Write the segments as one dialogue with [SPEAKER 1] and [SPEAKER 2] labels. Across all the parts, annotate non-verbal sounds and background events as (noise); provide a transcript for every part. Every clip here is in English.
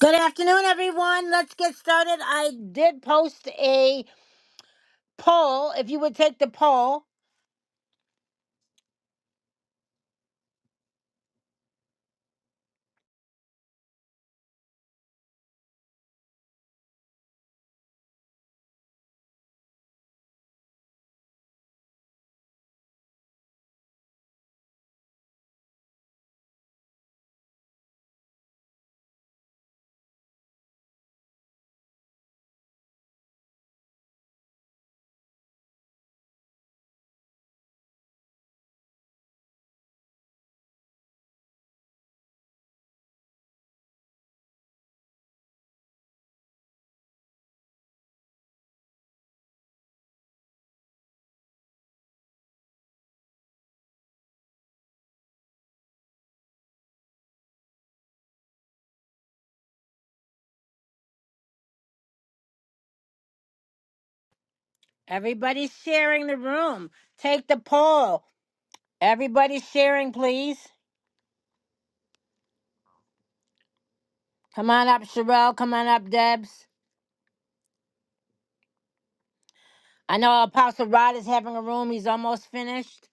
[SPEAKER 1] Good afternoon, everyone. Let's get started. I did post a poll. If you would take the poll, everybody's sharing the room. Take the poll. Everybody's sharing, please. Come on up, Sherelle. Come on up, Debs. I know Apostle Rod is having a room. He's almost finished.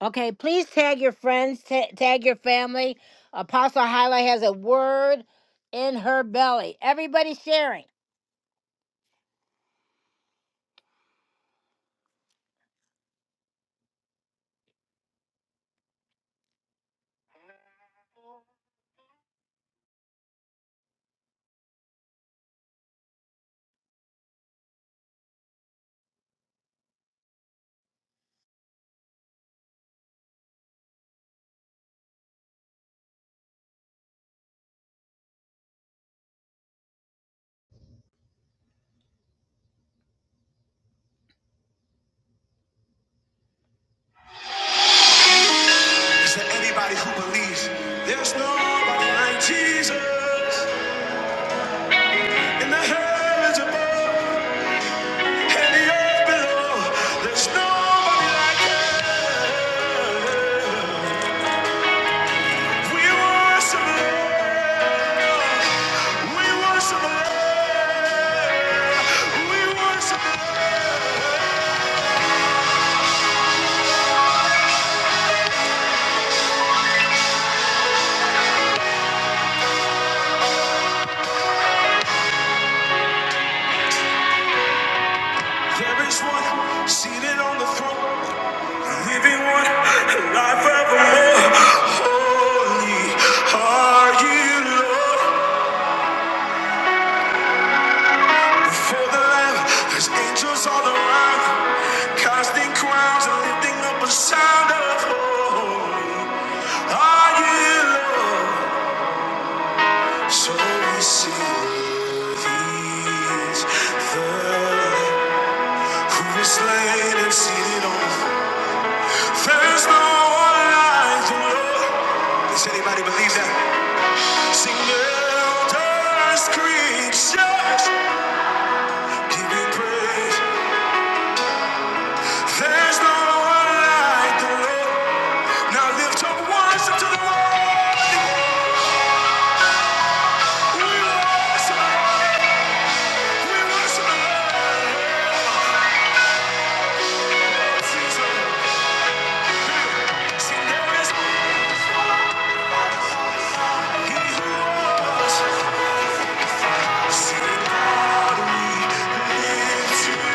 [SPEAKER 1] Okay, please tag your friends, ta- tag your family. Apostle Highlight has a word in her belly. Everybody's sharing. To anybody who believes, there's nobody like Jesus. In the heavens above and the earth below, there's nobody like him. We worship the Lord. We worship the Lord. We worship the Lord. There is one seated on the throne. Living one life evermore. Holy are you, Lord. Before the Lamb, there's angels all around, casting crowns and lifting up a sound of holy are you, Lord. So we sing. He's the Lamb who was slain and seated on the throne. There is no one like the Lord. Does anybody believe that? Sing elders, creatures, give you praise. There's no one like the Lord. Now lift up worship to the Lord. We worship We worship the Lord. Sing so Sing there is He who was. Sing God, we lift you.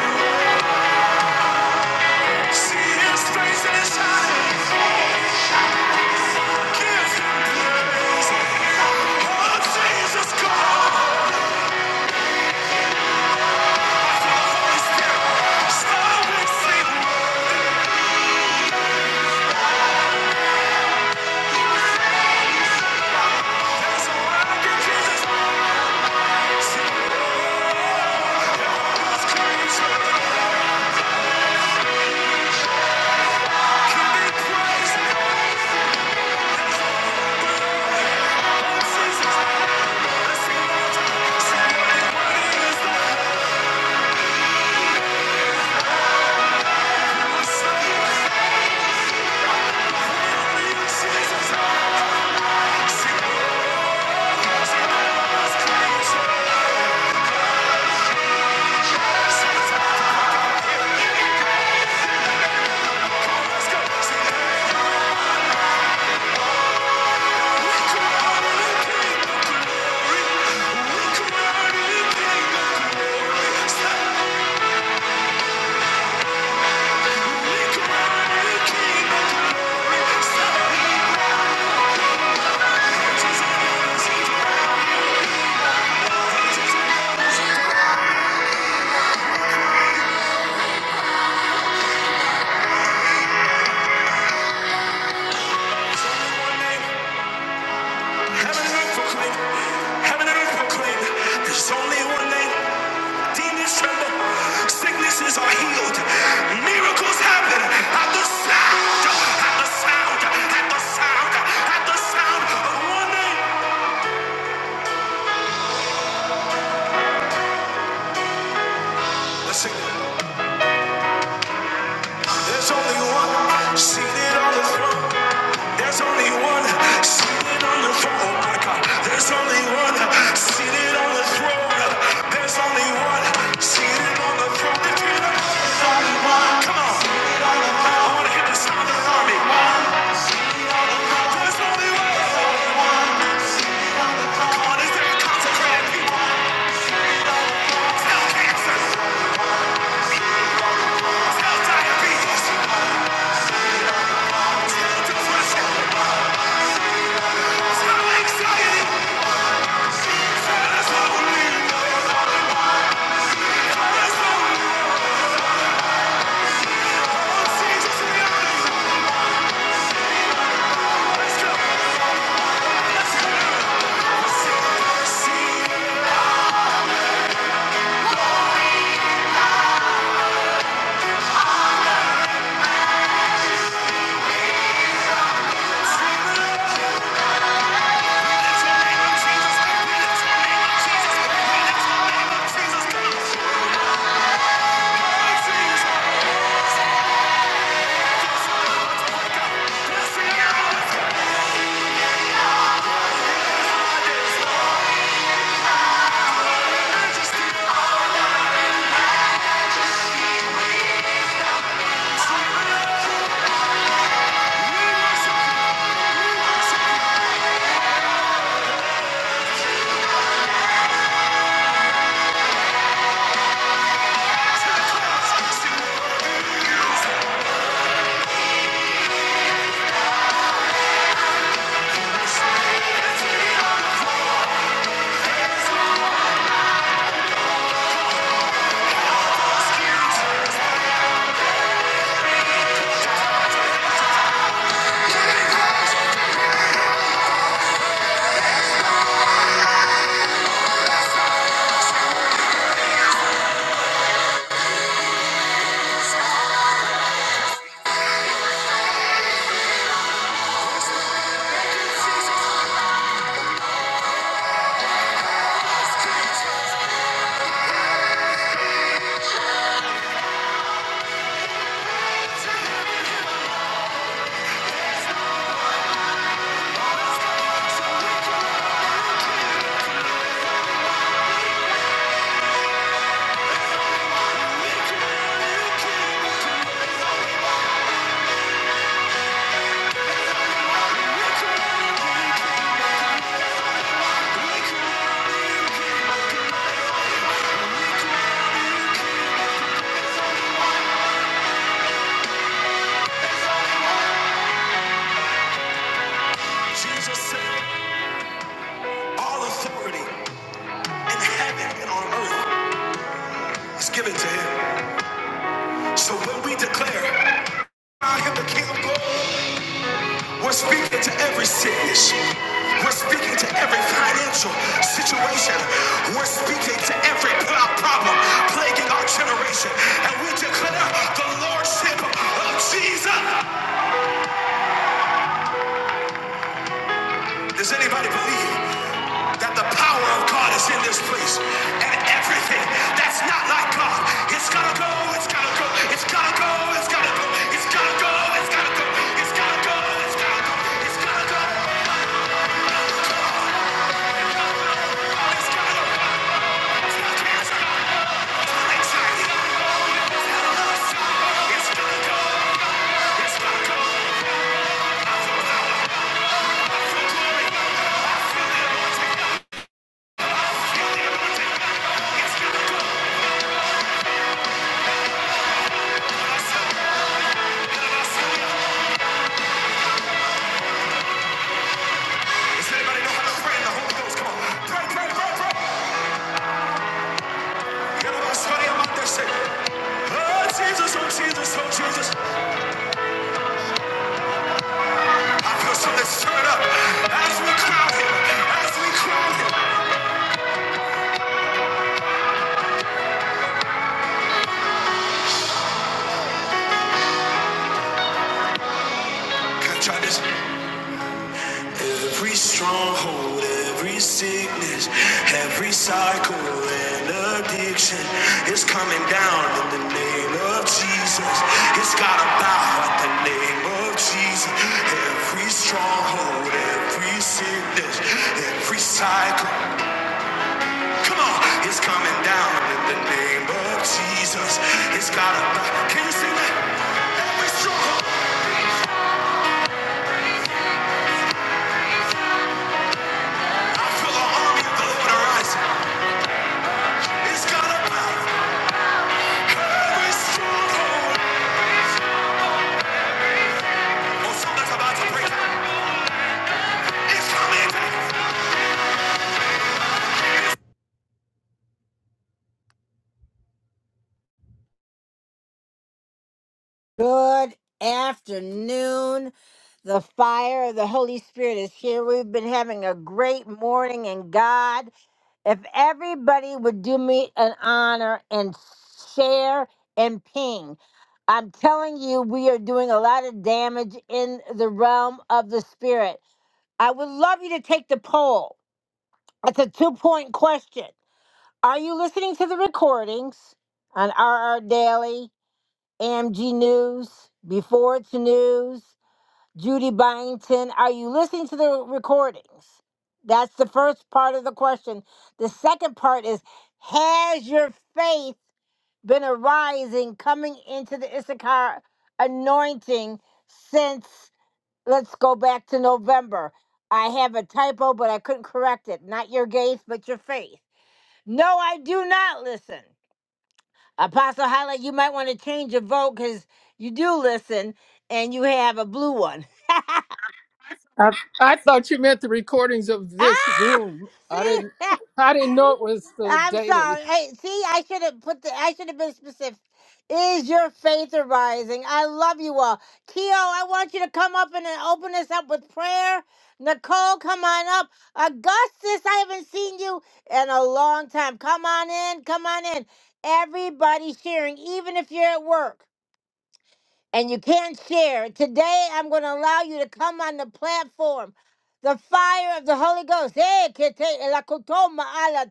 [SPEAKER 1] See His face and His praise. Oh, Jesus God. Jesus. Let's go. Heaven and earth proclaim, heaven and earth proclaim, there's only one name. Demons tremble, sicknesses are healed, miracles happen at the sound, at the sound, at the sound, at the sound of one name. Let's sing. There's only one seated on the throne. There's only one seated on the throne. Oh my God. There's only one seated on the throne. There's only one seated on the throne. If you know- Come on. I want to hear the sound of the army. There's only one. Come on, is there a consecrated people? Tell cancer. Tell diabetes. Tell depression. Tell anxiety. Tell us what we lonely. Thank you. Thank you. Jesus said, All authority in heaven and on earth is given to him. So when we declare, I am the King of glory, we're speaking to every sickness. We're speaking to every financial situation. We're speaking to every problem plaguing our generation. And we declare the Lordship of Jesus. Does anybody believe that the power of God is in this place? And everything that's not like God, it's gotta go, it's gotta go, it's gotta go, it's gotta go, it's gotta go, it's gotta go, it's gotta go, it's gotta go, it's gotta go, it's gotta go. It's not cancer, it's not anxiety, It's gotta go, it's gotta go. I feel power, I feel glory, I feel the anointing, I feel the anointing. It's gotta go. Does anybody know how to pray in the Holy Ghost? Come on. Pray, pray, pray, pray. Everybody study about that shit. Oh, Jesus, oh, Jesus, oh, Jesus. I feel something stirring up as we crown as we crown Can I try this? Every stronghold, every sickness, every cycle and addiction is coming down in the name of Jesus. It's gotta bow at the name of Jesus. Every stronghold, every sickness, every cycle, come on, it's coming down in the name of Jesus. It's gotta bow. Can you sing that? Every stronghold, I feel the army of the Lord arise. It's gotta bow. Every stronghold. Oh, Good afternoon. The fire of the Holy Spirit is here. We've been having a great morning in God. If everybody would do me an honor and share and ping, I'm telling you, we are doing a lot of damage in the realm of the Spirit. I would love you to take the poll. It's a two point question. Are you listening to the recordings on RR Daily? AMG News, Before It's News, Judy Byington. Are you listening to the recordings? That's the first part of the question. The second part is Has your faith been arising coming into the Issachar anointing since, let's go back to November? I have a typo, but I couldn't correct it. Not your gaze, but your faith. No, I do not listen. Apostle Highlight, you might want to change your vote because you do listen and you have a blue one. (laughs)
[SPEAKER 2] I, I thought you meant the recordings of
[SPEAKER 1] ah!
[SPEAKER 2] this room. I
[SPEAKER 1] See?
[SPEAKER 2] didn't
[SPEAKER 1] (laughs)
[SPEAKER 2] I didn't know it was the
[SPEAKER 1] I'm
[SPEAKER 2] daily.
[SPEAKER 1] sorry. Hey, see, I should have put the I should have been specific. Is your faith arising? I love you all. Keo, I want you to come up and then open us up with prayer. Nicole, come on up. Augustus, I haven't seen you in a long time. Come on in. Come on in. Everybody sharing, even if you're at work. and you can't share. Today, I'm going to allow you to come on the platform. The fire of the Holy Ghost. Eh, que te- la kutoma a la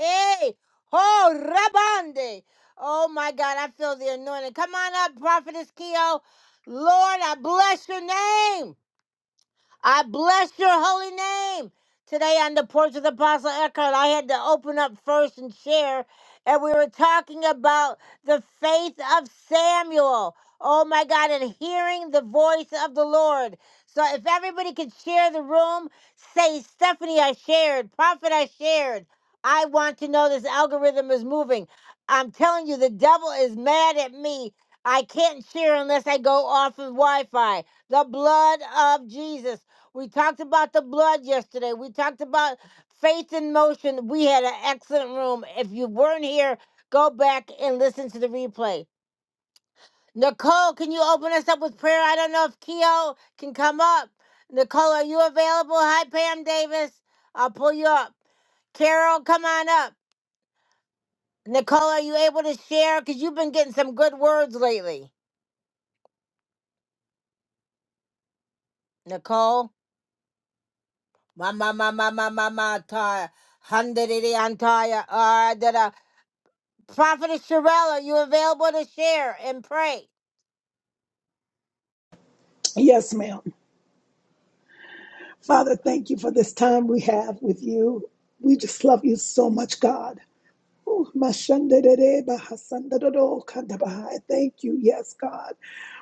[SPEAKER 1] eh. Oh, rabande. Oh, my God, I feel the anointing. Come on up, Prophetess Keo. Lord, I bless your name. I bless your holy name. Today on the porch of the Apostle Eckhart, I had to open up first and share, and we were talking about the faith of Samuel. Oh my God, and hearing the voice of the Lord. So if everybody could share the room, say, Stephanie, I shared, Prophet, I shared. I want to know this algorithm is moving. I'm telling you, the devil is mad at me. I can't share unless I go off of Wi Fi. The blood of Jesus. We talked about the blood yesterday. We talked about faith in motion. We had an excellent room. If you weren't here, go back and listen to the replay. Nicole, can you open us up with prayer? I don't know if Keo can come up. Nicole, are you available? Hi, Pam Davis. I'll pull you up. Carol, come on up. Nicole, are you able to share? Because you've been getting some good words lately. Nicole? Mama, mama, mama, mama, tire. Hundred antire. Prophetess Sherelle, are you available to share and pray?
[SPEAKER 3] Yes, ma'am. Father, thank you for this time we have with you. We just love you so much, God. Ooh, mashandadede bahasandadado kandabaha. Thank you, yes, God.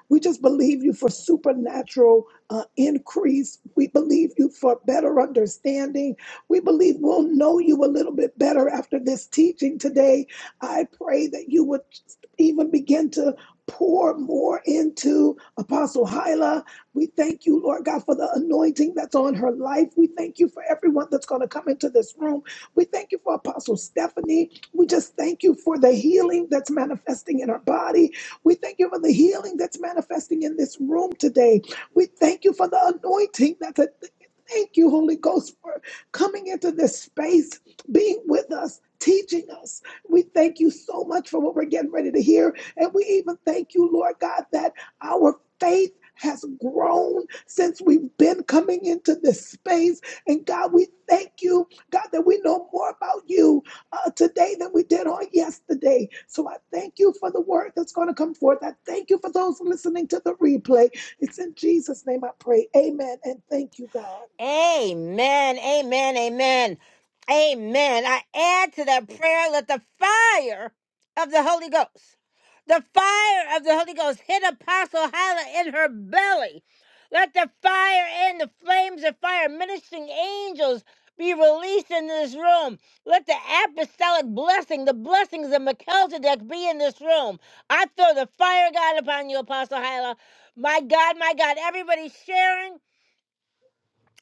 [SPEAKER 3] We just believe you for supernatural uh, increase. We believe you for better understanding. We believe we'll know you a little bit better after this teaching today. I pray that you would even begin to pour more into Apostle Hyla. We thank you, Lord God, for the anointing that's on her life. We thank you for everyone that's going to come into this room. We thank you for Apostle Stephanie. We just thank you for the healing that's manifesting in her body. We thank you for the healing that's manifesting in this room today. We thank you for the anointing that's a Thank you, Holy Ghost, for coming into this space, being with us, teaching us. We thank you so much for what we're getting ready to hear. And we even thank you, Lord God, that our faith has grown since we've been coming into this space. And God, we thank you, God, that we know more about you uh, today than we did on yesterday. So I thank you for the word that's going to come forth. I thank you for those listening to the replay. It's in Jesus' name I pray. Amen. And thank you, God.
[SPEAKER 1] Amen. Amen. Amen. Amen. I add to that prayer, let the fire of the Holy Ghost, the fire of the Holy Ghost hit Apostle Hyla in her belly. Let the fire and the flames of fire, ministering angels, be released in this room. Let the apostolic blessing, the blessings of Melchizedek be in this room. I throw the fire of God upon you, Apostle Hyla. My God, my God, everybody sharing.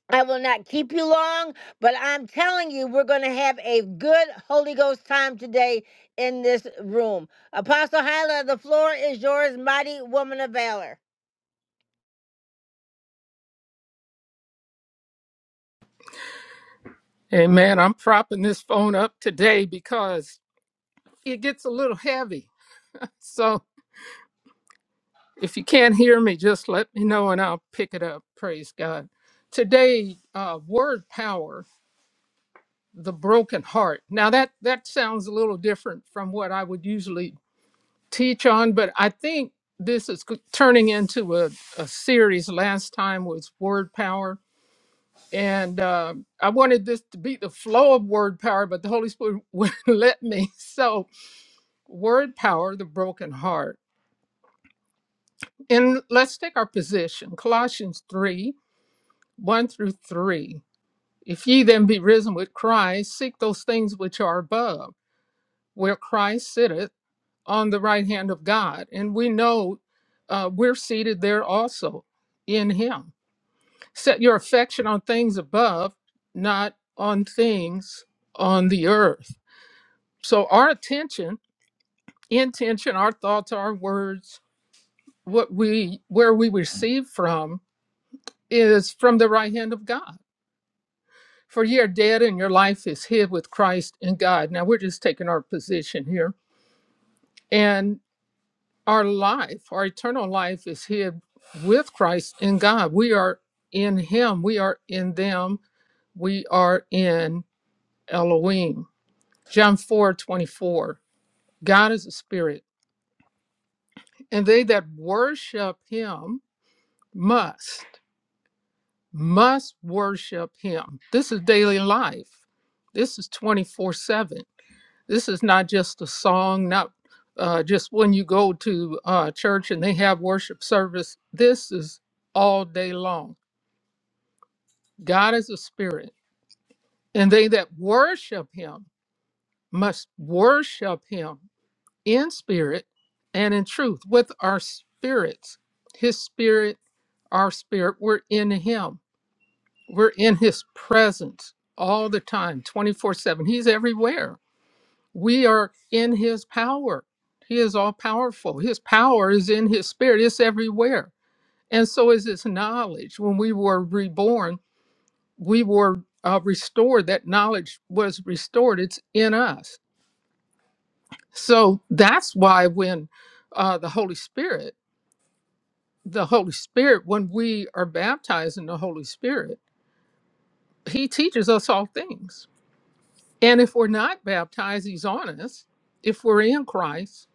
[SPEAKER 1] I will not keep you long, but I'm telling you, we're going to have a good Holy Ghost time today in this room. Apostle Hyla, the floor is yours, mighty woman of valor.
[SPEAKER 2] Hey man, I'm propping this phone up today because it gets a little heavy. So if you can't hear me, just let me know and I'll pick it up. Praise God. Today, uh, word power, the broken heart. Now that that sounds a little different from what I would usually teach on, but I think this is turning into a, a series. Last time was word power and um, I wanted this to be the flow of word power, but the Holy Spirit (laughs) wouldn't let me. So, word power, the broken heart. And let's take our position Colossians 3 1 through 3. If ye then be risen with Christ, seek those things which are above, where Christ sitteth on the right hand of God. And we know uh, we're seated there also in Him. Set your affection on things above, not on things on the earth. so our attention intention our thoughts our words what we where we receive from is from the right hand of god for ye are dead and your life is hid with christ in god now we're just taking our position here and our life our eternal life is hid with christ in god we are in him we are in them we are in elohim john 4 24. god is a spirit and they that worship him must must worship him this is daily life this is 24 7 this is not just a song not uh, just when you go to uh, church and they have worship service this is all day long god is a spirit and they that worship him must worship him in spirit and in truth with our spirits his spirit our spirit we're in him We're in his presence all the time, 24 7. He's everywhere. We are in his power. He is all powerful. His power is in his spirit, it's everywhere. And so is his knowledge. When we were reborn, we were uh, restored. That knowledge was restored. It's in us. So that's why when uh, the Holy Spirit, the Holy Spirit, when we are baptized in the Holy Spirit, he teaches us all things And if we're not baptized, he's on us. If we're in Christ,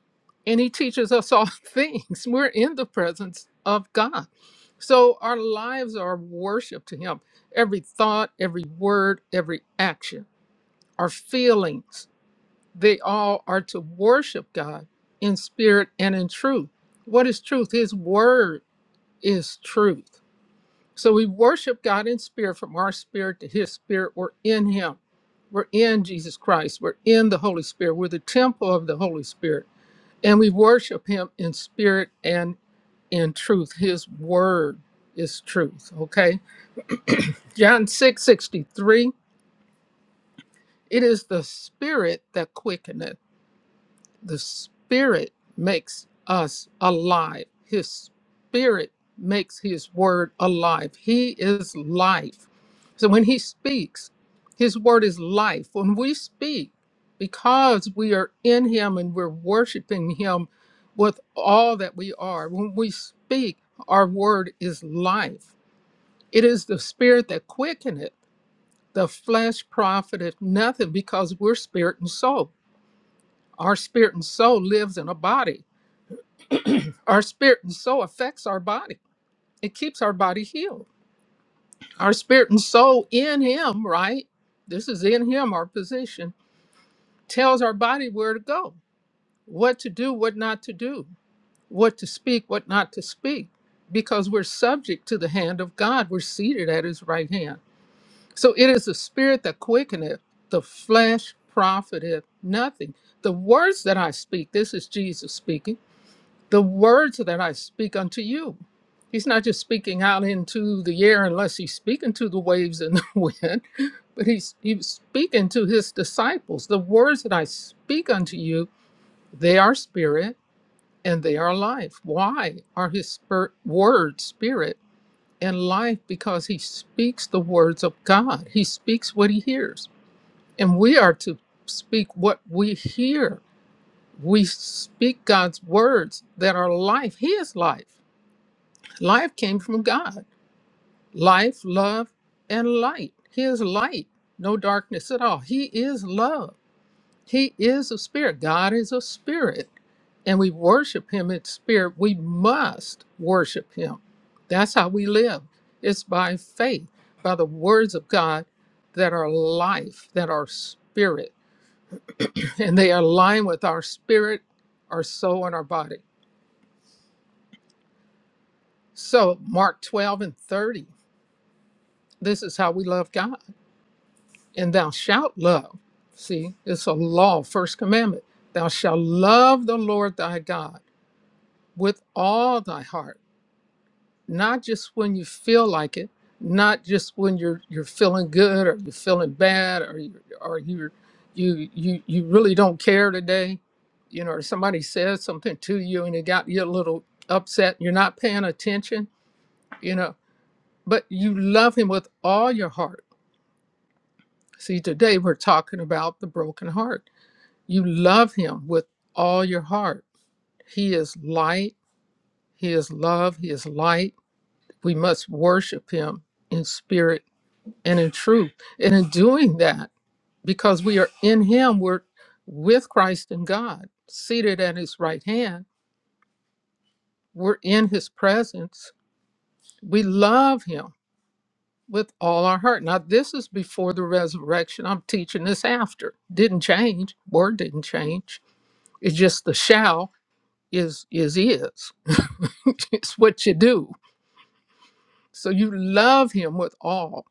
[SPEAKER 2] and he teaches us all (laughs) things, we're in the presence of God. So our lives are worship to him. Every thought, every word, every action, our feelings, they all are to worship God in spirit and in truth. What is truth? His word is truth. So we worship God in spirit, from our spirit to his spirit. We're in him. We're in Jesus Christ. We're in the Holy Spirit. We're the temple of the Holy Spirit. And we worship him in spirit and in truth. His word is truth. Okay. John 6:63. It is the spirit that quickeneth The Spirit makes us alive. His Spirit makes His Word alive. He is life. So when He speaks, His Word is life. When we speak, because we are in Him and we're worshiping Him with all that we are, when we speak, our Word is life. It is the Spirit that quickeneth. it. The flesh profiteth nothing because we're spirit and soul. Our spirit and soul lives in a body. Our spirit and soul affects our body. It keeps our body healed. Our spirit and soul in him, right? This is in him our position tells our body where to go, what to do, what not to do, what to speak, what not to speak, because we're subject to the hand of God. We're seated at his right hand. So it is the spirit that quickeneth, the flesh profiteth nothing. The words that I speak, this is Jesus speaking the words that I speak unto you. He's not just speaking out into the air unless he's speaking to the waves and the (laughs) wind, but he's he's speaking to his disciples. The words that I speak unto you, they are spirit and they are life. Why are his spirit, words spirit and life? Because he speaks the words of God. He speaks what he hears. And we are to speak what we hear. We speak God's words that are life. He is life. Life came from God. Life, love, and light. He is light, no darkness at all. He is love. He is a spirit. God is a spirit, and we worship Him in spirit. We must worship Him. That's how we live. It's by faith, by the words of God that are life, that are spirit, and they align with our spirit, our soul, and our body. So, Mark 12 and 30, this is how we love God. and thou shalt love. See, it's a law, first commandment. Thou shalt love the Lord thy God with all thy heart, not just when you feel like it, not just when you're you're feeling good or you're feeling bad or you or you you you you really don't care today, you know, or somebody says something to you and it got you a little upset, you're not paying attention, you know, but you love him with all your heart. See, today we're talking about the broken heart You love him with all your heart. He is light, he is love, he is light. We must worship him in spirit and in truth. And in doing that, because we are in him, we're with Christ and God, seated at his right hand, we're in his presence. We love him with all our heart. Now, this is before the resurrection. I'm teaching this after. Didn't change. Word didn't change. It's just the shall is is is. (laughs) it's what you do. So you love him with all.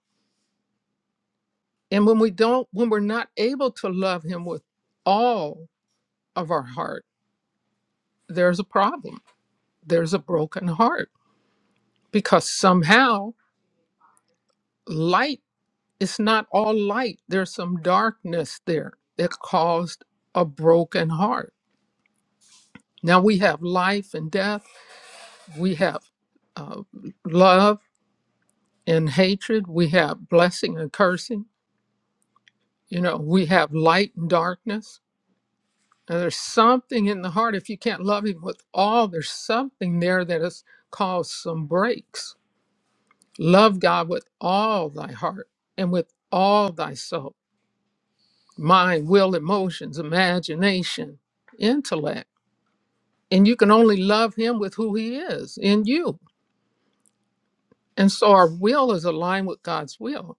[SPEAKER 2] And when we don't when we're not able to love him with all of our heart, there's a problem. There's a broken heart because somehow light is not all light. There's some darkness there that caused a broken heart. Now we have life and death. We have uh, love and hatred. We have blessing and cursing You know, we have light and darkness. And there's something in the heart. If you can't love Him with all, there's something there that has caused some breaks. Love God with all thy heart and with all thy soul, mind, will, emotions, imagination, intellect. And you can only love Him with who He is in you. And so our will is aligned with God's will.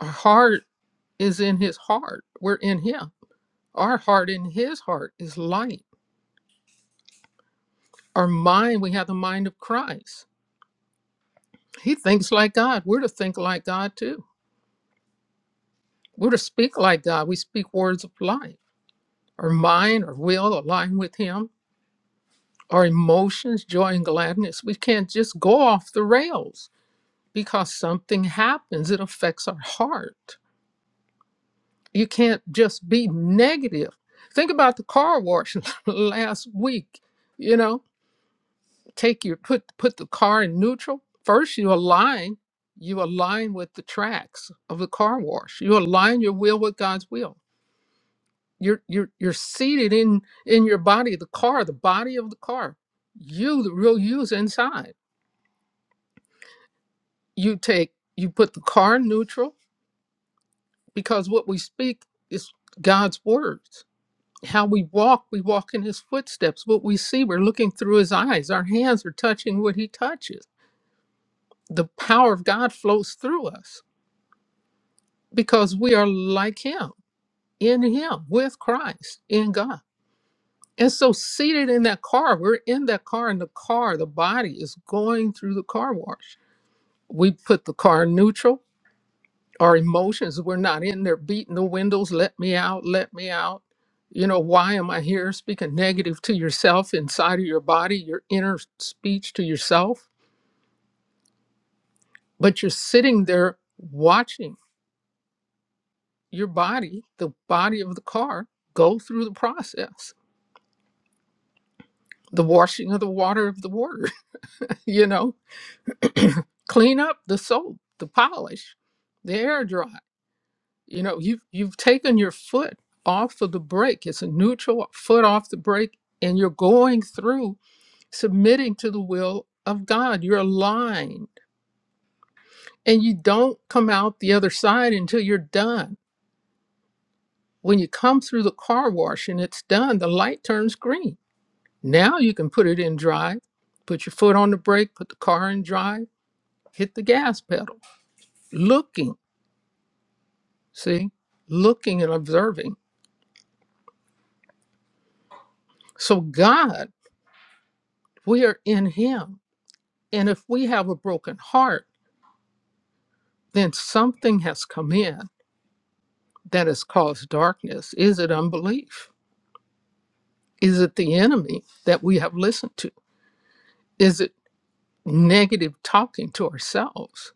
[SPEAKER 2] Our heart is in His heart. We're in Him. Our heart in His heart is light Our mind, we have the mind of Christ. He thinks like God. We're to think like God too. We're to speak like God. We speak words of life. Our mind, our will align with Him. Our emotions, joy and gladness. We can't just go off the rails because something happens. It affects our heart. You can't just be negative. Think about the car wash (laughs) last week. You know, take your put put the car in neutral first you align you align with the tracks of the car wash you align your will with god's will you're you're you're seated in in your body the car the body of the car you the real you's inside you take you put the car in neutral because what we speak is god's words how we walk we walk in his footsteps what we see we're looking through his eyes our hands are touching what he touches the power of god flows through us because we are like him in him with christ in god and so seated in that car we're in that car and the car the body is going through the car wash we put the car in neutral our emotions we're not in there beating the windows let me out let me out you know why am i here speaking negative to yourself inside of your body your inner speech to yourself but you're sitting there watching your body the body of the car go through the process the washing of the water of the water, (laughs) you know, clean up the soap, the polish, the air dry. You know, you've you've taken your foot off of the brake. It's a neutral foot off the brake, and you're going through submitting to the will of God. You're aligned. And you don't come out the other side until you're done. When you come through the car wash and it's done, the light turns green. Now you can put it in drive, put your foot on the brake, put the car in drive, hit the gas pedal looking, see, looking and observing. So, God, we are in Him. And if we have a broken heart, then something has come in that has caused darkness. Is it unbelief? Is it the enemy that we have listened to? Is it negative talking to ourselves?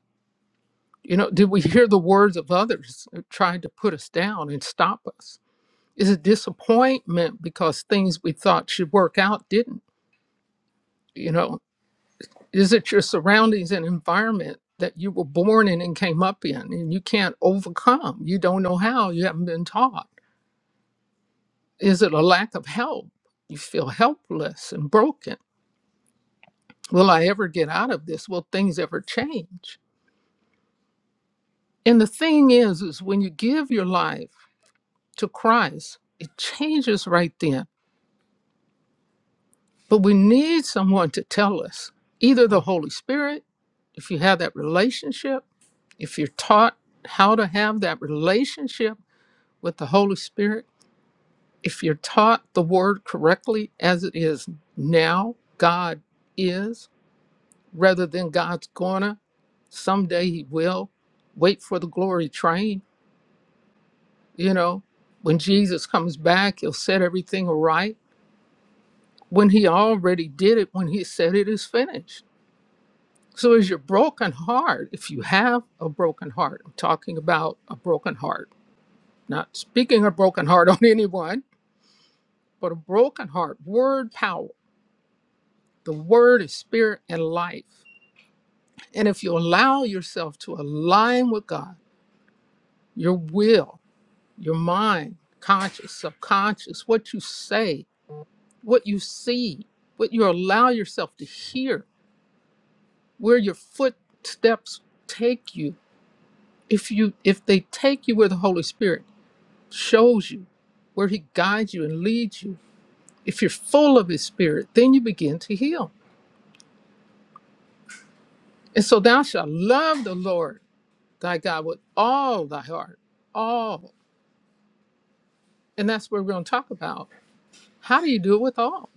[SPEAKER 2] You know, did we hear the words of others who tried to put us down and stop us? Is it disappointment because things we thought should work out didn't? You know. is it your surroundings and environment that you were born in and came up in and you can't overcome you don't know how you haven't been taught is it a lack of help you feel helpless and broken will i ever get out of this will things ever change and the thing is is when you give your life to christ it changes right then but we need someone to tell us either the holy spirit if you have that relationship if you're taught how to have that relationship with the Holy Spirit, if you're taught the word correctly as it is now, God is, rather than God's gonna, someday He will. Wait for the glory train. You know, when Jesus comes back, He'll set everything right. When He already did it, when He said it is finished. So, is your broken heart, if you have a broken heart, I'm talking about a broken heart, not speaking a broken heart (laughs) on anyone, but a broken heart, word power The word is spirit and life. And if you allow yourself to align with God, your will, your mind, conscious, subconscious, what you say, what you see, what you allow yourself to hear, where your footsteps take you, if you if they take you where the Holy Spirit shows you, where he guides you and leads you, if you're full of his spirit, then you begin to heal. And so thou shalt love the Lord thy God with all thy heart, all. And that's what we're going to talk about. How do you do it with all?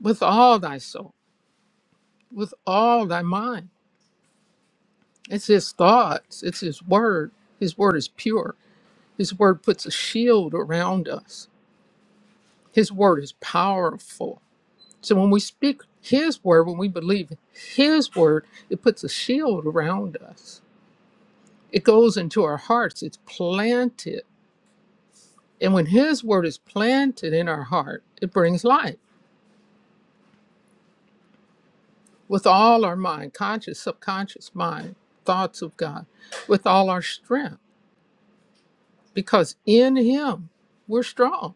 [SPEAKER 2] With all thy soul, with all thy mind. It's his thoughts, it's his word. His word is pure. His word puts a shield around us. His word is powerful. So when we speak his word, when we believe his word, it puts a shield around us. It goes into our hearts, it's planted. And when his word is planted in our heart, it brings life with all our mind, conscious, subconscious mind, thoughts of God, with all our strength, because in Him we're strong.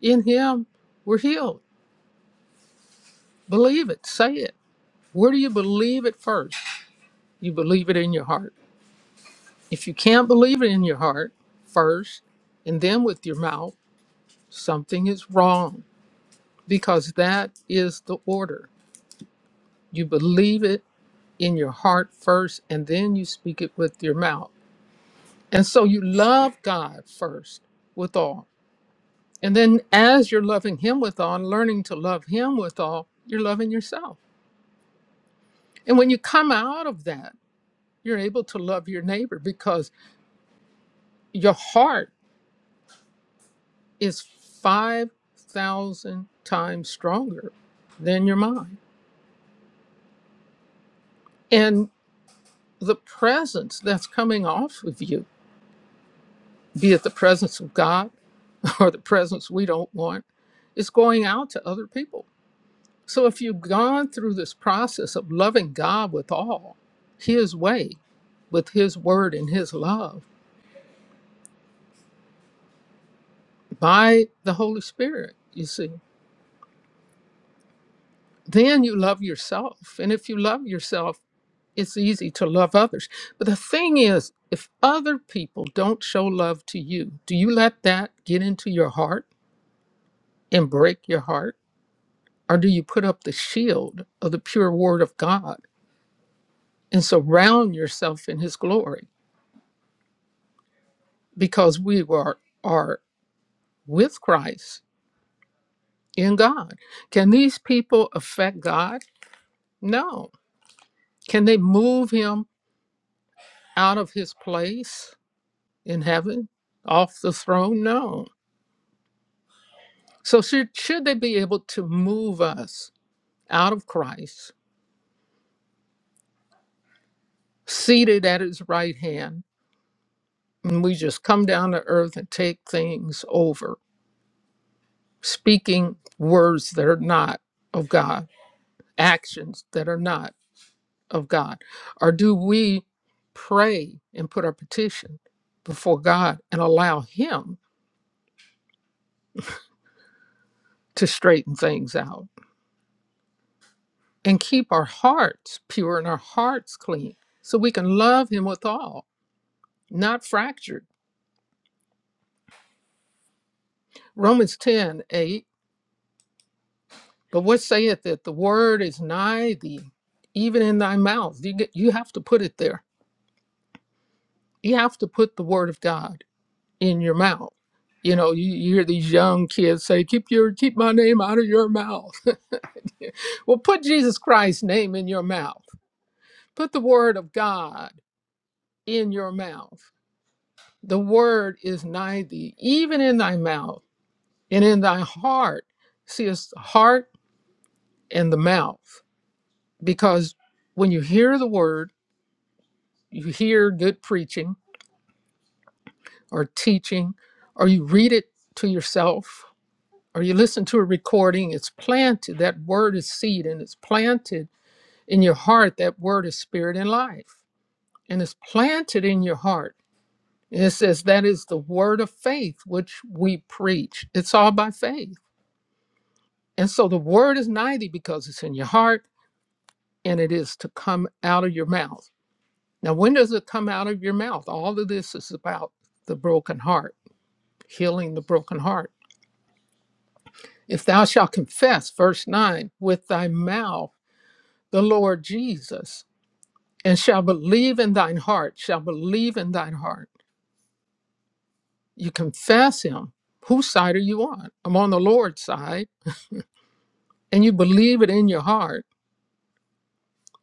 [SPEAKER 2] In Him we're healed. Believe it, say it. Where do you believe it first? You believe it in your heart. If you can't believe it in your heart first and then with your mouth, something is wrong because that is the order. You believe it in your heart first and then you speak it with your mouth. And so you love God first with all. And then as you're loving Him with all, and learning to love Him with all, you're loving yourself. And when you come out of that, you're able to love your neighbor because your heart is 5,000 times stronger than your mind. And the presence that's coming off of you, be it the presence of God (laughs) or the presence we don't want, is going out to other people So if you've gone through this process of loving God with all, His way, with His word and His love by the Holy Spirit, you see, then you love yourself. And if you love yourself, it's easy to love others. But the thing is, if other people don't show love to you, do you let that get into your heart and break your heart? Or do you put up the shield of the pure word of God and surround yourself in His glory? Because we were are. with Christ in God. Can these people affect God? No. Can they move him out of his place in heaven, off the throne? No. So, should, should they be able to move us out of Christ, seated at his right hand, and we just come down to earth and take things over, speaking words that are not of God, actions that are not? of God? Or do we pray and put our petition before God and allow Him to straighten things out and keep our hearts pure and our hearts clean so we can love Him with all, not fractured? Romans 10:8. but what saith it? The word is nigh thee, even in thy mouth. You, get, you have to put it there. You have to put the word of God in your mouth. You know, you, you hear these young kids say, keep your keep my name out of your mouth Well, put Jesus Christ's name in your mouth. Put the word of God in your mouth. The word is nigh thee, even in thy mouth and in thy heart. See, it's the heart and the mouth. Because when you hear the word, you hear good preaching or teaching, or you read it to yourself, or you listen to a recording, it's planted. That word is seed and it's planted in your heart. That word is spirit and life. And it's planted in your heart It says that is the word of faith which we preach. It's all by faith. And so the word is mighty because it's in your heart and it is to come out of your mouth. Now, when does it come out of your mouth? All of this is about the broken heart, healing the broken heart. If thou shalt confess, verse 9, with thy mouth the Lord Jesus, and shall believe in thine heart, shall believe in thine heart. You confess him. Whose side are you on? I'm on the Lord's side and you believe it in your heart,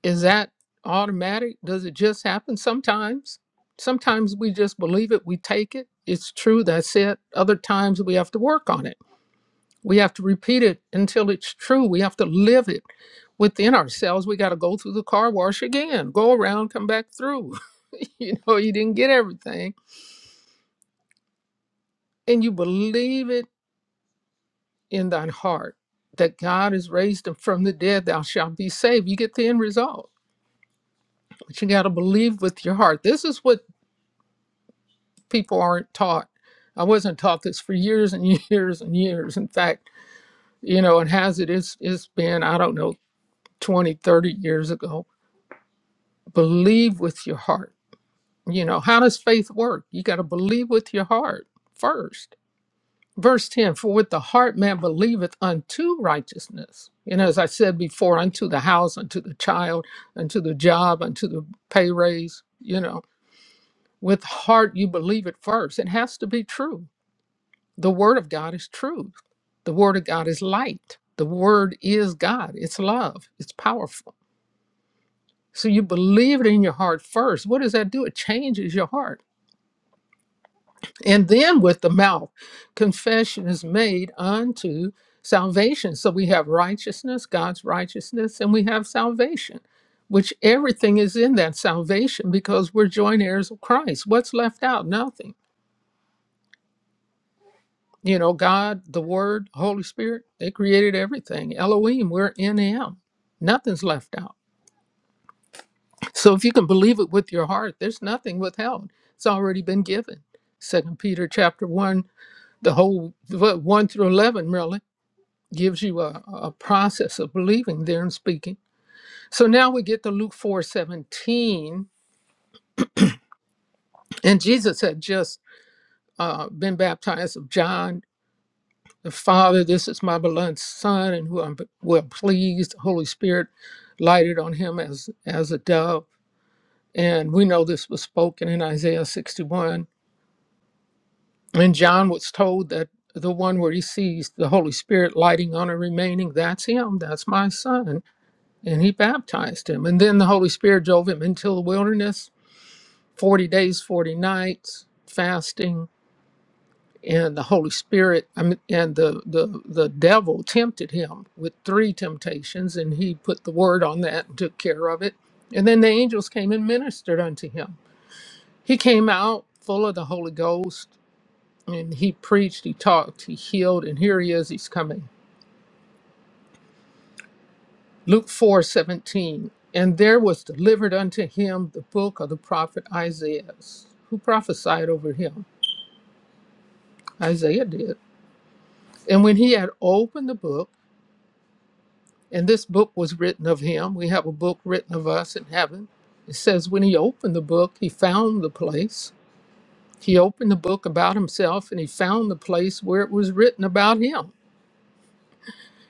[SPEAKER 2] is that automatic? Does it just happen sometimes? Sometimes we just believe it, we take it, it's true, that's it. Other times we have to work on it. We have to repeat it until it's true. We have to live it within ourselves. We got to go through the car wash again, go around, come back through. (laughs) you know, you didn't get everything. And you believe it in thine heart that God has raised him from the dead, thou shalt be saved. You get the end result but you got to believe with your heart. This is what people aren't taught. I wasn't taught this for years and (laughs) years and years. In fact, you know, it has it is it's been, I don't know, 20, 30 years ago. Believe with your heart. You know, how does faith work? You got to believe with your heart first. Verse 10 For with the heart man believeth unto righteousness. You know, as I said before, unto the house, unto the child, unto the job, unto the pay raise, you know With heart, you believe it first. It has to be true. The Word of God is truth. The Word of God is light. The Word is God. It's love. It's powerful. So you believe it in your heart first. What does that do? It changes your heart. And then with the mouth, confession is made unto salvation. So we have righteousness, God's righteousness, and we have salvation, which everything is in that salvation because we're joint heirs of Christ. What's left out? Nothing. You know, God, the Word, Holy Spirit, they created everything. Elohim, we're in Him. Nothing's left out. (laughs) So if you can believe it with your heart, there's nothing withheld. It's already been given. Second Peter chapter one, the whole what, one through eleven really gives you a, a process of believing there and speaking. So now we get to Luke four seventeen, and Jesus had just uh, been baptized of John The Father, this is my beloved Son, and who I'm well pleased. The Holy Spirit lighted on him as as a dove, and we know this was spoken in Isaiah 61. And John was told that the one where he sees the Holy Spirit lighting on and remaining, that's him, that's my Son, and he baptized him. And then the Holy Spirit drove him into the wilderness, 40 days, 40 nights, fasting and the Holy Spirit, I mean, and the, the, the devil tempted him with three temptations, and he put the word on that and took care of it. And then the angels came and ministered unto him. He came out full of the Holy Ghost, and he preached, he talked, he healed, and here he is, he's coming. Luke four seventeen, And there was delivered unto him the book of the prophet Isaiah, who prophesied over him. Isaiah did. And when he had opened the book, And this book was written of him. We have a book written of us in heaven. It says, when he opened the book, he found the place. He opened the book about himself and he found the place where it was written about him.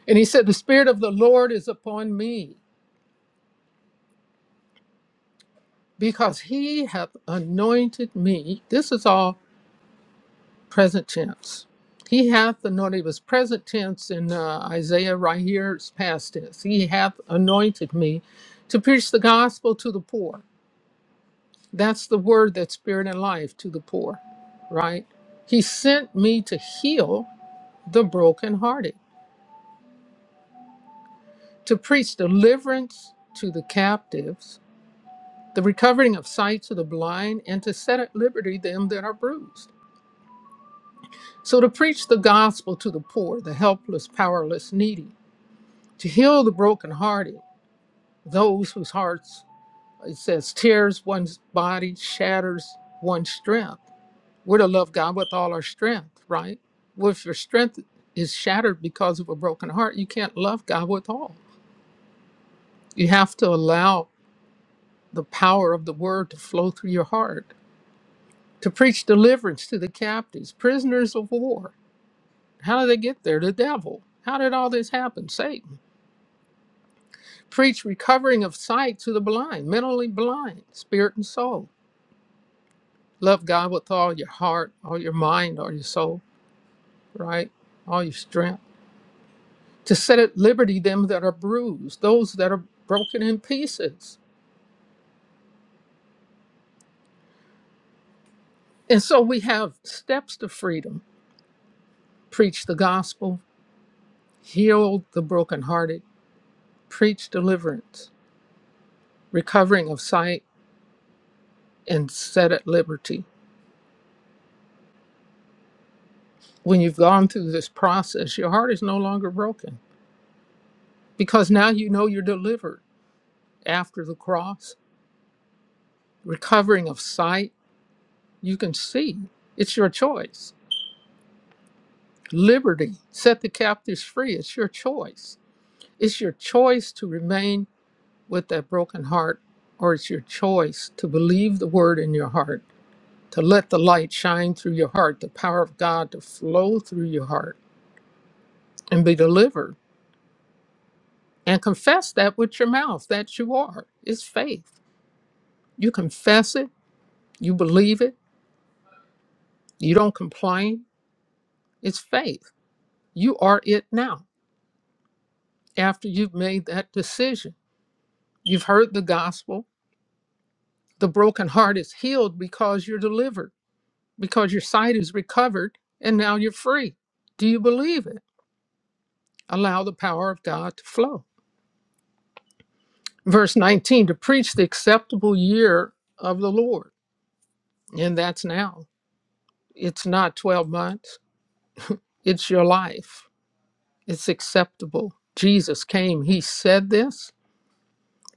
[SPEAKER 2] And he said, The Spirit of the Lord is upon me because he hath anointed me. This is all present tense. He hath anointed, it was present tense in uh, Isaiah right here, it's past tense. He hath anointed me to preach the gospel to the poor That's the word that's spirit and life to the poor, right? He sent me to heal the brokenhearted, to preach deliverance to the captives, the recovering of sight to the blind, and to set at liberty them that are bruised. So to preach the gospel to the poor, the helpless, powerless, needy, to heal the brokenhearted, those whose hearts, it says, tears one's body, shatters one's strength We're to love God with all our strength, right? Well, if your strength is shattered because of a broken heart, you can't love God with all. You have to allow the power of the word to flow through your heart, to preach deliverance to the captives, prisoners of war. How did they get there? The devil. How did all this happen? Satan. Preach recovering of sight to the blind, mentally blind, spirit and soul. Love God with all your heart, all your mind, all your soul, right? All your strength to set at liberty them that are bruised, those that are broken in pieces. And so we have steps to freedom preach the gospel, heal the brokenhearted, preach deliverance, recovering of sight, and set at liberty. When you've gone through this process, your heart is no longer broken because now you know you're delivered after the cross, recovering of sight. You can see it's your choice. Liberty, set the captives free, it's your choice It's your choice to remain with that broken heart, or it's your choice to believe the word in your heart, to let the light shine through your heart, the power of God to flow through your heart and be delivered. And confess that with your mouth that you are. It's faith. You confess it, you believe it, you don't complain. It's faith. You are it now after you've made that decision. You've heard the gospel. The broken heart is healed because you're delivered. because your sight is recovered and now you're free. Do you believe it? Allow the power of God to flow. Verse 19 to preach the acceptable year of the Lord. And that's now. It's not 12 months, it's your life. It's acceptable. Jesus came, he said this.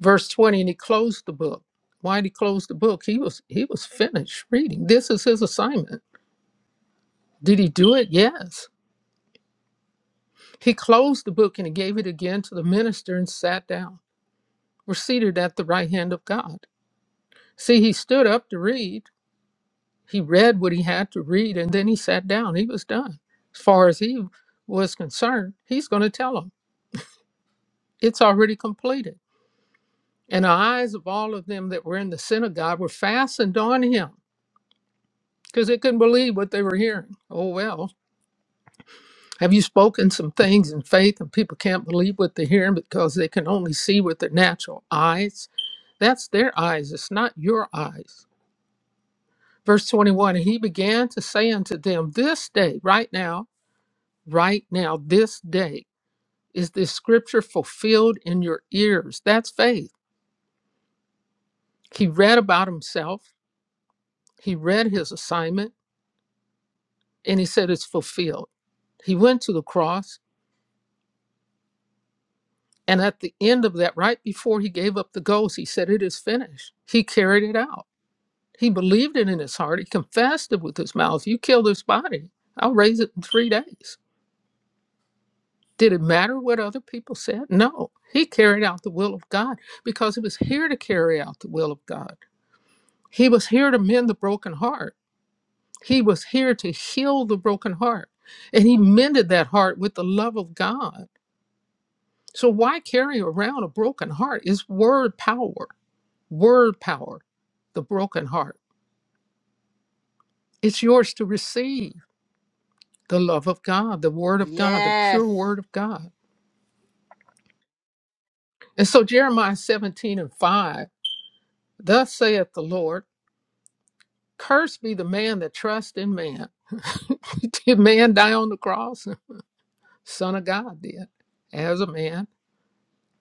[SPEAKER 2] Verse 20, and he closed the book. Why did he close the book? He was he was finished reading. This is his assignment. Did he do it? Yes. He closed the book and he gave it again to the minister and sat down. were seated at the right hand of God. See, he stood up to read. He read what he had to read and then he sat down. He was done. As far as he was concerned, he's going to tell them it's already completed. And the eyes of all of them that were in the synagogue were fastened on him because they couldn't believe what they were hearing. Oh, well, have you spoken some things in faith and people can't believe what they're hearing because they can only see with their natural eyes? That's their eyes, it's not your eyes. Verse 21 And he began to say unto them, This day, right now, right now, this day, is this scripture fulfilled in your ears? That's faith. He read about himself, he read his assignment, and he said, It's fulfilled. He went to the cross, and at the end of that, right before he gave up the ghost, he said, It is finished. He carried it out. He believed it in his heart. He confessed it with his mouth. You kill this body, I'll raise it in three days. Did it matter what other people said? No. He carried out the will of God because he was here to carry out the will of God. He was here to mend the broken heart. He was here to heal the broken heart. And he mended that heart with the love of God. So why carry around a broken heart? It's word power, word power, the broken heart. It's yours to receive the love of God, the word of God, the
[SPEAKER 1] Yes.
[SPEAKER 2] pure word of God. And so Jeremiah 17 and 5, thus saith the Lord. Cursed be the man that trusts in man. (laughs) did man die on the cross? Son of God did. As a man,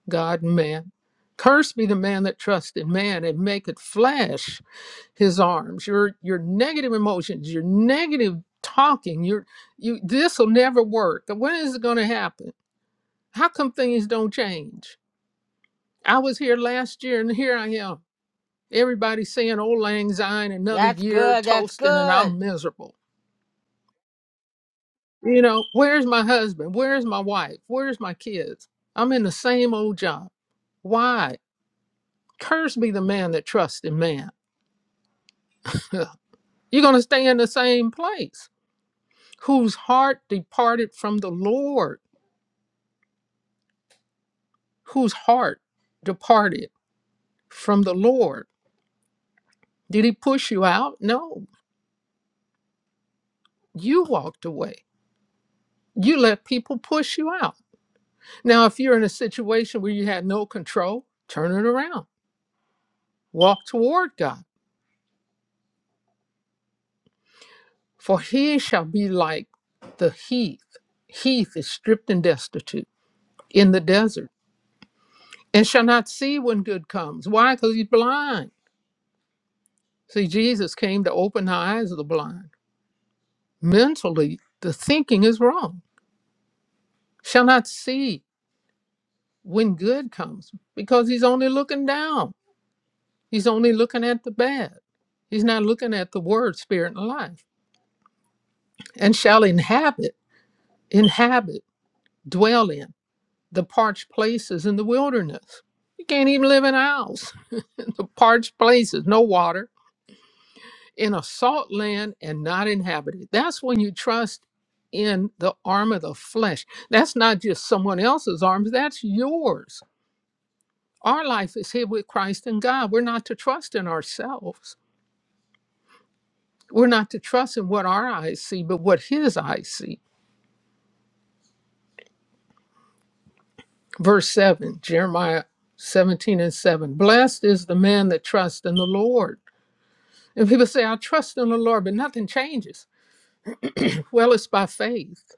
[SPEAKER 2] God and man. Cursed be the man that trusts in man and make it flesh his arms. Your your negative emotions, your negative talking, your you this will never work. When is it gonna happen? How come things don't change? I was here last year and here I am. Everybody's saying old lang syne, another
[SPEAKER 1] That's
[SPEAKER 2] year
[SPEAKER 1] good. That's
[SPEAKER 2] toasting, and
[SPEAKER 1] good.
[SPEAKER 2] I'm miserable You know, where's my husband? Where's my wife? Where's my kids? I'm in the same old job. Why? Curse be the man that trusts in man. (laughs) You're going to stay in the same place. Whose heart departed from the Lord? Whose heart departed from the Lord? Did he push you out? No. You walked away. You let people push you out. Now, if you're in a situation where you had no control, turn it around. Walk toward God For he shall be like the heath. Heath is stripped and destitute in the desert, and shall not see when good comes. Why? Because he's blind. See, Jesus came to open the eyes of the blind. Mentally, the thinking is wrong. Shall not see when good comes because he's only looking down. He's only looking at the bad. He's not looking at the word, spirit, and life. And shall inhabit, inhabit, dwell in. the parched places in the wilderness. You can't even live in a house. (laughs) the parched places, no water, in a salt land and not inhabited. That's when you trust in the arm of the flesh. That's not just someone else's arms, that's yours. Our life is hid with Christ in God. We're not to trust in ourselves. We're not to trust in what our eyes see, but what his eyes see. Verse 7, Jeremiah 17 and 7. Blessed is the man that trusts in the Lord And people say, I trust in the Lord, but nothing changes. Well, it's by faith.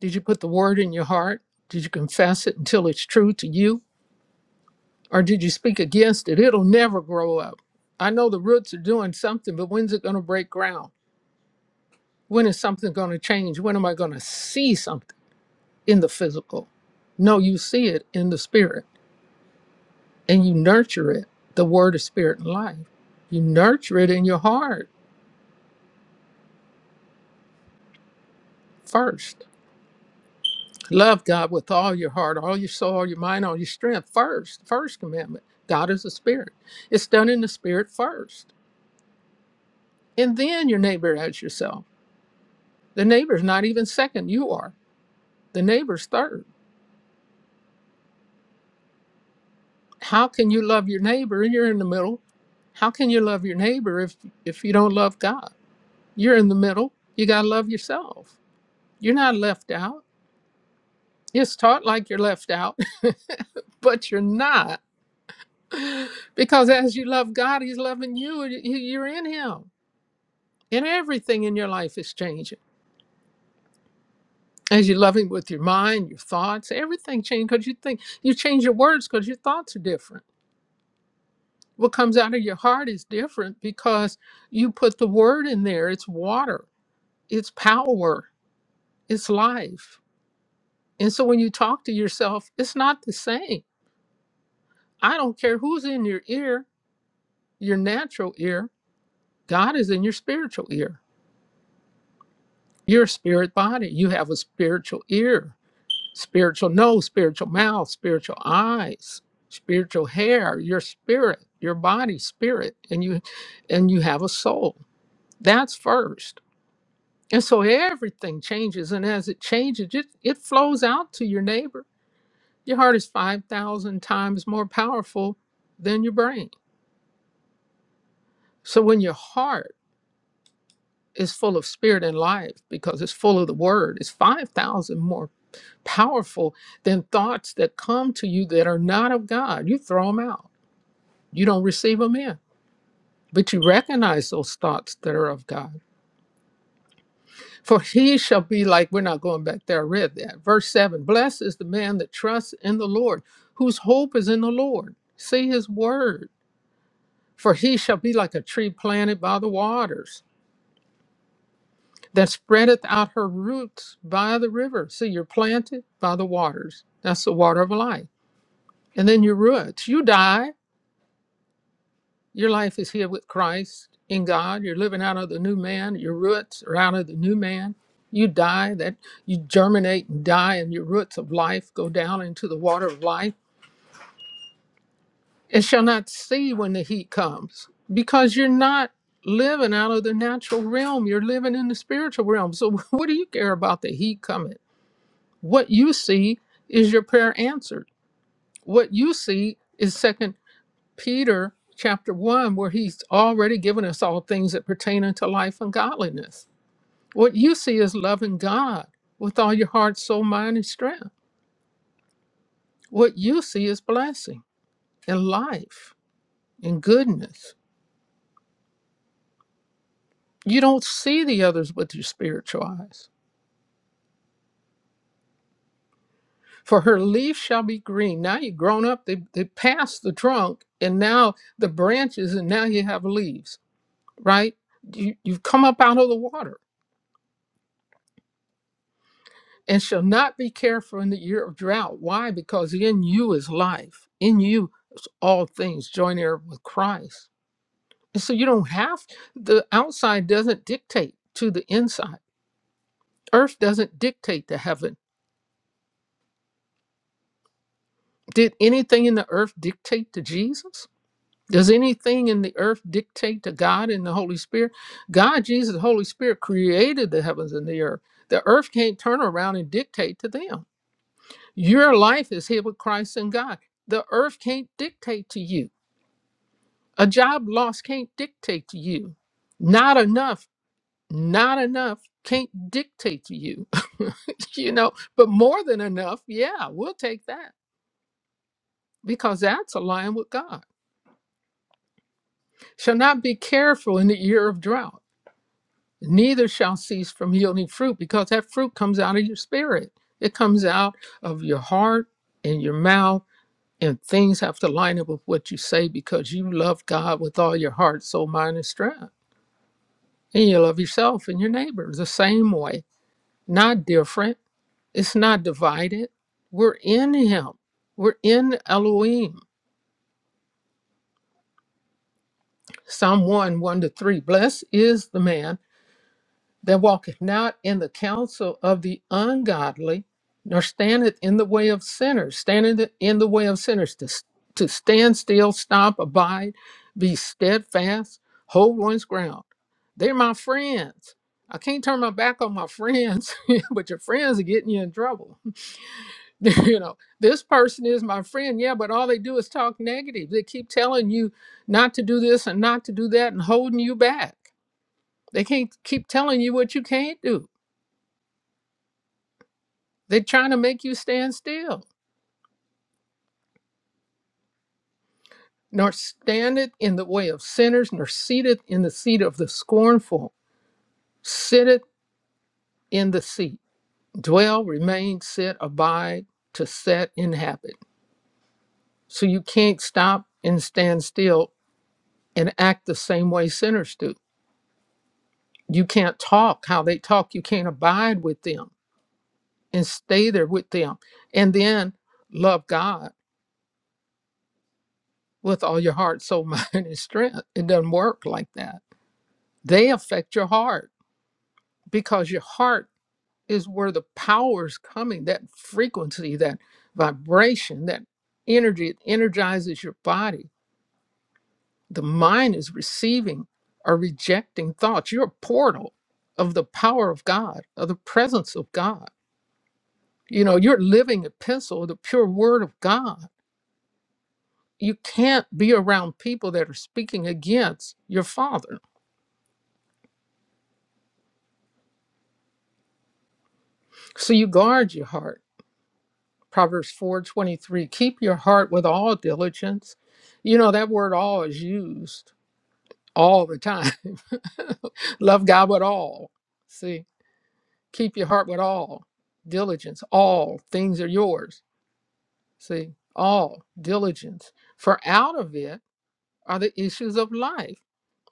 [SPEAKER 2] Did you put the word in your heart? Did you confess it until it's true to you? Or did you speak against it? It'll never grow up. I know the roots are doing something, but when's it going to break ground? When is something going to change? When am I going to see something in the physical? No, you see it in the spirit and you nurture it. The word is spirit and life. You nurture it in your heart first Love God with all your heart, all your soul, all your mind, all your strength first. The First commandment God is a spirit. It's done in the spirit first. And then your neighbor as yourself. The neighbor's not even second, you are. The neighbor's third. How can you love your neighbor and you're in the middle? How can you love your neighbor if, if you don't love God? You're in the middle. You got to love yourself. You're not left out. It's taught like you're left out, (laughs) but you're not. Because as you love God, He's loving you. and you- You're in Him And everything in your life is changing. As you're loving with your mind, your thoughts, everything changes because you think you change your words because your thoughts are different. What comes out of your heart is different because you put the word in there. It's water, it's power, it's life. And so when you talk to yourself, it's not the same. I don't care who's in your ear, your natural ear, God is in your spiritual ear. Your spirit body, you have a spiritual ear spiritual nose, spiritual mouth, spiritual eyes, spiritual hair, your spirit, your body, spirit, and you and you have a soul. That's first. And so everything changes, and as it changes, it, it flows out to your neighbor. Your heart is 5,000 times more powerful than your brain. So when your heart is full of spirit and life because it's full of the word, it's 5,000 more powerful than thoughts that come to you that are not of God. You throw them out You don't receive them in, but you recognize those thoughts that are of God. For he shall be like, we're not going back there, I read that. Verse 7 Blessed is the man that trusts in the Lord, whose hope is in the Lord. See his word. For he shall be like a tree planted by the waters, that spreadeth out her roots by the river. See, you're planted by the waters. That's the water of life. And then your roots. You died. Your life is here with Christ in God. You're living out of the new man. Your roots are out of the new man. You die, that you germinate and die, and your roots of life go down into the water of life. It shall not see when the heat comes because you're not living out of the natural realm. You're living in the spiritual realm. So, (laughs) what do you care about the heat coming? What you see is your prayer answered. What you see is second. Peter chapter 1, where he's already given us all things that pertain unto life and godliness. What you see is loving God with all your heart, soul, mind, and strength. What you see is blessing and life and goodness. You don't see the others with your spiritual eyes. For her leaf shall be green. Now you've grown up, they, they passed the trunk, and now the branches, and now you have leaves, right? You, you've come up out of the water and shall not be careful in the year of drought. Why? Because in you is life. In you is all things joint heir with Christ. And so you don't have the outside doesn't dictate to the inside. Earth doesn't dictate to heaven. Did anything in the earth dictate to Jesus? Does anything in the earth dictate to God and the Holy Spirit? God, Jesus, the Holy Spirit created the heavens and the earth. The earth can't turn around and dictate to them Your life is here with Christ and God. The earth can't dictate to you. A job loss can't dictate to you. Not enough, not enough can't dictate to you. (laughs) you know, but more than enough, yeah, we'll take that because that's aligned with God. Shall not be careful in the year of drought, neither shall cease from yielding fruit because that fruit comes out of your spirit. It comes out of your heart and your mouth and things have to line up with what you say because you love God with all your heart, soul, mind, and strength. And you love yourself and your neighbor the same way, not different. It's not divided. We're in Him, we're in Elohim. Psalm 1 1 to 3 Blessed is the man. that walketh not in the counsel of the ungodly, nor standeth in the way of sinners, standeth in the way of sinners to, to stand still, stop, abide, be steadfast, hold one's ground. They're my friends. I can't turn my back on my friends, (laughs) but your friends are getting you in trouble. (laughs) you know, this person is my friend, yeah, but all they do is talk negative. They keep telling you not to do this and not to do that and holding you back. They can't keep telling you what you can't do They're trying to make you stand still, nor standeth in the way of sinners, nor seated in the seat of the scornful. Sitteth in the seat, dwell, remain, sit, abide, to set, inhabit. So you can't stop and stand still and act the same way sinners do. You can't talk how they talk. You can't abide with them and stay there with them. And then love God with all your heart, soul, (laughs) mind, and strength. It doesn't work like that. They affect your heart because your heart is where the power is coming that frequency that vibration that energy it energizes your body the mind is receiving or rejecting thoughts you're a portal of the power of god of the presence of god you know you're a living epistle of the pure word of god you can't be around people that are speaking against your father so you guard your heart Proverbs 4:23, keep your heart with all diligence. You know that word all is used all the time. (laughs) Love God with all. See, keep your heart with all diligence. All things are yours. See, all diligence. For out of it are the issues of life.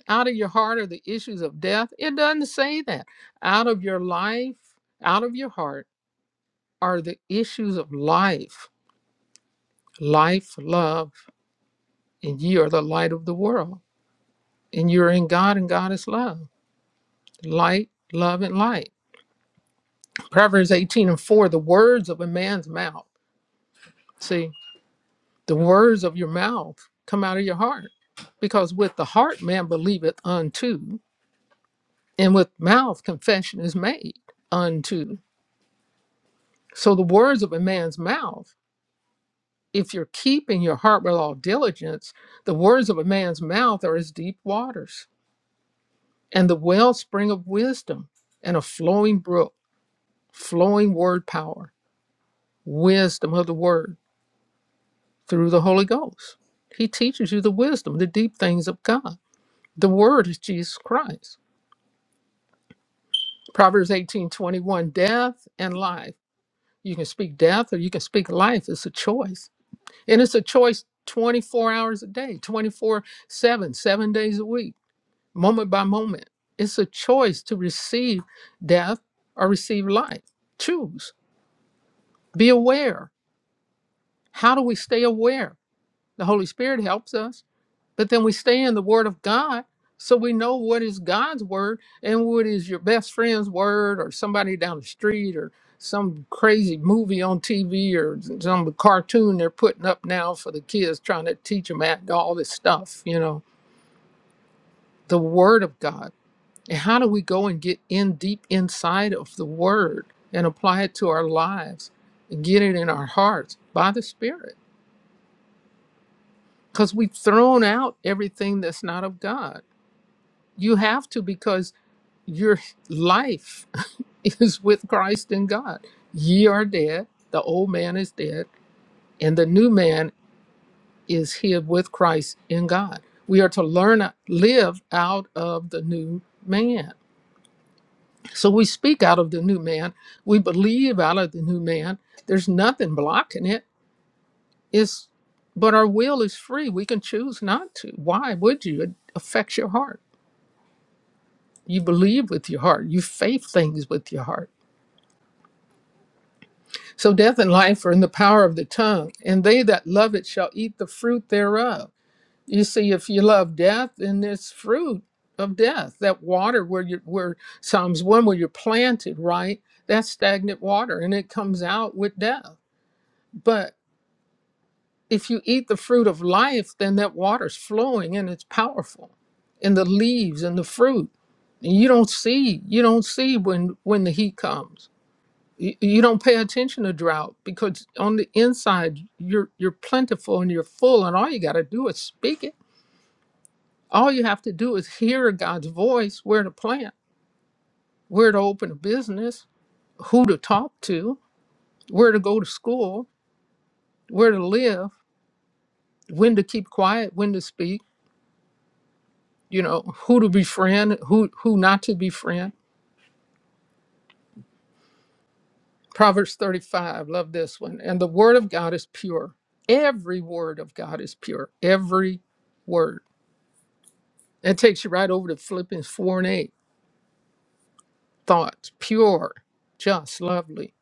[SPEAKER 2] Out of your heart are the issues of death. It doesn't say that. Out of your life, out of your heart are the issues of life. Life, love, and ye are the light of the world. And you're in God, and God is love. Light, love, and light. Proverbs 18 and 4 the words of a man's mouth. See, the words of your mouth come out of your heart. Because with the heart man believeth unto, and with mouth confession is made unto. So the words of a man's mouth, if you're keeping your heart with all diligence, the words of a man's mouth are as deep waters and the wellspring of wisdom and a flowing brook flowing word power, wisdom of the word through the Holy Ghost. He teaches you the wisdom, the deep things of God. The word is Jesus Christ. Proverbs 18:21. death and life. You can speak death or you can speak life. It's a choice. And it's a choice 24 hours a day, 24 7, seven days a week, moment by moment. It's a choice to receive death or receive life. Choose. Be aware. How do we stay aware? The Holy Spirit helps us. But then we stay in the Word of God so we know what is God's Word and what is your best friend's Word or somebody down the street or some crazy movie on TV or some cartoon they're putting up now for the kids trying to teach them at all this stuff, you know, the Word of God. And how do we go and get in deep inside of the Word and apply it to our lives and get it in our hearts by the Spirit? Because we've thrown out everything that's not of God You have to because your life (laughs) is with Christ and God. Ye are dead, the old man is dead, and the new man is hid with Christ in God. We are to learn, live out of the new man. So we speak out of the new man, we believe out of the new man. There's nothing blocking it. It's, but our will is free. We can choose not to. Why would you? It affects your heart. You believe with your heart, you faith things with your heart So death and life are in the power of the tongue, and they that love it shall eat the fruit thereof. You see, if you love death, then there's fruit of death. That water where you where Psalms one where you're planted, right? That's stagnant water, and it comes out with death. But if you eat the fruit of life, then that water's flowing and it's powerful. And the leaves and the fruit. And you don't see, you don't see when when the heat comes you, you don't pay attention to drought because on the inside you're you're plentiful and you're full and all you got to do is speak it all you have to do is hear god's voice where to plant where to open a business who to talk to where to go to school where to live when to keep quiet when to speak you know who to befriend who who not to befriend proverbs 35 love this one and the word of god is pure every word of god is pure every word That takes you right over to Philippians 4 and 8. Thoughts, pure, just, lovely.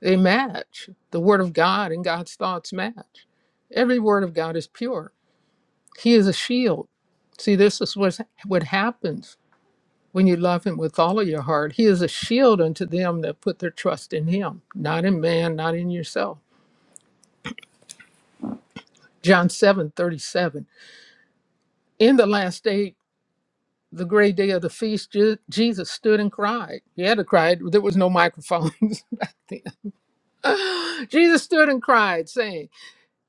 [SPEAKER 2] They match. The Word of God and God's thoughts match. Every Word of God is pure. He is a shield. See, this is what what happens when you love Him with all of your heart. He is a shield unto them that put their trust in Him, not in man, not in yourself. John 7 37. In the last day, the great day of the feast, Je- Jesus stood and cried. He had to cry. There was no microphones. (laughs) back then. Jesus stood and cried, saying,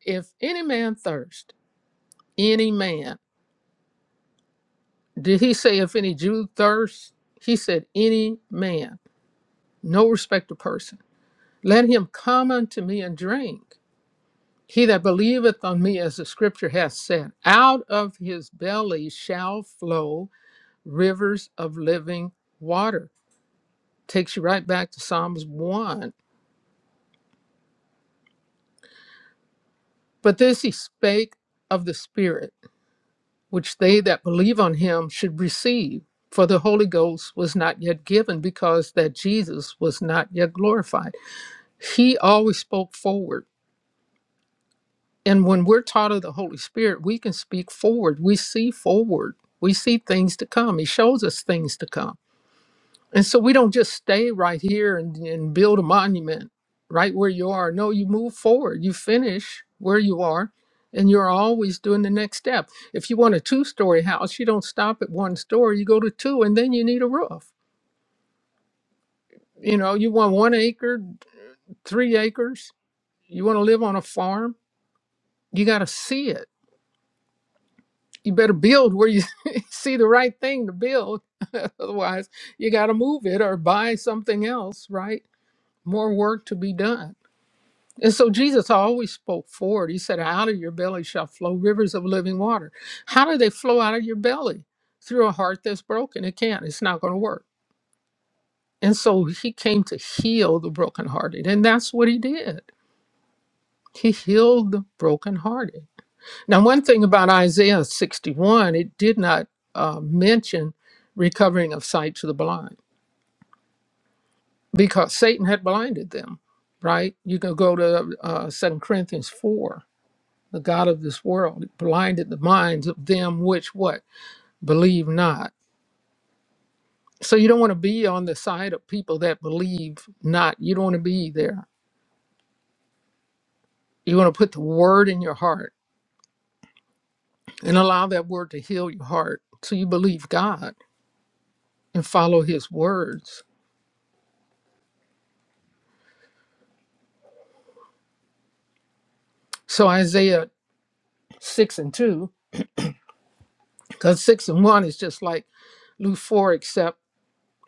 [SPEAKER 2] If any man thirst, any man. Did he say, If any Jew thirst? He said, Any man, no respect of person. Let him come unto me and drink. He that believeth on me, as the scripture hath said, out of his belly shall flow rivers of living water. Takes you right back to Psalms 1. But this he spake of the Spirit which they that believe on him should receive. For the Holy Ghost was not yet given because that Jesus was not yet glorified. He always spoke forward. And when we're taught of the Holy Spirit, we can speak forward. We see forward. We see things to come. He shows us things to come. And so we don't just stay right here and, and build a monument right where you are. No, you move forward. You finish where you are and you're always doing the next step. If you want a two story house, you don't stop at one story, you go to two, and then you need a roof. You know, you want one acre, three acres, you want to live on a farm, you got to see it. You better build where you (laughs) see the right thing to build. (laughs) Otherwise, you got to move it or buy something else, right? More work to be done And so Jesus always spoke forward. He said, Out of your belly shall flow rivers of living water. How do they flow out of your belly? Through a heart that's broken. It can't, it's not going to work. And so he came to heal the brokenhearted. And that's what he did. He healed the brokenhearted. Now, one thing about Isaiah 61, it did not uh, mention recovering of sight to the blind because Satan had blinded them, right? You can go to uh, 2 Corinthians 4 the god of this world It blinded the minds of them which what believe not so you don't want to be on the side of people that believe not you don't want to be there you want to put the word in your heart and allow that word to heal your heart so you believe god and follow his words so isaiah 6 and 2 because 6 and 1 is just like luke 4 except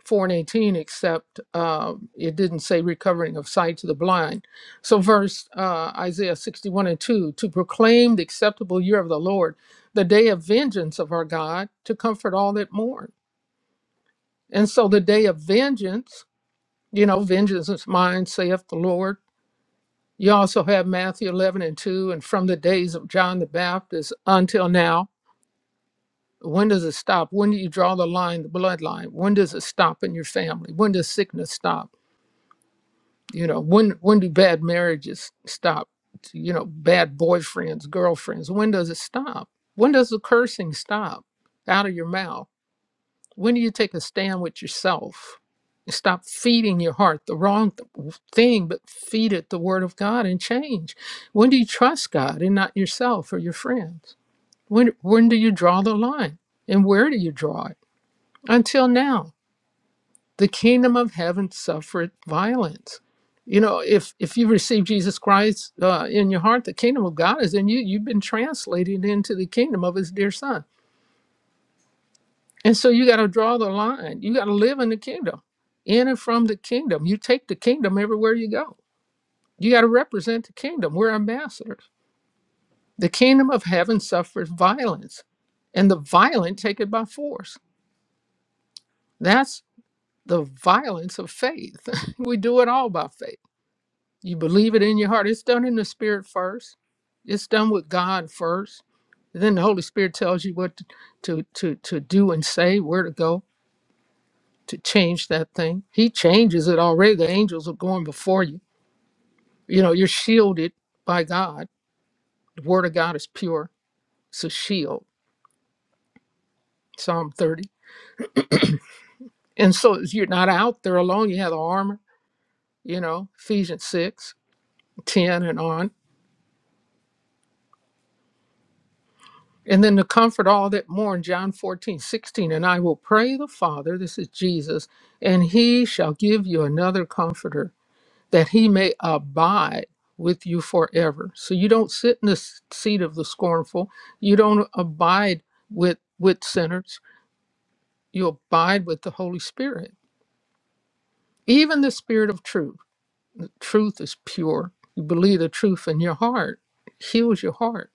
[SPEAKER 2] 4 and 18, except uh, it didn't say recovering of sight to the blind. So, verse uh, Isaiah 61 and 2 to proclaim the acceptable year of the Lord, the day of vengeance of our God, to comfort all that mourn. And so, the day of vengeance, you know, vengeance is mine, saith the Lord. You also have Matthew 11 and 2, and from the days of John the Baptist until now. When does it stop? When do you draw the line, the bloodline? When does it stop in your family? When does sickness stop? You know, when when do bad marriages stop? You know, bad boyfriends, girlfriends. When does it stop? When does the cursing stop out of your mouth? When do you take a stand with yourself? Stop feeding your heart the wrong th- thing, but feed it the word of God and change. When do you trust God and not yourself or your friends? When when do you draw the line? And where do you draw it? Until now the kingdom of heaven suffered violence you know if if you receive jesus christ uh, in your heart the kingdom of god is in you you've been translated into the kingdom of his dear son and so you got to draw the line you got to live in the kingdom in and from the kingdom you take the kingdom everywhere you go you got to represent the kingdom we're ambassadors the kingdom of heaven suffers violence and the violent take it by force that's the violence of faith (laughs) we do it all by faith You believe it in your heart. It's done in the spirit first. It's done with God first. then the Holy Spirit tells you what to, to to to do and say, where to go to change that thing. He changes it already. The angels are going before you. You know, you're shielded by God. The word of God is pure. It's a shield. Psalm 30. And so you're not out there alone. You have the armor, you know, Ephesians 6:10 and on And then to comfort all that mourn, John 14 16. and I will pray the Father, this is Jesus, and he shall give you another comforter that he may abide with you forever. So you don't sit in the s- seat of the scornful, you don't abide with, with sinners, you abide with the Holy Spirit, even the Spirit of truth. Truth is pure. You believe the truth in your heart, it heals your heart.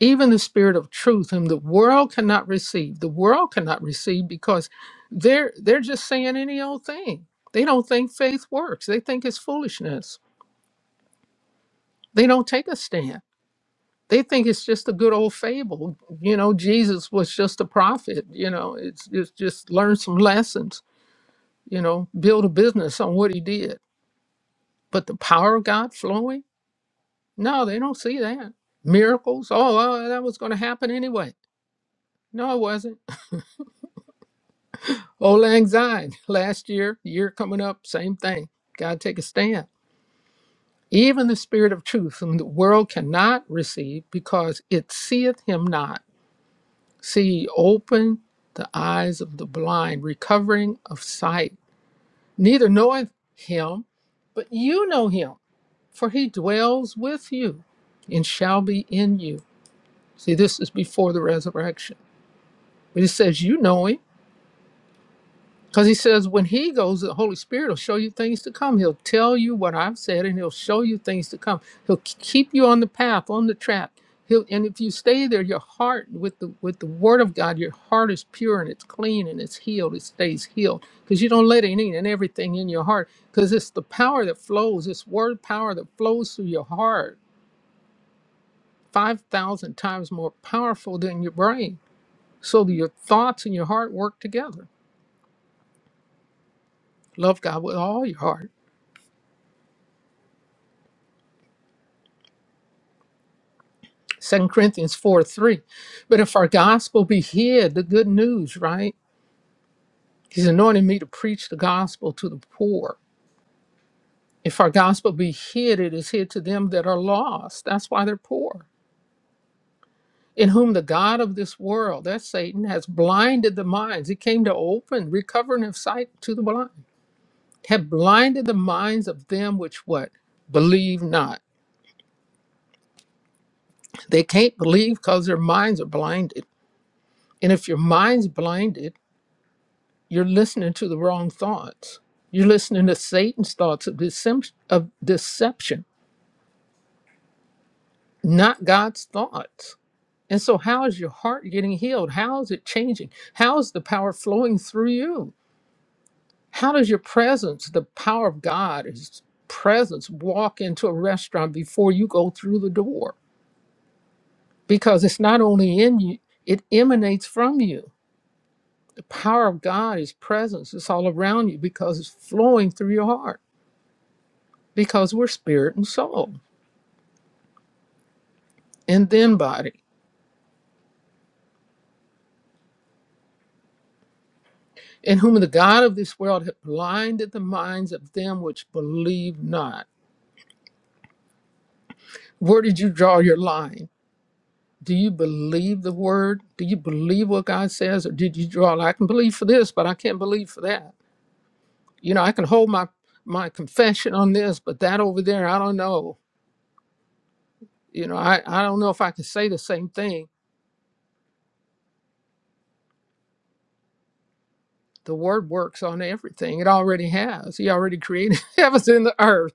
[SPEAKER 2] even the spirit of truth whom the world cannot receive the world cannot receive because they're they're just saying any old thing they don't think faith works they think it's foolishness they don't take a stand they think it's just a good old fable you know jesus was just a prophet you know it's, it's just learn some lessons you know build a business on what he did but the power of god flowing no they don't see that miracles oh well, that was going to happen anyway no it wasn't Old Lang Syne, (laughs) last year, year coming up, same thing. Got to take a stand. Even the spirit of truth, whom the world cannot receive because it seeth him not. See, open the eyes of the blind, recovering of sight. Neither knoweth him, but you know him, for he dwells with you and shall be in you. See, this is before the resurrection. But he says, You know him. Because he says, when he goes, the Holy Spirit will show you things to come. He'll tell you what I've said and he'll show you things to come. He'll k- keep you on the path, on the track. He'll, and if you stay there, your heart with the with the word of God, your heart is pure and it's clean and it's healed. It stays healed because you don't let any and everything in your heart because it's the power that flows, it's word power that flows through your heart, five thousand times more powerful than your brain. So that your thoughts and your heart work together. Love God with all your heart Second Corinthians 4 3. But if our gospel be hid, the good news, right? He's anointed me to preach the gospel to the poor. If our gospel be hid, it is hid to them that are lost. That's why they're poor. In whom the God of this world, that's Satan, has blinded the minds. He came to open, recovering of sight to the blind. Have blinded the minds of them which what? Believe not. They can't believe because their minds are blinded. And if your mind's blinded, you're listening to the wrong thoughts. You're listening to Satan's thoughts of, decep- of deception, not God's thoughts. And so, how is your heart getting healed? How is it changing? How is the power flowing through you? How does your presence, the power of God, His presence, walk into a restaurant before you go through the door? Because it's not only in you, it emanates from you. The power of God, His presence, is all around you because it's flowing through your heart, because we're spirit and soul. and then body, in whom the God of this world hath blinded the minds of them which believe not. Where did you draw your line? Do you believe the word? Do you believe what God says? Or did you draw, I can believe for this, but I can't believe for that? You know, I can hold my, my confession on this, but that over there, I don't know. You know, I, I don't know if I can say the same thing. The word works on everything. It already has. He already created (laughs) heavens and the earth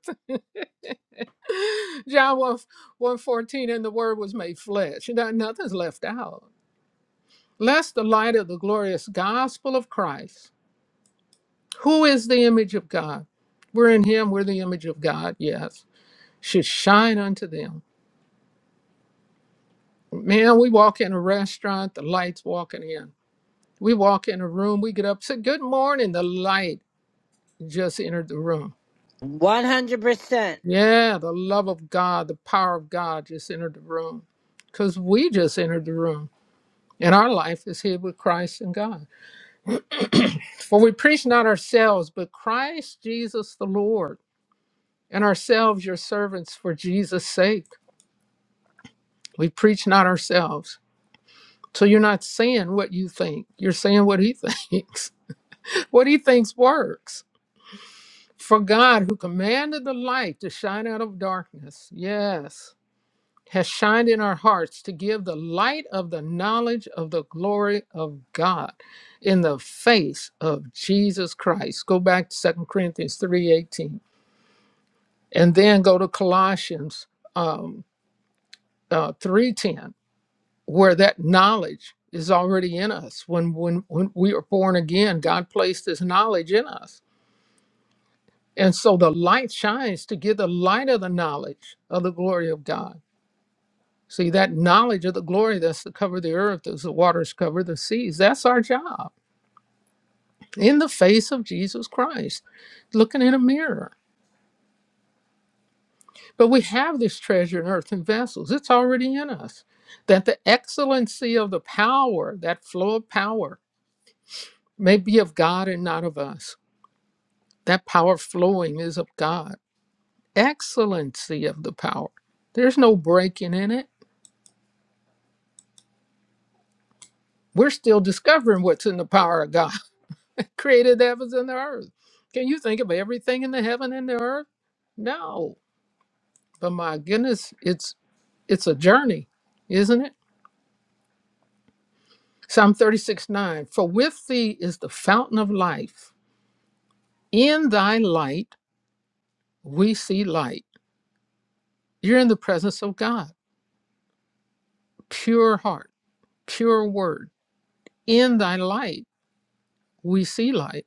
[SPEAKER 2] (laughs) John 1, 114, and the word was made flesh. nothing's left out. Lest the light of the glorious gospel of Christ, who is the image of God. We're in him, we're the image of God, yes, should shine unto them. Man, we walk in a restaurant, the light's walking in. We walk in a room, we get up, say, Good morning, the light just entered the room.
[SPEAKER 1] 100%.
[SPEAKER 2] Yeah, the love of God, the power of God just entered the room. Because we just entered the room And our life is hid with Christ in God. For we preach not ourselves, but Christ Jesus the Lord, and ourselves your servants for Jesus' sake. We preach not ourselves. So you're not saying what you think, you're saying what he (laughs) thinks. what he thinks works. For God, who commanded the light to shine out of darkness, yes, has shined in our hearts to give the light of the knowledge of the glory of God in the face of Jesus Christ. Go back to Second Corinthians 3.18 and then go to Colossians um, uh, 3.10 where that knowledge is already in us. When, when, when we are born again, God placed this knowledge in us. And so the light shines to give the light of the knowledge of the glory of God See, that knowledge of the glory that's to cover the earth, as the waters cover the seas, that's our job in the face of Jesus Christ, looking in a mirror. But we have this treasure in earthen vessels, it's already in us. That the excellency of the power, that flow of power, may be of God and not of us. That power flowing is of God. Excellency of the power. There's no breaking in it. We're still discovering what's in the power of God. created the heavens and the earth. Can you think of everything in the heaven and the earth? No. But my goodness, it's it's a journey, isn't it? Psalm 36, 9. For with thee is the fountain of life. In thy light we see light. You're in the presence of God, pure heart, pure word. In thy light we see light,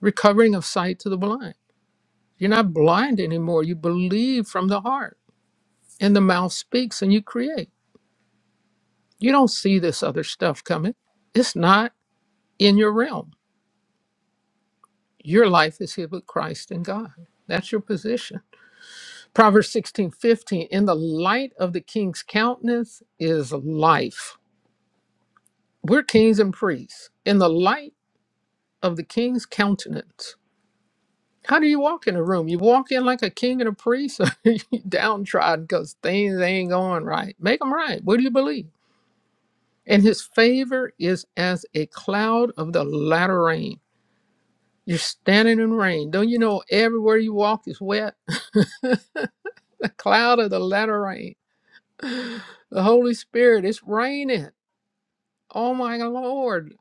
[SPEAKER 2] recovering of sight to the blind. You're not blind anymore. You believe from the heart, and the mouth speaks and you create. You don't see this other stuff coming. It's not in your realm. Your life is hid with Christ in God. That's your position. Proverbs 16 15. In the light of the king's countenance is life. We're kings and priests. In the light of the king's countenance. How do you walk in a room? You walk in like a king and a priest, (laughs) or you downtrodden because things ain't going right. Make them right. What do you believe? And his favor is as a cloud of the latter rain. You're standing in rain. Don't you know everywhere you walk is wet? (laughs) A cloud of the latter rain. The Holy Spirit is raining. Oh my Lord.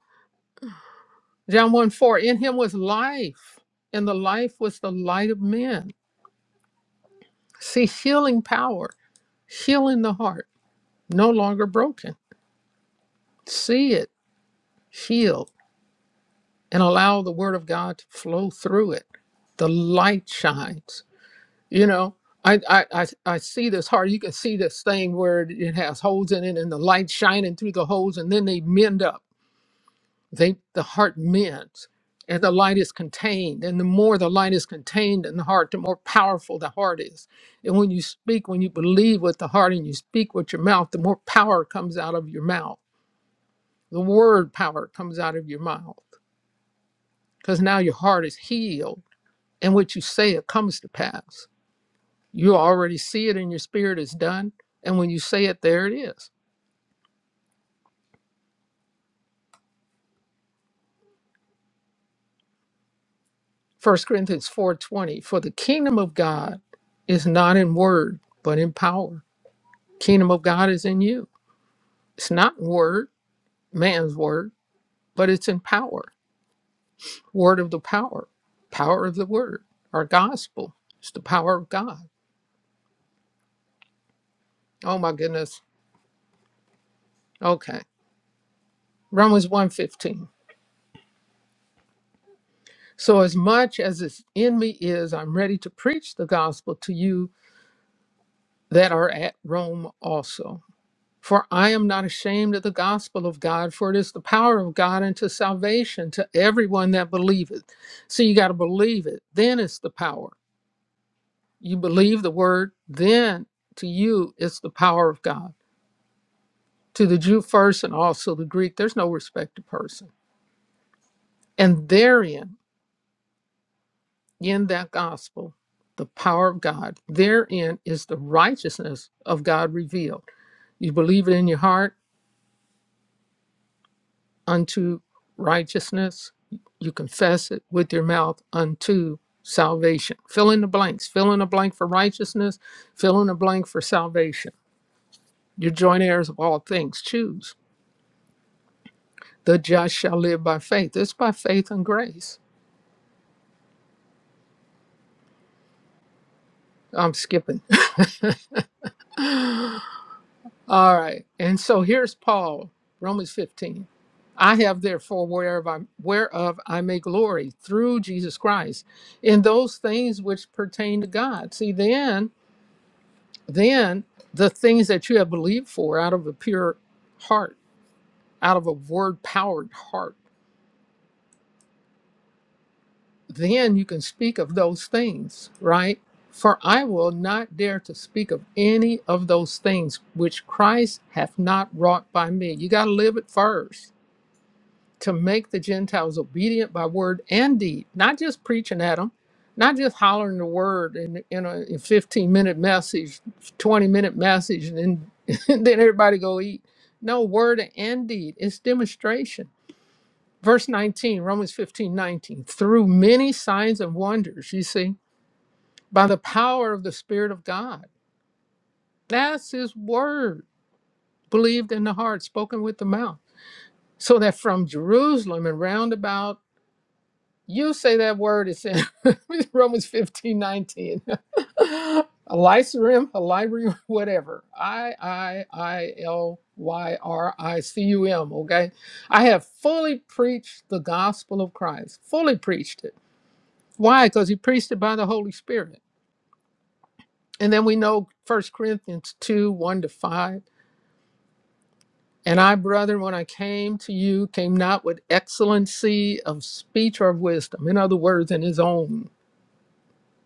[SPEAKER 2] John 1 4 In him was life, and the life was the light of men. See, healing power, healing the heart, no longer broken. See it, heal, and allow the word of God to flow through it. The light shines. you know I, I i I see this heart you can see this thing where it has holes in it and the light shining through the holes and then they mend up they the heart mends and the light is contained and the more the light is contained in the heart the more powerful the heart is and when you speak when you believe with the heart and you speak with your mouth the more power comes out of your mouth the word power comes out of your mouth because now your heart is healed and what you say it comes to pass You already see it in your spirit it's done. And when you say it, there it is. First Corinthians 4:20, for the kingdom of God is not in word, but in power. Kingdom of God is in you. It's not in word, man's word, but it's in power. Word of the power, power of the word, our gospel. It's the power of God. Oh my goodness. Okay. Romans 1:15. So as much as is in me is, I'm ready to preach the gospel to you that are at Rome also. For I am not ashamed of the gospel of God, for it is the power of God unto salvation to everyone that believeth. So you got to believe it. Then it's the power. You believe the word, then to you it's the power of God. To the Jew first and also the Greek, there's no respect of person. And therein, in that gospel, the power of God, therein is the righteousness of God revealed. You believe it in your heart, unto righteousness. You confess it with your mouth unto salvation. Fill in the blanks. Fill in a blank for righteousness. Fill in a blank for salvation. You're joint heirs of all things. Choose. The just shall live by faith. It's by faith and grace. I'm skipping. (laughs) All right. And so here's Paul, Romans 15. I have therefore whereof I, whereof I may glory through Jesus Christ in those things which pertain to God. See, then Then the things that you have believed for out of a pure heart, out of a word powered heart, then you can speak of those things, right? For I will not dare to speak of any of those things which Christ hath not wrought by me. You got to live it first to make the Gentiles obedient by word and deed, not just preaching at them, not just hollering the word in, in a in 15 minute message, 20 minute message, and then, (laughs) and then everybody go eat. No, word and deed. It's demonstration. Verse 19, Romans 15:19. Through many signs and wonders, you see, by the power of the Spirit of God. That's his word, believed in the heart, spoken with the mouth. So that from Jerusalem and round about You say that word is in (laughs) Romans fifteen nineteen, (laughs) 19. Elysium, Elyrium, (laughs) whatever. I I I L Y R I C U M, okay? I have fully preached the gospel of Christ, fully preached it. Why? Because he preached it by the Holy Spirit. And then we know First Corinthians 2, 1 to 5. And I, brethren, when I came to you, came not with excellency of speech or of wisdom. In other words, in his own.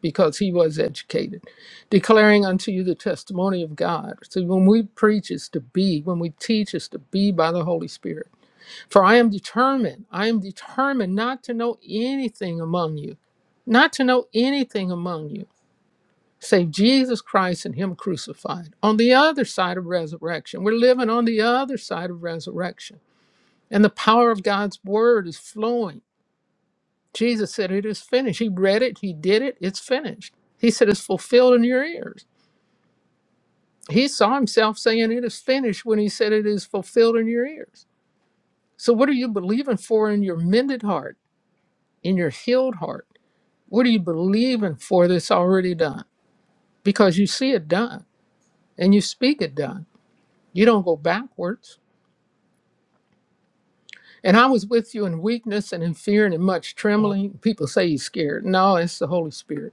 [SPEAKER 2] because he was educated, declaring unto you the testimony of God. So when we preach is to be, when we teach is to be by the Holy Spirit. For I am determined, I am determined not to know anything among you, not to know anything among you. Save Jesus Christ and Him crucified. On the other side of resurrection, we're living on the other side of resurrection. And the power of God's word is flowing Jesus said, It is finished. He read it, he did it, it's finished. He said, It's fulfilled in your ears. He saw himself saying, It is finished when he said, It is fulfilled in your ears. So, what are you believing for in your mended heart, in your healed heart? What are you believing for that's already done? Because you see it done and you speak it done. You don't go backwards. And I was with you in weakness and in fear and in much trembling. People say he's scared. No, it's the Holy Spirit.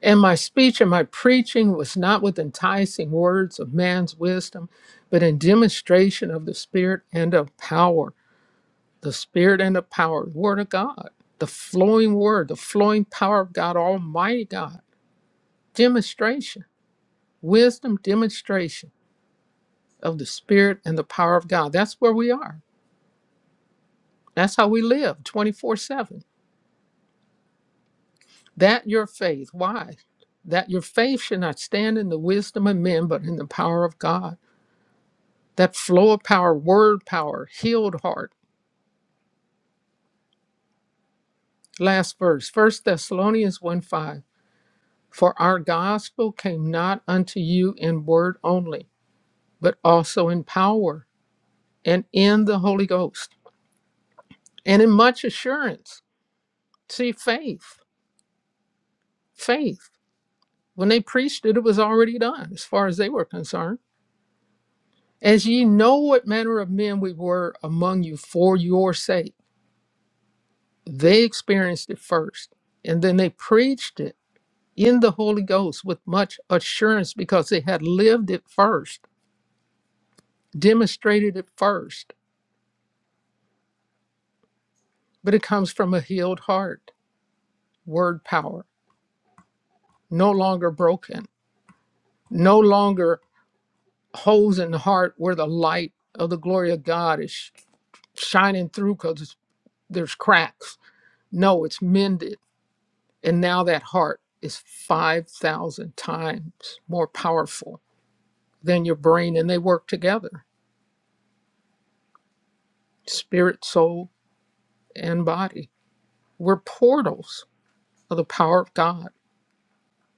[SPEAKER 2] And my speech and my preaching was not with enticing words of man's wisdom, but in demonstration of the Spirit and of power. The Spirit and the power, the Word of God, the flowing Word, the flowing power of God, Almighty God. Demonstration, wisdom, demonstration of the Spirit and the power of God. That's where we are. That's how we live 24 7. That your faith. Why? That your faith should not stand in the wisdom of men, but in the power of God. that flow of power, word power, healed heart. Last verse, First Thessalonians 1 5. For our gospel came not unto you in word only, but also in power and in the Holy Ghost and in much assurance. See, faith, faith. When they preached it, it was already done as far as they were concerned. As ye know what manner of men we were among you for your sake, they experienced it first and then they preached it in the Holy Ghost with much assurance because they had lived it first, demonstrated it first. But it comes from a healed heart, word power, no longer broken, no longer holes in the heart where the light of the glory of God is sh- shining through because there's cracks. No, it's mended. And now that heart is 5,000 times more powerful than your brain, and they work together spirit, soul, and body We're portals of the power of God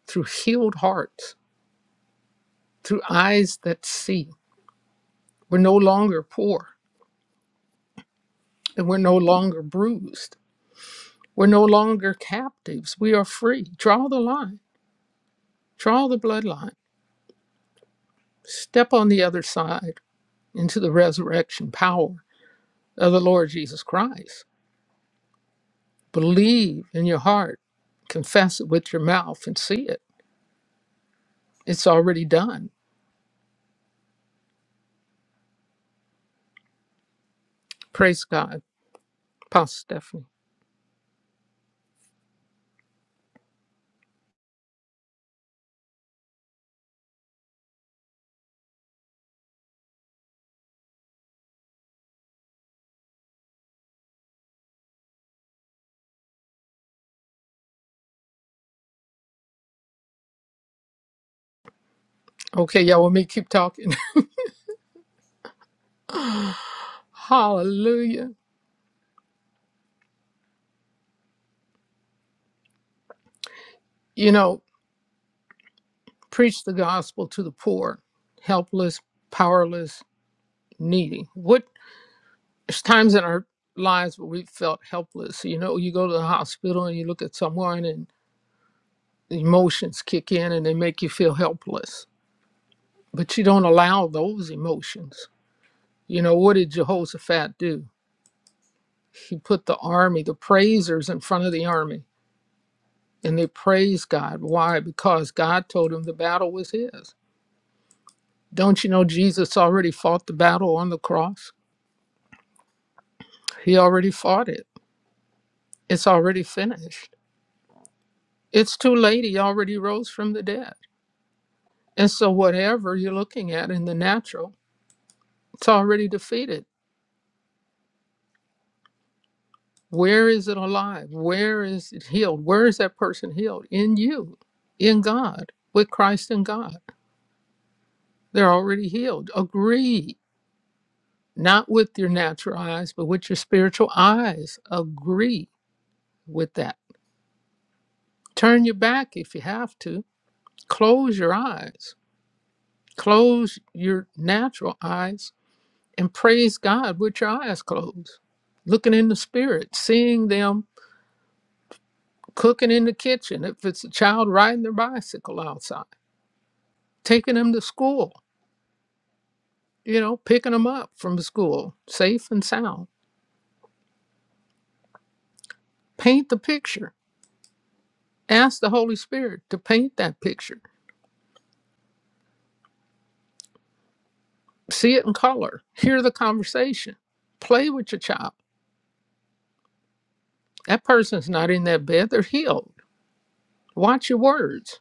[SPEAKER 2] through healed hearts, through eyes that see. We're no longer poor and we're no longer bruised. We're no longer captives. We are free. Draw the line, draw the bloodline. Step on the other side into the resurrection power of the Lord Jesus Christ. Believe in your heart, confess it with your mouth, and see it. It's already done. Praise God. Pastor Stephanie. Okay, y'all, let me keep talking. (laughs) Hallelujah. You know, preach the gospel to the poor, helpless, powerless, needy. What there's times in our lives where we felt helpless. You know, you go to the hospital and you look at someone and the emotions kick in and they make you feel helpless. But you don't allow those emotions. You know, what did Jehoshaphat do? He put the army, the praisers in front of the army. And they praised God. Why? Because God told him the battle was his Don't you know Jesus already fought the battle on the cross? He already fought it. It's already finished. It's too late. He already rose from the dead. And so, whatever you're looking at in the natural, it's already defeated. Where is it alive? Where is it healed? Where is that person healed? In you, in God, with Christ and God. They're already healed. Agree, not with your natural eyes, but with your spiritual eyes. Agree with that. Turn your back if you have to Close your eyes, close your natural eyes, and praise God with your eyes closed. Looking in the spirit, seeing them cooking in the kitchen, if it's a child riding their bicycle outside, taking them to school, you know, picking them up from school safe and sound. Paint the picture. Ask the Holy Spirit to paint that picture. See it in color. Hear the conversation. Play with your child. That person's not in that bed, they're healed. Watch your words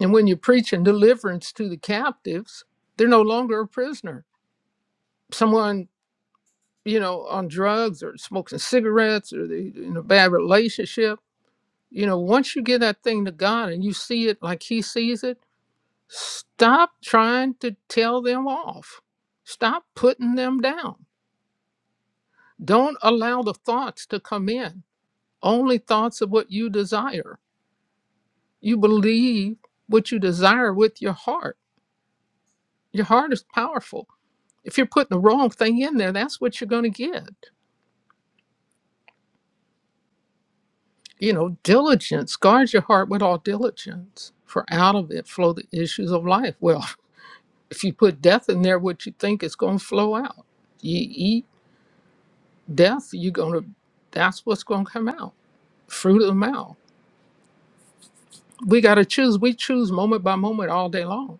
[SPEAKER 2] And when you're preaching deliverance to the captives, they're no longer a prisoner. Someone, you know, on drugs or smoking cigarettes or they in a bad relationship, you know, once you give that thing to God and you see it like He sees it, stop trying to tell them off. Stop putting them down. Don't allow the thoughts to come in, only thoughts of what you desire. You believe what you desire with your heart. Your heart is powerful if you're putting the wrong thing in there, that's what you're going to get. You know, diligence guards your heart with all diligence, for out of it flow the issues of life. Well, (laughs) if you put death in there, what you think is going to flow out. You eat death, you're going to, that's what's going to come out, fruit of the mouth. We got to choose. We choose moment by moment all day long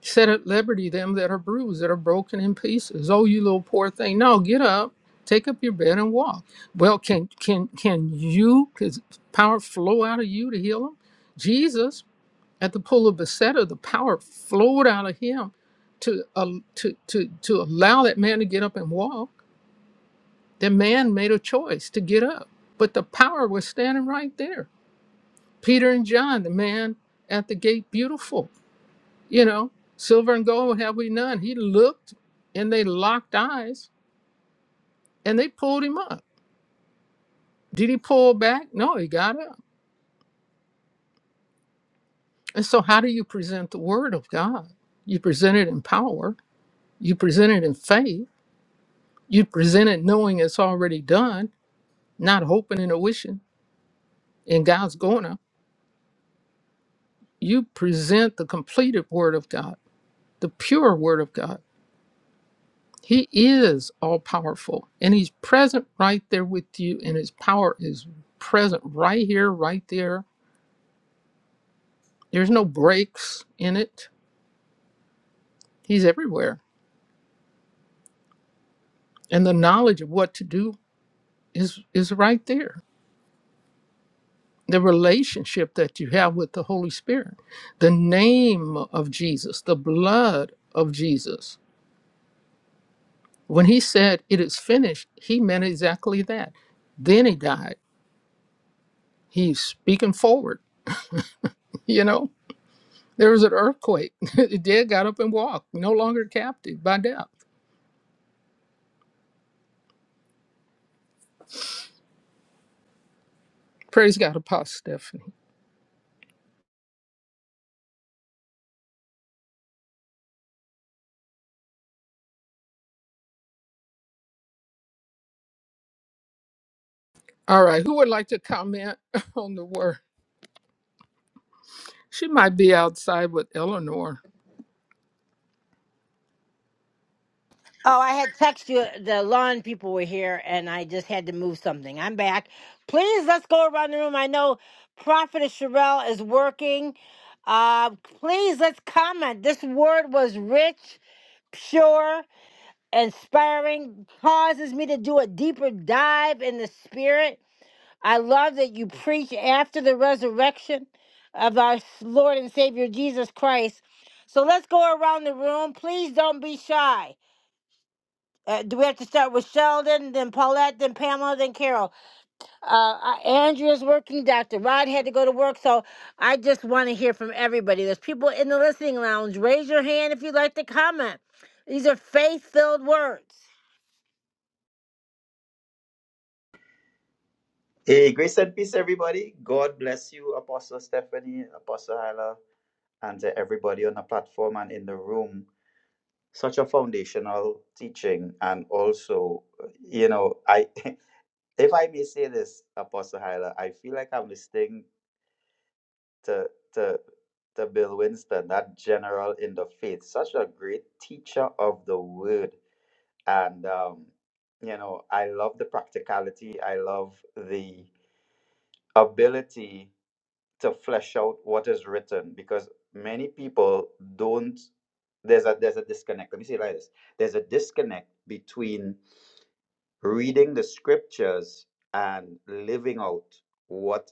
[SPEAKER 2] set at liberty them that are bruised, that are broken in pieces. Oh, you little poor thing. No, get up, take up your bed and walk. Well, can can can you Can power flow out of you to heal them? Jesus at the pool of Bethesda, the power flowed out of him to uh, to to to allow that man to get up and walk. That man made a choice to get up, but the power was standing right there. Peter and John, the man at the gate, beautiful you know, silver and gold have we none. He looked and they locked eyes and they pulled him up. Did he pull back? No, he got up. And so, how do you present the word of God? You present it in power, you present it in faith, you present it knowing it's already done, not hoping and wishing, and God's going to. You present the completed word of God, the pure word of God. He is all powerful and he's present right there with you, and his power is present right here, right there. There's no breaks in it. He's everywhere. And the knowledge of what to do is, is right there. The relationship that you have with the Holy Spirit, the name of Jesus, the blood of Jesus. When he said, It is finished, he meant exactly that. Then he died. He's speaking forward, (laughs) you know? There was an earthquake. (laughs) the dead got up and walked, no longer captive by death. Praise God, Apostle Stephanie. All right, who would like to comment (laughs) on the word? She might be outside with Eleanor.
[SPEAKER 1] Oh, I had text you, the lawn people were here, and I just had to move something. I'm back. Please, let's go around the room. I know Prophetess Sherelle is working. Uh, please, let's comment. This word was rich. pure, inspiring, causes me to do a deeper dive in the spirit. I love that you preach after the resurrection of our Lord and Savior Jesus Christ. So let's go around the room. Please don't be shy. Uh, do we have to start with Sheldon, then Paulette, then Pamela, then Carol? Uh, uh, Andrea's working. Dr. Rod had to go to work. So I just want to hear from everybody. There's people in the listening lounge. Raise your hand if you'd like to comment. These are faith filled words.
[SPEAKER 4] Hey, grace and peace, everybody. God bless you, Apostle Stephanie, Apostle Hyla, and to everybody on the platform and in the room. Such a foundational teaching, and also, you know, I, (laughs) if I may say this, Apostle Hyla, I feel like I'm listening to to to Bill Winston, that general in the faith, such a great teacher of the word, and um, you know, I love the practicality. I love the ability to flesh out what is written because many people don't there's a there's a disconnect let me say it like this there's a disconnect between reading the scriptures and living out what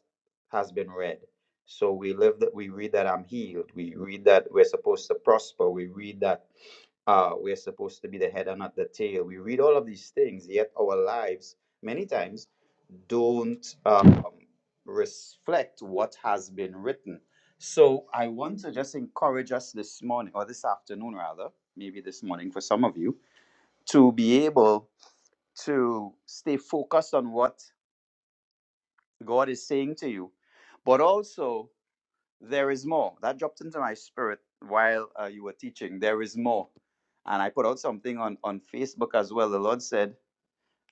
[SPEAKER 4] has been read so we live that we read that i'm healed we read that we're supposed to prosper we read that uh, we're supposed to be the head and not the tail we read all of these things yet our lives many times don't um, reflect what has been written. So I want to just encourage us this morning, or this afternoon rather, maybe this morning for some of you, to be able to stay focused on what God is saying to you. But also, there is more. That dropped into my spirit while uh, you were teaching. There is more. And I put out something on, on Facebook as well. The Lord said,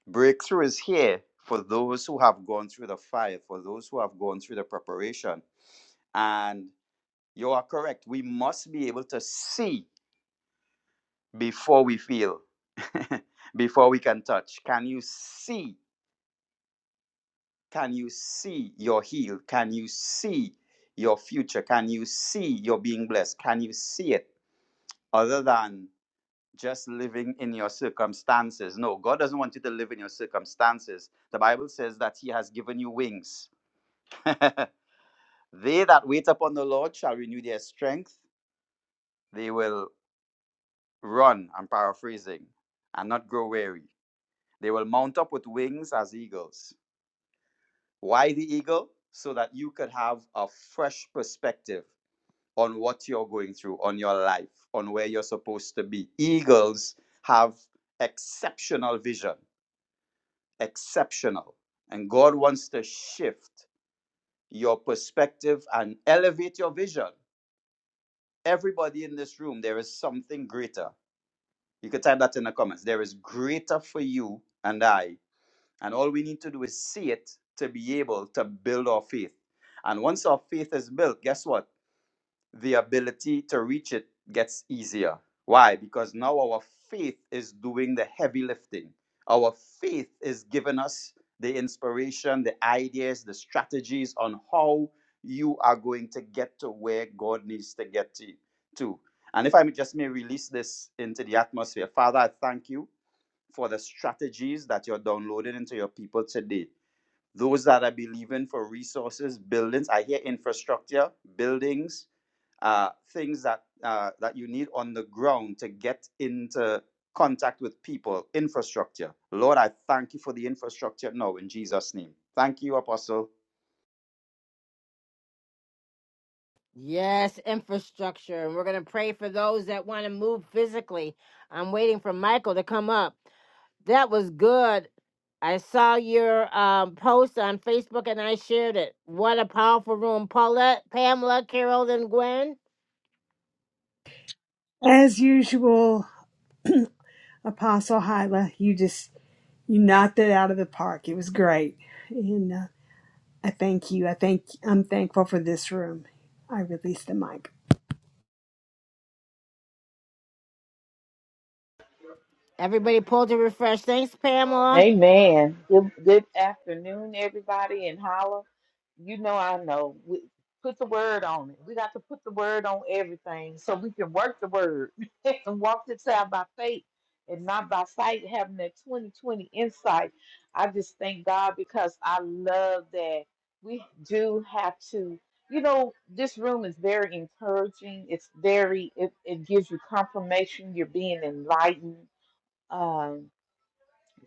[SPEAKER 4] Breakthrough is here for those who have gone through the fire, for those who have gone through the preparation. And you are correct. We must be able to see before we feel, (laughs) before we can touch. Can you see? Can you see your heal? Can you see your future? Can you see your being blessed? Can you see it other than just living in your circumstances? No, God doesn't want you to live in your circumstances. The Bible says that He has given you wings. (laughs) They that wait upon the Lord shall renew their strength. They will run, I'm paraphrasing, and not grow weary. They will mount up with wings as eagles. Why the eagle? So that you could have a fresh perspective on what you're going through, on your life, on where you're supposed to be. Eagles have exceptional vision, exceptional. And God wants to shift your perspective and elevate your vision everybody in this room, there is something greater. You could type that in the comments. There is greater for you and I. And all we need to do is see it to be able to build our faith. And once our faith is built, guess what? the ability to reach it gets easier. Why? Because now our faith is doing the heavy lifting. Our faith is giving us the inspiration, the ideas, the strategies on how you are going to get to where God needs to get to. to. And if I may just may release this into the atmosphere, Father, I thank you for the strategies that you're downloading into your people today. Those that are believing for resources, buildings, I hear infrastructure, buildings, uh, things that uh, that you need on the ground to get into contact with people, infrastructure. Lord, I thank you for the infrastructure now in Jesus' name. Thank you, Apostle.
[SPEAKER 1] Yes, infrastructure. And we're going to pray for those that want to move physically. I'm waiting for Michael to come up. That was good. I saw your um, post on Facebook and I shared it. What a powerful room. Paulette, Pamela, Carol, and Gwen.
[SPEAKER 5] As usual, Apostle Hyla, you just you knocked it out of the park. It was great, and uh, I thank you. I thank I'm thankful for this room. I release the mic.
[SPEAKER 1] Everybody pull to refresh. Thanks, Pamela.
[SPEAKER 6] Amen. Good good afternoon, everybody in Holla. You know, I know. We, put the word on it. We got to put the word on everything so we can work the word (laughs) and walk this out by faith and not by sight, having that 2020 insight. I just thank God because I love that we do have to. You know, this room is very encouraging. It's very, it, it gives you confirmation. You're being enlightened. Um,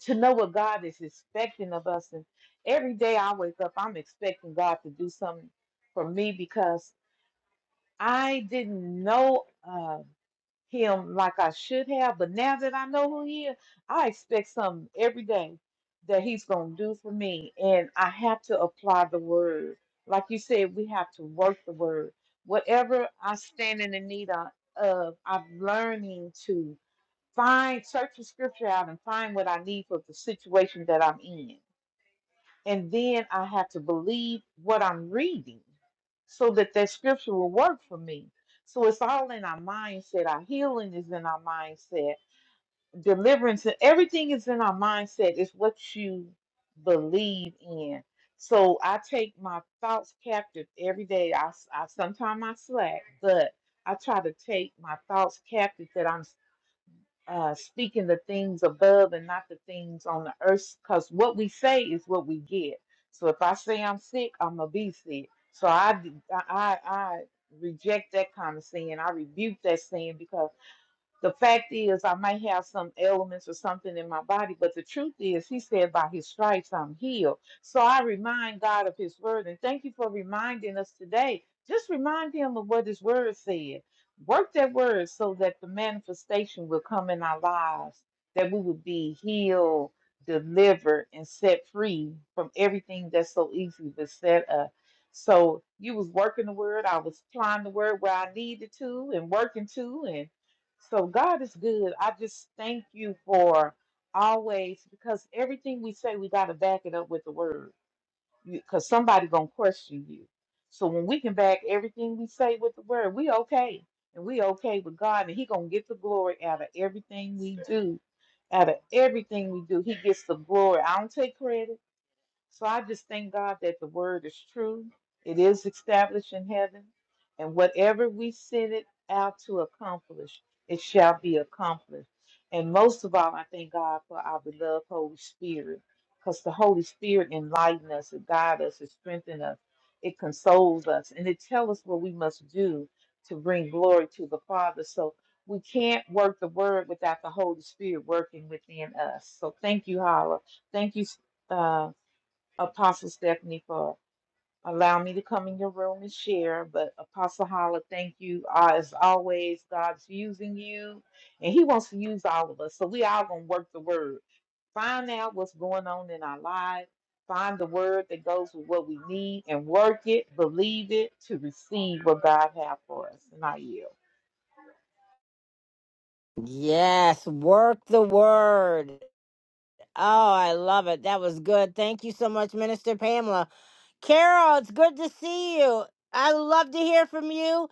[SPEAKER 6] to know what God is expecting of us. And every day I wake up, I'm expecting God to do something for me because I didn't know uh, Him like I should have. But now that I know who He is, I expect something every day that He's going to do for me. And I have to apply the word. Like you said, we have to work the word. Whatever I stand in the need of, of I'm learning to. Find, search the scripture out and find what I need for the situation that I'm in. And then I have to believe what I'm reading so that that scripture will work for me. So it's all in our mindset. Our healing is in our mindset. Deliverance, everything is in our mindset. It's what you believe in. So I take my thoughts captive every day. I, sometimes I sometime I slack, but I try to take my thoughts captive that I'm uh, speaking the things above and not the things on the earth, because what we say is what we get. So if I say I'm sick, I'm gonna be sick. So I, d- I, I- I reject that kind of sin. I rebuke that sin because the fact is, I might have some elements or something in my body, but the truth is, He said, by His stripes I'm healed. So I remind God of His word, and thank you for reminding us today. Just remind Him of what His word said. Work that word so that the manifestation will come in our lives, that we will be healed, delivered, and set free from everything that's so easily beset us. So you was working the word, I was applying the word where I needed to, and working to, and so God is good. I just thank you for always because everything we say we got to back it up with the word because somebody gonna question you. So when we can back everything we say with the word, we okay and we okay with God and He gonna get the glory out of everything we do. Out of everything we do, He gets the glory. I don't take credit. So I just thank God that the word is true. It is established in heaven. And whatever we send it out to accomplish, it shall be accomplished. And most of all, I thank God for our beloved Holy Spirit because the Holy Spirit enlightens us, it guides us, it strengthens us, it consoles us, and it tells us what we must do to bring glory to the Father. So we can't work the word without the Holy Spirit working within us. So thank you, Holla. Thank you, uh, Apostle Stephanie for allowing me to come in your room and share. But Apostle Holla, thank you. Uh, as always, God's using you and He wants to use all of us. So we all gonna work the word. Find out what's going on in our lives. Find the word that goes with what we need and work it, believe it to receive what God has for us. And I yield.
[SPEAKER 1] Yes, work the word. Oh, I love it. That was good. Thank you so much, Minister Pamela. Carol, it's good to see you. I love to hear from you.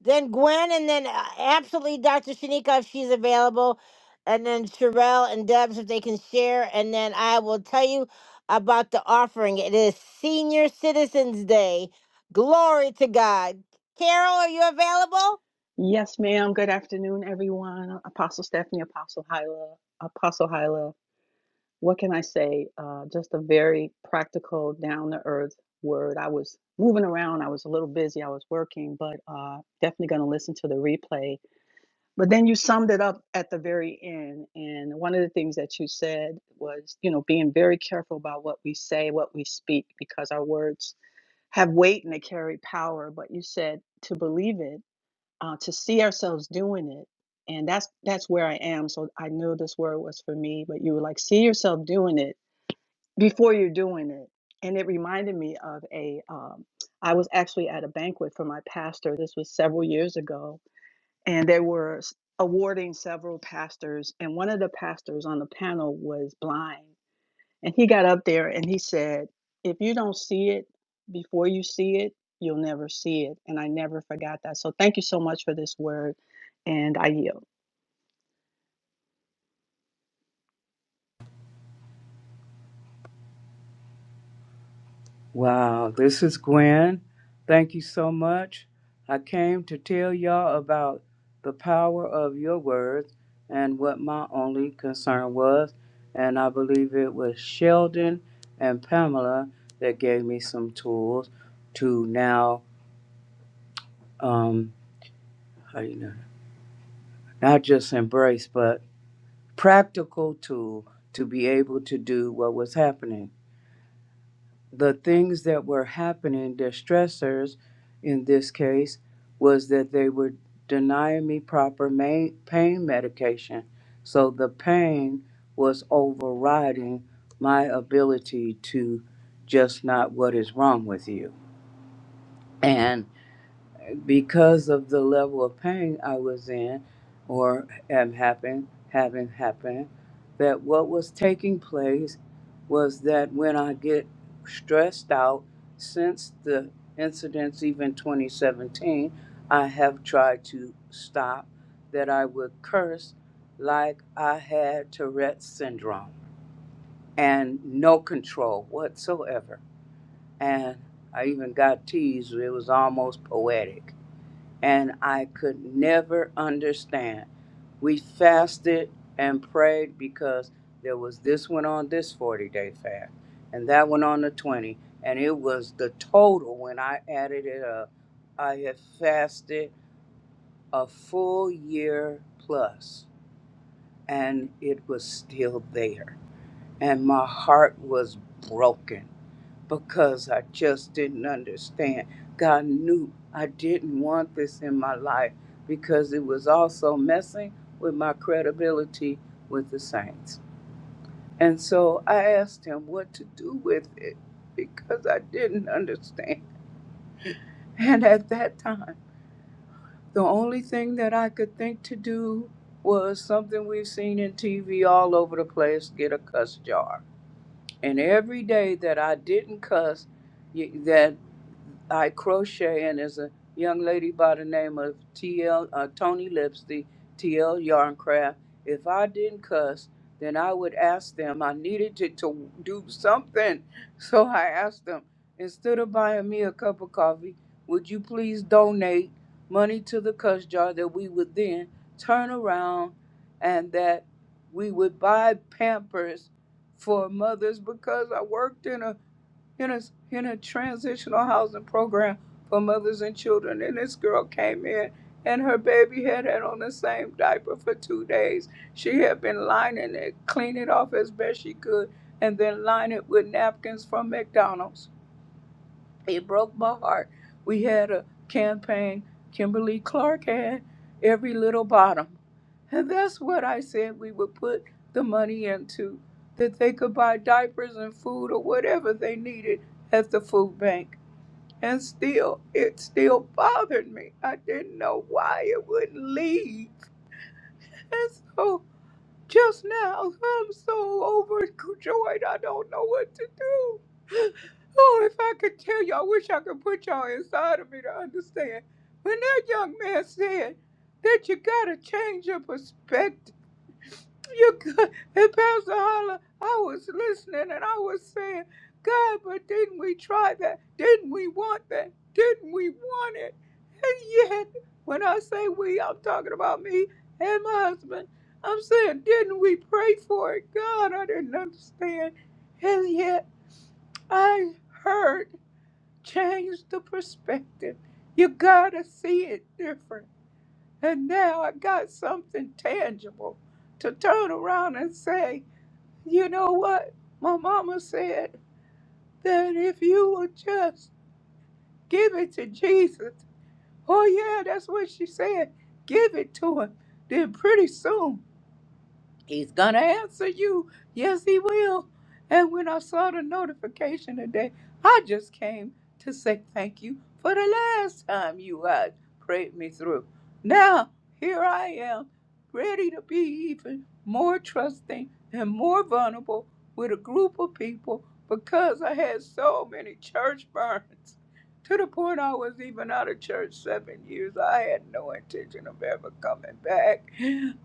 [SPEAKER 1] Then Gwen, and then uh, absolutely Dr. Shanika if she's available. And then Sherelle and Debs if they can share. And then I will tell you about the offering. It is Senior Citizens Day. Glory to God. Carol, are you available?
[SPEAKER 7] Yes, ma'am. Good afternoon, everyone. Apostle Stephanie, Apostle Hyla, Apostle Hyla. What can I say? Uh, just a very practical, down to earth word. I was moving around. I was a little busy. I was working, but uh, definitely going to listen to the replay. But then you summed it up at the very end. And one of the things that you said was, you know, being very careful about what we say, what we speak, because our words have weight and they carry power. But you said to believe it uh, to see ourselves doing it and that's that's where i am so i knew this word was for me but you were like see yourself doing it before you're doing it and it reminded me of a um, i was actually at a banquet for my pastor this was several years ago and they were s- awarding several pastors and one of the pastors on the panel was blind and he got up there and he said, If you don't see it before you see it, you'll never see it. And I never forgot that. So thank you so much for this word. And I yield.
[SPEAKER 8] Wow, this is Gwen. Thank you so much. I came to tell y'all about the power of your words and what my only concern was. And I believe it was Sheldon and Pamela that gave me some tools to now, um, how do you know, not just embrace, but practical tool to be able to do what was happening. the things that were happening, their stressors in this case, was that they were denying me proper ma- pain medication. So the pain was overriding my ability to just not what is wrong with you. and because of the level of pain I was in or am happen having happen, that what was taking place was that when I get stressed out since the incidents even 2017, I have tried to stop that I would curse like I had Tourette's syndrome and no control whatsoever. And I even got teased. It was almost poetic and I could never understand. We fasted and prayed because there was this one on this 40 day fast and that one on the 20. And it was the total when I added it up. I had fasted a full year plus and it was still there. And my heart was broken because I just didn't understand. God knew I didn't want this in my life because it was also messing with my credibility with the saints. And so I asked him what to do with it because I didn't understand. And at that time, the only thing that I could think to do was something we've seen in TV all over the place get a cuss jar And every day that I didn't cuss, y- that I crochet, and there's a young lady by the name of T.L. Uh, Tony Lipsy, T.L. Yarncraft. If I didn't cuss, then I would ask them. I needed to, to do something, (laughs) so I asked them. Instead of buying me a cup of coffee, would you please donate money to the cuss jar that we would then turn around and that we would buy Pampers for mothers because I worked in a in a in a transitional housing program for mothers and children. And this girl came in, and her baby had had on the same diaper for two days. She had been lining it, clean it off as best she could, and then line it with napkins from McDonald's. It broke my heart. We had a campaign Kimberly Clark had every little bottom. And that's what I said we would put the money into, that they could buy diapers and food or whatever they needed at the food bank. And still, it still bothered me. I didn't know why it wouldn't leave. and so just now. I'm so overjoyed. I don't know what to do. Oh, if I could tell you, I wish I could put y'all inside of me to understand. When that young man said that you gotta change your perspective you could. And Pastor Holler, I was listening and I was saying, God, but didn't we try that? Didn't we want that? Didn't we want it? And yet, when I say we, I'm talking about me and my husband. I'm saying, didn't we pray for it? God, I didn't understand. And yet, I heard change the perspective. You gotta see it different. And now I got something tangible to turn around and say, you know what? My mama said that if you would just give it to Jesus. Oh, yeah, that's what she said. Give it to him. Then pretty soon He's gonna answer you. Yes, he will. And when I saw the notification today, I just came to say thank you for the last time you guys prayed me through. Now, here I am, ready to be even more trusting and more vulnerable with a group of people because I had so many church burns. To the point I was even out of church seven years. I had no intention of ever coming back.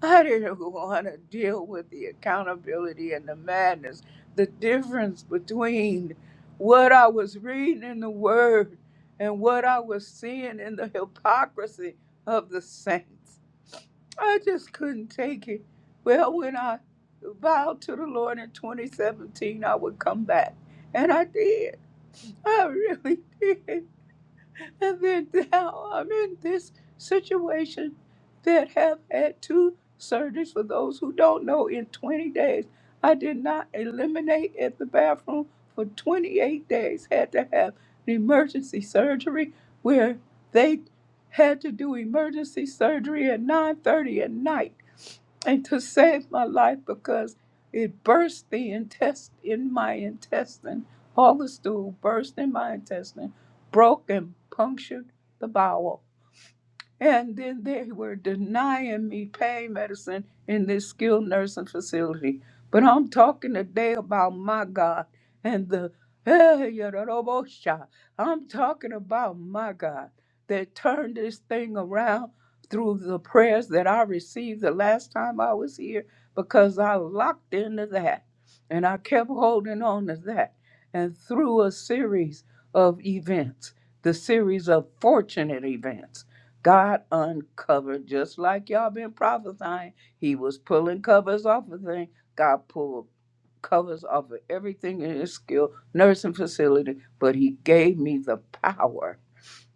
[SPEAKER 8] I didn't want to deal with the accountability and the madness, the difference between what I was reading in the Word and what I was seeing in the hypocrisy of the saints. I just couldn't take it. Well, when I vowed to the Lord in 2017, I would come back. And I did. I really (laughs) did and then now I'm in this situation that have had two surgeries. For those who don't know, in 20 days, I did not eliminate at the bathroom for 28 days. Had to have an emergency surgery where they had to do emergency surgery at 9:30 at night and to save my life because it burst the intest in my intestine. All the stool burst in my intestine, broke and punctured the bowel. And then they were denying me pain medicine in this skilled nursing facility. But I'm talking today about my God and the Yadarobosha. I'm talking about my God that turned this thing around through the prayers that I received the last time I was here because I locked into that and I kept holding on to that. And through a series of events, the series of fortunate events. God uncovered, just like y'all been prophesying. He was pulling covers off of things. God pulled covers off of everything in his skill nursing facility, but he gave me the power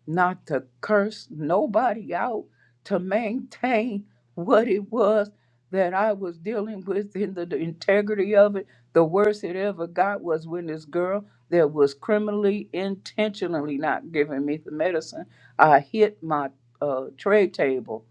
[SPEAKER 8] not to curse nobody out, to maintain what it was that I was dealing with in the, the integrity of it. The worst it ever got was when this girl that was criminally intentionally not giving me the medicine, I hit my uh, tray table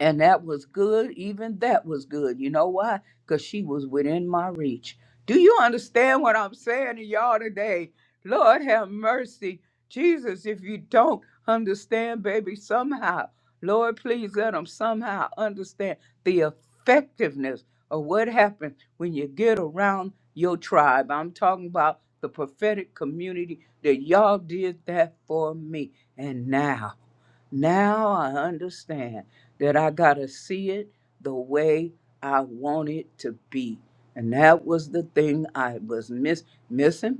[SPEAKER 8] and that was good. Even that was good. You know why? Because she was within my reach. Do you understand what I'm saying to y'all today? Lord have mercy. Jesus, if you don't understand, baby, somehow, Lord, please let them somehow understand the effectiveness of what happens when you get around your tribe. I'm talking about the prophetic community that y'all did that for me. And now, now I understand that I got to see it the way I want it to be. And that was the thing I was miss, missing.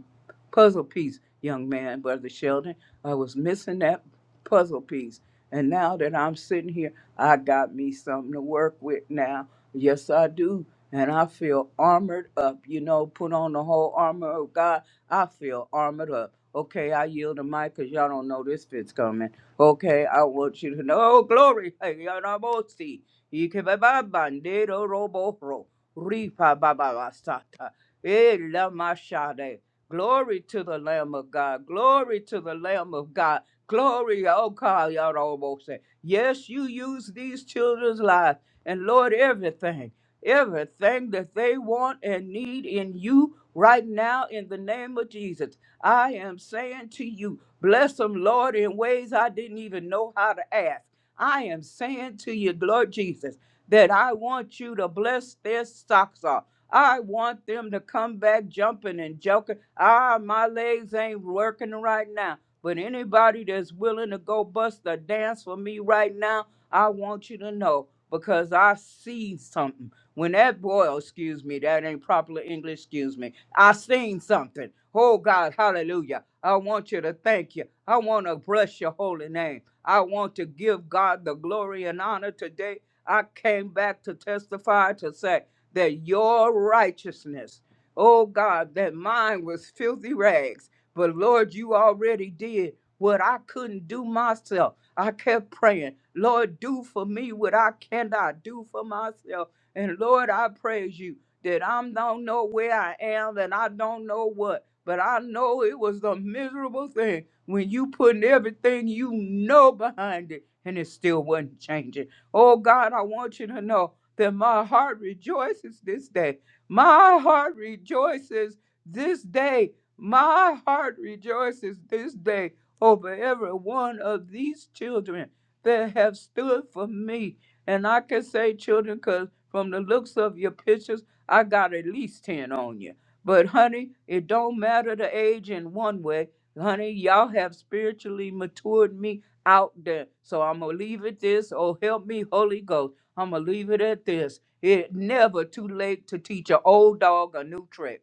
[SPEAKER 8] Puzzle piece, young man, Brother Sheldon. I was missing that puzzle piece. And now that I'm sitting here, I got me something to work with now. Yes, I do. And I feel armored up. You know, put on the whole armor of God. I feel armored up. Okay, I yield the mic because y'all don't know this fit's coming. Okay, I want you to know. Oh, glory. Hey, Yanamosi. Ikebaba bandero robohro. Ripa baba sata. Eh, lamashade. Glory to the Lamb of God. Glory to the Lamb of God. Glory, oh God, Yanamosi. Yes, you use these children's lives. And Lord, everything, everything that they want and need in you right now in the name of Jesus. I am saying to you, Bless them, Lord, in ways I didn't even know how to ask. I am saying to you, Lord Jesus, that I want you to bless their socks off. I want them to come back jumping and joking. Ah, my legs ain't working right now. But anybody that's willing to go bust a dance for me right now, I want you to know because I see something. When that boy, oh, excuse me, that ain't proper English, excuse me I seen something. Oh God, hallelujah. I want you to thank you. I want to bless your holy name. I want to give God the glory and honor today. I came back to testify to say that your righteousness, oh God, that mine was filthy rags. But Lord, you already did what I couldn't do myself. I kept praying, Lord, do for me what I cannot do for myself. And Lord, I praise you that I don't know where I am and I don't know what, but I know it was a miserable thing when you putting everything you know behind it and it still wasn't changing. Oh God, I want you to know that my heart rejoices this day. My heart rejoices this day. My heart rejoices this day over every one of these children that have stood for me. And I can say children because from the looks of your pictures, I got at least 10 on you. But honey, it don't matter the age in one way. Honey, y'all have spiritually matured me out there. So I'm going to leave it this. Oh, help me, Holy Ghost. I'm going to leave it at this. It never too late to teach an old dog a new trick.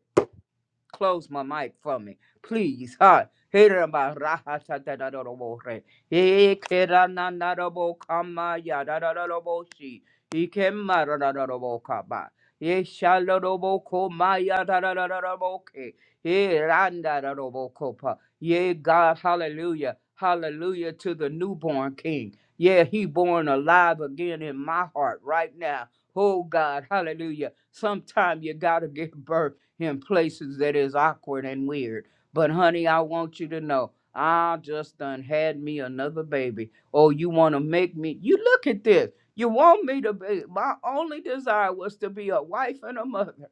[SPEAKER 8] Close my mic for me, please. Hi. Hiraba raha ta da da da da bo re. E kera na na da bo kama ya da da da da bo shi. Ike ma da da da da bo kaba. E shala da bo ko ma ya da da da da da bo ke. E randa da da bo ko pa. Yeah, God, hallelujah. Hallelujah to the newborn king. Yeah, he born alive again in my heart right now. Oh God, hallelujah. Sometime you gotta give birth in places that is awkward and weird. But honey, I want you to know, I just done had me another baby. Oh, you want to make me? You look at this. You want me to be? My only desire was to be a wife and a mother,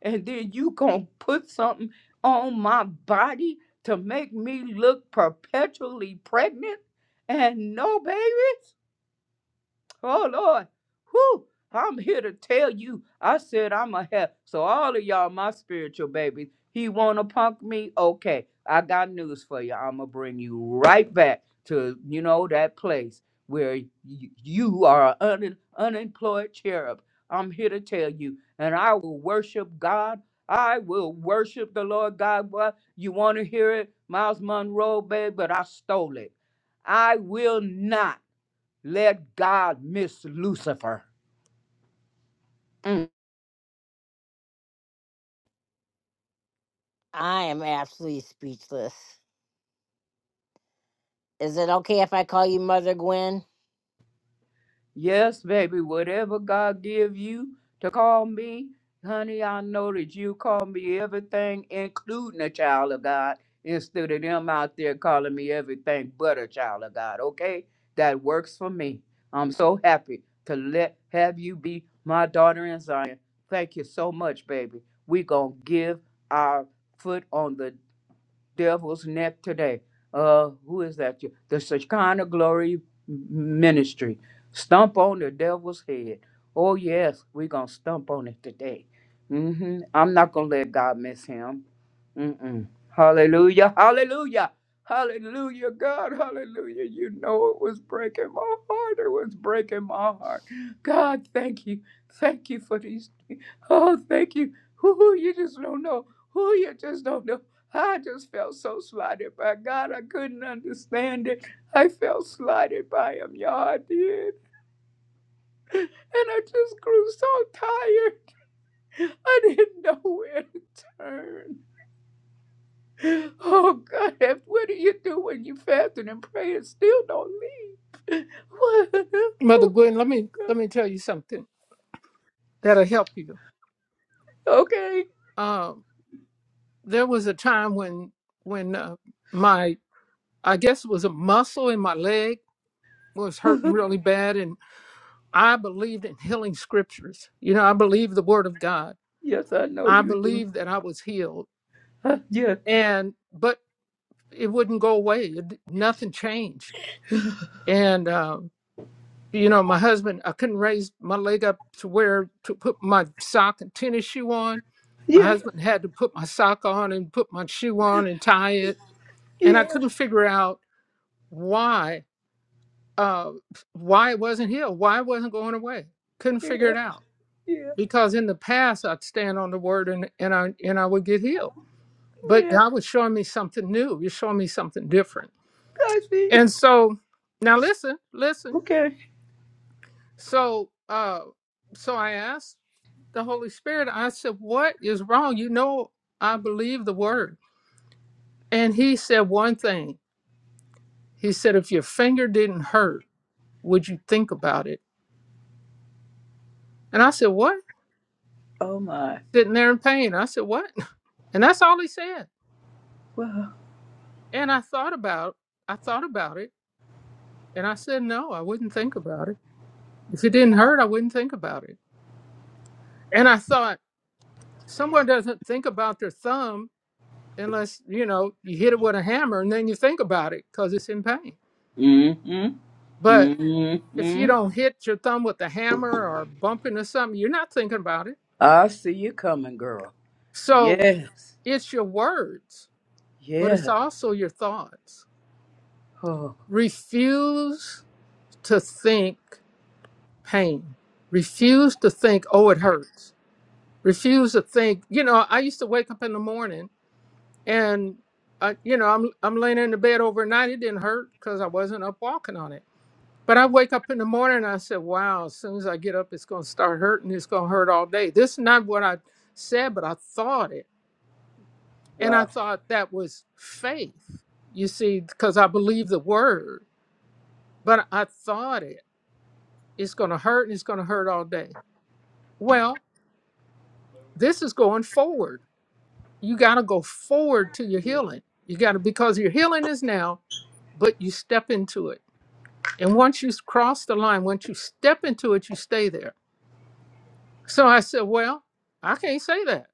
[SPEAKER 8] and then you gonna put something on my body to make me look perpetually pregnant and no babies? Oh Lord, whoo! I'm here to tell you. I said I'm a help. So all of y'all, my spiritual babies, he wanna punk me? Okay, I got news for you. I'ma bring you right back to you know that place where y- you are an un- unemployed cherub. I'm here to tell you, and I will worship God. I will worship the Lord God. What you want to hear it, Miles Monroe, babe? But I stole it. I will not. Let God miss Lucifer. Mm.
[SPEAKER 1] I am absolutely speechless. Is it okay if I call you Mother Gwen?
[SPEAKER 8] Yes, baby, whatever God give you to call me, honey, I know that you call me everything, including a child of God, instead of them out there calling me everything but a child of God, okay? That works for me. I'm so happy to let have you be my daughter in Zion. Thank you so much, baby. We gonna give our foot on the devil's neck today. Uh, who is that? The Shekinah Glory Ministry. Stump on the devil's head. Oh, yes, we're going to stump on it today. hmm I'm not going to let God miss him. Mm-mm. Hallelujah, hallelujah, hallelujah, God, hallelujah. You know it was breaking my heart. It was breaking my heart. God, thank you. Thank you for these. Oh, thank you. Who you just don't know. Who you just don't know. I just felt so slighted by God. I couldn't understand it. I felt slighted by Him, y'all. I did. And I just grew so tired. I didn't know where to turn. Oh, God, and what do you do when you fasting and pray and still don't leave? What?
[SPEAKER 2] Mother
[SPEAKER 8] Oh,
[SPEAKER 2] Gwen, let me
[SPEAKER 8] God.
[SPEAKER 2] let me tell you something that'll help you.
[SPEAKER 8] Okay.
[SPEAKER 2] Um, there was a time when when uh, my I guess it was a muscle in my leg was hurting
[SPEAKER 8] (laughs)
[SPEAKER 2] really bad, and I believed in healing scriptures. You know, I believed the word of God.
[SPEAKER 8] yes, I know
[SPEAKER 2] I
[SPEAKER 8] you do.
[SPEAKER 2] believed that I was healed,
[SPEAKER 8] Uh, yeah,
[SPEAKER 2] and but it wouldn't go away. It, nothing changed. And, uh, you know, my husband, I couldn't raise my leg up to where to put my sock and tennis shoe on. My
[SPEAKER 8] yeah,
[SPEAKER 2] husband had to put my sock on and put my shoe on and tie it. And I
[SPEAKER 8] yeah,
[SPEAKER 2] couldn't figure out why, uh, why it wasn't healed, why it wasn't going away. Couldn't figure
[SPEAKER 8] yeah,
[SPEAKER 2] it out
[SPEAKER 8] yeah,
[SPEAKER 2] because in the past I'd stand on the word and, and I and I would get healed. But
[SPEAKER 8] yeah.
[SPEAKER 2] God was showing me something new. You're showing me something different
[SPEAKER 8] I see.
[SPEAKER 2] And so now listen, listen.
[SPEAKER 8] Okay.
[SPEAKER 2] So uh so I asked the Holy Spirit, I said, What is wrong? You know I believe the word. And he said one thing. He said, If your finger didn't hurt, would you think about it? And I said, What?
[SPEAKER 8] Oh, my.
[SPEAKER 2] Sitting there in pain. I said, What? (laughs) And that's all he said.
[SPEAKER 8] Wow.
[SPEAKER 2] And I thought about I thought about it and I said, No, I wouldn't think about it. If it didn't hurt, I wouldn't think about it. And I thought, someone doesn't think about their thumb unless you know you hit it with a hammer and then you think about it because it's in pain
[SPEAKER 8] Mm-hmm.
[SPEAKER 2] but if you
[SPEAKER 8] Mm-hmm.
[SPEAKER 2] don't hit your thumb with a hammer or bump into something you're not thinking about it
[SPEAKER 8] I see you coming, girl.
[SPEAKER 2] so
[SPEAKER 8] Yes.
[SPEAKER 2] it's your words but
[SPEAKER 8] Yes.
[SPEAKER 2] it's also your thoughts
[SPEAKER 8] Oh,
[SPEAKER 2] refuse to think pain refuse to think oh it hurts refuse to think you know i used to wake up in the morning and I, you know i'm i'm laying in the bed overnight it didn't hurt because i wasn't up walking on it But I wake up in the morning and I said, wow, as soon as I get up, it's going to start hurting. It's going to hurt all day. This is not what I said, but I thought it. And I
[SPEAKER 8] wow.
[SPEAKER 2] thought that was faith, you see, because I believe the word, but I thought it. It's going to hurt and it's going to hurt all day. Well, this is going forward. You got to go forward to your healing. You got to, because your healing is now, but you step into it. And once you cross the line, once you step into it, you stay there So I said, Well, I can't say that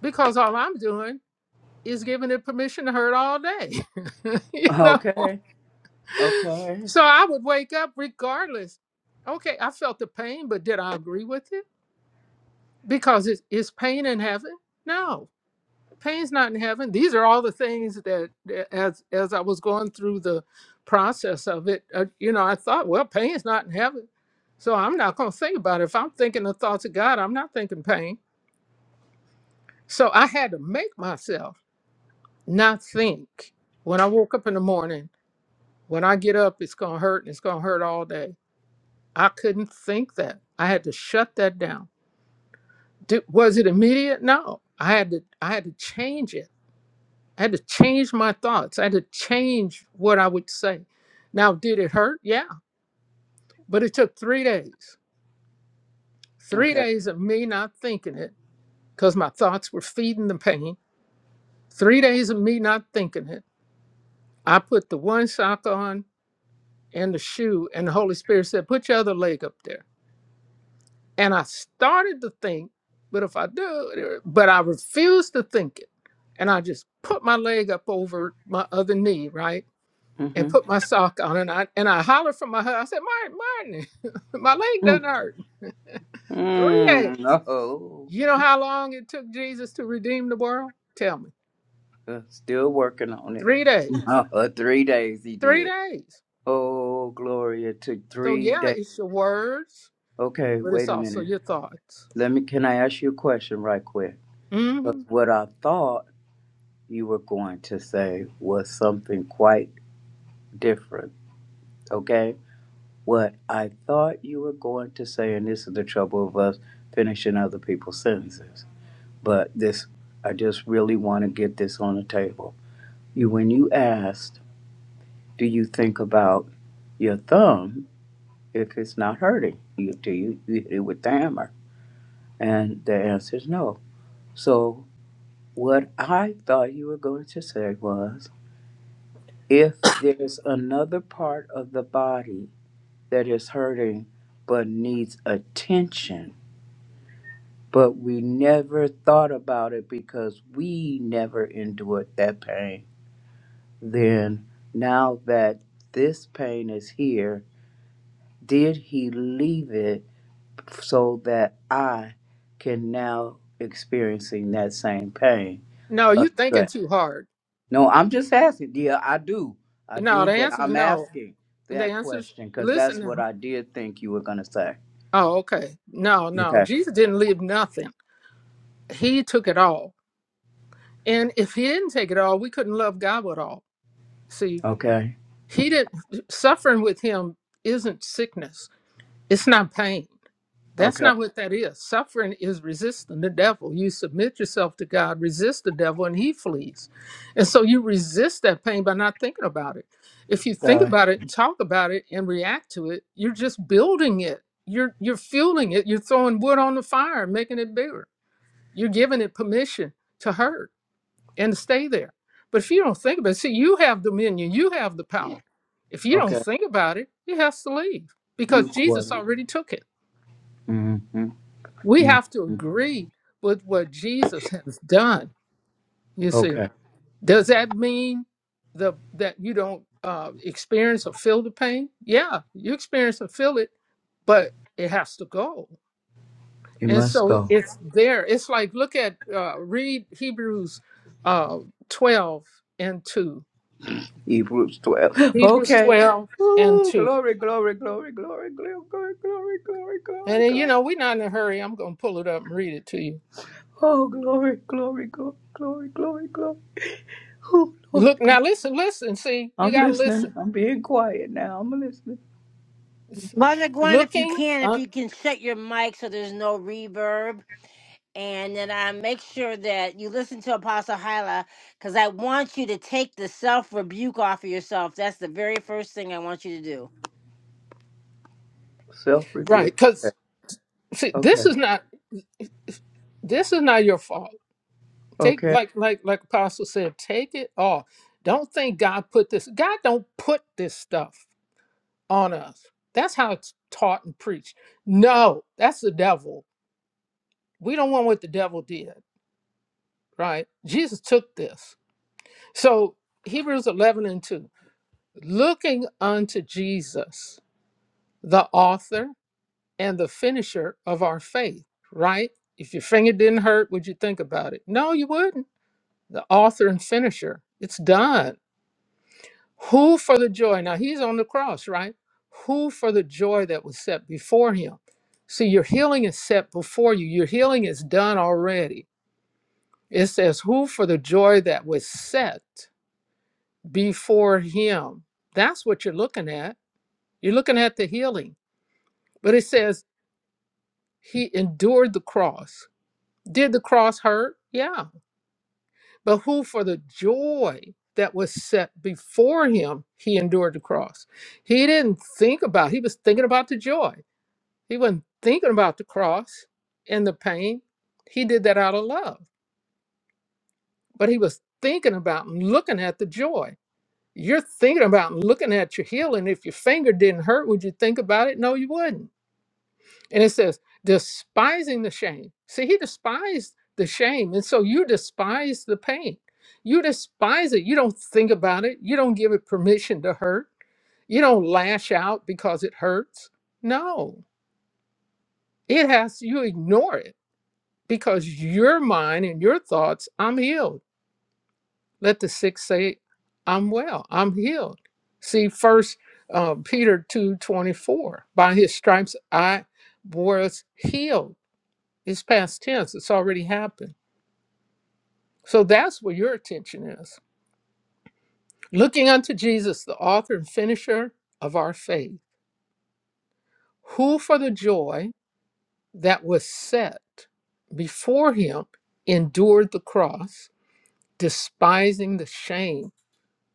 [SPEAKER 2] because all I'm doing is giving it permission to hurt all day. (laughs) you know?
[SPEAKER 8] Okay. Okay.
[SPEAKER 2] So I would wake up regardless. Okay, I felt the pain, but did I agree with it? Because it's, is pain in heaven? No, pain's not in heaven. These are all the things that, that as, as I was going through the process of it, uh, you know, I thought, well, pain's not in heaven. So I'm not going to think about it. If I'm thinking the thoughts of God, I'm not thinking pain. So I had to make myself not think. When I woke up in the morning, when I get up, it's going to hurt and it's going to hurt all day. I couldn't think that. I had to shut that down. Did, was it immediate? No. I had to I had to change it. I had to change my thoughts. I had to change what I would say. Now, did it hurt? Yeah. But it took 3 days. 3
[SPEAKER 8] Okay.
[SPEAKER 2] days of me not thinking it cuz my thoughts were feeding the pain. 3 days of me not thinking it. I put the one sock on and the shoe. And the Holy Spirit said, Put your other leg up there. And I started to think, but if I do, uh," but I refused to think it. And I just put my leg up over my other knee, right? And
[SPEAKER 8] Mm-hmm.
[SPEAKER 2] put my sock on. And I and I hollered from my husband. I said, Martin, Martin, (laughs) my leg doesn't hurt. Three
[SPEAKER 8] Mm-hmm.
[SPEAKER 2] days.
[SPEAKER 8] Oh,
[SPEAKER 2] You know how long it took Jesus to redeem the world? Tell me.
[SPEAKER 8] uh, still working on it.
[SPEAKER 2] Three
[SPEAKER 8] (laughs)
[SPEAKER 2] days.
[SPEAKER 8] Uh, three days he
[SPEAKER 2] Three
[SPEAKER 8] did.
[SPEAKER 2] days.
[SPEAKER 8] Oh, Gloria, it took
[SPEAKER 2] So
[SPEAKER 8] three
[SPEAKER 2] yeah,
[SPEAKER 8] days.
[SPEAKER 2] it's your words,
[SPEAKER 8] Okay,
[SPEAKER 2] but it's
[SPEAKER 8] wait a
[SPEAKER 2] also
[SPEAKER 8] minute.
[SPEAKER 2] your thoughts.
[SPEAKER 8] Let me, can I ask you a question right quick?
[SPEAKER 2] Mm-hmm.
[SPEAKER 8] Because what I thought you were going to say was something quite different. Okay? What I thought you were going to say, and this is the trouble of us finishing other people's sentences, but this, I just really want to get this on the table. You, when you asked, do you think about your thumb if it's not hurting? You, do you, you hit it with the hammer? And the answer is no. So what I thought you were going to say was, if there's another part of the body that is hurting but needs attention, but we never thought about it because we never endured that pain. Then, now that this pain is here, did he leave it so that I can now experiencing that same pain?
[SPEAKER 2] No, you thinking
[SPEAKER 8] Address.
[SPEAKER 2] too hard.
[SPEAKER 8] No, I'm just asking. Yeah, I do. I
[SPEAKER 2] No,
[SPEAKER 8] do,
[SPEAKER 2] the
[SPEAKER 8] but
[SPEAKER 2] answer is
[SPEAKER 8] I'm
[SPEAKER 2] no.
[SPEAKER 8] asking
[SPEAKER 2] The
[SPEAKER 8] that
[SPEAKER 2] answer is
[SPEAKER 8] question because
[SPEAKER 2] listen
[SPEAKER 8] that's what
[SPEAKER 2] now.
[SPEAKER 8] I did think you were going to say.
[SPEAKER 2] Oh, okay. No, no.
[SPEAKER 8] Okay.
[SPEAKER 2] Jesus didn't leave nothing. He took it all. And if he didn't take it all, we couldn't love God with all. See,
[SPEAKER 8] Okay.
[SPEAKER 2] he didn't suffering with him isn't sickness. It's not pain. That's
[SPEAKER 8] Okay.
[SPEAKER 2] not what that is. Suffering is resisting the devil. You submit yourself to God, resist the devil, and he flees. And so you resist that pain by not thinking about it. If you think
[SPEAKER 8] Uh,
[SPEAKER 2] about it and talk about it and react to it, you're just building it. You're you're fueling it. You're throwing wood on the fire, and making it bigger. You're giving it permission to hurt and to stay there. But if you don't think about it, see, you have dominion, you have the power. If you don't
[SPEAKER 8] okay.
[SPEAKER 2] think about it, it has to leave
[SPEAKER 8] New
[SPEAKER 2] because Jesus
[SPEAKER 8] quarter.
[SPEAKER 2] already took it
[SPEAKER 8] Hmm.
[SPEAKER 2] we
[SPEAKER 8] Mm,
[SPEAKER 2] have to agree with what Jesus has done. You see,
[SPEAKER 8] Okay,
[SPEAKER 2] does that mean the that you don't uh, experience or feel the pain? Yeah, you experience and feel it, but it has to go.
[SPEAKER 8] you
[SPEAKER 2] And
[SPEAKER 8] must
[SPEAKER 2] so
[SPEAKER 8] go.
[SPEAKER 2] it's there. It's like look at uh, read Hebrews uh, twelve and two.
[SPEAKER 8] Hebrews 12.
[SPEAKER 2] Hebrews
[SPEAKER 8] Okay.
[SPEAKER 2] twelve and
[SPEAKER 8] Ooh,
[SPEAKER 2] two.
[SPEAKER 8] glory, glory, glory, glory, glory, glory, glory, glory,
[SPEAKER 2] And
[SPEAKER 8] glory,
[SPEAKER 2] then you
[SPEAKER 8] glory.
[SPEAKER 2] know we're not in a hurry. I'm gonna pull it up and read it to you.
[SPEAKER 8] Oh, glory, glory, glory, glory, glory, glory. Oh, Lord,
[SPEAKER 2] Look
[SPEAKER 8] glory.
[SPEAKER 2] now, listen, listen. See, you
[SPEAKER 8] I'm
[SPEAKER 2] gotta
[SPEAKER 8] listening.
[SPEAKER 2] listen.
[SPEAKER 8] I'm being quiet now. I'm listening.
[SPEAKER 2] It's
[SPEAKER 1] Mother Gwen, if you
[SPEAKER 2] looking
[SPEAKER 1] can, if you can shut your mic so there's no reverb. and then I make sure that you listen to Apostle Hyla because I want you to take the self rebuke off of yourself. That's the very first thing I want you to do.
[SPEAKER 8] Self
[SPEAKER 2] Right,
[SPEAKER 8] rebuke.
[SPEAKER 2] because
[SPEAKER 8] Okay,
[SPEAKER 2] see, this
[SPEAKER 8] okay,
[SPEAKER 2] is not this is not your fault. Take
[SPEAKER 8] okay.
[SPEAKER 2] like like like Apostle said, take it off. Don't think God put this. God don't put this stuff on us. That's how it's taught and preached. No, that's the devil. We don't want what the devil did. Right? Jesus took this. So Hebrews eleven and two, looking unto Jesus, the author and the finisher of our faith. Right? If your finger didn't hurt, would you think about it? No, you wouldn't the author and finisher. It's done. Who for the joy? Now he's on the cross, right? Who for the joy that was set before him? See, your healing is set before you. Your healing is done already. It says, Who for the joy that was set before him? That's what you're looking at. You're looking at the healing. But it says, He endured the cross. Did the cross hurt? Yeah but who for the joy that was set before him he endured the cross he didn't think about he was thinking about the joy he wasn't thinking about the cross and the pain he did that out of love but he was thinking about and looking at the joy you're thinking about and looking at your healing if your finger didn't hurt would you think about it no you wouldn't And it says, despising the shame. See, he despised the shame. And so you despise the pain. You despise it. You don't think about it. You don't give it permission to hurt. You don't lash out because it hurts. No, it has, you ignore it because your mind and your thoughts, I'm healed. Let the sick say, I'm well, I'm healed. See, first uh, Peter two twenty four. by his stripes I was healed It's past tense, it's already happened. So that's where your attention is. Looking unto Jesus, the author and finisher of our faith, who for the joy that was set before him endured the cross, despising the shame.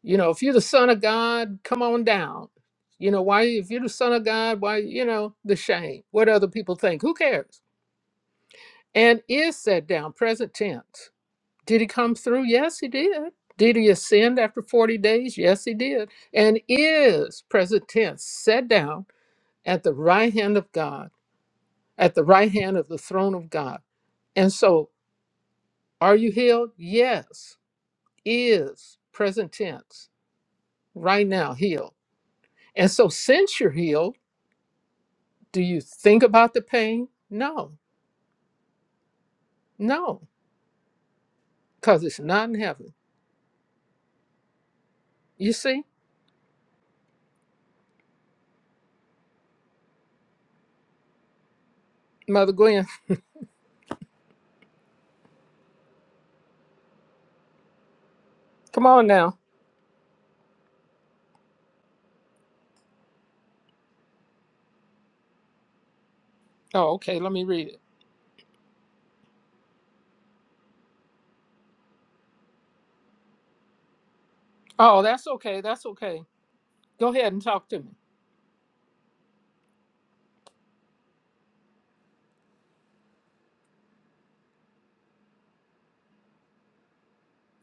[SPEAKER 2] You know, if you're the Son of God, come on down. You know, why, if you're the Son of God, why, you know, the shame, what other people think, who cares? And is set down, present tense Did he come through? Yes, he did. Did he ascend after 40 days? Yes, he did. And is, present tense, set down at the right hand of God, at the right hand of the throne of God. And so, are you healed? Yes, is, present tense, right now, healed. And so, since you're healed, do you think about the pain? No, no, because it's not in heaven. You see, Mother Gwen, come on now. Oh, okay, let me read it. Oh, that's okay. That's okay. Go ahead and talk to me.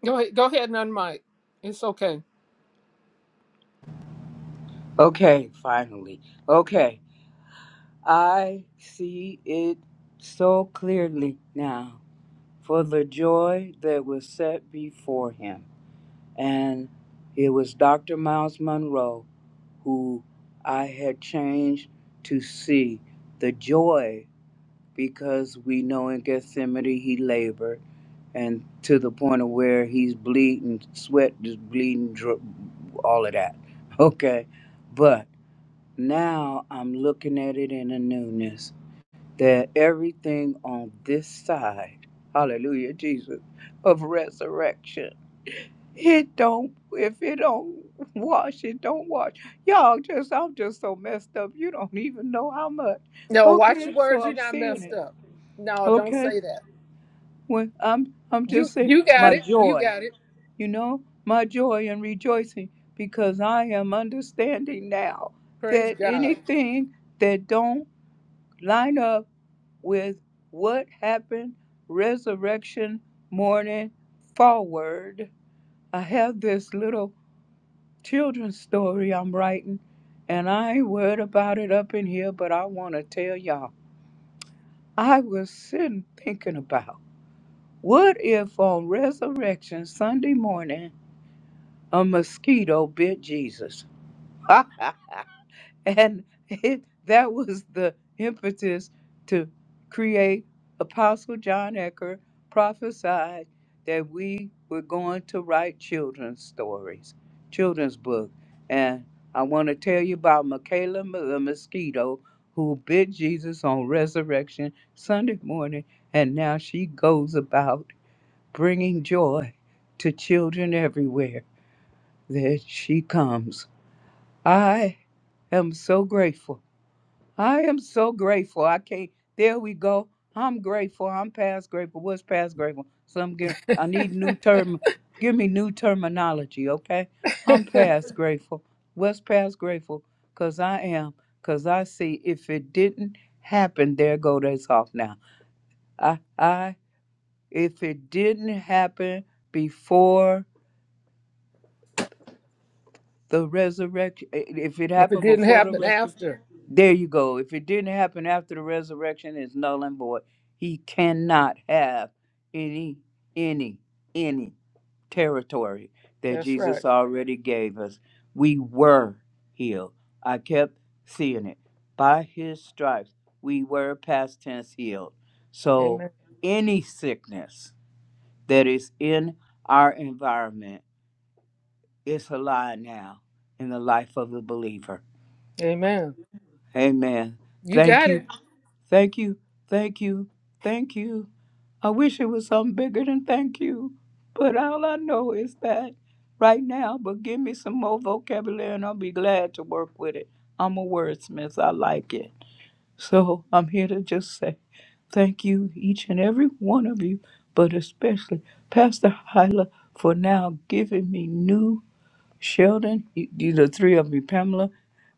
[SPEAKER 2] Go ahead. Go ahead and unmic. It's okay.
[SPEAKER 8] Okay, finally. Okay, I see it so clearly now for the joy that was set before him. and it was Dr. Miles Monroe who I had changed to see the joy because we know in Gethsemane he labored and to the point of where he's bleeding, sweat is bleeding, dro- all of that. (laughs) Okay. But now I'm looking at it in a newness that everything on this side, hallelujah, Jesus, of resurrection it don't if it don't wash, it don't wash. Y'all just I'm just so messed up. You don't even know how much.
[SPEAKER 2] No, watch your
[SPEAKER 8] Okay, so
[SPEAKER 2] words. You're
[SPEAKER 8] I'm
[SPEAKER 2] not
[SPEAKER 8] seeing
[SPEAKER 2] messed
[SPEAKER 8] it.
[SPEAKER 2] up. No, don't
[SPEAKER 8] Okay.
[SPEAKER 2] say that.
[SPEAKER 8] When I'm I'm
[SPEAKER 2] You
[SPEAKER 8] just saying
[SPEAKER 2] you got
[SPEAKER 8] my
[SPEAKER 2] it. You
[SPEAKER 8] joy.
[SPEAKER 2] got it.
[SPEAKER 8] You know, my joy and rejoicing because I am understanding now
[SPEAKER 2] Praise
[SPEAKER 8] that
[SPEAKER 2] God.
[SPEAKER 8] anything that don't line up with what happened resurrection morning forward. I have this little children's story I'm writing, and I ain't worried about it up in here, but I want to tell y'all. I was sitting thinking about what if on Resurrection Sunday morning a mosquito bit Jesus? (laughs) And it, that was the impetus to create Apostle John Ecker prophesied that we were going to write children's stories, children's book. And I want to tell you about Michaela Mo- the mosquito who bit Jesus on resurrection Sunday morning. And now she goes about bringing joy to children everywhere that she comes. I am so grateful I am so grateful. I can't. There we go. I'm grateful. I'm past grateful. What's past grateful? Some give. I need new
[SPEAKER 2] (laughs)
[SPEAKER 8] term. Give me new terminology, okay?
[SPEAKER 2] if
[SPEAKER 8] I'm past (laughs) grateful. What's past grateful? Cause I am. Cause I see. If it didn't happen, there go that's off now. I I. If it didn't happen before the resurrection, if it
[SPEAKER 2] it
[SPEAKER 8] happened
[SPEAKER 2] didn't
[SPEAKER 8] before the (laughs)
[SPEAKER 2] happen
[SPEAKER 8] resurrection.
[SPEAKER 2] after,
[SPEAKER 8] There you go. If it didn't happen after the resurrection, it's null and void. He cannot have any, any, any territory that
[SPEAKER 2] that's right.
[SPEAKER 8] Jesus already gave us. We were healed. I kept seeing it. By his stripes, we were past tense healed. So
[SPEAKER 2] Amen.
[SPEAKER 8] any sickness that is in our environment is alive now in the life of the believer.
[SPEAKER 2] Amen.
[SPEAKER 8] Amen.
[SPEAKER 2] You
[SPEAKER 8] Thank
[SPEAKER 2] got it.
[SPEAKER 8] you. Thank you, thank you, thank you. I wish it was something bigger than thank you, but all I know is that right now, but give me some more vocabulary and I'll be glad to work with it. I'm a wordsmith, I like it. So I'm here to just say thank you, each and every one of you, but especially Pastor Hyla for now giving me new Sheldon, you, you the three of you, Pamela,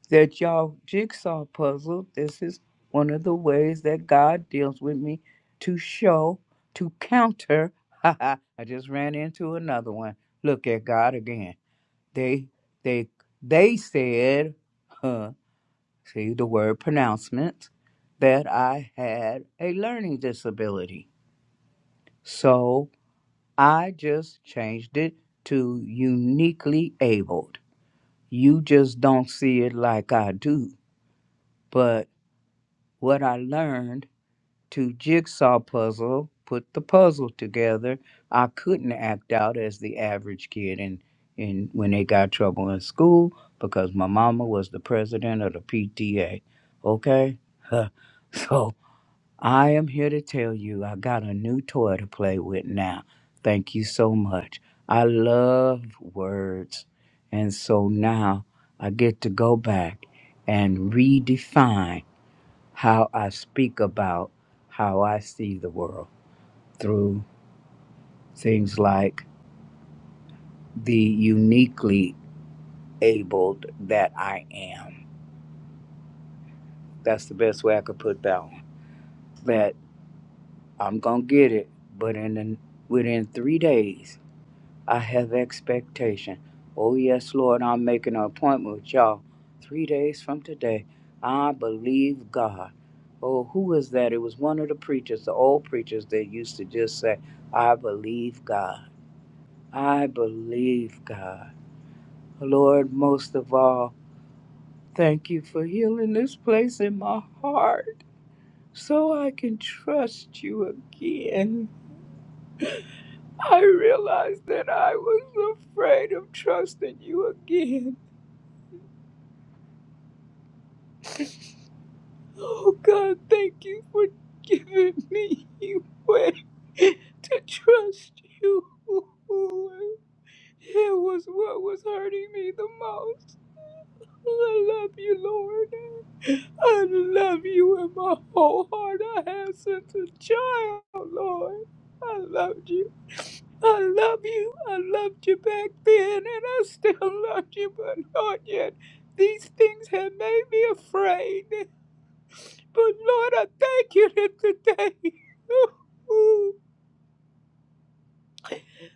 [SPEAKER 8] that y'all jigsaw puzzle. This is one of the ways that God deals with me to show, to counter. (laughs) Ha I just ran into another one. Look at God again. They they they said, huh, see the word pronouncement, that I had a learning disability. So I just changed it to uniquely abled you just don't see it like I do. But what I learned to jigsaw puzzle, put the puzzle together, I couldn't act out as the average kid in, in when they got trouble in school because my mama was the president of the PTA. Okay? (laughs) so I am here to tell you I got a new toy to play with now. Thank you so much. I love words. And so now I get to go back and redefine how I speak about how I see the world through things like the uniquely abled that I am. That's the best way I could put that one. That I'm going to get it, but in the, within three days, I have expectation. Oh, yes, Lord, I'm making an appointment with y'all three days from today. I believe God. Oh, who was that? It was one of the preachers, the old preachers that used to just say, I believe God. I believe God. Lord, most of all, thank you for healing this place in my heart so I can trust you again. I realized that I was afraid of trusting you again. Oh God, thank you for giving me a way to trust you. It was what was hurting me the most. I love you, Lord. I love you with my whole heart. I have since a child, Lord. I loved you. I love you. I loved you back then, and I still loved you, but not yet. These things have made me afraid. But Lord, I thank you that today. (laughs)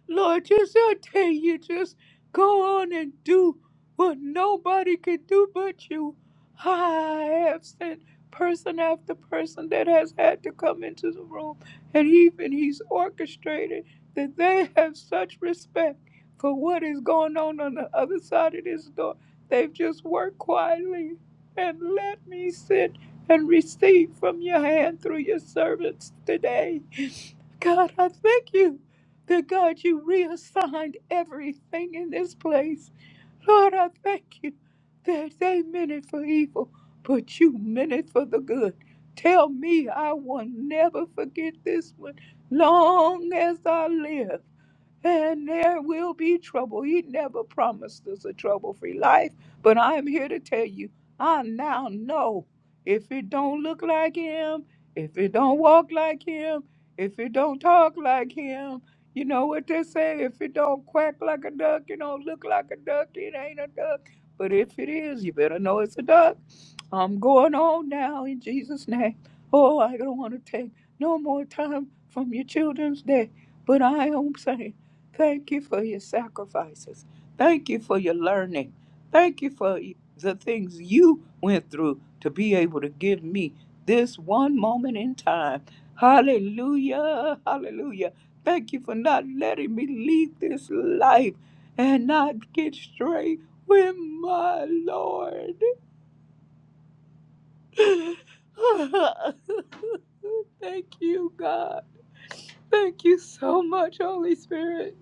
[SPEAKER 8] Lord, just I tell you, just go on and do what nobody can do but you. I have sent person after person that has had to come into the room, and even he's orchestrated that they have such respect for what is going on on the other side of this door. They've just worked quietly and let me sit and receive from your hand through your servants today. God, I thank you that God, you reassigned everything in this place. Lord, I thank you that they meant it for evil, but you meant it for the good. Tell me I will never forget this one long as I live and there will be trouble. He never promised us a trouble free life, but I am here to tell you I now know if it don't look like him, if it don't walk like him, if it don't talk like him. You know what they say? If it don't quack like a duck, it don't look like a duck, it ain't a duck. But if it is, you better know it's a duck. I'm going on now in Jesus' name. Oh, I don't want to take no more time from your children's day. But I am saying, thank you for your sacrifices. Thank you for your learning. Thank you for the things you went through to be able to give me this one moment in time. Hallelujah. Hallelujah. Thank you for not letting me leave this life and not get straight with my Lord. (laughs) Thank you, God. Thank you so much, Holy Spirit.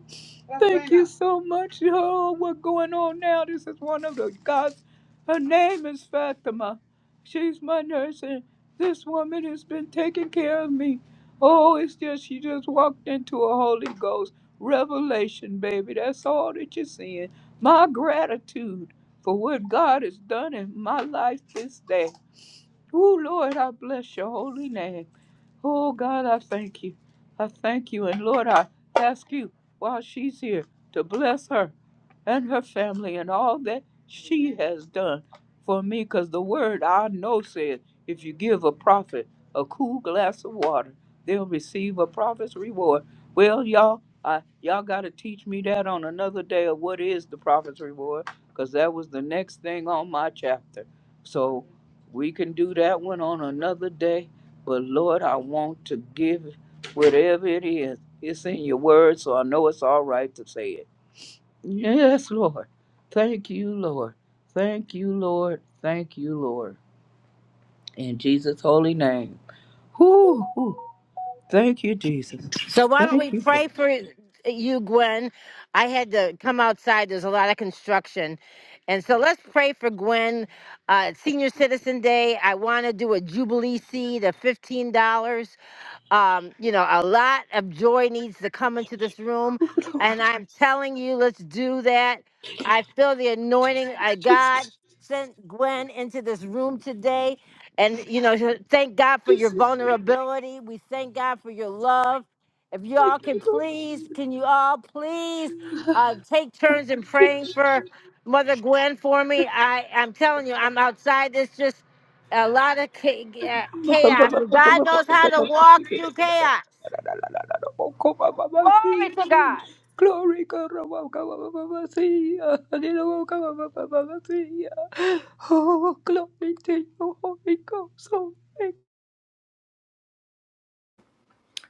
[SPEAKER 8] Thank you so much. Oh, what's going on now? This is one of the God's. Her name is Fatima. She's my nurse, and this woman has been taking care of me. Oh, it's just she just walked into a Holy Ghost revelation, baby. That's all that you're seeing. My gratitude for what God has done in my life this day. Oh, Lord, I bless your holy name. Oh God, I thank you. I thank you. And Lord, I ask you while she's here to bless her and her family and all that she has done for me. Because the word I know says if you give a prophet a cool glass of water, they'll receive a prophet's reward. Well, y'all, I, y'all got to teach me that on another day of what is the prophet's reward. Because that was the next thing on my chapter. So we can do that one on another day but Lord, I want to give whatever it is. It's in your word, so I know it's all right to say it. Yes, Lord. Thank you, Lord. Thank you, Lord. Thank you, Lord. In Jesus' holy name. Whoo, whoo. Thank you, Jesus.
[SPEAKER 1] So why don't we
[SPEAKER 8] Thank
[SPEAKER 1] pray for you, Gwen? I had to come outside. There's a lot of construction. And so let's pray for Gwen. Uh, Senior Citizen Day. I want to do a Jubilee seed of $15. Um, you know, a lot of joy needs to come into this room. And I'm (laughs) telling you, let's do that. I feel the anointing. I God sent Gwen into this room today. And, you know, so thank God for your vulnerability. We thank God for your love. If y'all can please, can you all please uh, take turns in praying
[SPEAKER 8] you.
[SPEAKER 1] for Mother Gwen for me? I, I'm telling you, I'm outside this just a lot of cha- uh, chaos, but God knows how to walk through chaos. Glory to God.
[SPEAKER 8] Glory, Oh, glory to your Holy Ghost. Oh, thank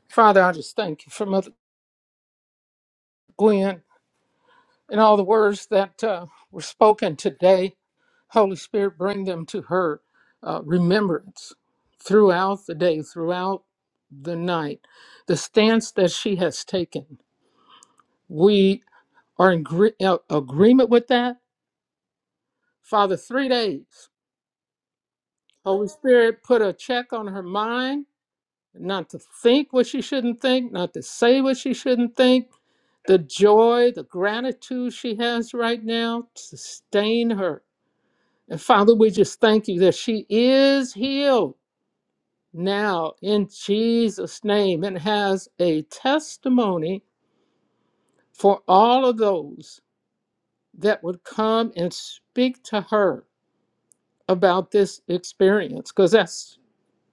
[SPEAKER 2] Father, I just thank you for Mother Gwen In all the words that uh, were spoken today, Holy Spirit, bring them to her uh, remembrance throughout the day, throughout the night. The stance that she has taken, we are in gre- uh, agreement with that. Father, three days. Holy Spirit put a check on her mind, not to think what she shouldn't think, not to say what she shouldn't think. The joy, the gratitude she has right now, sustain her And Father, we just thank you that she is healed now in Jesus' name and has a testimony for all of those that would come and speak to her about this experience, because that's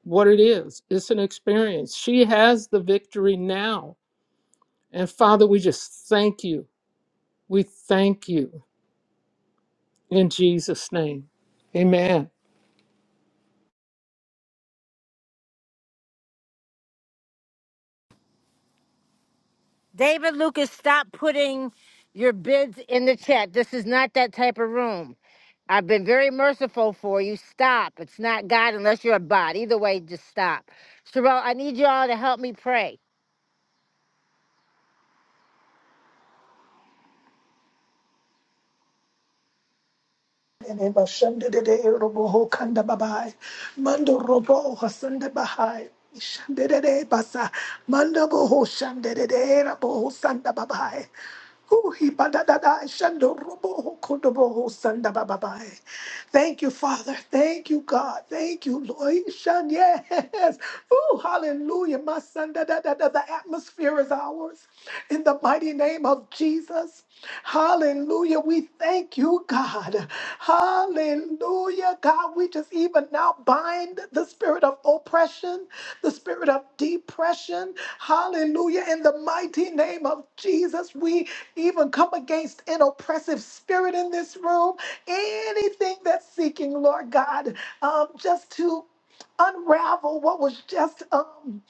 [SPEAKER 2] what it is. It's an experience. She has the victory now. And Father, we just thank you. We thank you in Jesus' name. Amen.
[SPEAKER 1] David Lucas, stop putting your bids in the chat. This is not that type of room. I've been very merciful for you. Stop. It's not God unless you're a bot. Either way, just stop. Sherelle, I need you all to help me pray.
[SPEAKER 3] And Eva Shanda de de Robo Ho Kanda Babai. Mando Robo Hasanda Bahai. Shanda de de Basa. Mando Boho Shanda de de Robo Ho Sanda Babai. Ooh, he ba shando robo ho sanda ba Thank you, Father. Thank you, God. Thank you, Lord. Shun, yes. Ooh, hallelujah. My son, da, da, da, da. the atmosphere is ours. In the mighty name of Jesus. Hallelujah. We thank you, God. Hallelujah. God, we just even now bind the spirit of oppression, the spirit of depression. Hallelujah. In the mighty name of Jesus, we even come against an oppressive spirit in this room. Anything that's seeking, Lord God, um, just to unravel what was just unraveled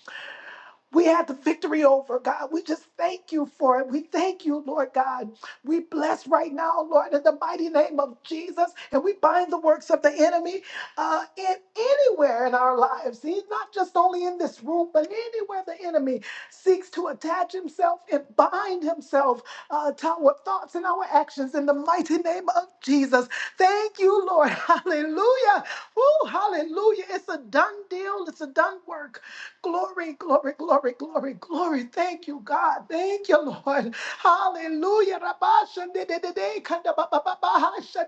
[SPEAKER 3] we had the victory over, God. We just thank you for it. We thank you, Lord God. We bless right now, Lord, in the mighty name of Jesus. And we bind the works of the enemy uh, in anywhere in our lives. See, not just only in this room, but anywhere the enemy seeks to attach himself and bind himself uh, to our thoughts and our actions in the mighty name of Jesus. Thank you, Lord. (laughs) Hallelujah. Ooh, hallelujah. It's a done deal. It's a done work. Glory, glory, glory, glory, glory. Thank you, God. Thank you, Lord. Hallelujah. Rabasha de- de- de- de- kanda ba-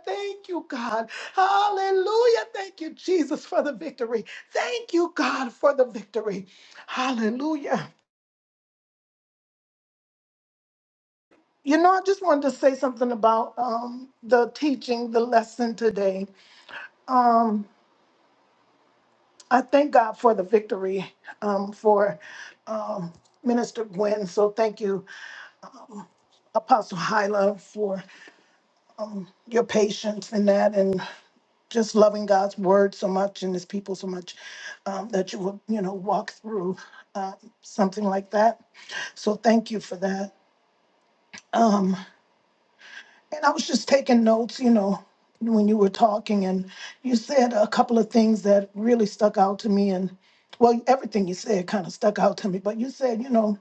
[SPEAKER 3] Thank you, God. Hallelujah. Thank you, Jesus, for the victory. Thank you, God, for the victory. Hallelujah. You know, I just wanted to say something about um, the teaching, the lesson today. Um, I thank God for the victory um, for um, Minister Gwen. So thank you, Apostle Hyla, for your patience in that and just loving God's word so much and his people so much um, that you will, you know, walk through um, something like that. So thank you for that. Um, and I was just taking notes, you know, when you were talking and you said a couple of things that really stuck out to me. And well, everything you said kind of stuck out to me, but you said, you know,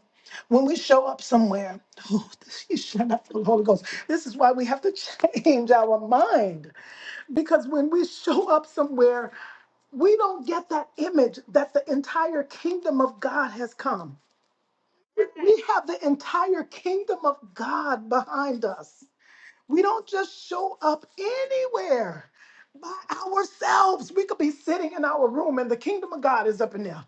[SPEAKER 3] when we show up somewhere, (laughs) oh, this, you shut up, Holy Ghost. This is why we have to (laughs) change our mind because when we show up somewhere, we don't get that image that the entire kingdom of God has come. We have the entire kingdom of God behind us. We don't just show up anywhere by ourselves. We could be sitting in our room and the kingdom of God is up in there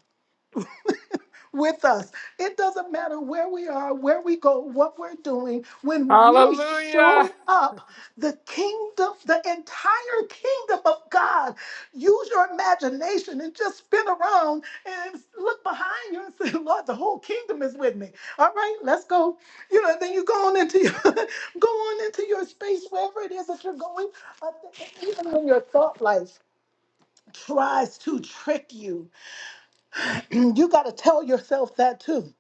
[SPEAKER 3] with us. It doesn't matter where we are, where we go, what we're doing. When we show
[SPEAKER 2] Hallelujah.
[SPEAKER 3] up, the kingdom, the entire kingdom of God, use your imagination and just spin around and look behind you and say, (laughs) Lord, the whole kingdom is with me. All right, let's go. You know, then you go on into your, (laughs) go on into your space, wherever it is that you're going. Uh, Even when your thought life tries to trick you, (clears throat) you got to tell yourself that too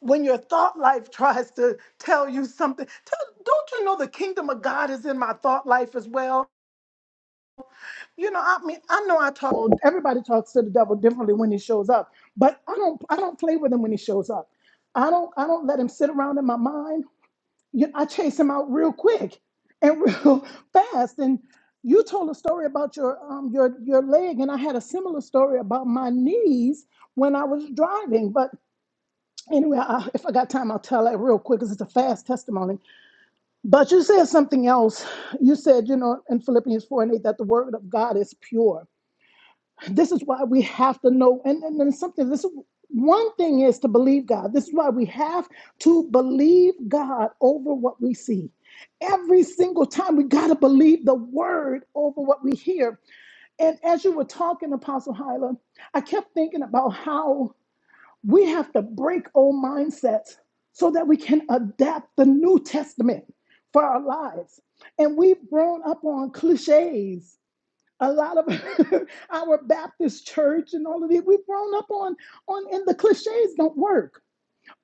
[SPEAKER 3] when your thought life (laughs) tries to tell you something tell, don't you know the kingdom of god is in my thought life as well you know i mean i know i talk well, everybody talks to the devil differently when he shows up but i don't i don't play with him when he shows up i don't i don't let him sit around in my mind you i chase him out real quick and (laughs) real fast and you told a story about your um your your leg and i had a similar story about my knees when i was driving but anyway, I, if I got time, I'll tell it real quick because it's a fast testimony. But you said something else. You said, you know, in Philippians 4 and 8, that the word of God is pure. This is why we have to know, and, and, and something, this is one thing is to believe God. This is why we have to believe God over what we see. Every single time we got to believe the word over what we hear. And as you were talking, Apostle Hyla, I kept thinking about how we have to break old mindsets so that we can adapt the New Testament for our lives. And we've grown up on cliches. A lot of (laughs) our Baptist church and all of it, we've grown up on, on, and the cliches don't work.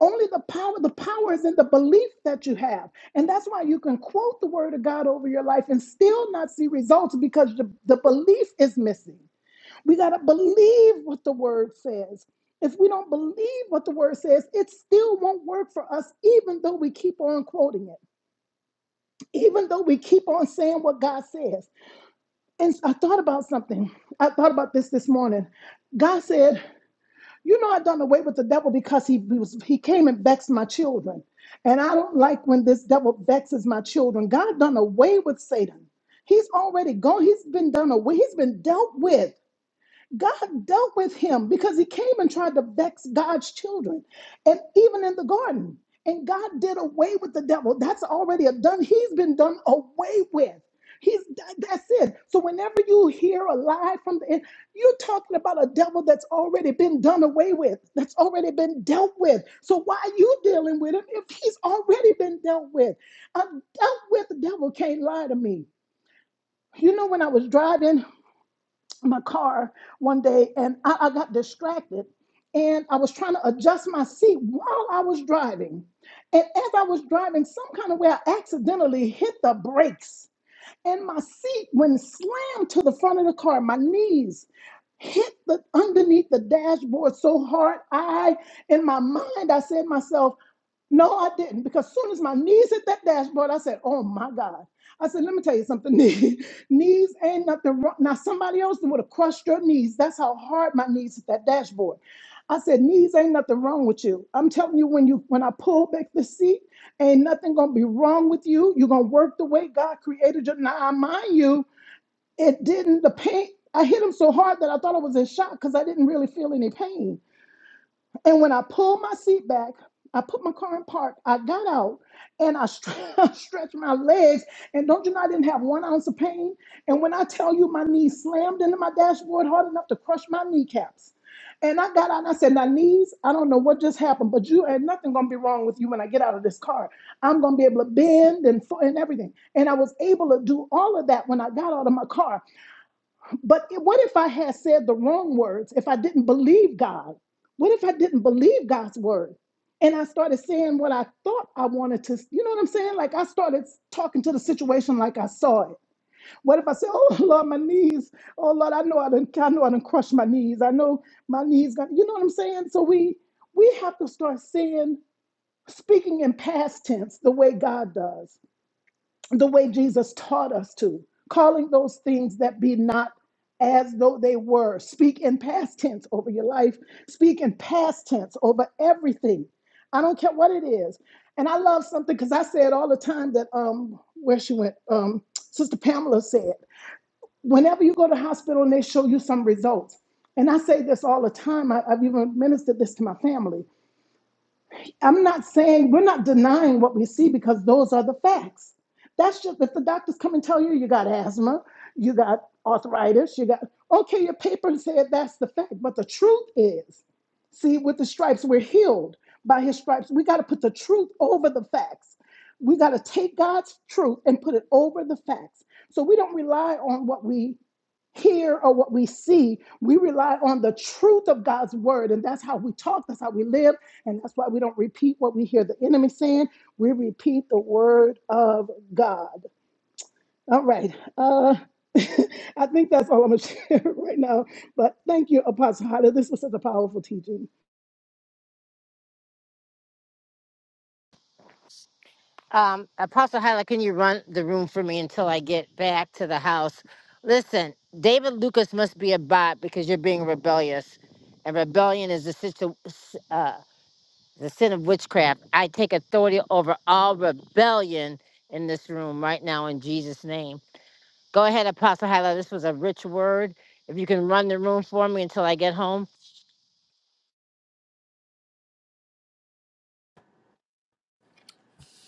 [SPEAKER 3] Only the power, the power is in the belief that you have. And that's why you can quote the word of God over your life and still not see results because the, the belief is missing. We got to believe what the word says. If we don't believe what the word says, it still won't work for us, even though we keep on quoting it, even though we keep on saying what God says. And I thought about something. I thought about this this morning. God said, You know, i done away with the devil because he, he was, he came and vexed my children. And I don't like when this devil vexes my children. God done away with Satan. He's already gone. He's been done away. He's been dealt with. God dealt with him because he came and tried to vex God's children, and even in the garden. And God did away with the devil. That's already a done. He's been done away with. He's that's it. So whenever you hear a lie from the end, you're talking about a devil that's already been done away with, that's already been dealt with. So why are you dealing with him if he's already been dealt with? I'm dealt with. The devil can't lie to me. You know when I was driving my car one day and I, I got distracted and I was trying to adjust my seat while I was driving. And as I was driving, some kind of way I accidentally hit the brakes. And my seat went slammed to the front of the car. My knees hit the underneath the dashboard so hard. I in my mind I said to myself, no, I didn't, because as soon as my knees hit that dashboard, I said, "Oh my God!" I said, "Let me tell you something. (laughs) Knees, knees ain't nothing wrong. Now somebody else would have crushed your knees. That's how hard my knees hit that dashboard." I said, "Knees ain't nothing wrong with you. I'm telling you, when you when I pull back the seat, ain't nothing gonna be wrong with you. You're gonna work the way God created you." Now, mind you, it didn't. The pain. I hit him so hard that I thought I was in shock because I didn't really feel any pain. And when I pulled my seat back, I put my car in park. I got out and I stre- (laughs) I stretched my legs. And don't you know, I didn't have one ounce of pain. And when I tell you, my knee slammed into my dashboard hard enough to crush my kneecaps. And I got out and I said, Now, knees, I don't know what just happened, but you ain't nothing gonna be wrong with you when I get out of this car. I'm gonna be able to bend and, fo- and everything. And I was able to do all of that when I got out of my car. But i- what if I had said the wrong words? If I didn't believe God? What if I didn't believe God's word? And I started saying what I thought I wanted to, you know what I'm saying? Like I started talking to the situation like I saw it. What if I said, (laughs) "Oh Lord, my knees. Oh Lord, I know I didn't, I know I didn't crush my knees. I know my knees got." You know what I'm saying? So we we have to start saying, speaking in past tense the way God does the way Jesus taught us to, calling those things that be not as though they were. Speak in past tense over your life, speak in past tense over everything. I don't care what it is. And I love something because I say it all the time that um where she went, um, Sister Pamela said, whenever you go to hospital and they show you some results. And I say this all the time. I, I've even ministered this to my family I'm not saying we're not denying what we see because those are the facts. That's just if the doctors come and tell you you got asthma, you got arthritis, you got okay, your paper said that's the fact, but the truth is, see, with the stripes, we're healed by his stripes. We got to put the truth over the facts. We got to take God's truth and put it over the facts. So we don't rely on what we hear or what we see. We rely on the truth of God's word, and that's how we talk, that's how we live, and that's why we don't repeat what we hear the enemy saying. We repeat the word of God. All right. Uh, (laughs) I think that's all I'm going to share (laughs) right now. But thank you, Apostle Hyla. This was such a powerful teaching.
[SPEAKER 1] Um, Apostle Hyla, can you run the room for me until I get back to the house? Listen, David Lucas must be a bot because you're being rebellious, and rebellion is the situ- s- uh, the sin of witchcraft. I take authority over all rebellion in this room right now in Jesus' name. Go ahead, Apostle Hyla. This was a rich word. If you can run the room for me until I get home.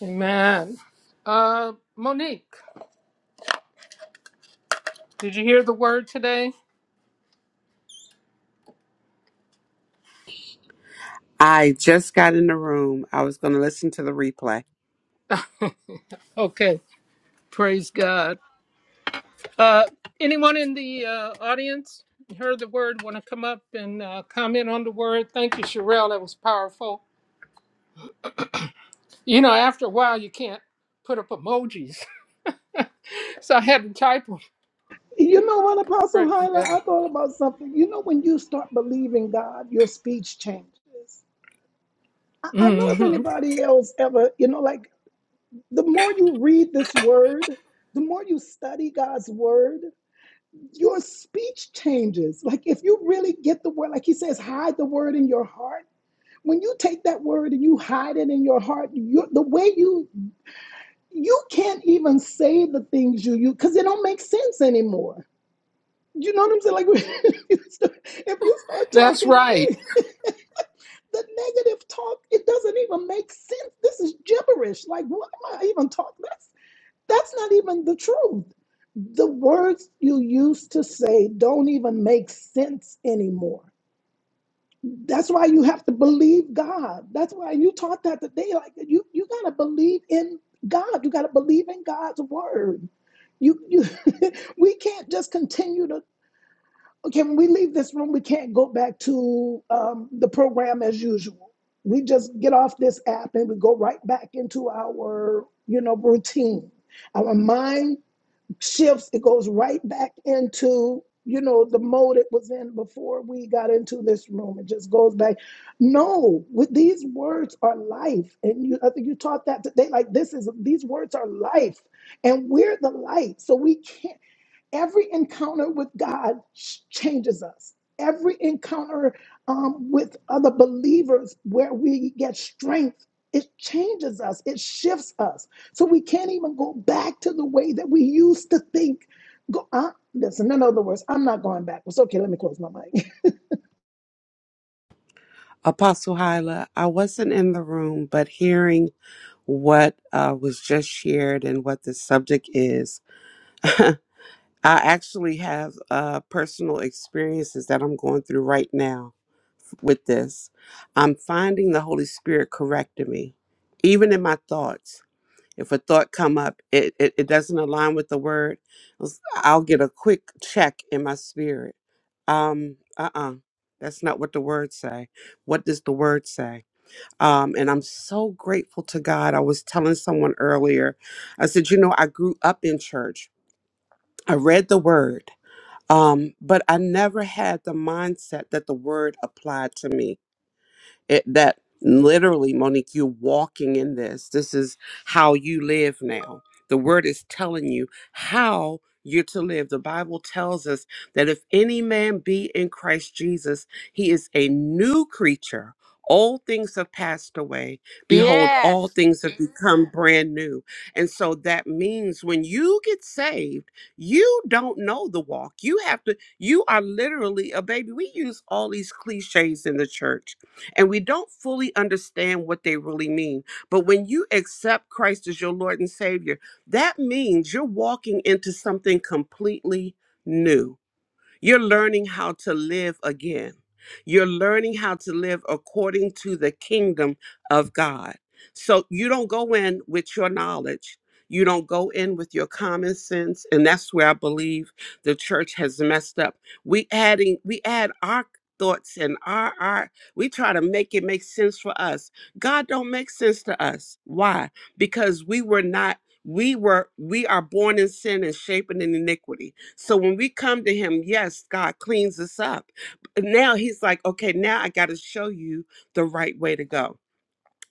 [SPEAKER 2] Amen. Uh, Monique. Did you hear the word today?
[SPEAKER 9] I just got in the room. I was going to listen to the replay.
[SPEAKER 2] Okay, praise God. Uh, anyone in the uh, audience heard the word? Want to come up and uh, comment on the word? Thank you, Sherelle. That was powerful. You know, after a while, you can't put up emojis, (laughs) so I had to type them.
[SPEAKER 3] You know what, Apostle
[SPEAKER 2] Praise God.
[SPEAKER 3] Hyla? I thought about something. You know, when you start believing God, your speech changes. I I don't know if
[SPEAKER 2] hmm
[SPEAKER 3] anybody else ever, you know, like The more you read this word, the more you study God's word, your speech changes. Like if you really get the word, like he says, hide the word in your heart. When you take that word and you hide it in your heart, you the way you you can't even say the things you you because they don't make sense anymore. You know what I'm saying? Like (laughs) if you start
[SPEAKER 2] That's
[SPEAKER 3] talking
[SPEAKER 2] right.
[SPEAKER 3] the negative talk, it doesn't even make sense. This is gibberish. Like what am I even talking? That's That's not even the truth. The words you used to say don't even make sense anymore. That's why you have to believe God. That's why you taught that today. Like you, you gotta believe in God. You gotta believe in God's word. You, you, (laughs) we can't just continue to. Okay, when we leave this room, we can't go back to um, the program as usual. We just get off this app and we go right back into our, you know, routine. Our mind shifts it goes right back into you know the mode it was in before we got into this room it just goes back no with these words are life and you i think you taught that today like this is these words are life and we're the light so we can't Every encounter with God changes us. Every encounter um, with other believers where we get strength, it changes us, it shifts us. So we can't even go back to the way that we used to think. Go, uh, listen, in other words, I'm not going backwards. Okay, let me close my mic. (laughs)
[SPEAKER 9] Apostle Hyla, I wasn't in the room, but hearing what uh, was just shared and what the subject is, (laughs) I actually have uh, personal experiences that I'm going through right now with this. I'm finding the Holy Spirit correcting me, even in my thoughts. If a thought come up, it, it, it doesn't align with the word, I'll get a quick check in my spirit Um, uh-uh. That's not what the word say. What does the word say? Um, and I'm so grateful to God. I was telling someone earlier, I said, you know, I grew up in church. I read the word. Um, but I never had the mindset that the word applied to me it, that literally, Monique, you're walking in this. This is how you live now. The word is telling you how you're to live. The Bible tells us that if any man be in Christ Jesus, he is a new creature. All things have passed away. Behold,
[SPEAKER 1] Yes.
[SPEAKER 9] all things have become brand new. And so that means when you get saved, you don't know the walk. You have to, you are literally a baby. We use all these cliches in the church and we don't fully understand what they really mean. But when you accept Christ as your Lord and Savior, that means you're walking into something completely new you're learning how to live again. You're learning how to live according to the kingdom of God. So you don't go in with your knowledge. You don't go in with your common sense. And that's where I believe the church has messed up. We adding, we add our thoughts and our our we try to make it make sense for us. God don't make sense to us. Why? Because we were not, we were, we are born in sin and shaping in iniquity. So when we come to him, yes, God cleans us up. But now he's like, okay, now I got to show you the right way to go.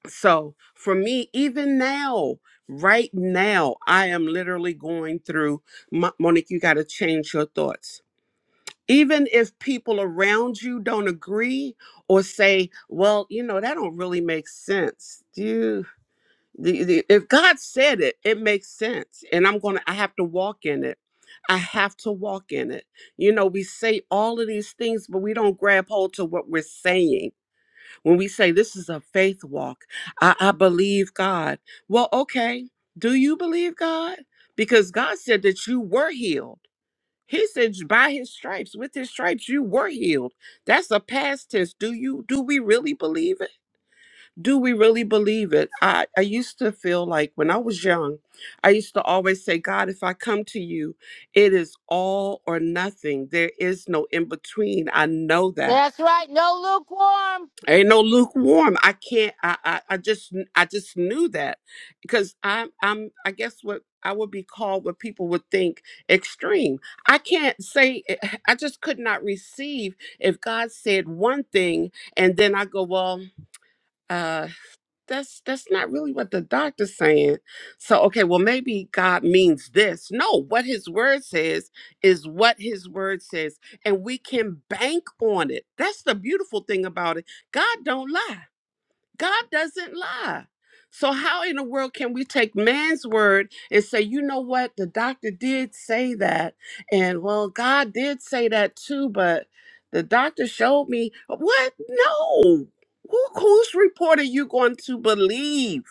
[SPEAKER 9] So for me, even now, right now, I am literally going through, Mo- Monique, you got to change your thoughts. Even if people around you don't agree or say, well, you know, that don't really make sense. The, the, if God said it, it makes sense. And I'm going to, I have to walk in it. I have to walk in it. You know, we say all of these things, but we don't grab hold to what we're saying. When we say this is a faith walk, I, I believe God. Well, okay. Do you believe God? Because God said that you were healed. He said by his stripes, with his stripes, you were healed. That's a past tense. Do you do we really believe it? do we really believe it? I, I used to feel like when I was young, I used to always say, God, if I come to you, it is all or nothing. There is no in between. I know that.
[SPEAKER 1] That's right. No lukewarm.
[SPEAKER 9] Ain't no lukewarm. I can't I I, I just I just knew that. Because I'm I'm I guess what I would be called what people would think extreme. I can't say I just could not receive if God said one thing and then I go, well, uh, that's that's not really what the doctor's saying so okay well maybe god means this no what his word says is what his word says and we can bank on it that's the beautiful thing about it god don't lie God doesn't lie. So, how in the world can we take man's word and say, you know what, the doctor did say that? And well, God did say that too, but the doctor showed me what? No. Who, whose report are you going to believe?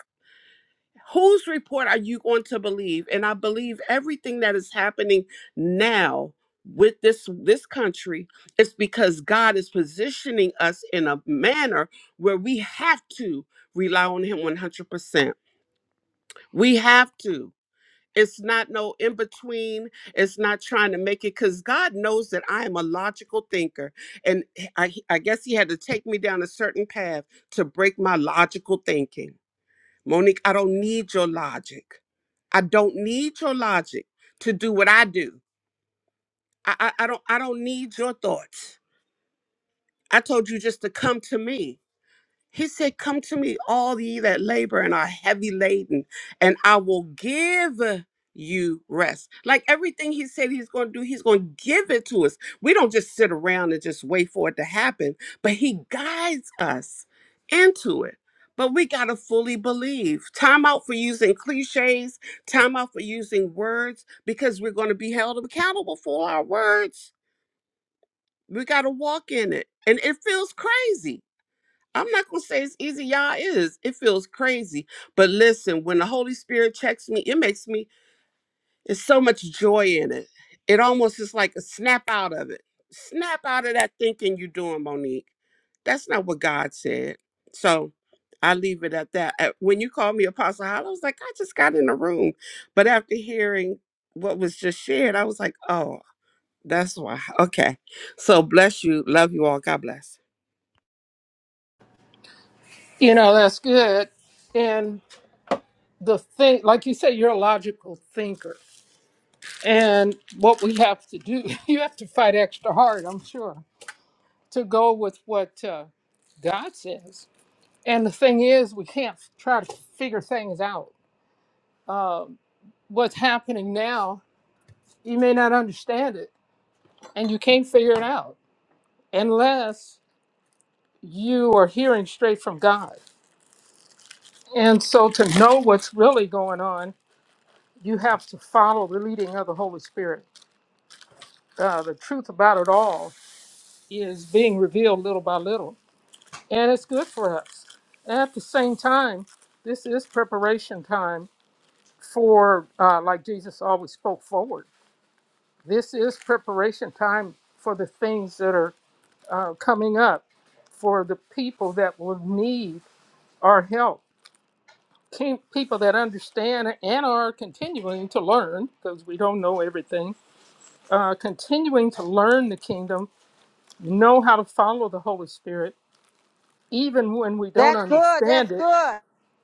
[SPEAKER 9] whose report are you going to believe and i believe everything that is happening now with this this country is because god is positioning us in a manner where we have to rely on him 100% we have to it's not no in between it's not trying to make it because god knows that i am a logical thinker and I, I guess he had to take me down a certain path to break my logical thinking monique i don't need your logic I don't need your logic to do what I do. I, I, I don't I don't need your thoughts. I told you just to come to me. He said, Come to me, all ye that labor and are heavy laden, and I will give you rest. Like everything he said he's going to do, he's going to give it to us. We don't just sit around and just wait for it to happen, but he guides us into it. But we got to fully believe. Time out for using cliches, time out for using words, because we're going to be held accountable for our words. We got to walk in it. And it feels crazy I'm not gonna say it's easy, y'all. It is. It feels crazy. But listen, when the Holy Spirit checks me, it makes me it's so much joy in it. It almost is like a snap out of it. Snap out of that thinking you're doing, Monique. That's not what God said. So I leave it at that. Uh, When you called me Apostle Hall, I was like, I just got in the room. But after hearing what was just shared, I was like, oh, that's why. (laughs) Okay. So bless you. Love you all. God bless.
[SPEAKER 2] You know, that's good. And the thing, like you say, you're a logical thinker. And what we have to do, (laughs) you have to fight extra hard, I'm sure to go with what uh, God says. And the thing is, we can't f- try to figure things out. Um, what's happening now, you may not understand it, and you can't figure it out unless you are hearing straight from God. And so, to know what's really going on, you have to follow the leading of the Holy Spirit. Uh, the truth about it all is being revealed little by little, and it's good for us. At the same time, this is preparation time for uh, like Jesus always spoke forward. This is preparation time for the things that are uh, coming up for the people that will need our help. King, people that understand and are continuing to learn because we don't know everything. Uh, continuing to learn the kingdom, know how to follow the Holy Spirit, even when we don't
[SPEAKER 1] That's good.
[SPEAKER 2] understand
[SPEAKER 1] That's
[SPEAKER 2] it,
[SPEAKER 1] good.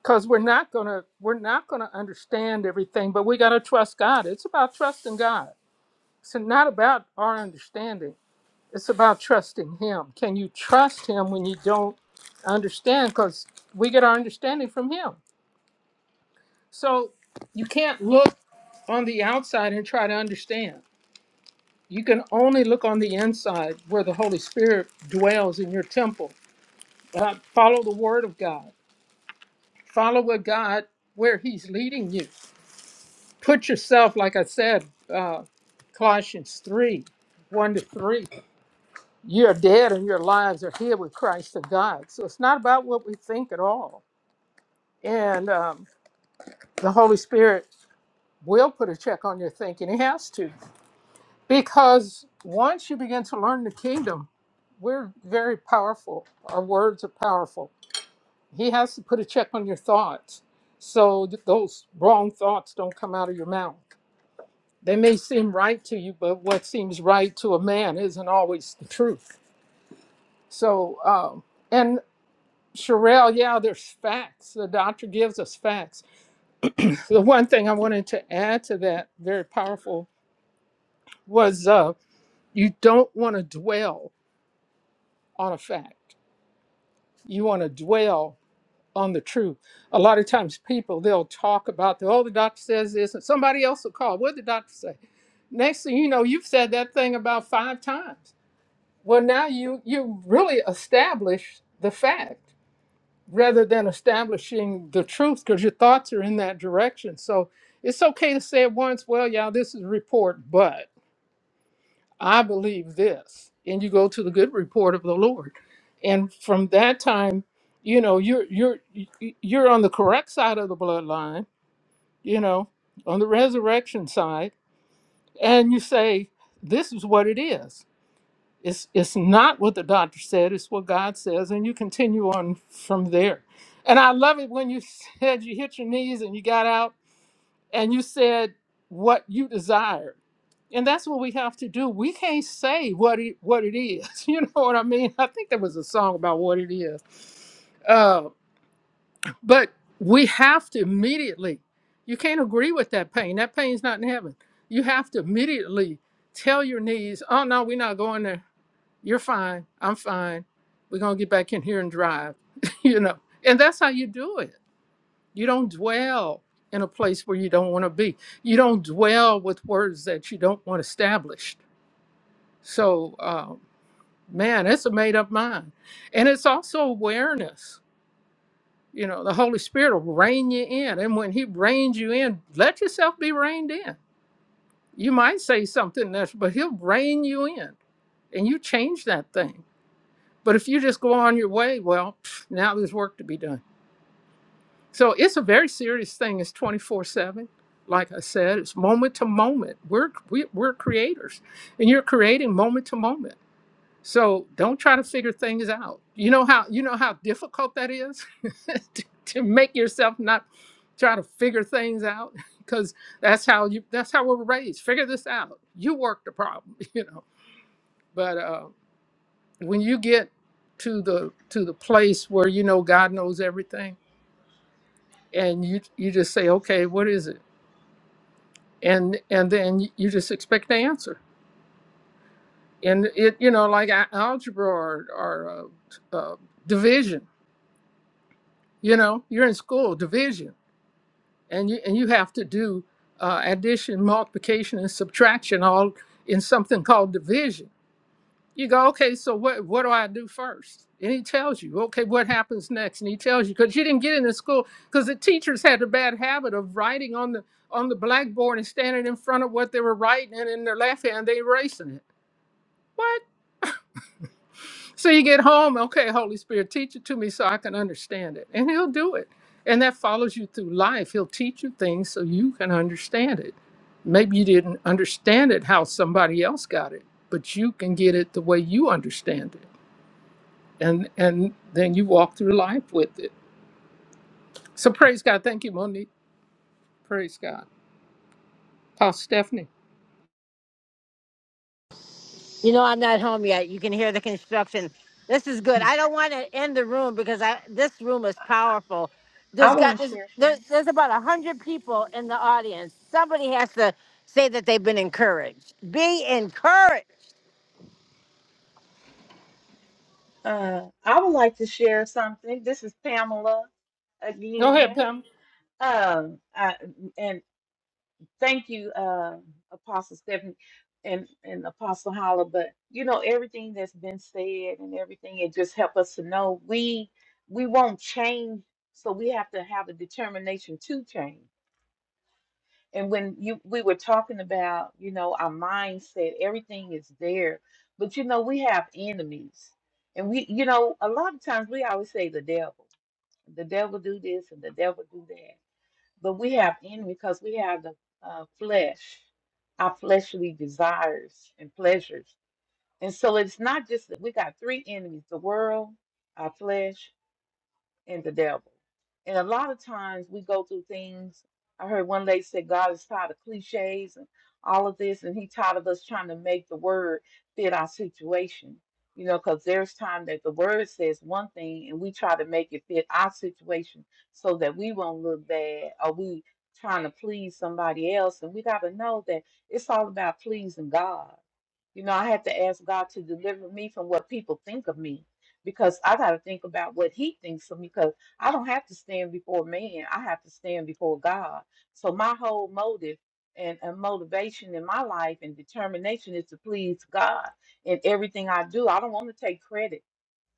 [SPEAKER 2] because we're not gonna we're not gonna understand everything. But we gotta trust God. It's about trusting God It's not about our understanding. It's about trusting Him. Can you trust Him when you don't understand? Because we get our understanding from Him. So you can't look on the outside and try to understand. You can only look on the inside where the Holy Spirit dwells in your temple. Uh, follow the Word of God, follow what God, where He's leading you. Put yourself, like I said, uh, Colossians 3 1 to 3. you're dead and your lives are here with Christ and God. So it's not about what we think at all. And um, the Holy Spirit will put a check on your thinking. He has to. Because once you begin to learn the kingdom, we're very powerful. Our words are powerful. He has to put a check on your thoughts so that those wrong thoughts don't come out of your mouth. They may seem right to you, but what seems right to a man isn't always the truth. So, um, Sherelle, yeah, there's facts. The doctor gives us facts. The one thing I wanted to add to that, very powerful, was uh, you don't want to dwell on a fact. You want to dwell on the truth. A lot of times people, they'll talk about, the, oh, the doctor says this, and somebody else will call. What did the doctor say? Next thing you know, you've said that thing about five times. Well, now you, you really established the fact. rather than establishing the truth because your thoughts are in that direction. So it's okay to say it once, well, y'all, this is a report, but I believe this. And you go to the good report of the Lord. And from that time, you know, you're you're you- you're on the correct side of the bloodline, you know, on the resurrection side, and you say, this is what it is it's, it's not what the doctor said, it's what God says, and you continue on from there. And I love it when you (laughs) said you hit your knees and you got out and you said what you desired. And that's what we have to do. We can't say what it, what it is. (laughs) You know what I mean? I think there was a song about what it is. Uh, but we have to immediately, you can't agree with that pain. That pain's not in heaven. You have to immediately tell your knees, oh, no, we're not going there you're fine. I'm fine. We're going to get back in here and drive, (laughs) you know. And that's how you do it. You don't dwell in a place where you don't want to be. You don't dwell with words that you don't want established. So, um, man, it's a made up mind. And it's also awareness. You know, the Holy Spirit will rein you in. And when He reins you in, let yourself be reined in. You might say something, that's, but He'll rein you in and you change that thing. But if you just go on your way, well, pff, now there's work to be done. So it's a very serious thing. It's 24 7. Like I said, it's moment to moment. We're, we, we're creators, and you're creating moment to moment. So don't try to figure things out. You know how you know how difficult that is (laughs) to, to make yourself not try to figure things out (laughs) because that's how you that's how we're raised. Figure this out. You work the problem, (laughs) you know. But uh, when you get to the to the place where you know God knows everything and you you just say okay what is it and and then you just expect the answer and it you know like a- algebra or, or uh, uh, division you know you're in school division and you and you have to do uh, addition multiplication and subtraction all in something called division You go, okay, so what, what do I do first? And he tells you, okay, what happens next? And he tells you, because you didn't get into school, because the teachers had the bad habit of writing on the on the blackboard and standing in front of what they were writing, and in their left hand they erasing it. What? So you get home, okay, Holy Spirit, teach it to me so I can understand it. And he'll do it. And that follows you through life. He'll teach you things so you can understand it. Maybe you didn't understand it how somebody else got it, but you can get it the way you understand it and and then you walk through life with it. So praise God. Thank you, Monique. Praise God. Pastor Stephanie.
[SPEAKER 1] You know, I'm not home yet. You can hear the construction. This is good. I don't want to end the room because I this room is powerful.
[SPEAKER 6] I
[SPEAKER 1] There's
[SPEAKER 6] want
[SPEAKER 1] got
[SPEAKER 6] to
[SPEAKER 1] there's
[SPEAKER 6] share
[SPEAKER 1] there's,
[SPEAKER 6] something.
[SPEAKER 1] there's about a hundred people in the audience. Somebody has to say that they've been encouraged. Be encouraged.
[SPEAKER 6] Uh, I would like to share something. This is Pamela
[SPEAKER 2] Go ahead,
[SPEAKER 6] again.
[SPEAKER 2] Pam.
[SPEAKER 6] Um, I and. Thank you, uh, Apostle Stephanie and, and Apostle Holla. But you know, everything that's been said and everything, it just helped us to know we we won't change, so we have to have a determination to change. And when you we were talking about, you know, our mindset, everything is there. But you know, we have enemies. And we, you know, a lot of times we always say the devil. The devil do this and the devil do that but we have enemy because we have the uh, flesh, our fleshly desires and pleasures. And so it's not just that we got three enemies the world, our flesh, and the devil. And a lot of times we go through things. I heard one lady say God is tired of cliches and all of this, and He tired of us trying to make the word fit our situation. You know, because there's time that the word says one thing, and we try to make it fit our situation so that we won't look bad, or we trying to please somebody else. And we got to know that it's all about pleasing God. You know, I had to ask God to deliver me from what people think of me because I got to think about what He thinks of me because I don't have to stand before man. I have to stand before God. So my whole motive and, and motivation in my life and determination is to please God in everything I do. I don't want to take credit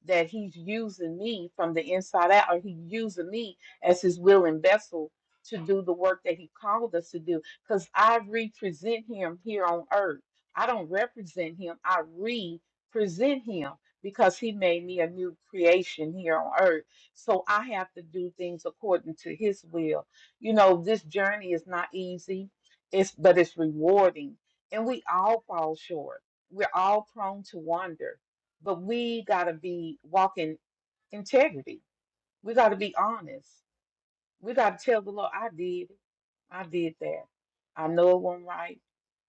[SPEAKER 6] that he's using me from the inside out, or he's using me as his willing vessel to do the work that he called us to do. Because I represent him here on earth. I don't represent him, I represent him because he made me a new creation here on earth. So I have to do things according to his will. You know, this journey is not easy, it's but it's rewarding. And we all fall short. We're all prone to wander but we got to be walking integrity. We got to be honest. We got to tell the Lord, I did it. I did that. I know it wasn't right.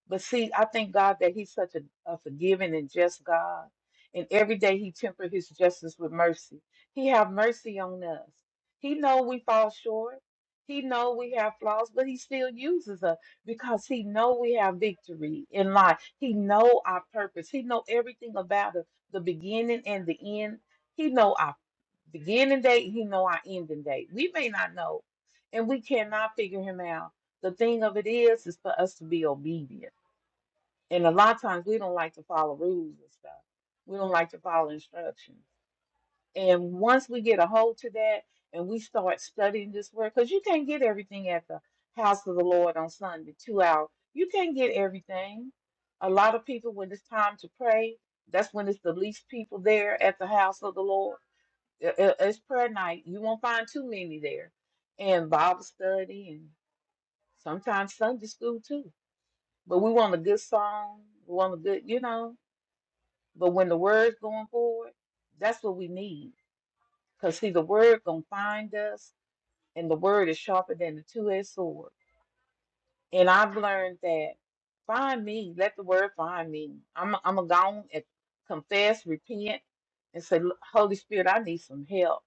[SPEAKER 6] But see, I thank God that He's such a, a forgiving and just God. And every day He temper His justice with mercy. He have mercy on us. He know we fall short. He know we have flaws, but He still uses us because He know we have victory in life. He know our purpose. He know everything about us, the beginning and the end. He know our beginning date, he know our ending date. We may not know, and we cannot figure him out. The thing of it is, is for us to be obedient. And a lot of times we don't like to follow rules and stuff. We don't like to follow instructions. And once we get a hold to that and we start studying this word, because you can't get everything at the house of the Lord on Sunday, two hours. You can't get everything. A lot of people, when it's time to pray, that's when it's the least people there at the house of the Lord it- it- it's prayer night. You won't find too many there. And Bible study and sometimes Sunday school too. But we want a good song. We want a good, you know. But when the word's going forward, that's what we need. Because see, the word gonna find us, and the word is sharper than the two-edged sword. And I've learned that find me, let the word find me. I'm I'm a gone and confess, repent, and say, "Look, Holy Spirit, I need some help.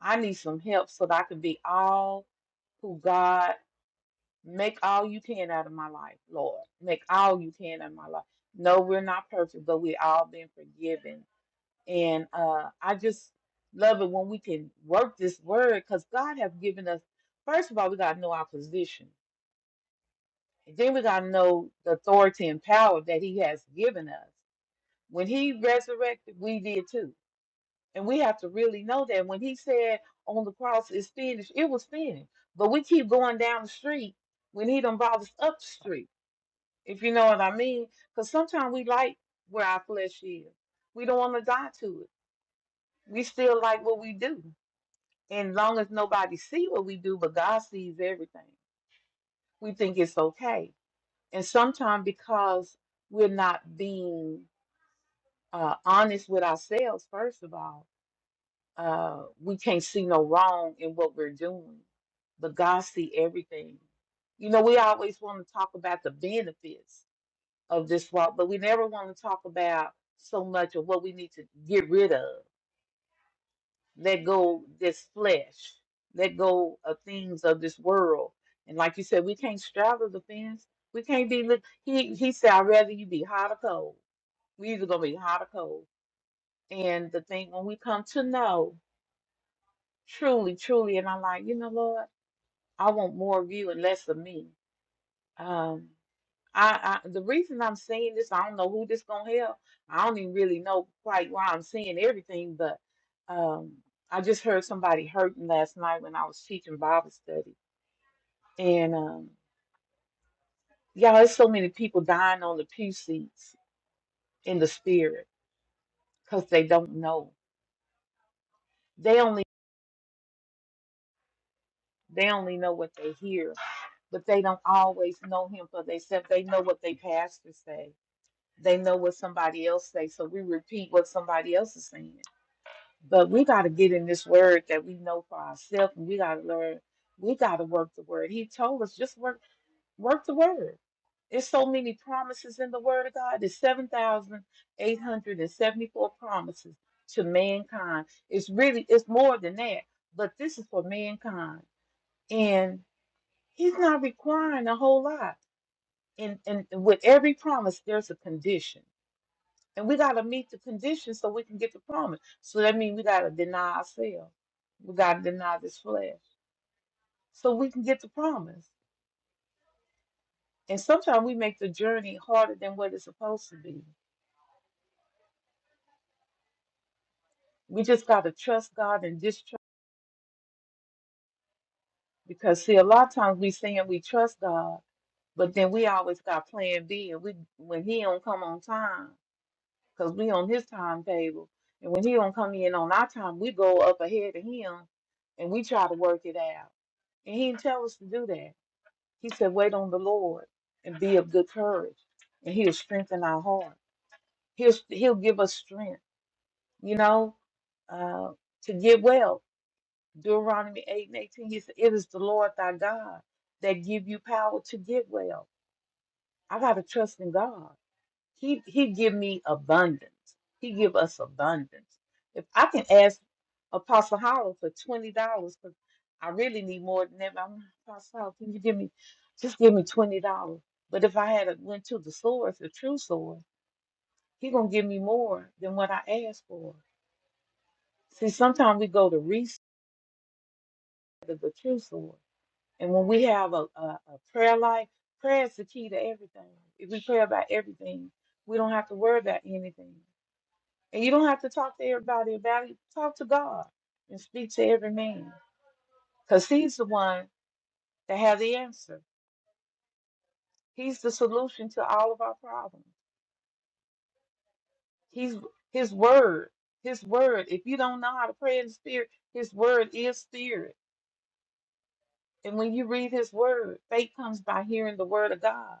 [SPEAKER 6] I need some help so that I can be all who God make all you can out of my life, Lord. Make all you can out of my life. No, we're not perfect, but we all been forgiven. And uh I just love it when we can work this word because God has given us first of all, we gotta know our position. And then we gotta know the authority and power that He has given us. When He resurrected, we did too. And we have to really know that when he said on the cross it's finished, it was finished. But we keep going down the street when he done brought us up the street, if you know what I mean. Because sometimes we like where our flesh is. We don't want to die to it. We still like what we do. And long as nobody see what we do, but God sees everything, we think it's okay. And sometimes because we're not being uh, honest with ourselves, first of all, uh, we can't see no wrong in what we're doing, but God see everything. You know, we always want to talk about the benefits of this walk, but we never want to talk about so much of what we need to get rid of. Let go this flesh, let go of things of this world. And like you said, we can't straddle the fence. We can't be. li- He he said, "I'd rather you be hot or cold. We either gonna be hot or cold." And the thing when we come to know. Truly, truly. And I'm like, you know, Lord, I want more of you and less of me. Um, I, I the reason I'm saying this, I don't know who this gonna help. I don't even really know quite why I'm saying everything, but um, I just heard somebody hurting last night when I was teaching Bible study. And um, y'all, there's so many people dying on the pew seats in the spirit because they don't know. They only they only know what they hear, but they don't always know him for themselves. They know what they pastors say they know what somebody else says, so we repeat what somebody else is saying. But we got to get in this word that we know for ourselves, and we got to learn. We got to work the word. He told us just work, work the word. There's so many promises in the word of God. There's seven thousand eight hundred and seventy-four promises to mankind. It's really, it's more than that, but this is for mankind, and He's not requiring a whole lot. And and with every promise, there's a condition and we gotta meet the conditions so we can get the promise. So that means we gotta deny ourselves. We gotta deny this flesh. So we can get the promise. And sometimes we make the journey harder than what it's supposed to be. We just gotta trust God and distrust because see a lot of times we saying we trust God, but then we always got plan B and we when he don't come on time, because we on his timetable. And when he don't come in on our time, we go up ahead of him and we try to work it out. And he didn't tell us to do that. He said, wait on the Lord and be of good courage, and he'll strengthen our heart. He'll, he'll give us strength, you know, uh, to get well. Deuteronomy 8 and 18, he said, it is the Lord thy God that give you power to get well. I got to trust in God. He he give me abundance. He give us abundance. If I can ask Apostle Howell for twenty dollars, because I really need more than that. I'm Apostle Howell, can you give me just give me twenty dollars? But if I had a, went to the source, the true source, he gonna give me more than what I asked for. See, sometimes we go to reset of the true source, and when we have a, a, a prayer life, prayer is the key to everything. If we pray about everything, we don't have to worry about anything. And you don't have to talk to everybody about it. Talk to God and speak to every man because He's the one that has the answer. He's the solution to all of our problems. He's His Word. His Word. If you don't know how to pray in the Spirit, His Word is Spirit. And when you read His Word, faith comes by hearing the Word of God.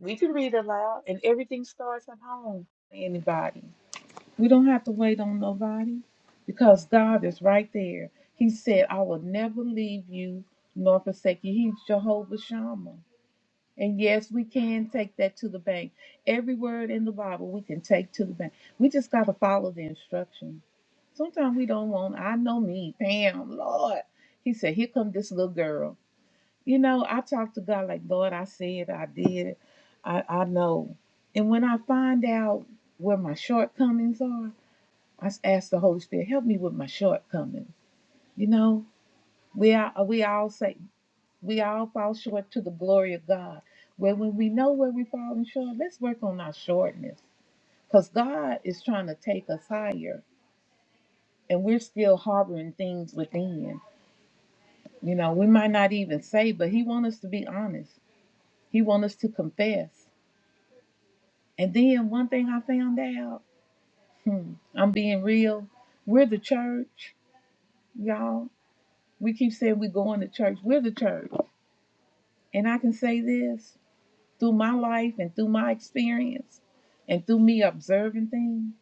[SPEAKER 6] We can read aloud, and everything starts at home. Anybody. We don't have to wait on nobody because God is right there. He said, I will never leave you nor forsake you. He's Jehovah Shammah. And yes, we can take that to the bank. Every word in the Bible we can take to the bank. We just got to follow the instruction. Sometimes we don't want, I know me, Pam, Lord. He said, Here come this little girl. You know, I talk to God like, Lord, I said, I did, I, I know. And when I find out where my shortcomings are, I asked the Holy Spirit, help me with my shortcomings. You know, we are we all say we all fall short to the glory of God. Where when we know where we're falling short, let's work on our shortness. Because God is trying to take us higher and we're still harboring things within. You know, we might not even say, but He wants us to be honest. He wants us to confess. And then one thing I found out, hmm, I'm being real. We're the church, y'all. We keep saying we're going to church. We're the church. And I can say this through my life and through my experience and through me observing things,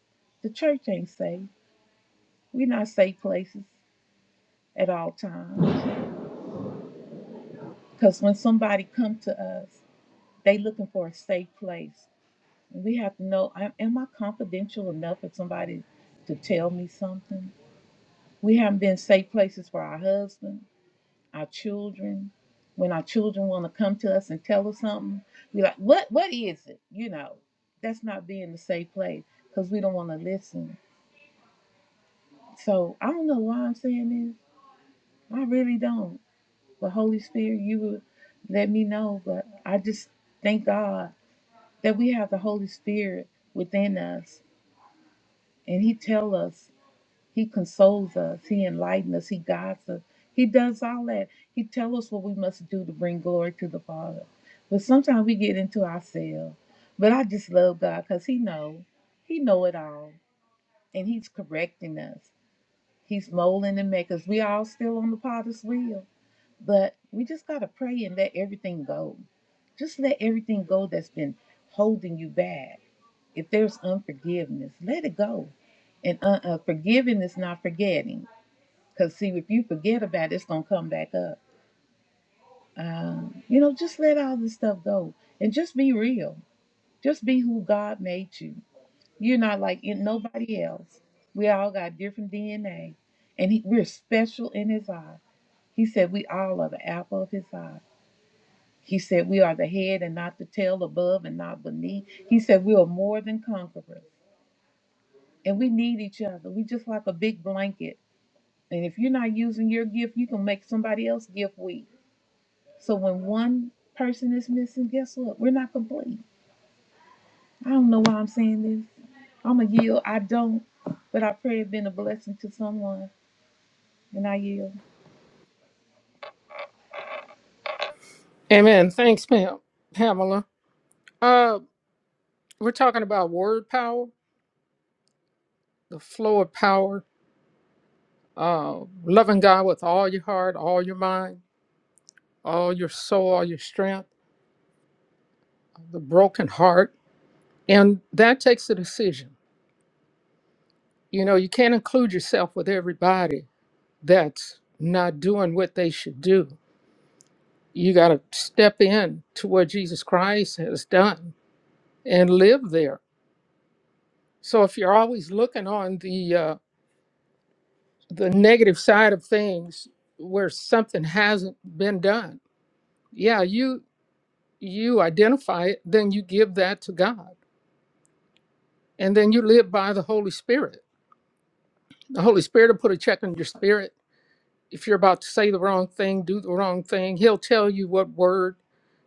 [SPEAKER 6] the church ain't safe. We're not safe places at all times. Because when somebody come to us, they looking for a safe place. And we have to know, am am I confidential enough for somebody to tell me something? We haven't been safe places for our husbands. our children, when our children want to come to us and tell us something, we are like, what what is it? You know, that's not being the safe place because we don't want to listen. So I don't know why I'm saying this. I really don't. But Holy Spirit, you would let me know. But I just thank God that we have the Holy Spirit within us, and He tell us He consoles us. He enlightens us. He guides us. He does all that. He tells us what we must do to bring glory to the Father. But sometimes we get into ourselves. But I just love God because He know. He know it all. And He's correcting us. He's molding and making us. We all still on the potter's wheel. But we just got to pray and let everything go. Just let everything go that's been holding you back. If there's unforgiveness, let it go. And uh, uh, forgiving is not forgetting. Because, see, if you forget about it, it's going to come back up. Uh, you know, just let all this stuff go and just be real. Just be who God made you. You're not like in- nobody else. We all got different DNA, and he, we're special in His eye. He said, We all are the apple of His eye. He said, We are the head and not the tail, above and not beneath. He said, We are more than conquerors, and we need each other. We just like a big blanket. And if you're not using your gift, you can make somebody else's gift weak So when one person is missing, guess what? We're not complete. I don't know why I'm saying this. I'm a yield. I don't, but I pray it's been a blessing to someone, and I yield.
[SPEAKER 2] Amen. Thanks, Pam. Pamela. Uh, we're talking about word power, the flow of power, uh, loving God with all your heart, all your mind, all your soul, all your strength, the broken heart. And that takes a decision. You know, you can't include yourself with everybody that's not doing what they should do you got to step in to what Jesus Christ has done and live there. So if you're always looking on the uh, the negative side of things where something hasn't been done, yeah, you you identify it, then you give that to God, and then you live by the Holy Spirit. The Holy Spirit will put a check on your spirit. If you're about to say the wrong thing, do the wrong thing, He'll tell you what word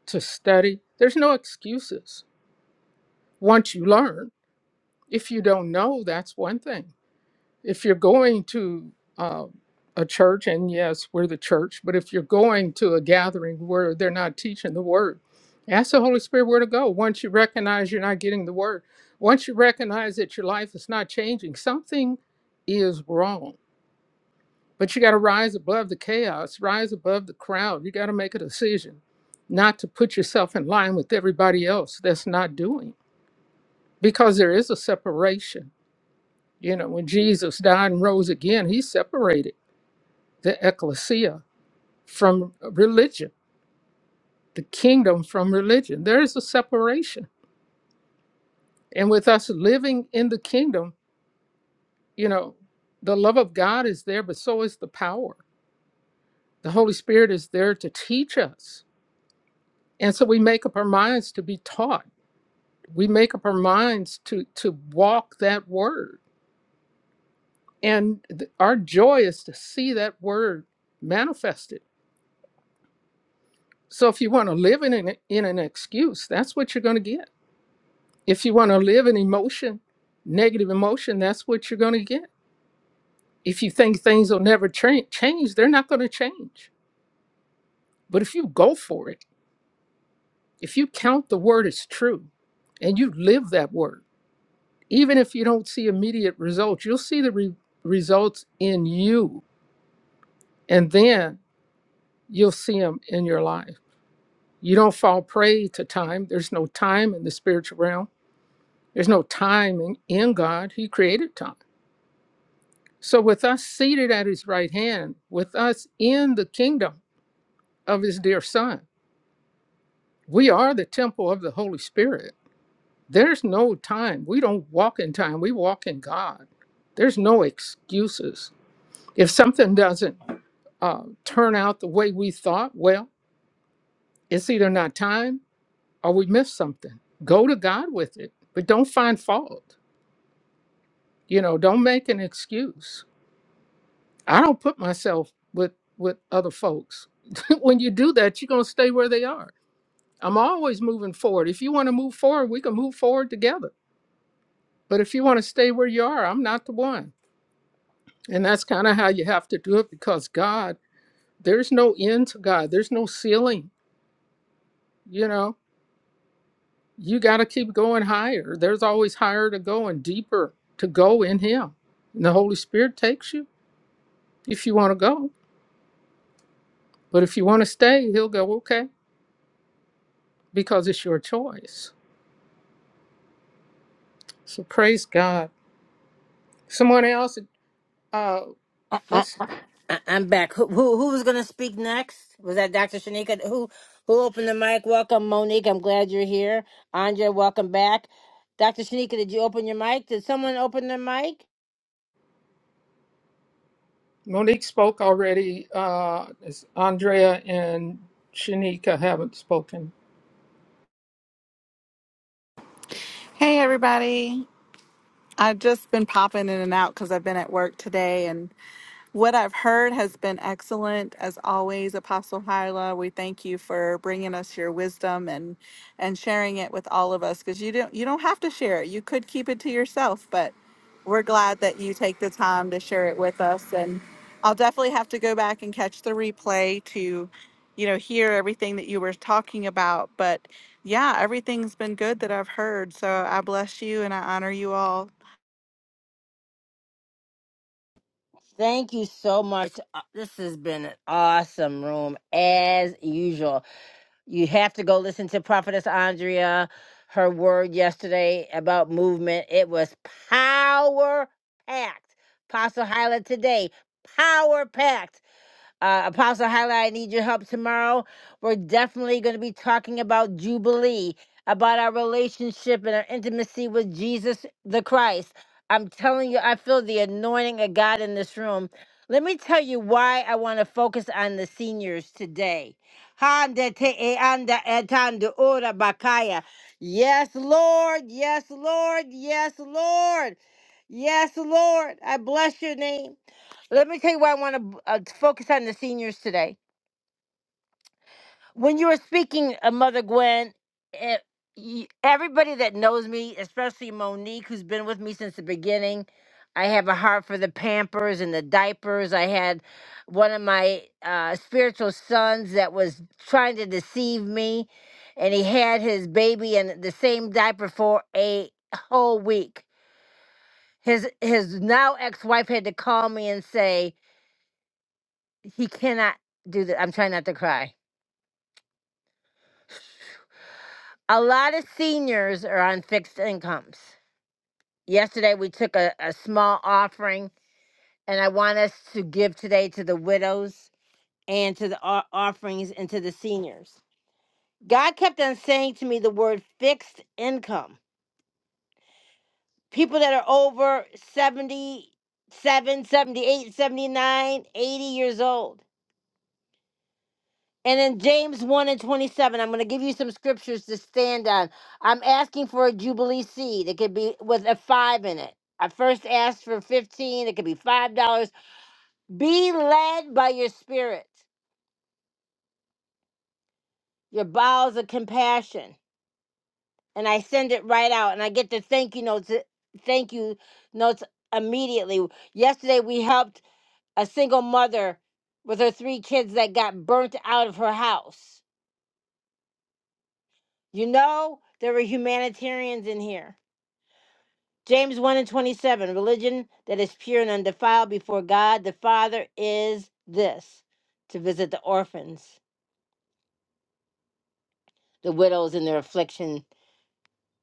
[SPEAKER 2] to study. There's no excuses once you learn. if you don't know, that's one thing. If you're going to uh, a church, and yes, we're the church, but if you're going to a gathering where they're not teaching the word, ask the Holy Spirit where to go. Once you recognize you're not getting the word, once you recognize that your life is not changing, something is wrong. But you got to rise above the chaos, rise above the crowd. You got to make a decision not to put yourself in line with everybody else that's not doing because there is a separation you know, when Jesus died and rose again, he separated the ecclesia from religion, the kingdom from religion. There is a separation. And with us living in the kingdom, you know, the love of God is there, but so is the power. The Holy Spirit is there to teach us. And so we make up our minds to be taught. We make up our minds to to walk that word. And th- our joy is to see that word manifested So if you want to live in an, in an excuse, that's what you're going to get. If you want to live in emotion, negative emotion, that's what you're going to get. If you think things will never tra- change, they're not going to change. But if you go for it, if you count the word as true and you live that word, even if you don't see immediate results, you'll see the re- results in you and then you'll see them in your life. You don't fall prey to time. There's no time in the spiritual realm There's no time in, in God. He created time. So, with us seated at his right hand, with us in the kingdom of his dear son, we are the temple of the Holy Spirit. There's no time. We don't walk in time, we walk in God. There's no excuses. If something doesn't uh, turn out the way we thought, well, it's either not time or we missed something. Go to God with it, but don't find fault. You know, don't make an excuse I don't put myself with with other folks. (laughs) when you do that, you're gonna stay where they are. I'm always moving forward. If you want to move forward, we can move forward together. But if you want to stay where you are, I'm not the one. And that's kind of how you have to do it because God, there's no end to God. There's no ceiling. You know, you got to keep going higher. There's always higher to go and deeper to go in Him. And the Holy Spirit takes you if you want to go. But if you want to stay, He'll go, okay, because it's your choice So praise God. Someone else, uh,
[SPEAKER 1] Uh,
[SPEAKER 2] let's,
[SPEAKER 1] I- I'm back. Who, who who was gonna speak next? Was that Dr. Shanika? Who who opened the mic? Welcome, Monique. I'm glad you're here. Andre, welcome back. Dr. Shanika, did you open your mic? Did someone open their mic?
[SPEAKER 2] Monique spoke already. Uh, it's Andrea and Shanika haven't spoken.
[SPEAKER 10] Hey, everybody. I've just been popping in and out because I've been at work today and what I've heard has been excellent as always, Apostle Hyla. We thank you for bringing us your wisdom and and sharing it with all of us because you don't you don't have to share it. You could keep it to yourself, but we're glad that you take the time to share it with us. And I'll definitely have to go back and catch the replay to, you know, hear everything that you were talking about. But yeah, everything's been good that I've heard. So I bless you and I honor you all
[SPEAKER 1] Thank you so much. Uh, This has been an awesome room as usual. You have to go listen to Prophetess Andrea, her word yesterday about movement. It was power packed. Apostle Hyla today, power packed. Uh, Apostle Highlight, I need your help tomorrow. We're definitely going to be talking about Jubilee, about our relationship and our intimacy with Jesus the Christ. I'm telling you, I feel the anointing of God in this room. Let me tell you why I want to focus on the seniors today. Handa te e anda etando ora bakaya. Yes, Lord. Yes, Lord. Yes, Lord. Yes, Lord. I bless your name. Let me tell you why I want to uh, focus on the seniors today. When you were speaking, uh, Mother Gwen, eh, y everybody that knows me, especially Monique, who's been with me since the beginning, I have a heart for the Pampers and the diapers. I had one of my uh, spiritual sons that was trying to deceive me, and he had his baby in the same diaper for a whole week. His his now ex wife had to call me and say, he cannot do that. I'm trying not to cry. A lot of seniors are on fixed incomes. Yesterday, we took a, a small offering, and I want us to give today to the widows and to the o- offerings and to the seniors. God kept on saying to me the word fixed income. People that are over seventy, seven, seventy-eight, seventy-nine, eighty years old. And in James 1 and 27, I'm going to give you some scriptures to stand on. I'm asking for a Jubilee seed. It could be with a five in it. I first asked for 15. It could be $5. Be led by your spirit, your bowels of compassion. And I send it right out and I get the thank you notes. uh, Thank you notes immediately. Yesterday, we helped a single mother with her three kids that got burnt out of her house. You know, there were humanitarians in here James 1 and 27 Religion that is pure and undefiled before God the Father is this to visit the orphans, the widows in their affliction,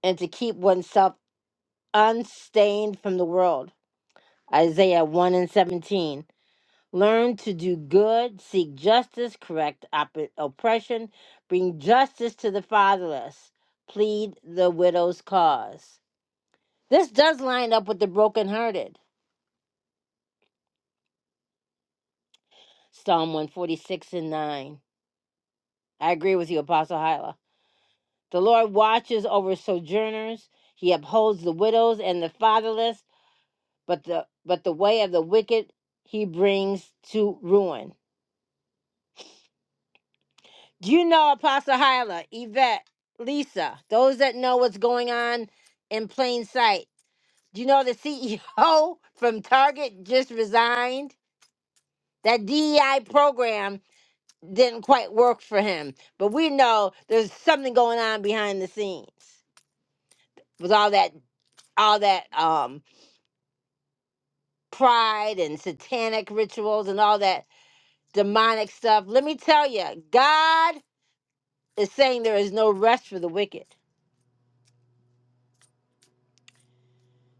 [SPEAKER 1] and to keep oneself unstained from the world. Isaiah 1 and 17. Learn to do good, seek justice, correct op- oppression, bring justice to the fatherless, plead the widow's cause. This does line up with the brokenhearted. Psalm 146 and 9. I agree with you, Apostle Hyla. The Lord watches over sojourners. He upholds the widows and the fatherless, but the but the way of the wicked he brings to ruin. Do you know Apostle Hyla, Yvette, Lisa, those that know what's going on in plain sight? Do you know the CEO (laughs) from Target just resigned? That DEI program didn't quite work for him. But we know there's something going on behind the scenes with all that all that um pride and satanic rituals and all that demonic stuff. Let me tell you, God is saying there is no rest for the wicked.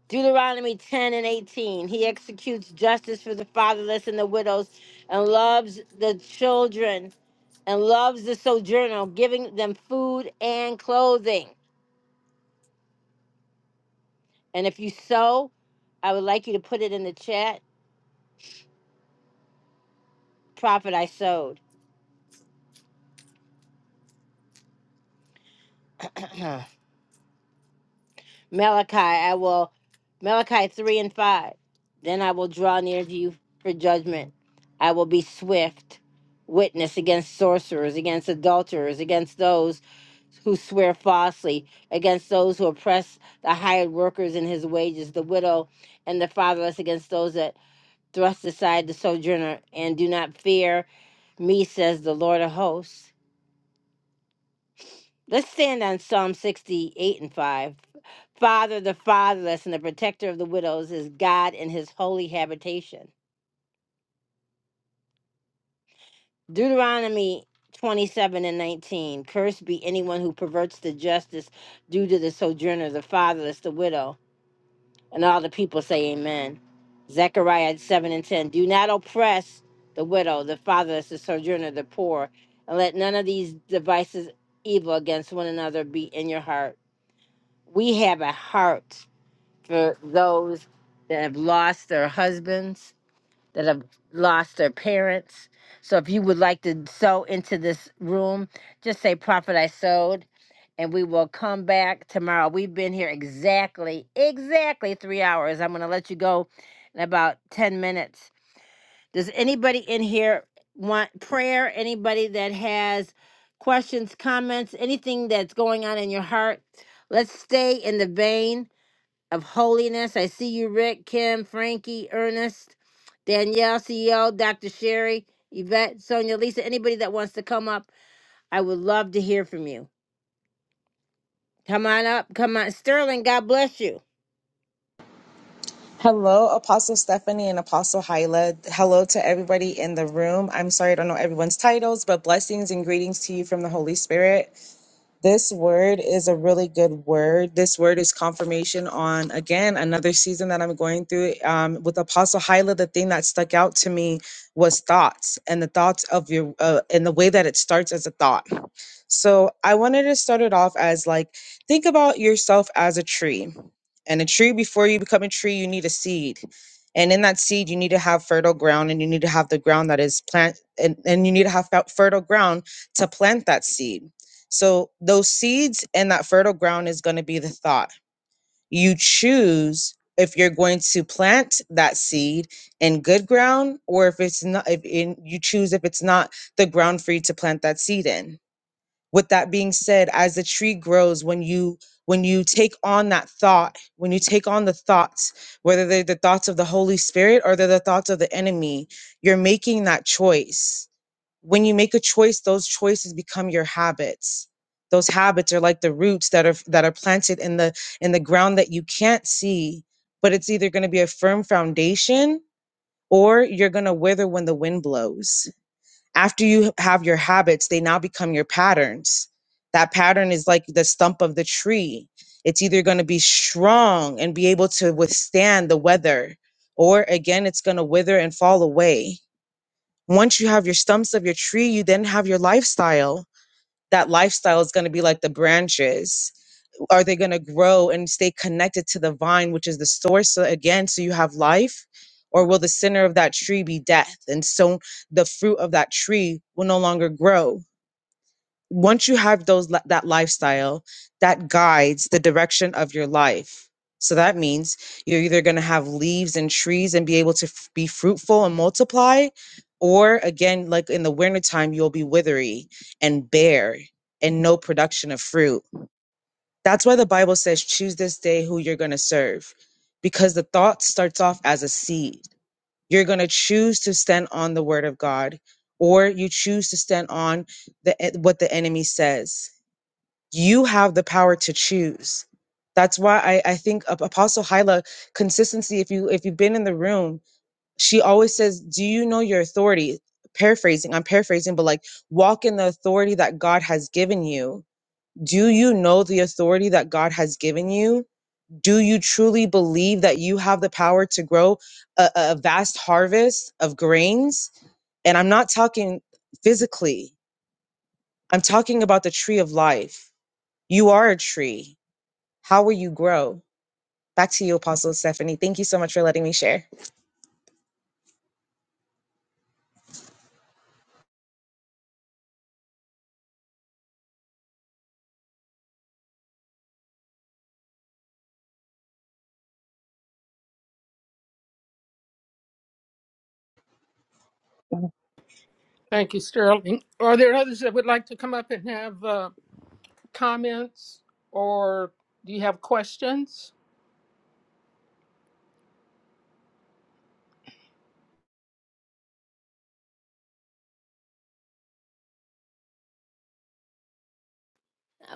[SPEAKER 1] Deuteronomy 10 and 18. He executes justice for the fatherless and the widows and loves the children and loves the sojourner, giving them food and clothing. And if you sow, I would like you to put it in the chat. Prophet, I sowed. (clears throat) Malachi, I will, Malachi 3 and 5. Then I will draw near to you for judgment. I will be swift witness against sorcerers, against adulterers, against those who swear falsely, against those who oppress the hired workers in his wages, the widow and the fatherless, against those that thrust aside the sojourner, and do not fear me, says the Lord of hosts. Let's stand on Psalm 68 and 5. Father, the fatherless, and the protector of the widows is God in his holy habitation. Deuteronomy 27 and 19. Cursed be anyone who perverts the justice due to the sojourner, the fatherless, the widow. And all the people say, Amen. Zechariah 7 and 10. Do not oppress the widow, the fatherless, the sojourner, the poor, and let none of these devices evil against one another be in your heart. We have a heart for those that have lost their husbands, that have lost their parents. So if you would like to sow into this room, just say, Prophet, I sowed, and we will come back tomorrow. We've been here exactly, exactly three hours. I'm going to let you go in about 10 minutes. Does anybody in here want prayer? Anybody that has questions, comments, anything that's going on in your heart? Let's stay in the vein of Holiness. I see you, Rick, Kim, Frankie, Ernest, Danielle, CEO, Dr. Sherry, Yvette, Sonia, Lisa, anybody that wants to come up. I would love to hear from you. Come on up. Come on. Sterling, God bless you.
[SPEAKER 11] Hello, Apostle Stephanie and Apostle Hyla. Hello to everybody in the room. I'm sorry I don't know everyone's titles, but blessings and greetings to you from the Holy Spirit. This word is a really good word. This word is confirmation on, again, another season that I'm going through. Um, with Apostle Hyla, the thing that stuck out to me was thoughts and the thoughts of your, uh, and the way that it starts as a thought. So I wanted to start it off as like, think about yourself as a tree. And a tree, before you become a tree, you need a seed. And in that seed, you need to have fertile ground and you need to have the ground that is plant and, and you need to have fe- fertile ground to plant that seed. So those seeds and that fertile ground is going to be the thought. You choose if you're going to plant that seed in good ground or if it's not if in, you choose if it's not the ground for you to plant that seed in. With that being said, as the tree grows when you when you take on that thought, when you take on the thoughts, whether they're the thoughts of the Holy Spirit or they're the thoughts of the enemy, you're making that choice when you make a choice those choices become your habits those habits are like the roots that are that are planted in the in the ground that you can't see but it's either going to be a firm foundation or you're going to wither when the wind blows after you have your habits they now become your patterns that pattern is like the stump of the tree it's either going to be strong and be able to withstand the weather or again it's going to wither and fall away once you have your stumps of your tree, you then have your lifestyle. That lifestyle is going to be like the branches. Are they going to grow and stay connected to the vine, which is the source So again? So you have life, or will the center of that tree be death? And so the fruit of that tree will no longer grow once you have those li- that lifestyle that guides the direction of your life so that means you're either going to have leaves and trees and be able to f- be fruitful and multiply or again like in the wintertime you'll be withery and bare and no production of fruit that's why the bible says choose this day who you're going to serve because the thought starts off as a seed you're going to choose to stand on the word of god or you choose to stand on the e- what the enemy says you have the power to choose that's why i, I think Ap- apostle hyla consistency if you if you've been in the room she always says do you know your authority paraphrasing i'm paraphrasing but like walk in the authority that god has given you do you know the authority that god has given you do you truly believe that you have the power to grow a, a vast harvest of grains and i'm not talking physically i'm talking about the tree of life you are a tree how will you grow? Back to you, Apostle Stephanie. Thank you so much for letting me share.
[SPEAKER 2] Thank you, Sterling. Are there others that would like to come up and have uh, comments or do you have questions?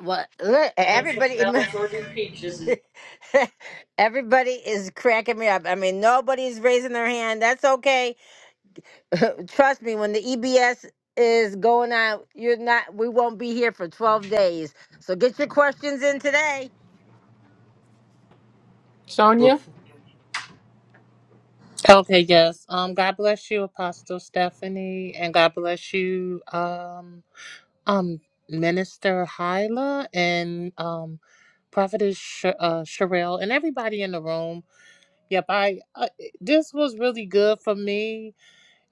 [SPEAKER 1] Well, look,
[SPEAKER 8] Find something
[SPEAKER 1] everybody,
[SPEAKER 8] else or do peaches.
[SPEAKER 1] (laughs) everybody is cracking me up. I mean, nobody's raising their hand. That's okay. (laughs) Trust me, when the EBS is going on, you're not. We won't be here for twelve days. So get your questions in today.
[SPEAKER 2] Sonia?
[SPEAKER 12] Okay, yes. Um, God bless you, Apostle Stephanie, and God bless you, um, um, Minister Hyla and um, Prophetess Sh- uh, Sherelle, and everybody in the room. Yep, I uh, this was really good for me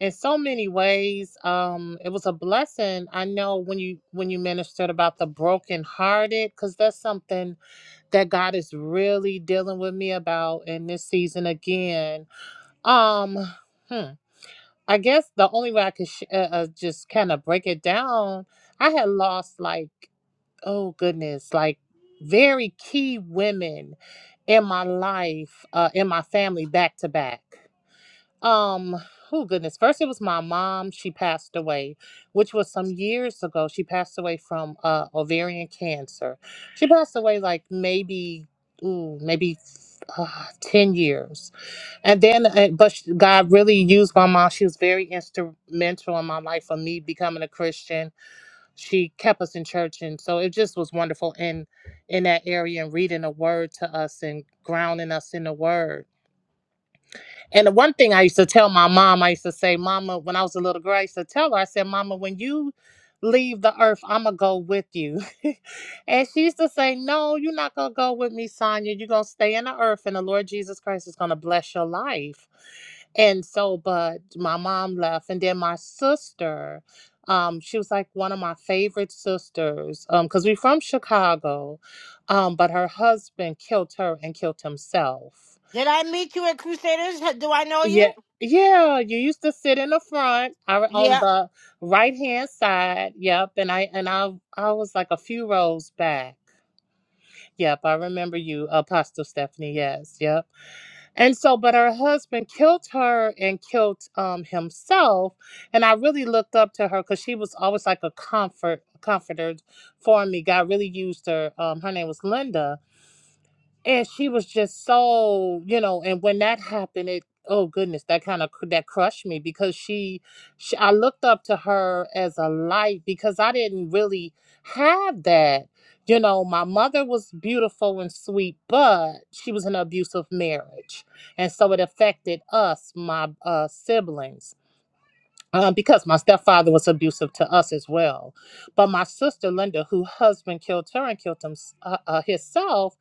[SPEAKER 12] in so many ways. Um, it was a blessing. I know when you when you ministered about the brokenhearted, because that's something that God is really dealing with me about in this season again. Um. hmm. I guess the only way I could sh- uh, uh, just kind of break it down, I had lost like, oh goodness, like very key women in my life, uh, in my family, back to back. Um, oh goodness, first it was my mom. She passed away, which was some years ago. She passed away from uh, ovarian cancer. She passed away like maybe, ooh, maybe uh, ten years and then, uh, but sh- God really used my mom. She was very instrumental in my life for me becoming a Christian. She kept us in church, and so it just was wonderful in in that area and reading the Word to us and grounding us in the Word. And the one thing I used to tell my mom, I used to say, Mama, when I was a little girl, I used to tell her, I said, Mama, when you leave the earth, I'm going to go with you. (laughs) and she used to say, No, you're not going to go with me, Sonia. You're going to stay in the earth, and the Lord Jesus Christ is going to bless your life. And so, but my mom left, and then my sister, um, she was like one of my favorite sisters, um, because we're from Chicago, um, but her husband killed her and killed himself.
[SPEAKER 1] Did I meet you at Crusaders? H- Do I know
[SPEAKER 12] Yeah,
[SPEAKER 1] you?
[SPEAKER 12] yeah. You used to sit in the front, I re- on
[SPEAKER 1] Yeah.
[SPEAKER 12] the right hand side. Yep, and I and I I was like a few rows back. Yep, I remember you, Apostle Stephanie. Yes, yep. And so, but her husband killed her and killed um himself. And I really looked up to her because she was always like a comfort comforter for me. God really used her. Um, her name was Linda and she was just so you know and when that happened it oh goodness that kind of that crushed me because she, she i looked up to her as a light because i didn't really have that you know my mother was beautiful and sweet but she was in an abusive marriage and so it affected us my uh siblings um, because my stepfather was abusive to us as well. But my sister Linda, who husband killed her and killed him, uh, uh, himself,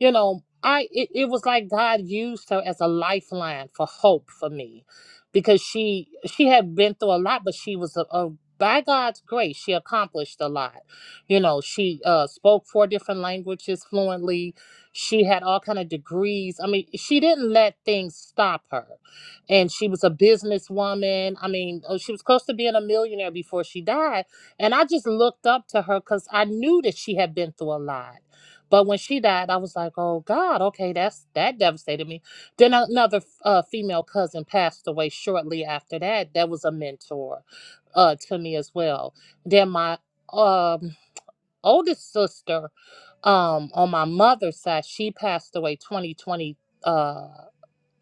[SPEAKER 12] you know, I it, it was like God used her as a lifeline for hope for me, because she she had been through a lot, but she was a, a by God's grace, she accomplished a lot. You know, she uh, spoke four different languages fluently. She had all kind of degrees. I mean, she didn't let things stop her and she was a businesswoman. I mean, oh, she was close to being a millionaire before she died. And I just looked up to her because I knew that she had been through a lot. But when she died, I was like, "Oh God, okay, that's that devastated me." Then another uh, female cousin passed away shortly after that. That was a mentor uh, to me as well. Then my um, oldest sister um, on my mother's side, she passed away 2020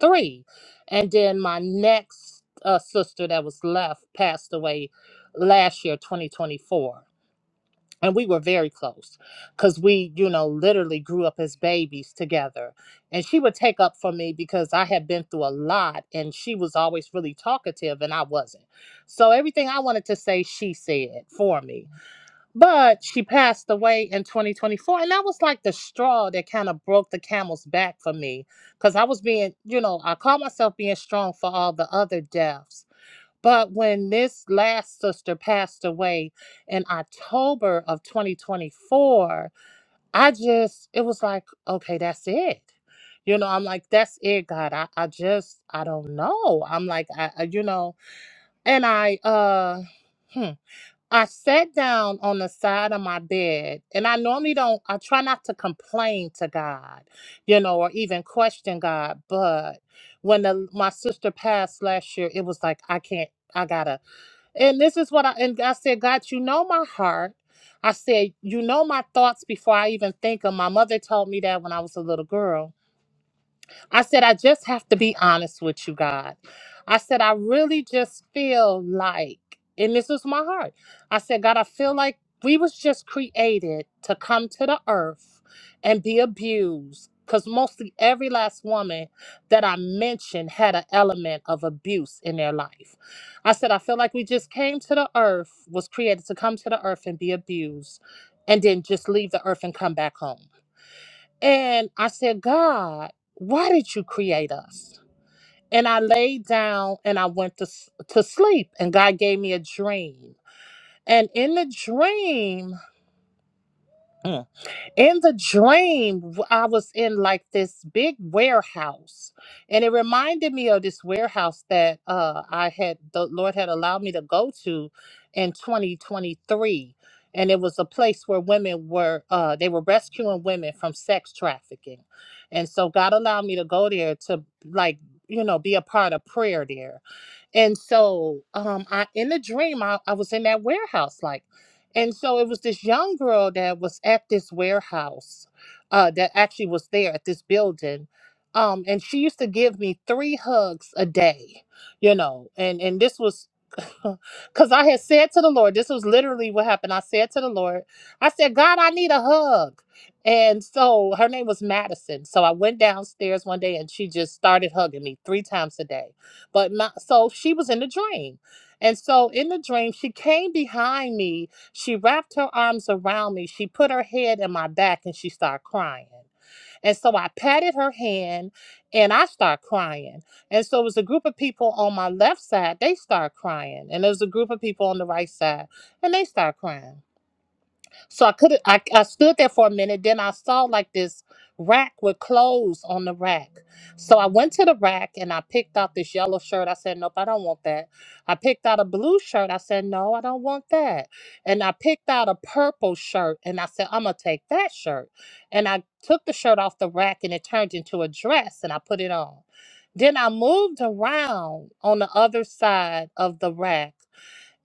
[SPEAKER 12] three. And then my next uh, sister that was left passed away last year, 2024. And we were very close because we, you know, literally grew up as babies together. And she would take up for me because I had been through a lot and she was always really talkative and I wasn't. So everything I wanted to say, she said for me. But she passed away in 2024. And that was like the straw that kind of broke the camel's back for me. Because I was being, you know, I call myself being strong for all the other deaths. But when this last sister passed away in October of 2024, I just, it was like, okay, that's it. You know, I'm like, that's it, God. I, I just, I don't know. I'm like, I, I you know, and I, uh, hmm, I sat down on the side of my bed, and I normally don't, I try not to complain to God, you know, or even question God. But when the, my sister passed last year, it was like, I can't, I gotta. And this is what I, and I said, God, you know my heart. I said, you know my thoughts before I even think of. 'em." My mother told me that when I was a little girl. I said, I just have to be honest with you, God. I said, I really just feel like, and this was my heart. I said, God, I feel like we was just created to come to the earth and be abused. Because mostly every last woman that I mentioned had an element of abuse in their life. I said, I feel like we just came to the earth, was created to come to the earth and be abused, and then just leave the earth and come back home. And I said, God, why did you create us? And I laid down and I went to, s- to sleep, and God gave me a dream. And in the dream, in the dream I was in like this big warehouse and it reminded me of this warehouse that uh i had the lord had allowed me to go to in 2023 and it was a place where women were uh they were rescuing women from sex trafficking and so god allowed me to go there to like you know be a part of prayer there and so, um, I in a dream, I, I was in that warehouse, like, and so it was this young girl that was at this warehouse, uh, that actually was there at this building, um, and she used to give me three hugs a day, you know, and and this was. (laughs) Because I had said to the Lord, this was literally what happened. I said to the Lord, I said, God, I need a hug. And so her name was Madison. So I went downstairs one day and she just started hugging me three times a day but my, so she was in the dream. And so in the dream, she came behind me. She wrapped her arms around me. She put her head in my back and she started crying. And so I patted her hand and I started crying. And so it was a group of people on my left side, they started crying. And there was a group of people on the right side and they started crying. So I could I, I stood there for a minute. Then I saw like this rack with clothes on the rack. So I went to the rack and I picked out this yellow shirt. I said, Nope, I don't want that. I picked out a blue shirt. I said, No, I don't want that. And I picked out a purple shirt and I said, I'm gonna take that shirt. And I took the shirt off the rack and it turned into a dress and I put it on. Then I moved around on the other side of the rack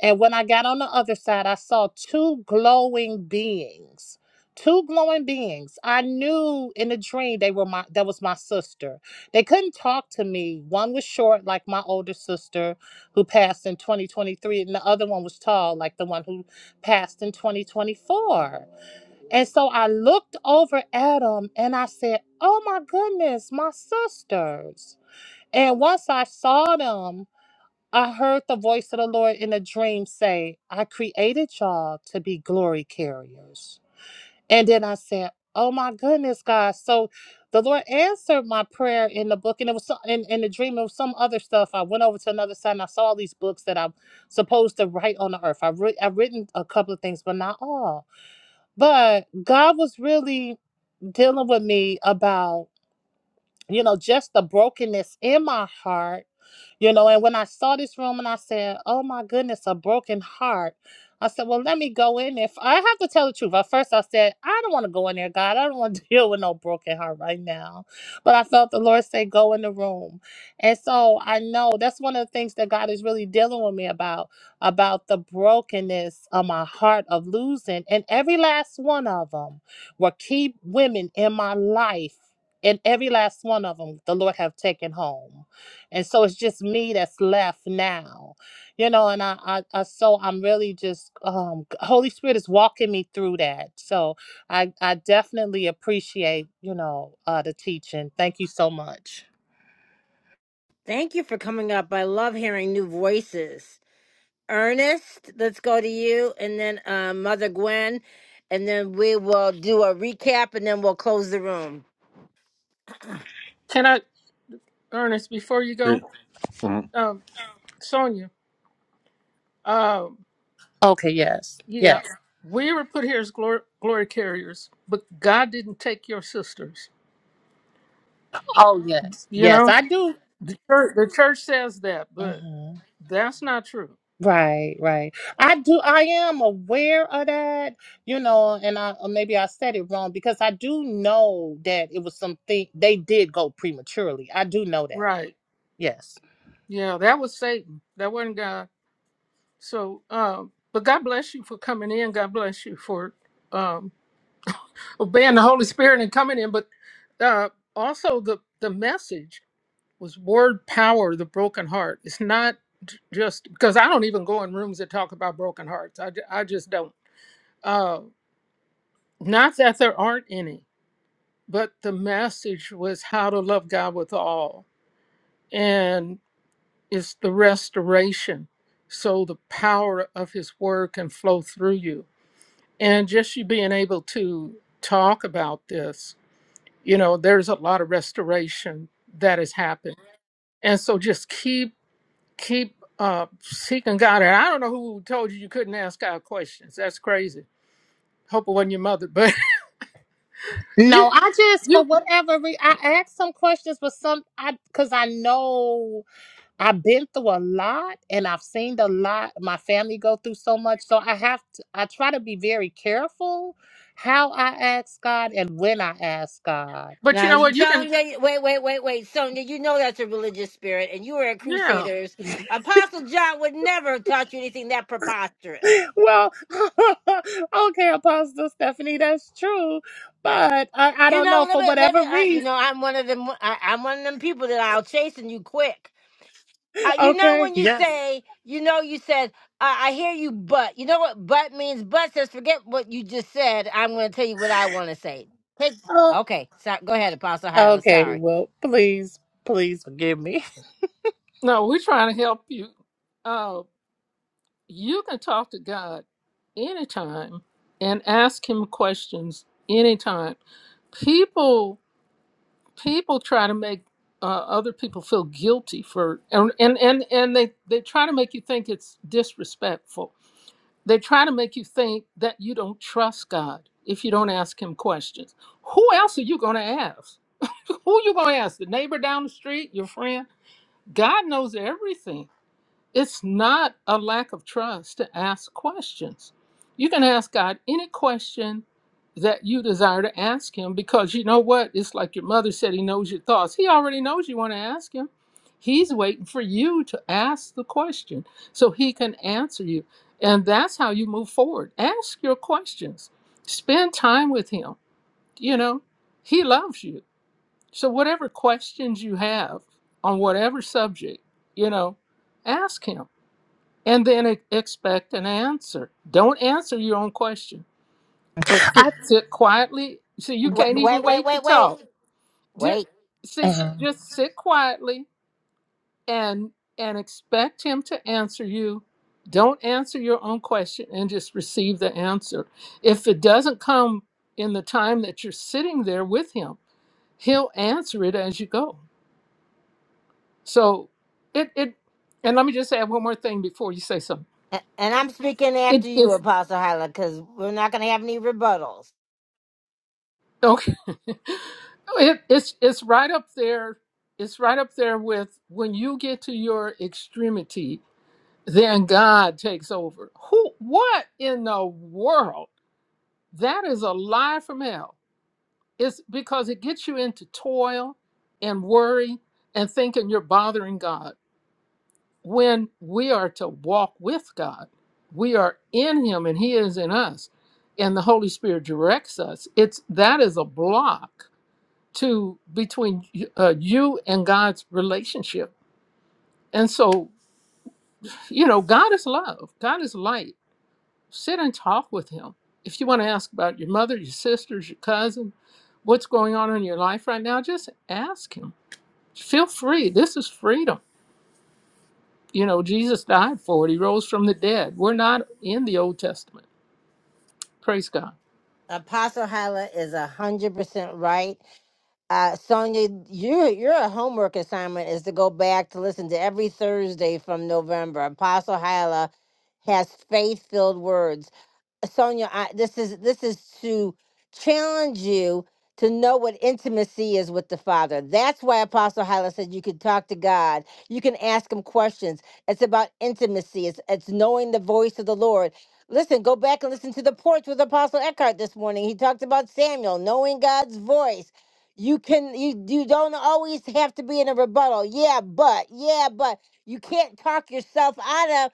[SPEAKER 12] and when I got on the other side, I saw two glowing beings. Two glowing beings. I knew in the dream they were my that was my sister. They couldn't talk to me. One was short like my older sister who passed in 2023 and the other one was tall like the one who passed in 2024. And so I looked over at them and I said, "Oh my goodness, my sisters." And once I saw them, I heard the voice of the Lord in a dream say, I created y'all to be glory carriers. And then I said, Oh my goodness, God. So the Lord answered my prayer in the book, and it was so- in, in the dream of some other stuff. I went over to another side and I saw all these books that I'm supposed to write on the earth. I've, writ I've written a couple of things, but not all. But God was really dealing with me about you know, just the brokenness in my heart, you know. And when I saw this room and I said, oh my goodness, a broken heart, I said, well, let me go in. If I have to tell the truth, at first I said, I don't want to go in there, God. I don't want to (laughs) deal with no broken heart right now. But I felt the Lord say, go in the room. And so I know that's one of the things that God is really dealing with me about, about the brokenness of my heart of losing. And every last one of them were key women in my life and every last one of them the lord have taken home and so it's just me that's left now you know and i, I, I so i'm really just um g- holy spirit is walking me through that so i i definitely appreciate you know uh the teaching thank you so much
[SPEAKER 1] Thank you for coming up. I love hearing new voices. Ernest, let's go to you, and then uh, Mother Gwen, and then we will do a recap, and then we'll close the room.
[SPEAKER 2] Can I, Ernest, before you
[SPEAKER 13] Re-
[SPEAKER 2] go?
[SPEAKER 13] mhm.
[SPEAKER 2] Um, Sonia, um,
[SPEAKER 12] okay yes
[SPEAKER 2] yeah,
[SPEAKER 12] yes
[SPEAKER 2] we were put here as glory, glory carriers, but God didn't take your sisters,
[SPEAKER 12] oh yes
[SPEAKER 2] you
[SPEAKER 12] yes
[SPEAKER 2] know?
[SPEAKER 12] i do
[SPEAKER 2] The church, the church says that, but
[SPEAKER 12] Mhm.
[SPEAKER 2] that's not true.
[SPEAKER 12] Right, right. I do. I am aware of that, you know, and I or maybe I said it wrong because I do know that it was something they did go prematurely. I do know that.
[SPEAKER 2] Right.
[SPEAKER 12] Yes.
[SPEAKER 2] Yeah, that was Satan. That wasn't God. So, um, but God bless you for coming in. God bless you for um, obeying the Holy Spirit and coming in. But uh, also, the, the message was word power, the broken heart. It's not j- just because I don't even go in rooms that talk about broken hearts. I, ju- I just don't. Uh, not that there aren't any, but the message was how to love God with all. is the restoration so the power of his word can flow through you and just you being able to talk about this you know there's a lot of restoration that has happened and so just keep keep uh seeking god and i don't know who told you you couldn't ask god questions that's crazy hope it wasn't your mother but (laughs)
[SPEAKER 12] No,
[SPEAKER 2] you
[SPEAKER 12] I just for
[SPEAKER 2] you
[SPEAKER 12] whatever re- I asked some questions, but some I because I know I've been through a lot and I've seen a lot. My family go through so much, so I have to. I try to be very careful how I ask God and when I ask God.
[SPEAKER 2] but you
[SPEAKER 1] Now,
[SPEAKER 2] know what you can
[SPEAKER 1] Sonia, wait, wait, wait, wait, Sonia, you know that's a religious spirit, and you were at
[SPEAKER 2] yeah
[SPEAKER 1] Crusaders. Apostle John would never have taught you anything that preposterous.
[SPEAKER 12] well, (laughs) okay, Apostle Stephanie, that's true, but I, I
[SPEAKER 1] You
[SPEAKER 12] don't
[SPEAKER 1] know,
[SPEAKER 12] know
[SPEAKER 1] let
[SPEAKER 12] for
[SPEAKER 1] me, let me.
[SPEAKER 12] whatever
[SPEAKER 1] I, you
[SPEAKER 12] reason.
[SPEAKER 1] know, I'm one of them. I, I'm one of them people that I'll chase and you quick. Uh, you know
[SPEAKER 12] Okay,
[SPEAKER 1] when you
[SPEAKER 12] yes.
[SPEAKER 1] say, you know, you said, uh, I hear you, but you know what but means? But says, forget what you just said. I'm going to tell you what I want to say. Take-
[SPEAKER 12] Uh,
[SPEAKER 1] okay, so, go ahead, Apostle Hyla.
[SPEAKER 12] okay,
[SPEAKER 1] Sorry.
[SPEAKER 12] well, please, please forgive me.
[SPEAKER 2] no we're trying to help you Uh, you can talk to God anytime and ask him questions anytime. People people try to make uh, other people feel guilty for and and and, and they, they try to make you think it's disrespectful. They try to make you think that you don't trust God if you don't ask him questions. Who else are you going to ask? Who you going to ask? The neighbor down the street, your friend? God knows everything it's not a lack of trust to ask questions. You can ask God any question that you desire to ask Him because you know what? It's like your mother said, He knows your thoughts. He already knows you want to ask Him. He's waiting for you to ask the question so He can answer you. And that's how you move forward. Ask your questions, spend time with Him. You know, He loves you. So, whatever questions you have on whatever subject, you know, ask Him and then e- expect an answer. Don't answer your own question, but sit,
[SPEAKER 12] I
[SPEAKER 2] sit quietly. See, you
[SPEAKER 1] Wait,
[SPEAKER 2] can't even
[SPEAKER 1] wait, wait,
[SPEAKER 2] wait to
[SPEAKER 1] wait, wait.
[SPEAKER 2] talk. Just,
[SPEAKER 1] Wait.
[SPEAKER 12] (laughs)
[SPEAKER 2] see,
[SPEAKER 12] uh,
[SPEAKER 2] just sit quietly and and expect him to answer you. Don't answer your own question and just receive the answer. If it doesn't come in the time that you're sitting there with him, he'll answer it as you go. So it it and let me just add one more thing before you say something.
[SPEAKER 1] A- And I'm speaking after
[SPEAKER 2] It
[SPEAKER 1] you,
[SPEAKER 2] is.
[SPEAKER 1] Apostle Hyla, because we're not going to have any rebuttals.
[SPEAKER 2] Okay. (laughs) It, it's it's right up there. It's right up there with when you get to your extremity, then God takes over. Who? What in the world? That is a lie from hell. It's because it gets you into toil and worry and thinking you're bothering God. When we are to walk with God, we are in Him and He is in us, and the Holy Spirit directs us. It's that is a block to between uh, you and God's relationship. And so, you know, God is love, God is light. Sit and talk with Him. If you want to ask about your mother, your sisters, your cousin, what's going on in your life right now, just ask Him. Feel free. This is freedom. You know, Jesus died for it, He rose from the dead. We're not in the Old Testament. Praise God.
[SPEAKER 1] Apostle Hyla is a hundred percent right. Uh, Sonia, your your homework assignment is to go back to listen to every Thursday from November. Apostle Hyla has faith filled words. Sonia, I, this is this is to challenge you to know what intimacy is with the Father. That's why Apostle Hyla said you can talk to God, you can ask Him questions. It's about intimacy. It's it's knowing the voice of the Lord. Listen, go back and listen to the porch with Apostle Eckhart this morning. He talked about Samuel knowing God's voice. You can you you don't always have to be in a rebuttal. Yeah, but yeah, but you can't talk yourself out of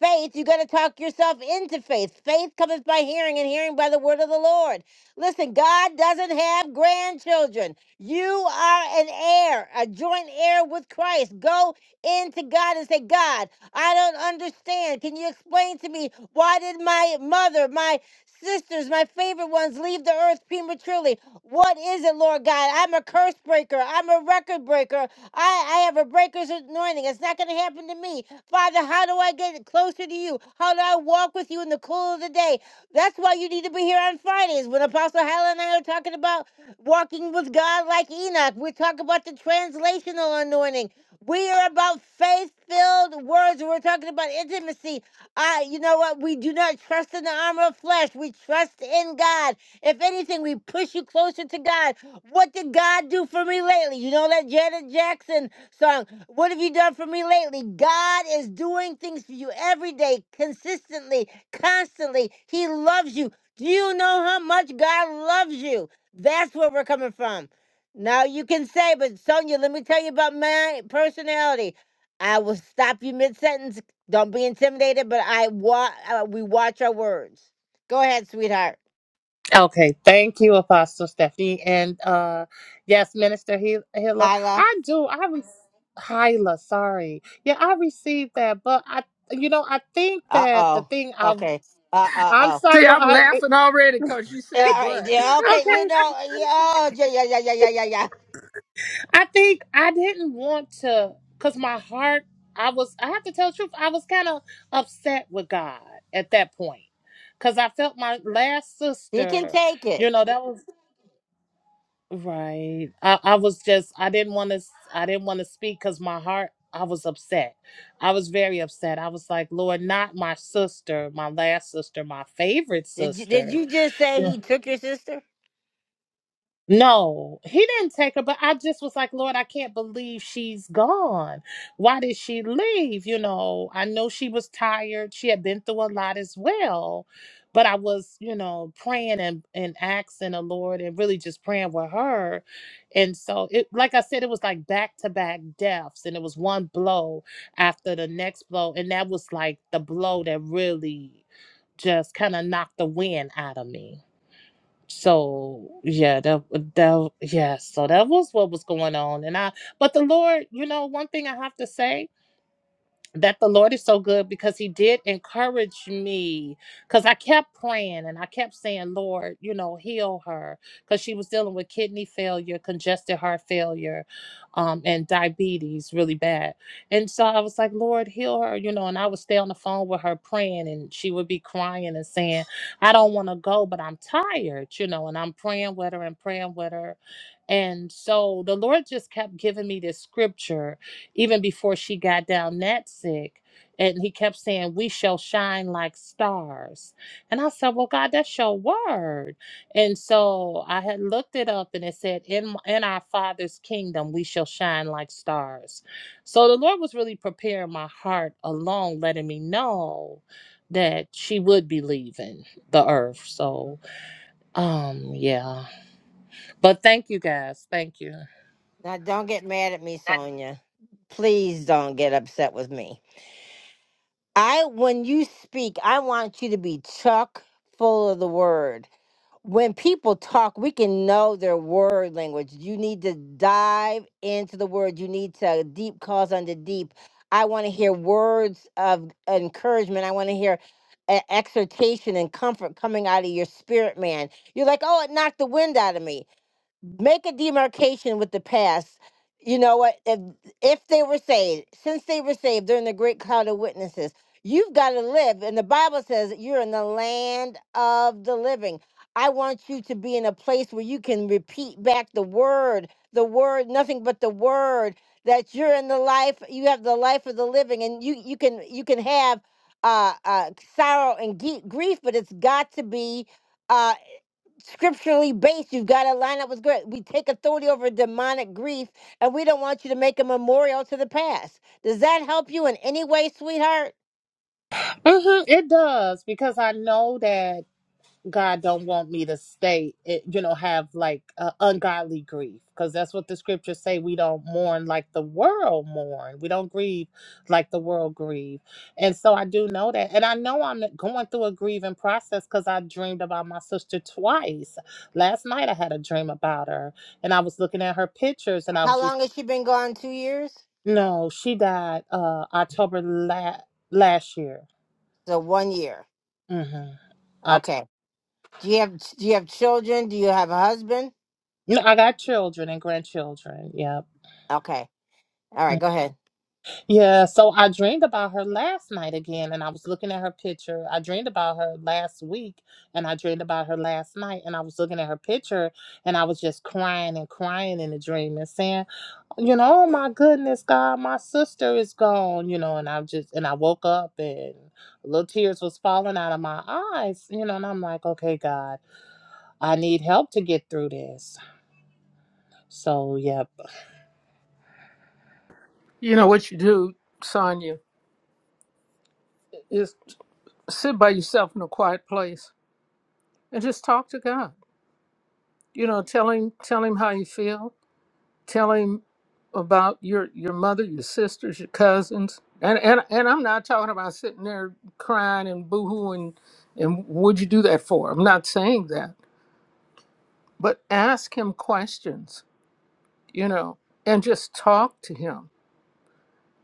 [SPEAKER 1] Faith, you got to talk yourself into faith. Faith cometh by hearing, and hearing by the word of the Lord. Listen, God doesn't have grandchildren. You are an heir, a joint heir with Christ. Go into God and say, God, I don't understand. Can you explain to me why did my mother, my sisters, my favorite ones leave the earth prematurely? What is it, Lord God? I'm a curse breaker. I'm a record breaker. I, I have a breaker's anointing. It's not going to happen to me. Father, how do I get closer to you? How do I walk with you in the cool of the day? That's why you need to be here on Fridays when Apostle Helen and I are talking about walking with God like Enoch. We're talking about the translational anointing. We are about faith-filled words. We're talking about intimacy. I, you know what? We do not trust in the armor of flesh. We trust in God. If anything, we push you closer to God. What did God do for me lately? You know that Janet Jackson song. What have you done for me lately? God is doing things for you every day, consistently, constantly. He loves you. Do you know how much God loves you? That's where we're coming from. Now you can say, but Sonia, let me tell you about my personality. I will stop you mid sentence. Don't be intimidated, but I wa- uh, we watch our words. Go ahead, sweetheart.
[SPEAKER 12] okay, thank you, Apostle Stephanie, and uh, yes, Minister Hil- Hilla,
[SPEAKER 1] Hyla.
[SPEAKER 12] I do. I re- Hyla, sorry, yeah, I received that, but I, you know, I think
[SPEAKER 1] Uh
[SPEAKER 12] that the
[SPEAKER 1] oh.
[SPEAKER 12] thing I,
[SPEAKER 1] Okay. Uh uh
[SPEAKER 12] I'm
[SPEAKER 1] oh.
[SPEAKER 12] sorry.
[SPEAKER 2] See,
[SPEAKER 12] Well,
[SPEAKER 2] I'm
[SPEAKER 12] I
[SPEAKER 2] laughing already because you
[SPEAKER 1] Yeah,
[SPEAKER 2] said,
[SPEAKER 1] all right.
[SPEAKER 2] but.
[SPEAKER 1] Yeah, okay. You
[SPEAKER 12] okay,
[SPEAKER 1] know. Yeah. Oh, yeah. Yeah. Yeah. Yeah. Yeah. Yeah.
[SPEAKER 12] I think I didn't want to, cause my heart. I was. I have to tell the truth. I was kind of upset with God at that point, cause I felt my last
[SPEAKER 1] He can
[SPEAKER 12] sister.
[SPEAKER 1] take it.
[SPEAKER 12] You know that was right. I, I was just. I didn't want to. I didn't want to speak, cause my heart. I was upset. I was very upset. I was like, Lord, not my sister, my last sister, my favorite
[SPEAKER 1] Did you did
[SPEAKER 12] sister.
[SPEAKER 1] you just say he took your sister?
[SPEAKER 12] No, he didn't take her, but I just was like, Lord, I can't believe she's gone. Why did she leave? You know, I know she was tired. She had been through a lot as well. But I was, you know, praying and, and asking the Lord and really just praying with her. And so it like I said, it was like back to back deaths. And it was one blow after the next blow. And that was like the blow that really just kind of knocked the wind out of me so yeah that that yeah so that was what was going on and i but the lord you know one thing i have to say that the Lord is so good because He did encourage me. Because I kept praying and I kept saying, Lord, you know, heal her. Because she was dealing with kidney failure, congested heart failure, um, and diabetes really bad. And so I was like, Lord, heal her, you know. And I would stay on the phone with her praying, and she would be crying and saying, I don't want to go, but I'm tired, you know. And I'm praying with her and praying with her. And so the Lord just kept giving me this scripture even before she got down that sick. And he kept saying, We shall shine like stars. And I said, Well, God, that's your word. And so I had looked it up and it said, In, in our Father's kingdom, we shall shine like stars. So the Lord was really preparing my heart along, letting me know that she would be leaving the earth. So, um, yeah. But thank you guys. Thank you.
[SPEAKER 1] Now don't get mad at me, Sonia. Please don't get upset with me. I when you speak, I want you to be chock full of the word. when people talk, we can know their word language. You need to dive into the word. You need to deep calls under deep. I want to hear words of encouragement. I want to hear e- exhortation and comfort coming out of your spirit, man. You're like, oh, it knocked the wind out of me make a demarcation with the past. You know what? If if they were saved, since they were saved, they're in the great cloud of witnesses. You've got to live, and the Bible says you're in the land of the living. I want you to be in a place where you can repeat back the word, the word, nothing but the word. That you're in the life, you have the life of the living, and you you can you can have uh, uh, sorrow and ge- grief, but it's got to be. Uh, scripturally based. You've got to line up with good. We take authority over demonic grief, and we don't want you to make a memorial to the past. Does that help you in any way, sweetheart?
[SPEAKER 12] hmm It does because I know that God don't want me to stay, it, you know, have like uh, ungodly grief, because that's what the scriptures say. We don't mourn like the world mourn. We don't grieve like the world grieve. And so I do know that, and I know I'm going through a grieving process because I dreamed about my sister twice. Last night I had a dream about her, and I was looking at her pictures, and I was
[SPEAKER 1] How
[SPEAKER 12] just,
[SPEAKER 1] long has she been gone? Two years?
[SPEAKER 12] no, she died uh October la- last year.
[SPEAKER 1] So one year.
[SPEAKER 12] Mm-hmm. October.
[SPEAKER 1] Okay. Do you have do you have children? Do you have a husband?
[SPEAKER 12] No, I got children and grandchildren. Yep.
[SPEAKER 1] Okay. All right. Go ahead.
[SPEAKER 12] Yeah, so I dreamed about her last night again, and I was looking at her picture. I dreamed about her last week, and I dreamed about her last night, and I was looking at her picture, and I was just crying and crying in the dream and saying, you know, oh my goodness, God, my sister is gone, you know, and I just and I woke up and little tears was falling out of my eyes, you know, and I'm like, okay, God, I need help to get through this. So, yep.
[SPEAKER 2] You know what you do, Sonia, is sit by yourself in a quiet place and just talk to God. You know, tell him tell him how you feel. Tell him about your your mother, your sisters, your cousins. And and and I'm not talking about sitting there crying and boohooing and would you do that for? I'm not saying that. But ask him questions, you know, and just talk to him.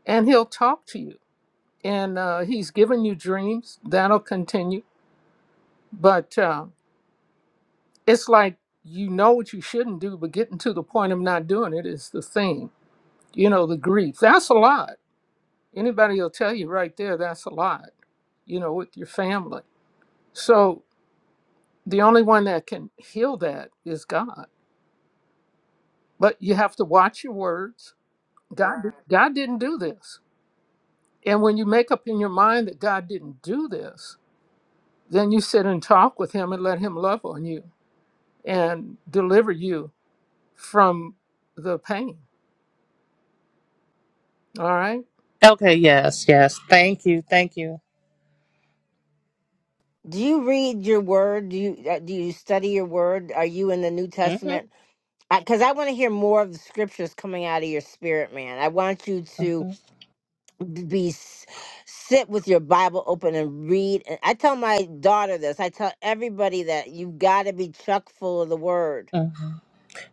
[SPEAKER 2] And he'll talk to you. And uh, he's given you dreams. That'll continue. But uh, it's like you know what you shouldn't do, but getting to the point of not doing it is the thing you know the grief that's a lot anybody will tell you right there that's a lot you know with your family so the only one that can heal that is god but you have to watch your words god Right. god didn't do this and when you make up in your mind that god didn't do this then you sit and talk with him and let him love on you and deliver you from the pain all right
[SPEAKER 12] Okay, yes, yes. Thank you, thank you.
[SPEAKER 1] Do you read your word? Do you uh, do you study your word? Are you in the New
[SPEAKER 12] Mm-hmm,
[SPEAKER 1] Testament? Because I want to hear more of the scriptures coming out of your spirit, man. I want you to
[SPEAKER 12] mm-hmm,
[SPEAKER 1] b- be s- sit with your bible open and read and i tell my daughter this i tell everybody that you've got to be chuck full of the word
[SPEAKER 12] mm-hmm.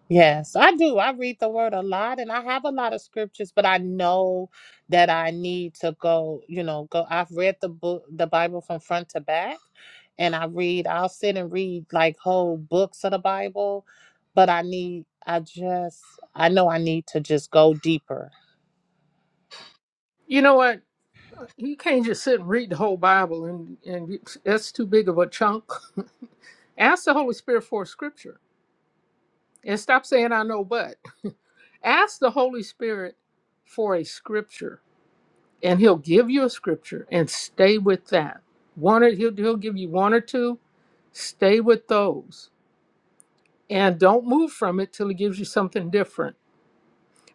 [SPEAKER 12] Yes, I do. I read the word a lot and I have a lot of scriptures, but I know that I need to go, you know, go I've read the book the Bible from front to back and I read I'll sit and read like whole books of the Bible, but I need I just I know I need to just go deeper.
[SPEAKER 2] you know what you can't just sit and read the whole bible and and you- that's too big of a chunk (laughs) Ask the Holy Spirit for a scripture and stop saying, I know but. Ask the Holy Spirit for a scripture and he'll give you a scripture and stay with that. One or he'll, he'll give you one or two, stay with those and don't move from it till he gives you something different.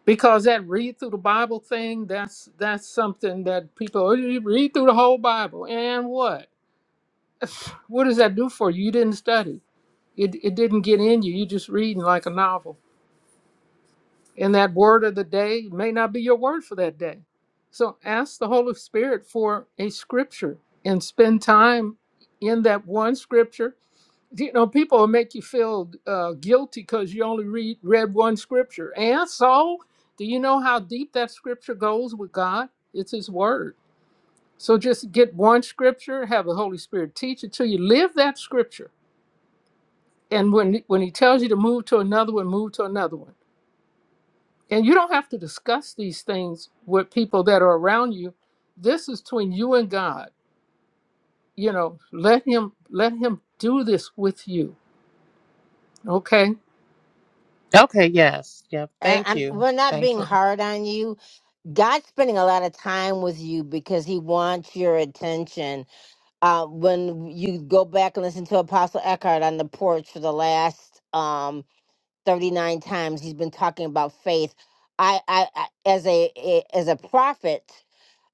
[SPEAKER 2] Because that read through the Bible thing, that's that's something that people "Oh, you read through the whole Bible and what? What does that do for you? You didn't study. It, it didn't get in you. You're just reading like a novel. And that word of the day may not be your word for that day. So ask the Holy Spirit for a scripture and spend time in that one scripture. You know, people will make you feel uh, guilty because you only read read one scripture. And so, do you know how deep that scripture goes with God? It's His Word. So just get one scripture, have the Holy Spirit teach it to you, live that scripture. And when when He tells you to move to another one, move to another one And you don't have to discuss these things with people that are around you. This is between you and God. You know, let him let him do this with you. Okay.
[SPEAKER 12] Okay, yes. Yep.
[SPEAKER 1] and
[SPEAKER 12] Thank
[SPEAKER 1] I'm,
[SPEAKER 12] you.
[SPEAKER 1] we're not
[SPEAKER 12] Thank
[SPEAKER 1] being
[SPEAKER 12] you.
[SPEAKER 1] hard on you god's spending a lot of time with you because he wants your attention uh, when you go back and listen to apostle eckhart on the porch for the last um, 39 times he's been talking about faith i, I, I as a, a as a prophet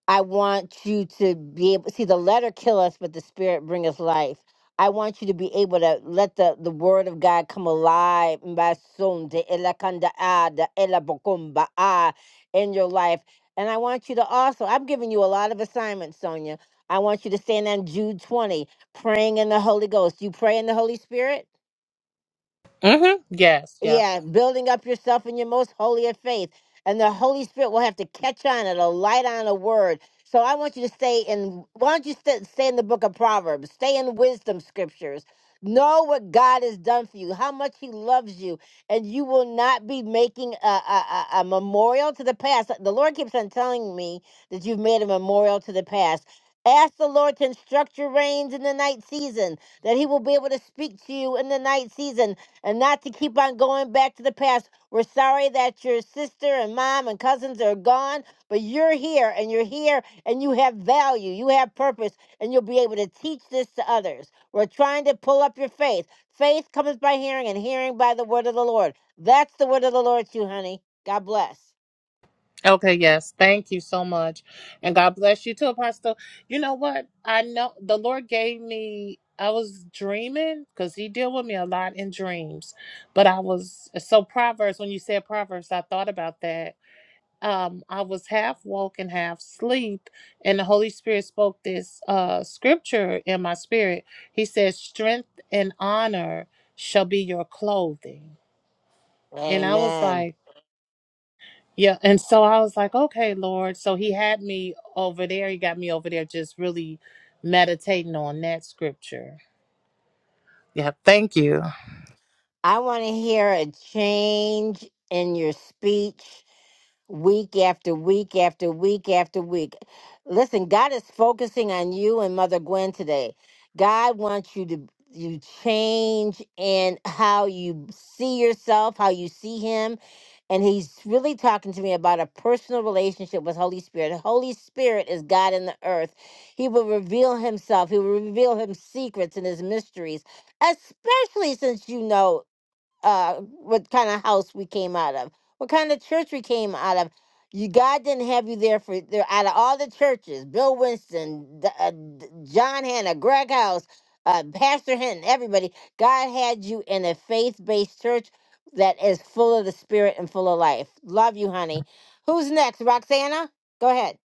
[SPEAKER 1] I want you to be able see the letter kill us, but the spirit bring us life. I want you to be able to let the, the word of God come alive Mbasunde, elakanda ada, elabokumba ah, in your life. And I want you to also, I'm giving you a lot of assignments, Sonia. I want you to stand on Jude 20, praying in the Holy Ghost. You pray in the Holy Spirit?
[SPEAKER 12] Mhm. Yes, Yep.
[SPEAKER 1] Yeah, building up yourself in your most holy of faith. And the Holy Spirit will have to catch on it, a light on a word. So I want you to stay in, why don't you st- stay in the book of Proverbs? Stay in wisdom scriptures. Know what God has done for you, how much He loves you, and you will not be making a, a, a a memorial to the past. The Lord keeps on telling me that you've made a memorial to the past. Ask the Lord to instruct your reins in the night season, that He will be able to speak to you in the night season and not to keep on going back to the past. We're sorry that your sister and mom and cousins are gone, but you're here and you're here and you have value, you have purpose, and you'll be able to teach this to others. We're trying to pull up your faith. Faith comes by hearing, and hearing by the word of the Lord. That's the word of the Lord, to you, honey. God bless.
[SPEAKER 12] Okay, yes. Thank you so much. And God bless you too, Apostle. You know what? I know the Lord gave me, I was dreaming because He deal with me a lot in dreams. But I was, so Proverbs, when you said Proverbs, I thought about that. Um, I was half woke and half sleep, and the Holy Spirit spoke this uh scripture in my spirit. He said, Strength and honor shall be your clothing. And I was
[SPEAKER 1] Amen.
[SPEAKER 12] like, yeah, and so I was like, okay, Lord. So he had me over there. He got me over there just really meditating on that scripture. Yeah, thank you.
[SPEAKER 1] I want to hear a change in your speech week after week after week after week. Listen, God is focusing on you and Mother Gwen today. God wants you to you change in how you see yourself, how you see him. And he's really talking to me about a personal relationship with Holy Spirit. Holy Spirit is God in the earth. He will reveal himself. He will reveal him secrets and his mysteries, especially since you know uh what kind of house we came out of, what kind of church we came out of. You God didn't have you there for there out of all the churches. Bill Winston, D- uh, D- John Hanna, Greg House, uh, Pastor Hinton, everybody. God had you in a faith-based church that is full of the Spirit and full of life. Love you, honey. Who's next, Roxana? Go ahead.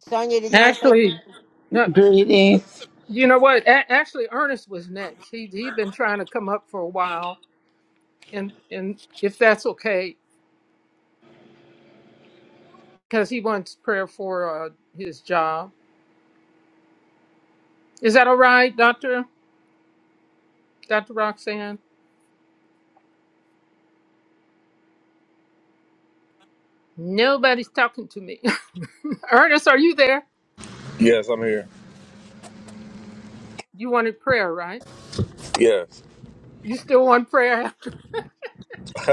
[SPEAKER 1] Sonia, did you want to say?
[SPEAKER 2] Actually, no,
[SPEAKER 14] Greetings.
[SPEAKER 2] you know what? A- actually, Ernest was next. He he'd been trying to come up for a while, and and if that's okay, because he wants prayer for uh, his job. Is that all right, Doctor Doctor Roxanne? Nobody's talking to me. (laughs) Ernest, are you there?
[SPEAKER 13] Yes, I'm here.
[SPEAKER 2] You wanted prayer, right?
[SPEAKER 13] Yes.
[SPEAKER 2] You still want prayer?
[SPEAKER 13] (laughs)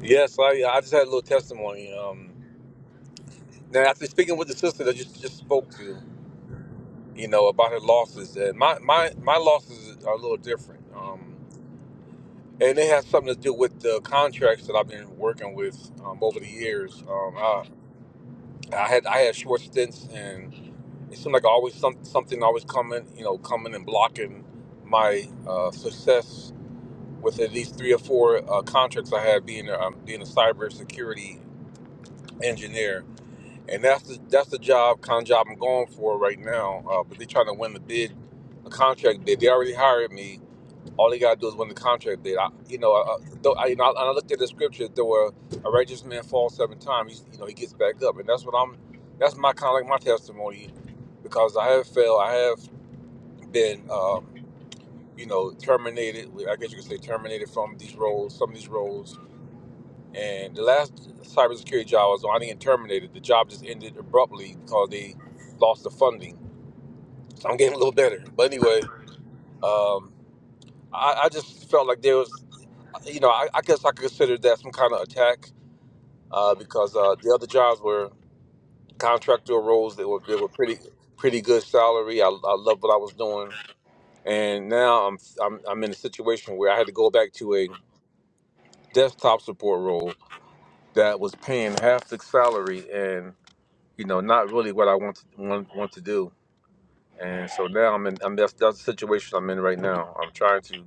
[SPEAKER 13] yes, I I just had a little testimony. Um now after speaking with the sister that you just spoke to, you know, about her losses and my my, my losses are a little different. Um and it has something to do with the contracts that I've been working with um, over the years. Um, I, I had I had short stints, and it seemed like always some, something always coming, you know, coming and blocking my uh, success with at least three or four uh, contracts I had being um, being a cybersecurity engineer, and that's the that's the job kind of job I'm going for right now. Uh, but they're trying to win the bid, a contract bid. They already hired me. All they gotta do is win the contract bid. I, you know, I, though I, you know, and I looked at the scripture. Though a, a righteous man falls seven times, he's, you know, he gets back up, and that's what I'm. That's my kind of like my testimony, because I have failed. I have been, um, you know, terminated. I guess you could say terminated from these roles, some of these roles And the last cybersecurity job I was on, I didn't get terminated. The job just ended abruptly because they lost the funding. So I'm getting a little better. But anyway, um, I, I just felt like there was, you know, I, I guess I could consider that some kind of attack uh, because uh, the other jobs were contractor roles. They were they were pretty pretty good salary. I, I loved what I was doing, and now I'm, I'm I'm in a situation where I had to go back to a desktop support role that was paying half the salary and. you know, not really what I want to want, want to do. And so now I'm in. I'm that's, that's the situation I'm in right now. I'm trying to.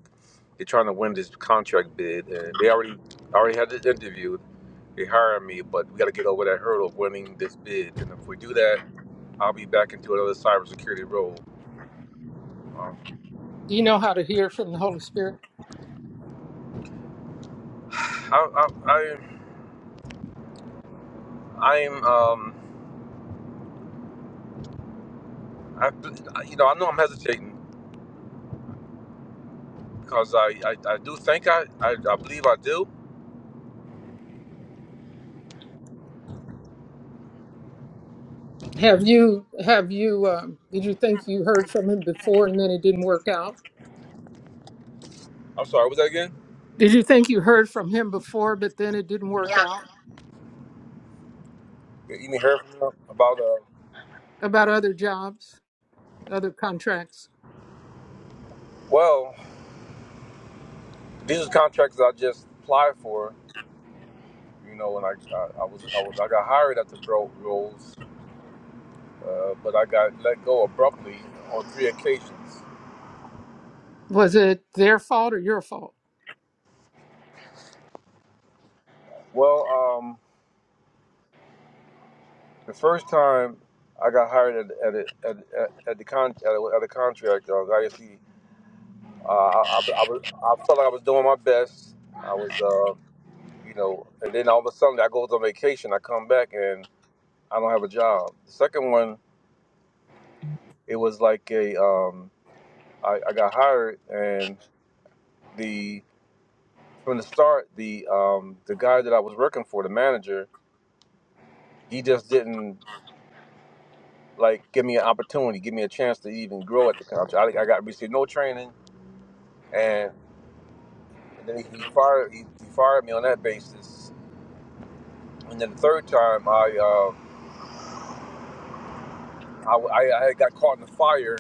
[SPEAKER 13] They're trying to win this contract bid, and they already already had this interview. They hired me, but we got to get over that hurdle of winning this bid. And if we do that, I'll be back into another cybersecurity role. Um,
[SPEAKER 2] Do you know how to hear from the Holy Spirit?
[SPEAKER 13] (sighs) I, I, I, I'm, um, I, you know, I know I'm hesitating because I, I, I do think I, I, I believe I do.
[SPEAKER 2] Have you have you um, did you think you heard from him before and then it didn't work out?
[SPEAKER 13] I'm sorry. What Was that again?
[SPEAKER 2] Did you think you heard from him before but then it didn't work out
[SPEAKER 13] You mean to hear about uh,
[SPEAKER 2] about other jobs, other contracts?
[SPEAKER 13] well. These are contracts I just applied for. You know, when I I, I was I was I got hired at the bro roles, uh, but I got let go abruptly on three occasions.
[SPEAKER 2] Was it their fault or your fault?
[SPEAKER 13] Well, um, the first time I got hired at at at, at, at the con at, a- at a contract uh, ISC, uh, I, I, I was I felt like I was doing my best. I was, uh, you know, and then all of a sudden I go on vacation. I come back and I don't have a job. The second one, it was like a um, I, I got hired and the from the start the um the guy that I was working for, the manager, he just didn't like give me an opportunity, give me a chance to even grow at the company. I, I got received no training, and, and then he fired he, he fired me on that basis. And then the third time, I uh, I, I I had got caught in a fire.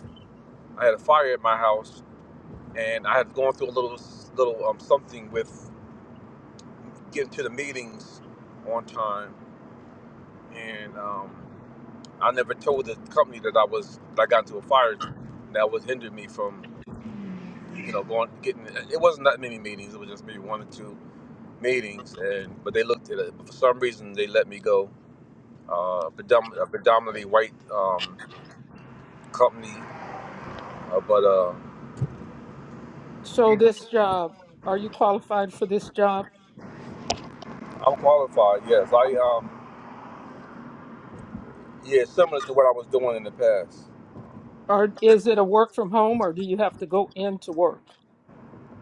[SPEAKER 13] I had a fire at my house, and I had gone through a little little um something with getting to the meetings on time, and um. I never told the company that I was that I got into a fire that was hindered me from, you know, going getting. It wasn't that many meetings. It was just maybe one or two meetings, and but they looked at it. But for some reason, they let me go. Uh, predom- a predominantly white um, company, uh, but uh,
[SPEAKER 2] So
[SPEAKER 13] I'm
[SPEAKER 2] this job, are you qualified for this job?
[SPEAKER 13] qualified. Yes, I um, yeah, similar to what I was doing in the past.
[SPEAKER 2] Or is it a work from home or do you have to go into work?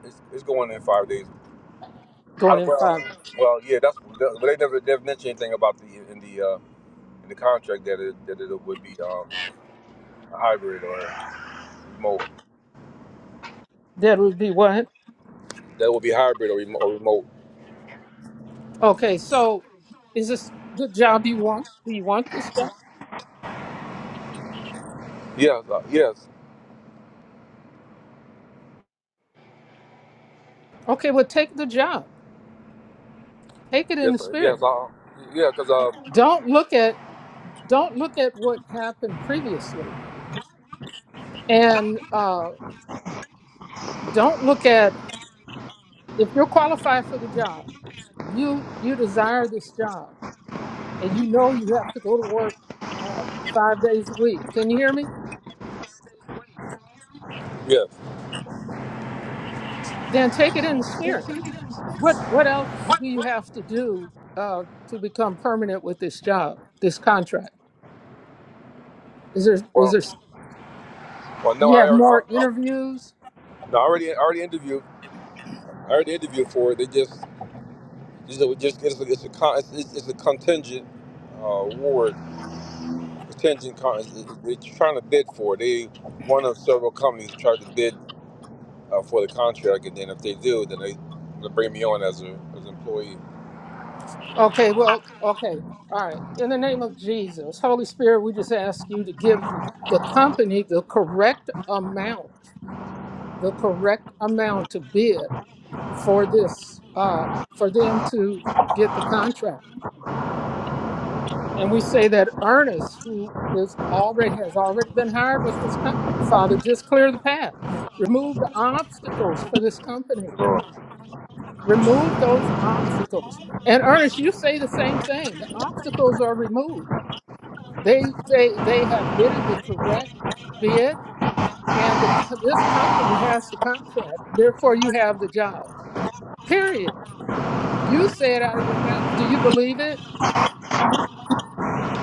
[SPEAKER 13] It's, it's going in five days.
[SPEAKER 2] Going
[SPEAKER 13] I,
[SPEAKER 2] in
[SPEAKER 13] well,
[SPEAKER 2] five.
[SPEAKER 13] well, yeah, that's. But they never they never mentioned anything about the in the uh, in the contract that it that it would be. um, hybrid or remote.
[SPEAKER 2] That would be what?
[SPEAKER 13] That would be hybrid or remote. Or remote.
[SPEAKER 2] Okay, so is this the job you want? Do you want this job?
[SPEAKER 13] Yes, uh, yes,
[SPEAKER 2] Okay, well take the job. Take it in the
[SPEAKER 13] yes, sir. yes.
[SPEAKER 2] spirit.
[SPEAKER 13] Uh, yeah, because uh,
[SPEAKER 2] Don't look at don't look at what happened previously, and uh, don't look at if you're qualified for the job. You you desire this job, and you know you have to go to work uh, five days a week. Can you hear me?
[SPEAKER 13] yes.
[SPEAKER 2] Then take it in the spirit. What what else do you have to do uh, to become permanent with this job, this contract? Is there is
[SPEAKER 13] Well,
[SPEAKER 2] there
[SPEAKER 13] well, no,
[SPEAKER 2] do you
[SPEAKER 13] I,
[SPEAKER 2] have
[SPEAKER 13] I,
[SPEAKER 2] more
[SPEAKER 13] I
[SPEAKER 2] interviews?
[SPEAKER 13] no, I already, I already interviewed. I already interviewed for it. They just, just, it was just it's, a, it's a, con, it's, it's it's a contingent uh, award. Contingent, con, it's- it's- they're trying to bid for it. They one of several companies tried to bid uh, for the contract, and then if they do, then they they bring me on as a as an employee.
[SPEAKER 2] Okay, well, okay. All right. In the name of Jesus, Holy Spirit, we just ask you to give the company the correct amount, the correct amount to bid for this, um, for them to get the contract. And we say that Ernest, who is already has already been hired with this company, Father, just clear the path. Remove the obstacles for this company.
[SPEAKER 13] Sure.
[SPEAKER 2] Remove those obstacles. And Ernest, you say the same thing. The obstacles are removed They they they have bidded the correct bid, and the, co- this company has the contract. Therefore, you have the job. Period. You say it out of your mouth. Do you believe it?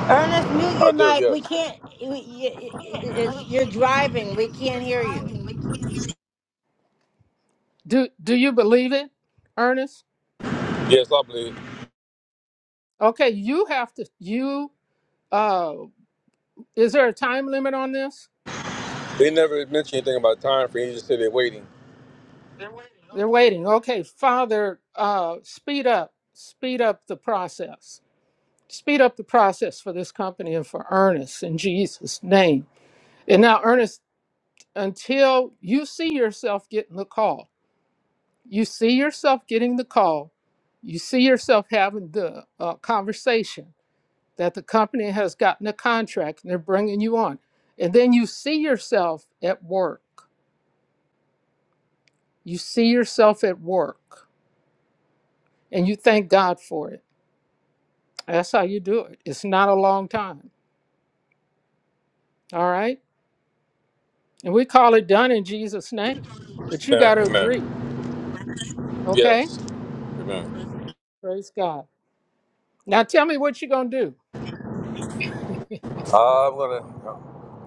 [SPEAKER 1] Ernest, mute
[SPEAKER 13] I
[SPEAKER 1] your
[SPEAKER 13] do,
[SPEAKER 1] mic. We
[SPEAKER 13] yes.
[SPEAKER 1] can't. y- y- y- y- It's, you're driving. We can't hear you.
[SPEAKER 2] Do Do you believe it, Ernest?
[SPEAKER 13] Yes, I believe.
[SPEAKER 2] Okay, you have to. You uh, is there a time limit on this?
[SPEAKER 13] They never mentioned anything about time frame. He just said they're waiting.
[SPEAKER 2] They're waiting. Okay, Father, uh, speed up, speed up the process. Speed up the process for this company and for Ernest in Jesus' name. And now, Ernest. until you see yourself getting the call. You see yourself getting the call. You see yourself having the uh, conversation that the company has gotten a contract and they're bringing you on. And then you see yourself at work. You see yourself at work and you thank God for it. That's how you do it. It's not a long time. All right. And we call it done in Jesus' name. But you
[SPEAKER 13] Amen.
[SPEAKER 2] got to agree.
[SPEAKER 13] Amen.
[SPEAKER 2] Okay.
[SPEAKER 13] Yes. Amen.
[SPEAKER 2] Praise God. Now tell me what you're going to do.
[SPEAKER 13] I'm gonna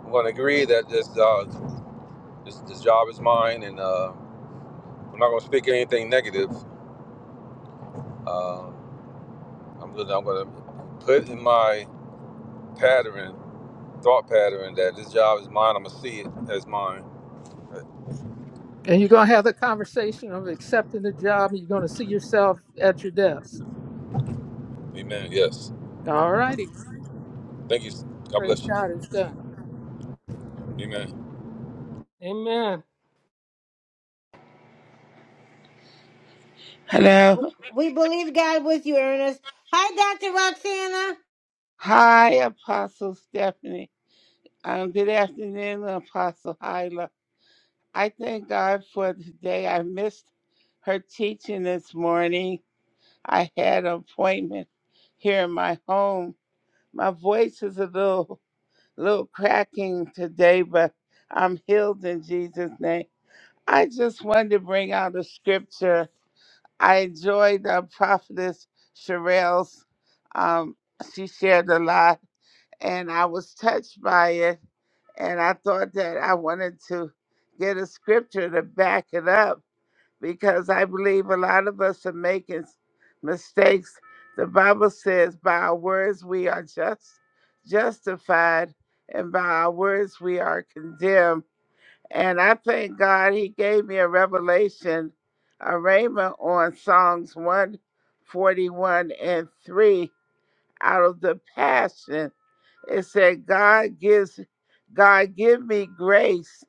[SPEAKER 13] I'm gonna agree that this uh, this, this job is mine, and uh, I'm not gonna speak anything negative. Uh, I'm gonna I'm gonna put in my pattern, thought pattern, that this job is mine. I'm gonna see it as mine.
[SPEAKER 2] And you're going to have the conversation of accepting the job and you're going to see yourself at your desk.
[SPEAKER 13] Amen. Yes.
[SPEAKER 2] All righty.
[SPEAKER 13] Thank you. God
[SPEAKER 2] Praise
[SPEAKER 13] bless you.
[SPEAKER 2] God. It's done.
[SPEAKER 13] Amen.
[SPEAKER 2] Amen.
[SPEAKER 14] Hello.
[SPEAKER 1] We believe God with you, Ernest. Hi, Dr. Roxana.
[SPEAKER 14] Hi, Apostle Stephanie. Um, good afternoon, Apostle Hyla. I thank God for today. I missed her teaching this morning. I had an appointment here in my home. My voice is a little, little cracking today, but I'm healed in Jesus' name. I just wanted to bring out a scripture. I enjoyed uh, Prophetess Sherelle's. Um, she shared a lot and I was touched by it. And I thought that I wanted to get a scripture to back it up because I believe a lot of us are making s- mistakes. The Bible says, by our words we are just justified, and by our words we are condemned. And I thank God He gave me a revelation, a rhema on Psalms 141 and 3 out of the passion. It said, God gives, God give me grace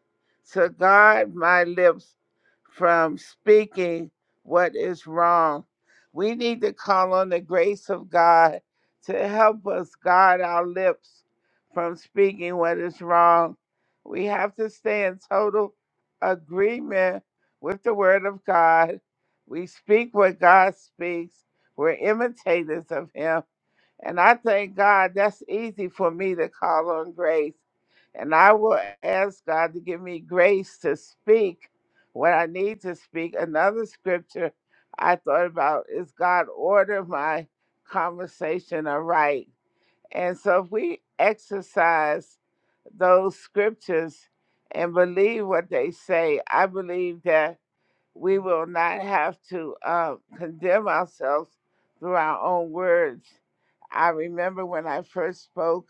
[SPEAKER 14] to guard my lips from speaking what is wrong. We need to call on the grace of God to help us guard our lips from speaking what is wrong. We have to stay in total agreement with the Word of God. We speak what God speaks. We're imitators of Him and I thank God that's easy for me to call on grace. And I will ask God to give me grace to speak when I need to speak. Another scripture I thought about is God order my conversation aright. And so if we exercise those scriptures and believe what they say, I believe that we will not have to uh, condemn ourselves through our own words. I remember when I first spoke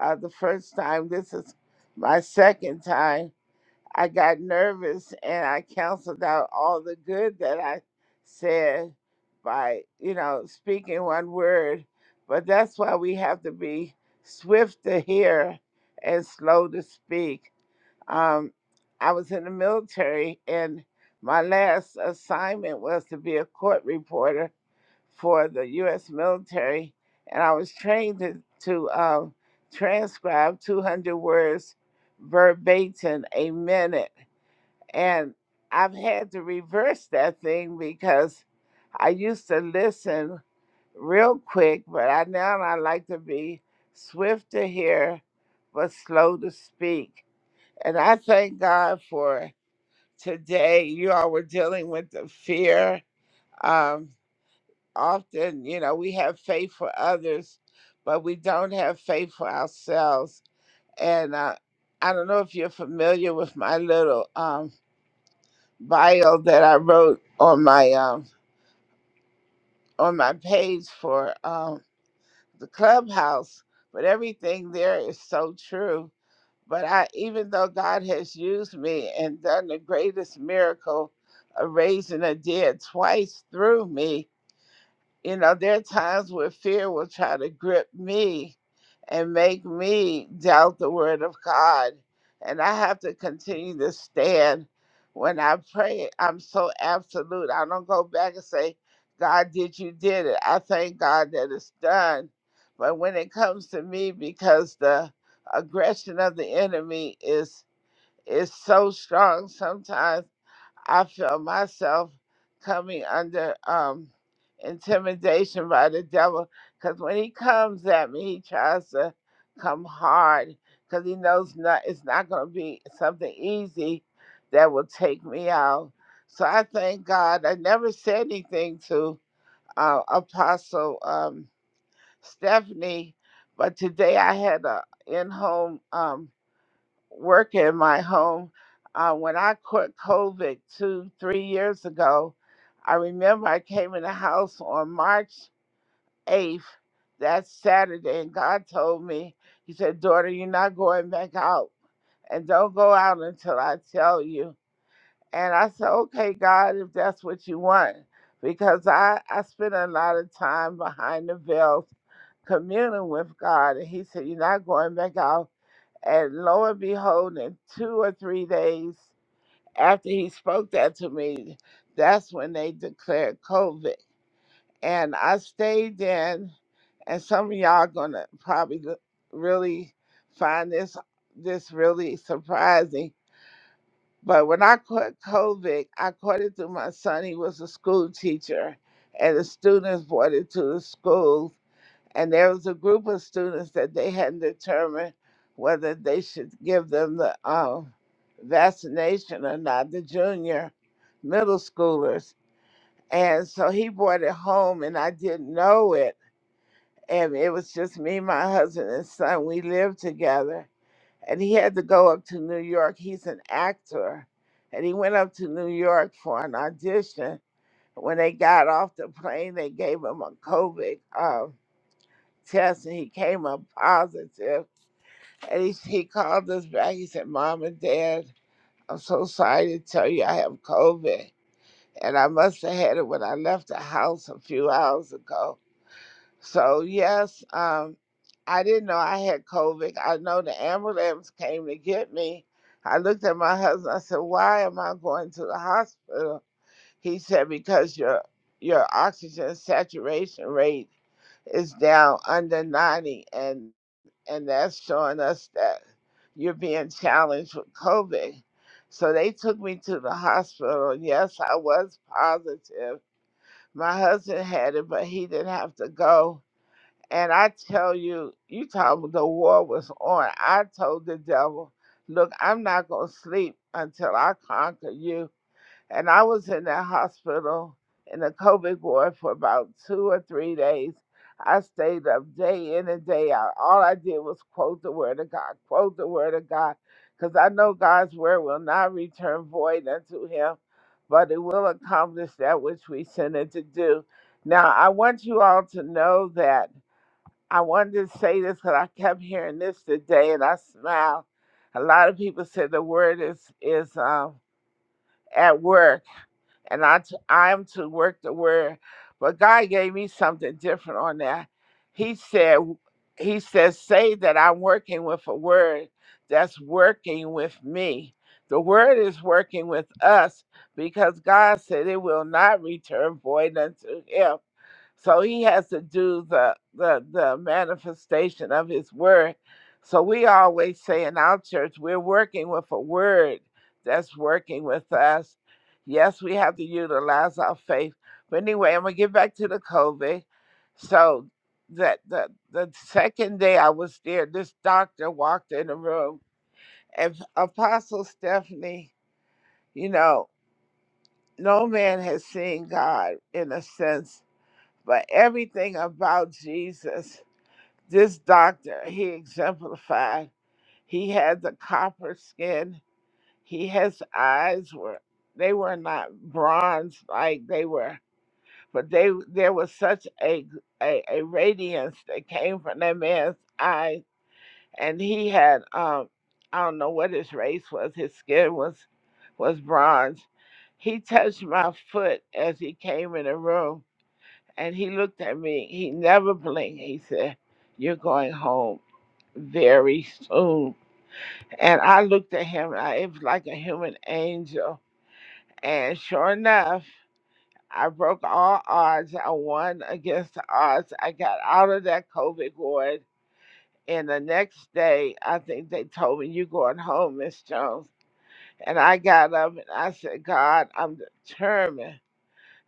[SPEAKER 14] uh, the first time, this is my second time, I got nervous and I canceled out all the good that I said by, you know, speaking one word. But that's why we have to be swift to hear and slow to speak. Um, I was in the military, and my last assignment was to be a court reporter for the U.S. military, and I was trained to, to um, transcribe 200 words verbatim a minute. And I've had to reverse that thing because I used to listen real quick, but I now I like to be swift to hear but slow to speak. And I thank God for today. You all were dealing with the fear. Um, often, you know, we have faith for others, but we don't have faith for ourselves. And uh, I don't know if you're familiar with my little um, bio that I wrote on my um, on my page for um, the clubhouse, but everything there is so true. But I, even though God has used me and done the greatest miracle of raising a dead twice through me, you know, there are times where fear will try to grip me and make me doubt the word of God. And I have to continue to stand. When I pray, I'm so absolute. I don't go back and say, God did you did it. I thank God that it's done. But when it comes to me, because the aggression of the enemy is is so strong sometimes I feel myself coming under um, intimidation by the devil because when he comes at me, he tries to come hard because he knows not, it's not going to be something easy that will take me out. So I thank God. I never said anything to uh, Apostle um, Stephanie, but today I had a in-home. Um, work in my home. Uh, when I caught COVID two, three years ago, I remember I came in the house on March 8th, that Saturday, and God told me, He said, Daughter, you're not going back out, and don't go out until I tell you. And I said, Okay, God, if that's what you want, because I, I spent a lot of time behind the veil communing with God, and He said, You're not going back out and lo and behold, in two or three days after he spoke that to me, that's when they declared COVID. And I stayed in, and some of y'all are gonna probably l- really find this this really surprising. But when I caught COVID, I caught it through my son. He was a school teacher, and the students brought it to the school and there was a group of students that they hadn't determined whether they should give them the um, vaccination or not, the junior middle schoolers. And so he brought it home, and I didn't know it. And it was just me, my husband, and son. We lived together. And he had to go up to New York. He's an actor. And he went up to New York for an audition. When they got off the plane, they gave him a COVID. um, test and he came up positive. And he, he called us back. He said, Mom and Dad, I'm so sorry to tell you I have COVID. And I must have had it when I left the house a few hours ago. So, yes, um, I didn't know I had COVID. I know the ambulance came to get me. I looked at my husband. I said, Why am I going to the hospital? He said, Because your, your oxygen saturation rate is down under 90. And and that's showing us that you're being challenged with COVID. So they took me to the hospital. Yes, I was positive. My husband had it, but he didn't have to go. And I tell you, you told me the war was on. I told the devil, look, I'm not going to sleep until I conquer you and I was in that hospital in the COVID ward for about two or three days. I stayed up day in and day out. All I did was quote the word of God, quote the word of God, because I know God's word will not return void unto him, but it will accomplish that which we sent it to do. Now, I want you all to know that I wanted to say this because I kept hearing this today and I smiled. A lot of people said the word is, is um, at work and I t- I am to work the word. But God gave me something different on that. He said, He says, say that I'm working with a word that's working with me. The word is working with us because God said it will not return void unto Him. So he has to do the the the manifestation of his word. So we always say in our church, we're working with a word that's working with us. Yes, we have to utilize our faith. But anyway, I'm gonna get back to the COVID. So that the the second day I was there, this doctor walked in the room and Apostle Stephanie, you know, no man has seen God in a sense but everything about Jesus, this doctor, he exemplified. He had the copper skin. He his eyes were they were not bronze like they were, but they there was such a a, a radiance that came from that man's eyes, and he had um I don't know what his race was. His skin was was bronze. He touched my foot as he came in the room and he looked at me. He never blinked. He said, You're going home very soon. And I looked at him. And I, it was like a human angel. And sure enough, I broke all odds. I won against the odds. I got out of that COVID ward. And the next day, I think they told me, You're going home, Miss Jones. And I got up and I said, God, I'm determined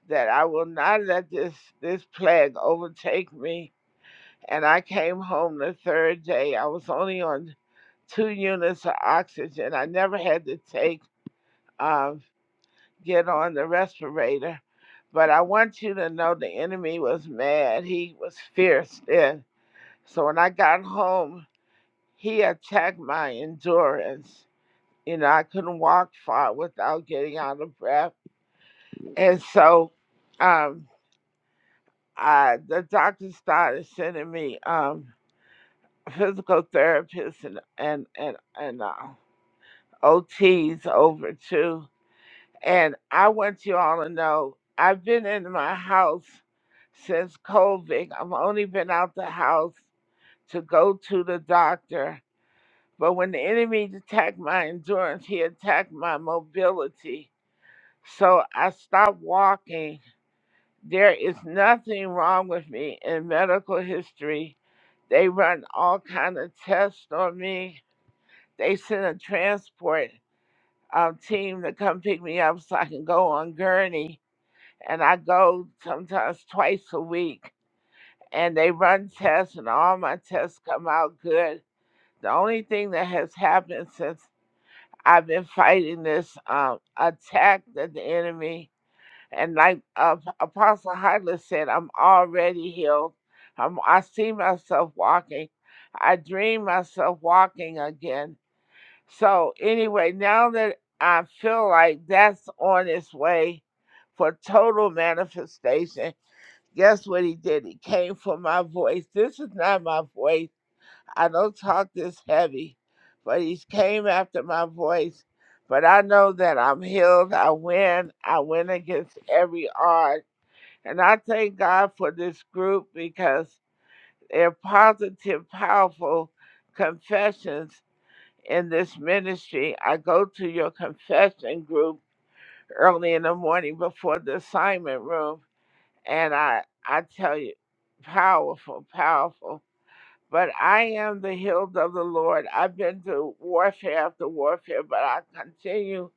[SPEAKER 14] that I will not let this, this plague overtake me and I came home the third day. I was only on two units of oxygen. I never had to take um, get on the respirator. But I want you to know the enemy was mad. He was fierce then. So when I got home, he attacked my endurance. You know, I couldn't walk far without getting out of breath. And so um, I, the doctor started sending me. Um, physical therapists and and and and uh, OTs over too. And I want you all to know I've been in my house since COVID. I've only been out the house to go to the doctor. But when the enemy attacked my endurance, he attacked my mobility. So I stopped walking. There is nothing wrong with me in medical history. They run all kind of tests on me They sent a transport um, team to come pick me up so I can go on gurney. And I go sometimes twice a week. And they run tests, and all my tests come out good. The only thing that has happened since I've been fighting this um, attack that the enemy, and like uh, Apostle Heidler said, I'm already healed. i I see myself walking. I dream myself walking again. So anyway, now that I feel like that's on its way for total manifestation, guess what he did? He came for my voice. This is not my voice. I don't talk this heavy, but he came after my voice. But I know that I'm healed. I win. I win against every odds. And I thank God for this group because they're positive, powerful confessions in this ministry. I go to your confession group early in the morning before the assignment room, and I I tell you, powerful, powerful. But I am the healed of the Lord. I've been to warfare after warfare, but I continue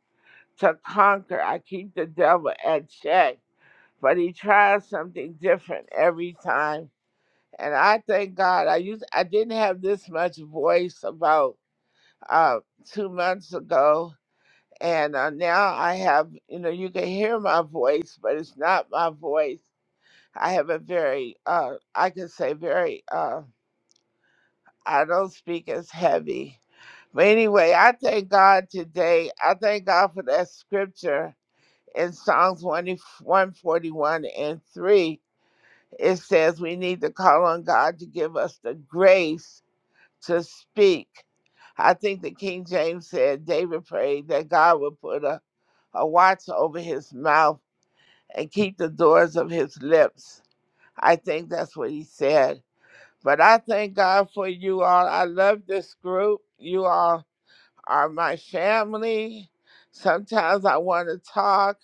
[SPEAKER 14] to conquer. I keep the devil at check, but he tries something different every time. And I thank God. I used I didn't have this much voice about uh, two months ago, and uh, now I have, you know, you can hear my voice, but it's not my voice. I have a very, uh, I can say very, uh, I don't speak as heavy. But anyway, I thank God today. I thank God for that scripture in Psalms 20 141 and 3. It says we need to call on God to give us the grace to speak. I think the King James said, David prayed that God would put a, a watch over his mouth and keep the doors of his lips. I think that's what he said. But I thank God for you all. I love this group. You all are my family. Sometimes I want to talk.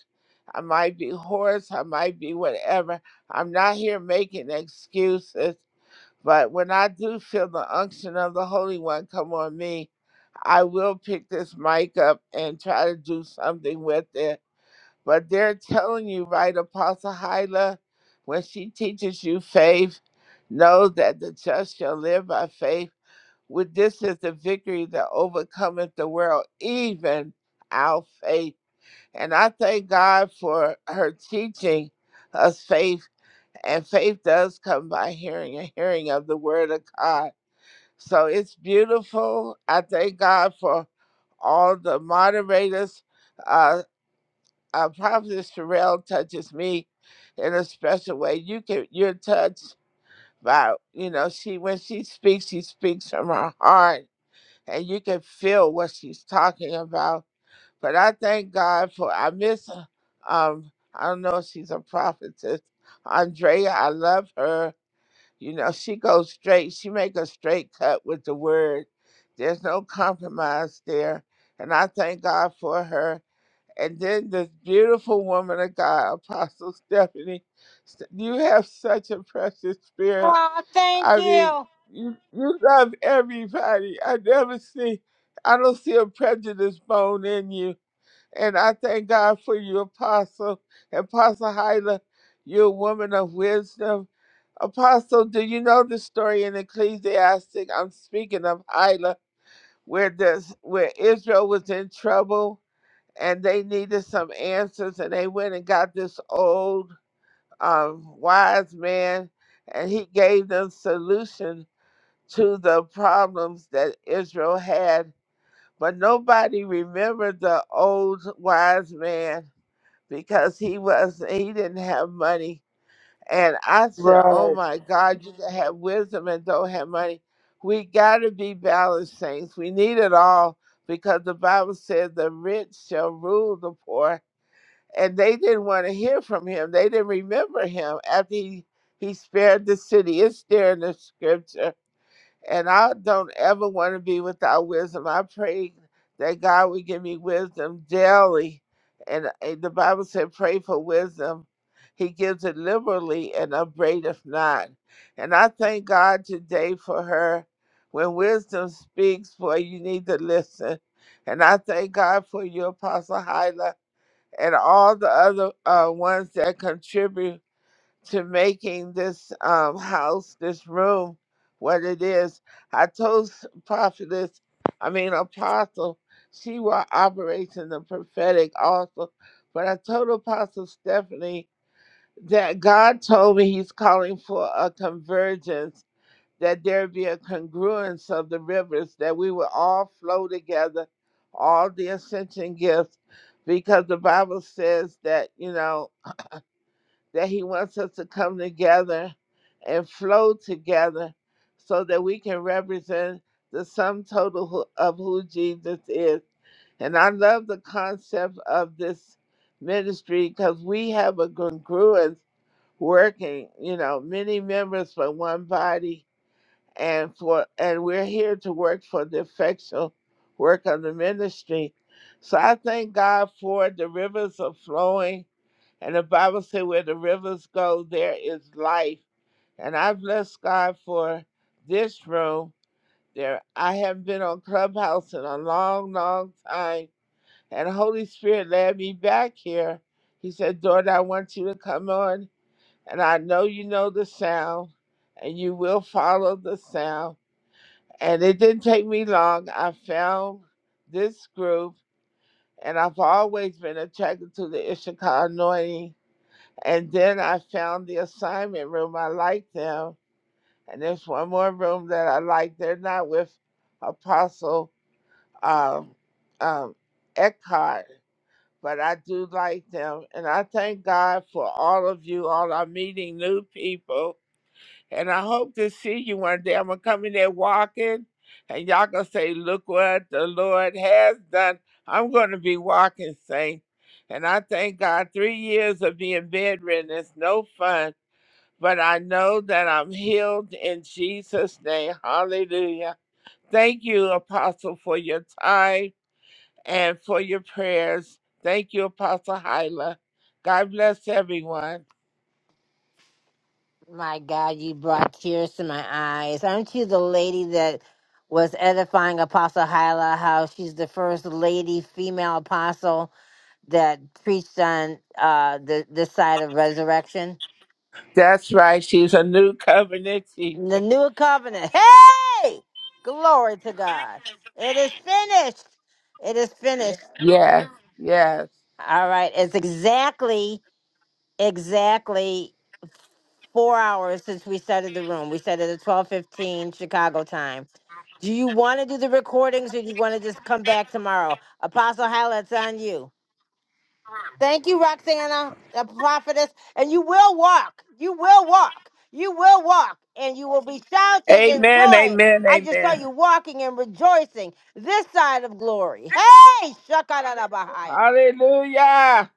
[SPEAKER 14] I might be hoarse. I might be whatever. I'm not here making excuses. But when I do feel the unction of the Holy One come on me, I will pick this mic up and try to do something with it but they're telling you, right, Apostle Hyla, when she teaches you faith, know that the just shall live by faith. With this is the victory that overcometh the world, even our faith. And I thank God for her teaching us faith. And faith does come by hearing and hearing of the word of God. So it's beautiful. I thank God for all the moderators. Uh, uh, Prophetess Sherelle touches me in a special way. You can you're touched by you know she when she speaks, she speaks from her heart, and you can feel what she's talking about. But I thank God for I miss um I don't know if she's a prophetess, Andrea. I love her. You know she goes straight. She make a straight cut with the word. There's no compromise there, and I thank God for her and then this beautiful woman of God, Apostle Stephanie. S- You have such a precious spirit.
[SPEAKER 1] Oh, thank
[SPEAKER 14] I mean,
[SPEAKER 1] you.
[SPEAKER 14] you, you love everybody. I never see, I don't see a prejudice bone in you. And I thank God for you, Apostle. Apostle Hyla, you're a woman of wisdom. Apostle, do you know the story in Ecclesiastic? I'm speaking of Hyla, where this, where Israel was in trouble and they needed some answers and they went and got this old um, wise man and he gave them solution to the problems that israel had but nobody remembered the old wise man because he was he didn't have money and i said oh
[SPEAKER 2] Right.
[SPEAKER 14] my god you can have wisdom and don't have money we got to be balanced saints we need it all because the bible says the rich shall rule the poor and they didn't want to hear from him. They didn't remember him after he, he spared the city. It's there in the scripture. And I don't ever want to be without wisdom. I pray that God would give me wisdom daily. And uh, the Bible said, pray for wisdom. He gives it liberally and upbraideth not. And I thank God today for her. When wisdom speaks, boy, you need to listen. And I thank God for you, Apostle Hyla and all the other uh, ones that contribute to making this um, house, this room, what it is. I told s- prophetess, I mean apostle, she will operate in the prophetic also. But I told Apostle Stephanie that God told me He's calling for a convergence that there be a congruence of the rivers, that we will all flow together, all the ascension gifts, because the Bible says that, you know, that He wants us to come together and flow together so that we can represent the sum total who- of who Jesus is. And I love the concept of this ministry because we have a congruence working, you know, many members from one body and for and we're here to work for the effectual work of the ministry. So I thank God for the rivers are flowing, and the Bible says where the rivers go, there is life. And I bless God for this room. There, I haven't been on Clubhouse in a long, long time, and Holy Spirit led me back here. He said, "Daughter, I want you to come on, and I know you know the sound, and you will follow the sound." And it didn't take me long. I found this group, and I've always been attracted to the Ishika anointing. And then I found the assignment room. I like them. And there's one more room that I like. They're not with Apostle um, um, Eckhart, but I do like them. And I thank God for all of you all. I'm meeting new people and I hope to see you one day. I'm gonna come in there walking, and y'all gonna say, "Look what the Lord has done." I'm gonna be walking saints. and I thank God. Three years of being bedridden is no fun, but I know that I'm healed in Jesus' name. Hallelujah. Thank you, Apostle, for your time and for your prayers. Thank you, Apostle Hyla. God bless everyone.
[SPEAKER 1] My God, you brought tears to my eyes. Aren't you the lady that was edifying Apostle Hyla? How she's the first lady female apostle that preached on uh, the this side of resurrection,
[SPEAKER 14] That's right. She's a new covenant teacher.
[SPEAKER 1] the new covenant. Hey, glory to God! It is finished. It is finished.
[SPEAKER 14] Yes. Yes.
[SPEAKER 1] All right, it's exactly, exactly. four hours since we started the room. We started at twelve fifteen Chicago time. Do you want to do the recordings or do you want to just come back tomorrow? Apostle Hyla, it's on you. Thank you, Roxana, a prophetess. And you will walk. You will walk. You will walk. And you will be shouting and
[SPEAKER 14] Amen.
[SPEAKER 1] joy.
[SPEAKER 14] Amen.
[SPEAKER 1] I just saw
[SPEAKER 14] Amen.
[SPEAKER 1] you walking and rejoicing this side of glory. Hey, Shakalalabahaya.
[SPEAKER 14] Hallelujah.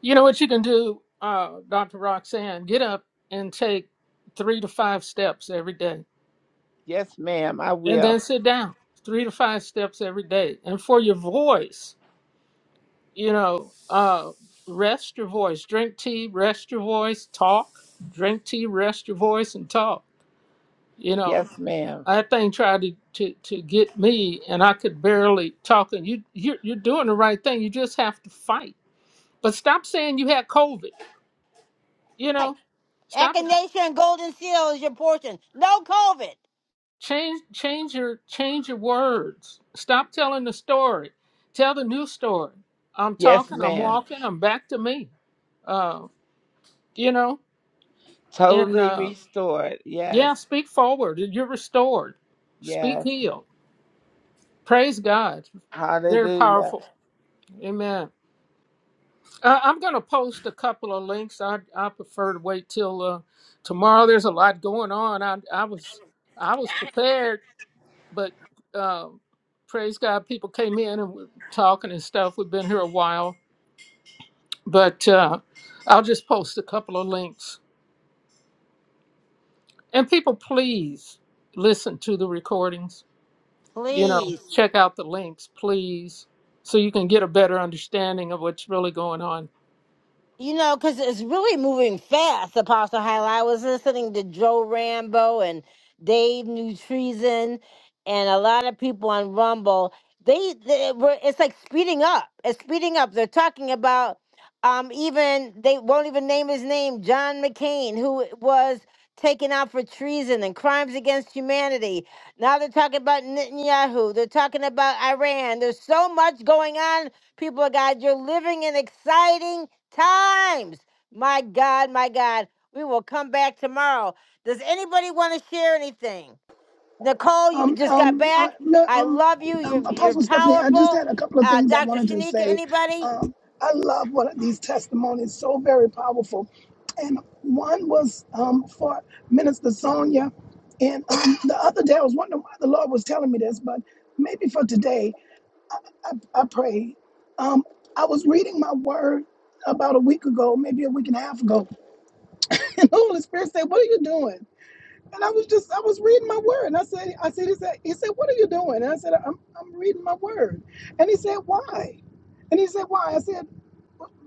[SPEAKER 2] You know what you can do, uh, Dr. Roxanne? Get up and take three to five steps every day.
[SPEAKER 14] Yes, ma'am. I
[SPEAKER 2] And
[SPEAKER 14] will.
[SPEAKER 2] then sit down three to five steps every day. And for your voice, you know, uh, rest your voice. Drink tea, rest your voice, talk. Drink tea, rest your voice, and talk. You know,
[SPEAKER 14] Yes, ma'am.
[SPEAKER 2] That thing tried to, to, to get me, and I could barely talk. And you, you're, you're doing the right thing. You just have to fight. But stop saying you had COVID. You
[SPEAKER 1] Hey,
[SPEAKER 2] know, stop.
[SPEAKER 1] Echinacea and Golden Seal is your portion. No COVID.
[SPEAKER 2] Change change your change your words. Stop telling the story. Tell the new story. I'm
[SPEAKER 14] Yes,
[SPEAKER 2] talking. I'm
[SPEAKER 14] ma'am.
[SPEAKER 2] walking. I'm back to me. Uh, you know, and
[SPEAKER 14] Totally
[SPEAKER 2] uh,
[SPEAKER 14] restored. Yes.
[SPEAKER 2] yeah, speak forward. You're restored. Speak
[SPEAKER 14] Yes.
[SPEAKER 2] healed. Praise God. Very
[SPEAKER 14] Hallelujah.
[SPEAKER 2] powerful. Amen. Uh, I'm going to post a couple of links. I I prefer to wait till uh, tomorrow. There's a lot going on. I I was I was prepared, but uh, praise God, people came in and were talking and stuff. We've been here a while, but uh, I'll just post a couple of links. And people, please listen to the recordings. You know,
[SPEAKER 1] Please.
[SPEAKER 2] check out the links, please, so you can get a better understanding of what's really going on.
[SPEAKER 1] You know, because it's really moving fast, Apostle Hyla. I was listening to Joe Rambo and Dave New Treason, and a lot of people on Rumble. They, they were, it's like speeding up. It's speeding up. They're talking about um, even, they won't even name his name, John McCain, who was taken out for treason and crimes against humanity. Now they're talking about Netanyahu. They're talking about Iran. There's so much going on, people of God. You're living in exciting times. My God, my God. We will come back tomorrow. Does anybody want to share anything? Nicole, you
[SPEAKER 3] Um,
[SPEAKER 1] just got
[SPEAKER 3] um, uh,
[SPEAKER 1] back.
[SPEAKER 3] no,
[SPEAKER 1] I
[SPEAKER 3] um,
[SPEAKER 1] love you.
[SPEAKER 3] um,
[SPEAKER 1] You're you're
[SPEAKER 3] Apostle Stephanie, I just
[SPEAKER 1] powerful.
[SPEAKER 3] had a couple of
[SPEAKER 1] Uh,
[SPEAKER 3] things I
[SPEAKER 1] Dr.
[SPEAKER 3] wanted to
[SPEAKER 1] Shanika,
[SPEAKER 3] say.
[SPEAKER 1] anybody?
[SPEAKER 3] Um, I love what these testimonies, so very powerful. And one was um, for Minister Sonia. And um, the other day, I was wondering why the Lord was telling me this, but maybe for today, I, I pray. Um, I was reading my word about a week ago, maybe a week and a half ago. (laughs) And the Holy Spirit said, What are you doing? And I was just, I was reading my word. And I said, I said, he said, he said, what are you doing? And I said, I'm, I'm reading my word. And he said, why? And he said, why? I said,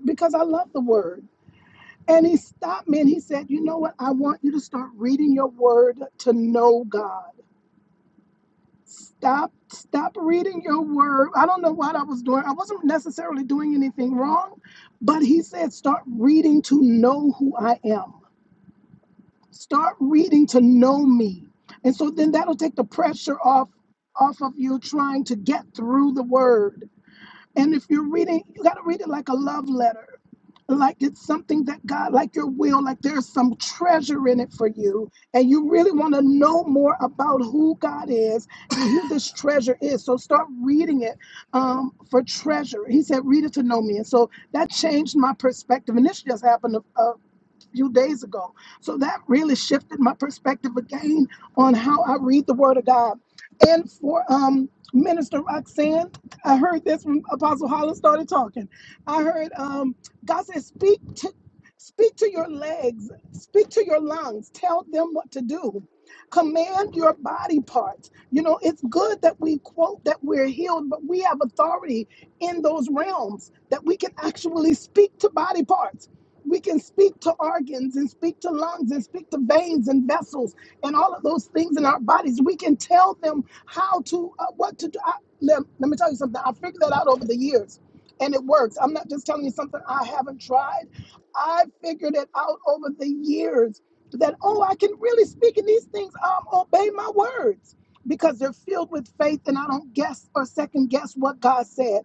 [SPEAKER 3] because I love the word. And he stopped me and he said, you know what? I want you to start reading your word to know God. Stop, stop reading your word. I don't know what I was doing. I wasn't necessarily doing anything wrong, but he said, start reading to know who I am. Start reading to know me. And so then that'll take the pressure off off of you trying to get through the word. And if you're reading, you got to read it like a love letter. Like it's something that God, like your will, like there's some treasure in it for you. And you really want to know more about who God is and who this treasure is. So start reading it um, for treasure. He said, read it to know me. And so that changed my perspective. And this just happened a, a few days ago. So that really shifted my perspective again on how I read the Word of God. And for um, Minister Roxanne, I heard this when Apostle Holland started talking. I heard um, God said, "Speak to." Speak to your legs, speak to your lungs, tell them what to do. Command your body parts. You know, it's good that we quote that we're healed, but we have authority in those realms that we can actually speak to body parts we can speak to organs and speak to lungs and speak to veins and vessels and all of those things in our bodies. We can tell them how to, uh, what to do. I, let, let me tell you something. I figured that out over the years and it works. I'm not just telling you something I haven't tried. I figured it out over the years that, oh, I can really speak in these things, um, obey my words because they're filled with faith and I don't guess or second guess what God said.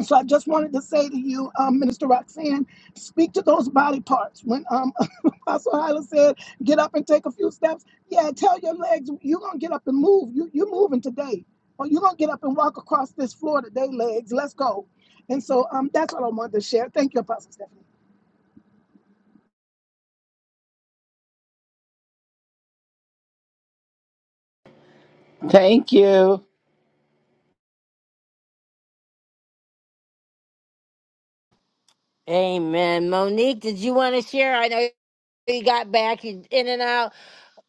[SPEAKER 3] So I just wanted to say to you, um, Minister Roxanne, speak to those body parts. When um, (laughs) Apostle Hyla said, get up and take a few steps, yeah, tell your legs, you're going to get up and move. You, you're moving today. Or you're going to get up and walk across this floor today, legs. Let's go. And so um, that's what I wanted to share. Thank you, Apostle Stephanie.
[SPEAKER 14] Thank you.
[SPEAKER 1] Amen. Monique, did you want to share? I know you got back. You in and out.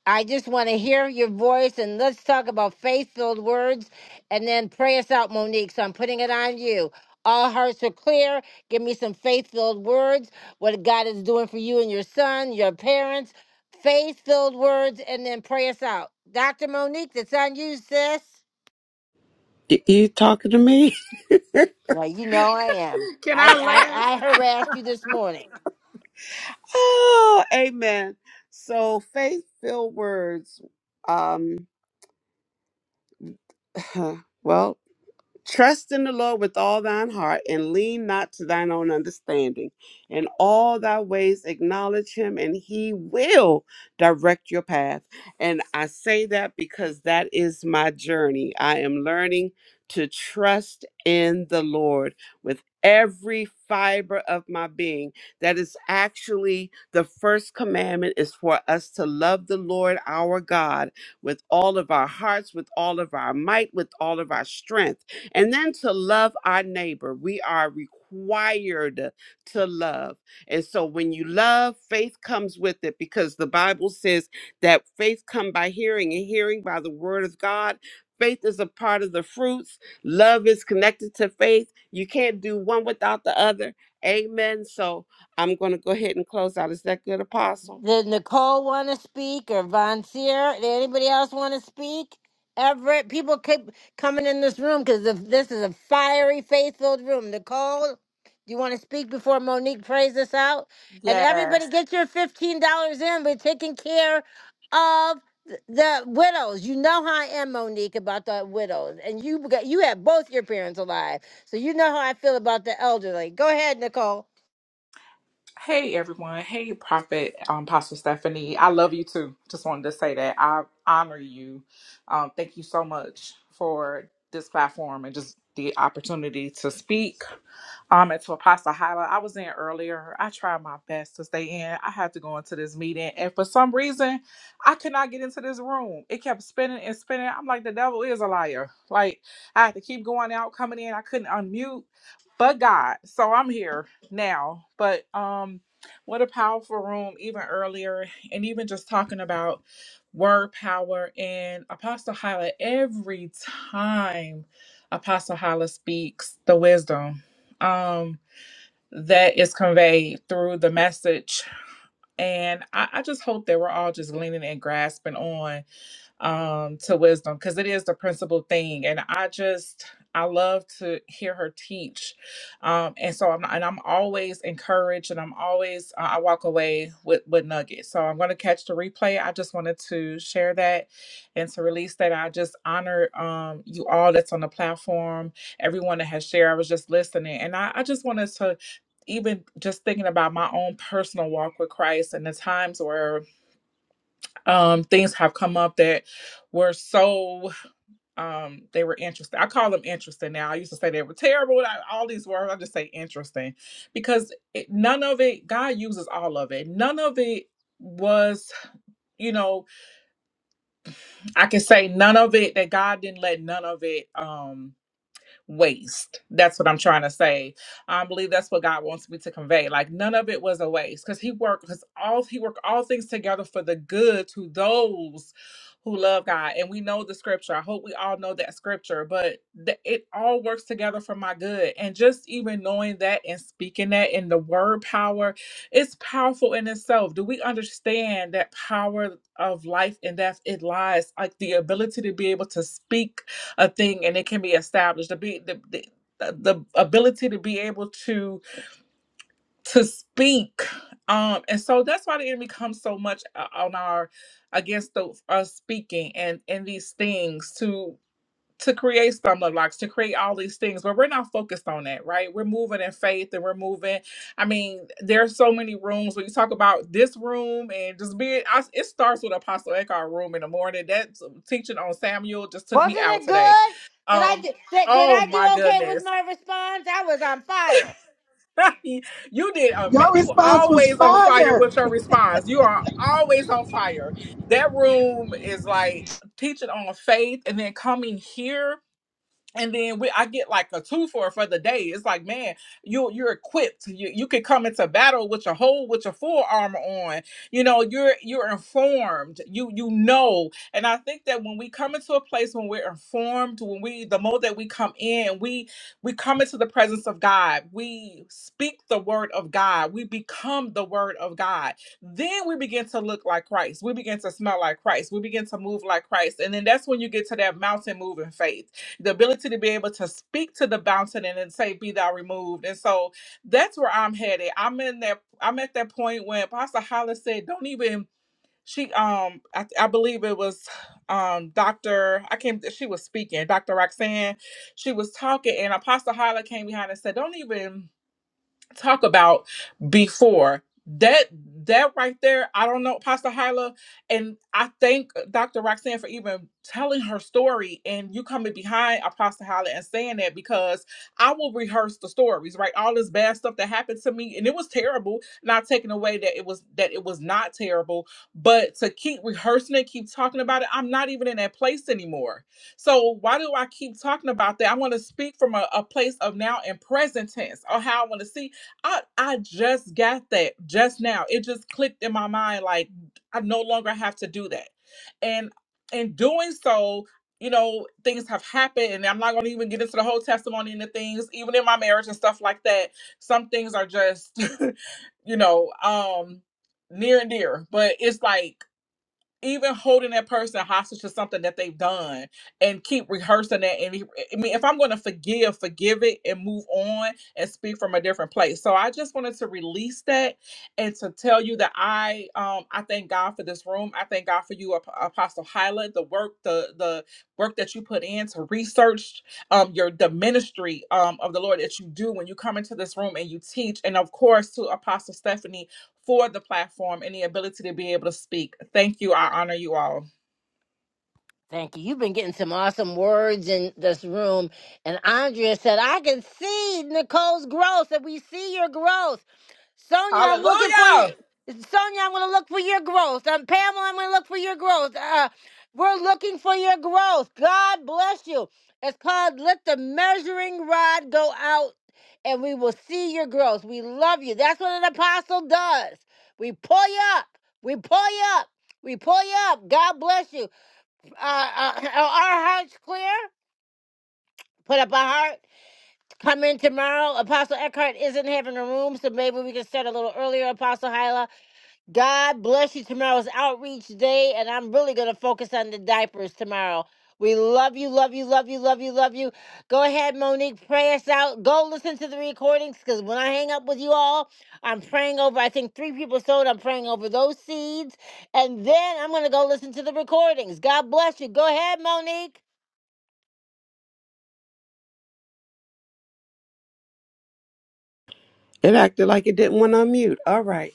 [SPEAKER 1] I just want to hear your voice and let's talk about faith filled words and then pray us out, Monique. So I'm putting it on you. All hearts are clear. Give me some faith filled words, what God is doing for you and your son, your parents. Faith filled words and then pray us out. Dr. Monique, that's on you, sis.
[SPEAKER 9] Y- You talking to me? (laughs)
[SPEAKER 1] No, you know I am. I, I, I harassed you this morning.
[SPEAKER 9] Oh, amen. So faith filled words. Um, (laughs) well, Trust in the Lord with all thine heart and lean not to thine own understanding. In all thy ways acknowledge him, and he will direct your path. And I say that because that is my journey. I am learning to trust in the Lord with every fiber of my being. That is actually the first commandment is for us to love the Lord our God with all of our hearts, with all of our might, with all of our strength and then to love our neighbor, we are required to love. And so when you love, faith comes with it because the Bible says that faith come by hearing and hearing by the word of God. Faith is a part of the fruits. Love is connected to faith. You can't do one without the other. Amen. So I'm going to go ahead and close out. Is that good, Apostle?
[SPEAKER 1] Did Nicole want to speak or Von Seer? Did anybody else want to speak? Everett, people keep coming in this room because this is a fiery, faith-filled room. Nicole, do you want to speak before Monique prays us out? And everybody,
[SPEAKER 15] Yes.
[SPEAKER 1] get your fifteen dollars in. We're taking care of th- the widows. You know how I am, Monique, about the widows, and you got you have both your parents alive, so you know how I feel about the elderly. Go ahead, Nicole.
[SPEAKER 15] Hey everyone. Hey Prophet um Pastor Stephanie. I love you too. Just wanted to say that. I honor you. Um thank you so much for this platform and just the opportunity to speak. Um, and to Apostle Hyla, I was in earlier. I tried my best to stay in. I had to go into this meeting, and for some reason, I could not get into this room. It kept spinning and spinning. I'm like, the devil is a liar. Like I had to keep going out, coming in. I couldn't unmute, but God. So I'm here now. But um, what a powerful room, even earlier, and even just talking about word power and Apostle Hyla every time Apostle Hyla speaks the wisdom um, that is conveyed through the message. And I, I just hope that we're all just leaning and grasping on um, to wisdom because it is the principal thing. And I just I love to hear her teach, um, and so I'm and I'm always encouraged, and I'm always uh, I walk away with with nuggets. So I'm going to catch the replay. I just wanted to share that and to release that. I just honor um, you all that's on the platform, everyone that has shared. I was just listening, and I, I just wanted to even just thinking about my own personal walk with Christ and the times where um things have come up that were so um they were interesting i call them interesting now i used to say they were terrible I, all these words i just say interesting because it, none of it god uses all of it none of it was you know i can say none of it that god didn't let none of it um, waste. That's what I'm trying to say. I believe that's what God wants me to convey. Like none of it was a waste because He worked because all He worked all things together for the good to those who love God. And we know the scripture. I hope we all know that scripture. But th- it all works together for my good. And just even knowing that and speaking that in the word power, it's powerful in itself. Do we understand that power of life and death? It lies like the ability to be able to speak a thing and it can be established to be the, the uh, the ability to be able to to speak um and so that's why the enemy comes so much uh, on our against the, us speaking and and these things to to create stumbling blocks, to create all these things, but we're not focused on that, right? We're moving in faith and we're moving. I mean, there's so many rooms when you talk about this room and just being, I, it starts with Apostle Eckhart room in the morning. That teaching on Samuel just took
[SPEAKER 1] Wasn't
[SPEAKER 15] me out
[SPEAKER 1] it
[SPEAKER 15] today.
[SPEAKER 1] good? Did I
[SPEAKER 15] Um,
[SPEAKER 1] do, did, did
[SPEAKER 15] oh
[SPEAKER 1] I do
[SPEAKER 15] my
[SPEAKER 1] okay with
[SPEAKER 15] goodness.
[SPEAKER 1] my response? I was on fire.
[SPEAKER 15] (laughs) you did a
[SPEAKER 3] Your
[SPEAKER 15] you were
[SPEAKER 3] response was
[SPEAKER 15] always on fire
[SPEAKER 3] fire.
[SPEAKER 15] with your response. You are always on fire. That room is like teaching on faith and then coming here and then we, I get like a two for for the day. It's like, man, you you're equipped. You you can come into battle with your whole with your full armor on. You know, you're you're informed. You you know. And I think that when we come into a place when we're informed, when we the more that we come in, we we come into the presence of God. We speak the word of God. We become the word of God. Then we begin to look like Christ. We begin to smell like Christ. We begin to move like Christ. And then that's when you get to that mountain moving faith the ability to be able to speak to the mountain and then say, "Be thou removed." And so that's where I'm headed. I'm in that. I'm at that point when Pastor Hollis said, "Don't even." She um, I, I believe it was um, Doctor. I came. She was speaking. Doctor Roxanne. She was talking, and Apostle Hyla came behind and said, "Don't even." talk about before that that right there i don't know pastor hyla and i thank dr roxanne for even telling her story and you coming behind apostle hyla and saying that because i will rehearse the stories right all this bad stuff that happened to me and it was terrible not taking away that it was that it was not terrible but to keep rehearsing it keep talking about it i'm not even in that place anymore so why do I keep talking about that? I want to speak from a, a place of now and present tense or how I want to see. I I just got that just now. It just clicked in my mind like I no longer have to do that. And in doing so, you know, things have happened and I'm not going to even get into the whole testimony and the things even in my marriage and stuff like that. Some things are just (laughs) you know, um near and dear, but it's like even holding that person hostage to something that they've done and keep rehearsing that and i mean if i'm going to forgive forgive it and move on and speak from a different place so i just wanted to release that and to tell you that i um i thank god for this room i thank god for you Ap- apostle hyla the work the the work that you put in to research um your the ministry um of the lord that you do when you come into this room and you teach and of course to apostle stephanie for the platform and the ability to be able to speak. Thank you. I honor you all.
[SPEAKER 1] Thank you. You've been getting some awesome words in this room. And Andrea said, I can see Nicole's growth and we see your growth. Sonia, I'm looking for you.
[SPEAKER 15] Hallelujah.
[SPEAKER 1] Sonia, I'm going to look for your growth. Um, Pamela, I'm going to look for your growth. Uh, we're looking for your growth. God bless you. It's called Let the Measuring Rod Go Out and we will see your growth. We love you. That's what an apostle does. We pull you up. We pull you up. We pull you up. God bless you uh, uh, are our hearts clear? Put up a heart. Come in tomorrow. Apostle Eckhart isn't having a room, so maybe we can start a little earlier, Apostle Hyla. God bless you. Tomorrow's outreach day, and I'm really going to focus on the diapers tomorrow. We love you, love you, love you, love you, love you. Go ahead, Monique, pray us out. Go listen to the recordings because when I hang up with you all, I'm praying over, I think three people sold. I'm praying over those seeds. And then I'm going to go listen to the recordings. God bless you. Go ahead, Monique.
[SPEAKER 9] It acted like it didn't want to unmute. All right.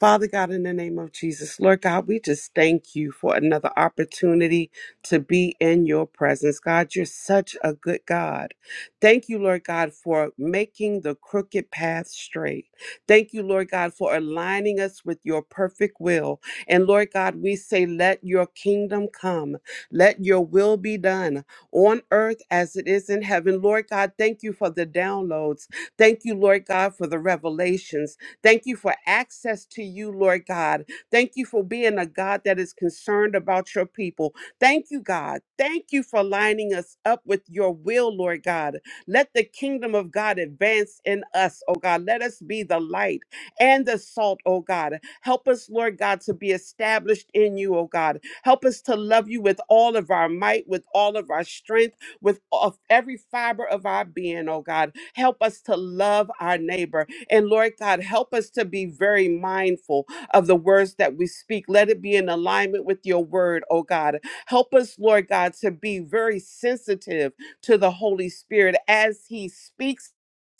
[SPEAKER 9] Father God, in the name of Jesus, Lord God, we just thank you for another opportunity to be in your presence. God, you're such a good God. Thank you, Lord God, for making the crooked path straight. Thank you, Lord God, for aligning us with your perfect will. And Lord God, we say, let your kingdom come, let your will be done on earth as it is in heaven. Lord God, thank you for the downloads. Thank you, Lord God, for the revelations. Thank you for access to you, Lord God. Thank you for being a God that is concerned about your people. Thank you, God. Thank you for lining us up with your will, Lord God. Let the kingdom of God advance in us, oh God. Let us be the light and the salt, oh God. Help us, Lord God, to be established in you, oh God. Help us to love you with all of our might, with all of our strength with of every fiber of our being, oh God. Help us to love our neighbor. And Lord God, help us to be very mindful of the words that we speak. Let it be in alignment with your word, oh God. Help us, Lord God, to be very sensitive to the Holy Spirit as he speaks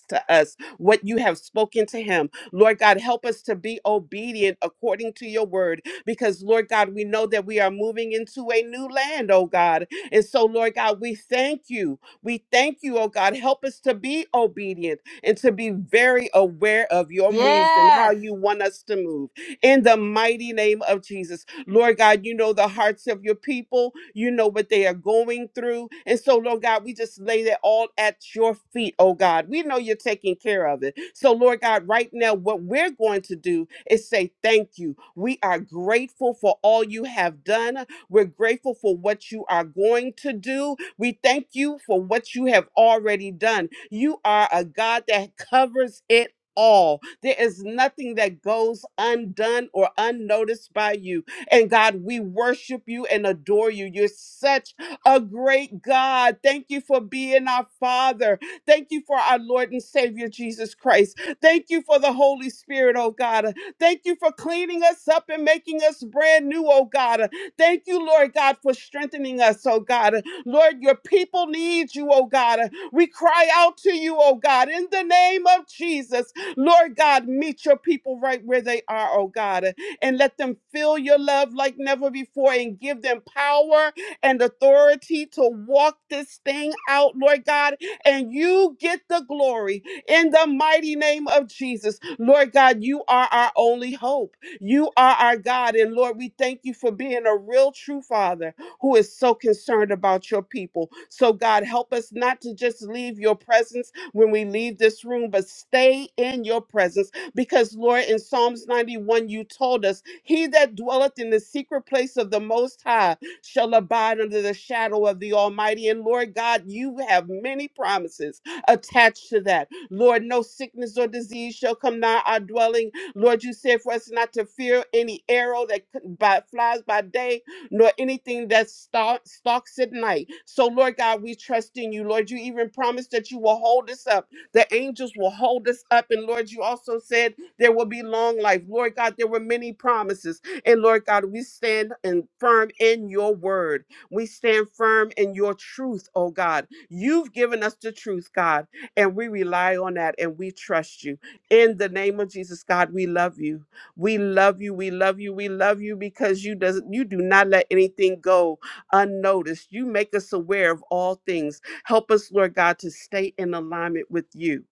[SPEAKER 9] to us what you have spoken to him. Lord God, help us to be obedient according to your word because, Lord God, we know that we are moving into a new land, oh God. And so, Lord God, we thank you. We thank you, oh God. Help us to be obedient and to be very aware of your moves and how
[SPEAKER 1] Yes.
[SPEAKER 9] you want us to move. In the mighty name of Jesus. Lord God, you know the hearts of your people. You know what they are going through. And so, Lord God, we just lay that all at your feet, oh God. We know you're taking care of it. So, Lord God, right now, what we're going to do is say thank you. We are grateful for all you have done. We're grateful for what you are going to do. We thank you for what you have already done. You are a God that covers it all. There is nothing that goes undone or unnoticed by you. And God, we worship you and adore you. You're such a great God. Thank you for being our Father. Thank you for our Lord and Savior Jesus Christ. Thank you for the Holy Spirit, oh God. Thank you for cleaning us up and making us brand new, oh God. Thank you, Lord God, for strengthening us, oh God. Lord, your people need you, oh God. We cry out to you, oh God, in the name of Jesus. Lord God, meet your people right where they are, oh God and let them feel your love like never before and give them power and authority to walk this thing out, Lord God, and you get the glory in the mighty name of Jesus. Lord God, you are our only hope. You are our God. And Lord, we thank you for being a real, true Father who is so concerned about your people. So, God, help us not to just leave your presence when we leave this room, but stay in your presence because, Lord, in Psalms 91, you told us, He that dwelleth in the secret place of the Most High shall abide under the shadow of the Almighty. And, Lord God, you have many promises attached to that. Lord, no sickness or disease shall come nigh our dwelling. Lord, you said for us not to fear any arrow that c- by, flies by day, nor anything that stalk, stalks at night. So, Lord God, we trust in you. Lord, you even promised that you will hold us up the angels will hold us up. And Lord, you also said there will be long life. Lord God, there were many promises. And Lord God, we stand and firm in your word. We stand firm in your truth, oh God. You've given us the truth, God, and we rely on that and we trust you. In the name of Jesus, God, we love you. We love you. We love you. We love you because you does not you do not let anything go unnoticed. You make us aware of all things. Help us, Lord God, to stay in alignment with you.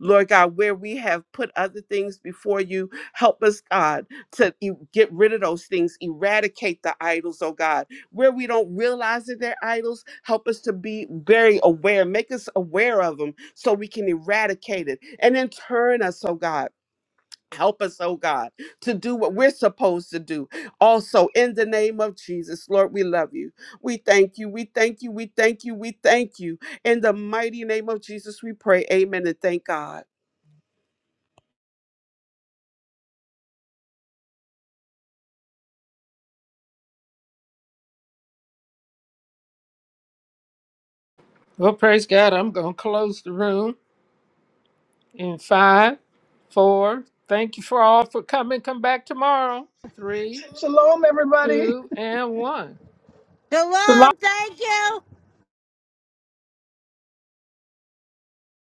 [SPEAKER 9] Lord God, where we have put other things before you, help us, God, to e- get rid of those things, eradicate the idols, oh God. Where we don't realize that they're idols, help us to be very aware, make us aware of them so we can eradicate it. And then turn us, oh God. Help us, oh God, to do what we're supposed to do. Also, in the name of Jesus, Lord, we love you. We thank you. We thank you. We thank you. We thank you. In the mighty name of Jesus, we pray. Amen and thank God.
[SPEAKER 2] Well, praise God, I'm going to close the room. In five, four, thank you for all for coming. Come back tomorrow. Three,
[SPEAKER 3] Shalom, everybody.
[SPEAKER 2] two, and one.
[SPEAKER 1] Shalom, thank you.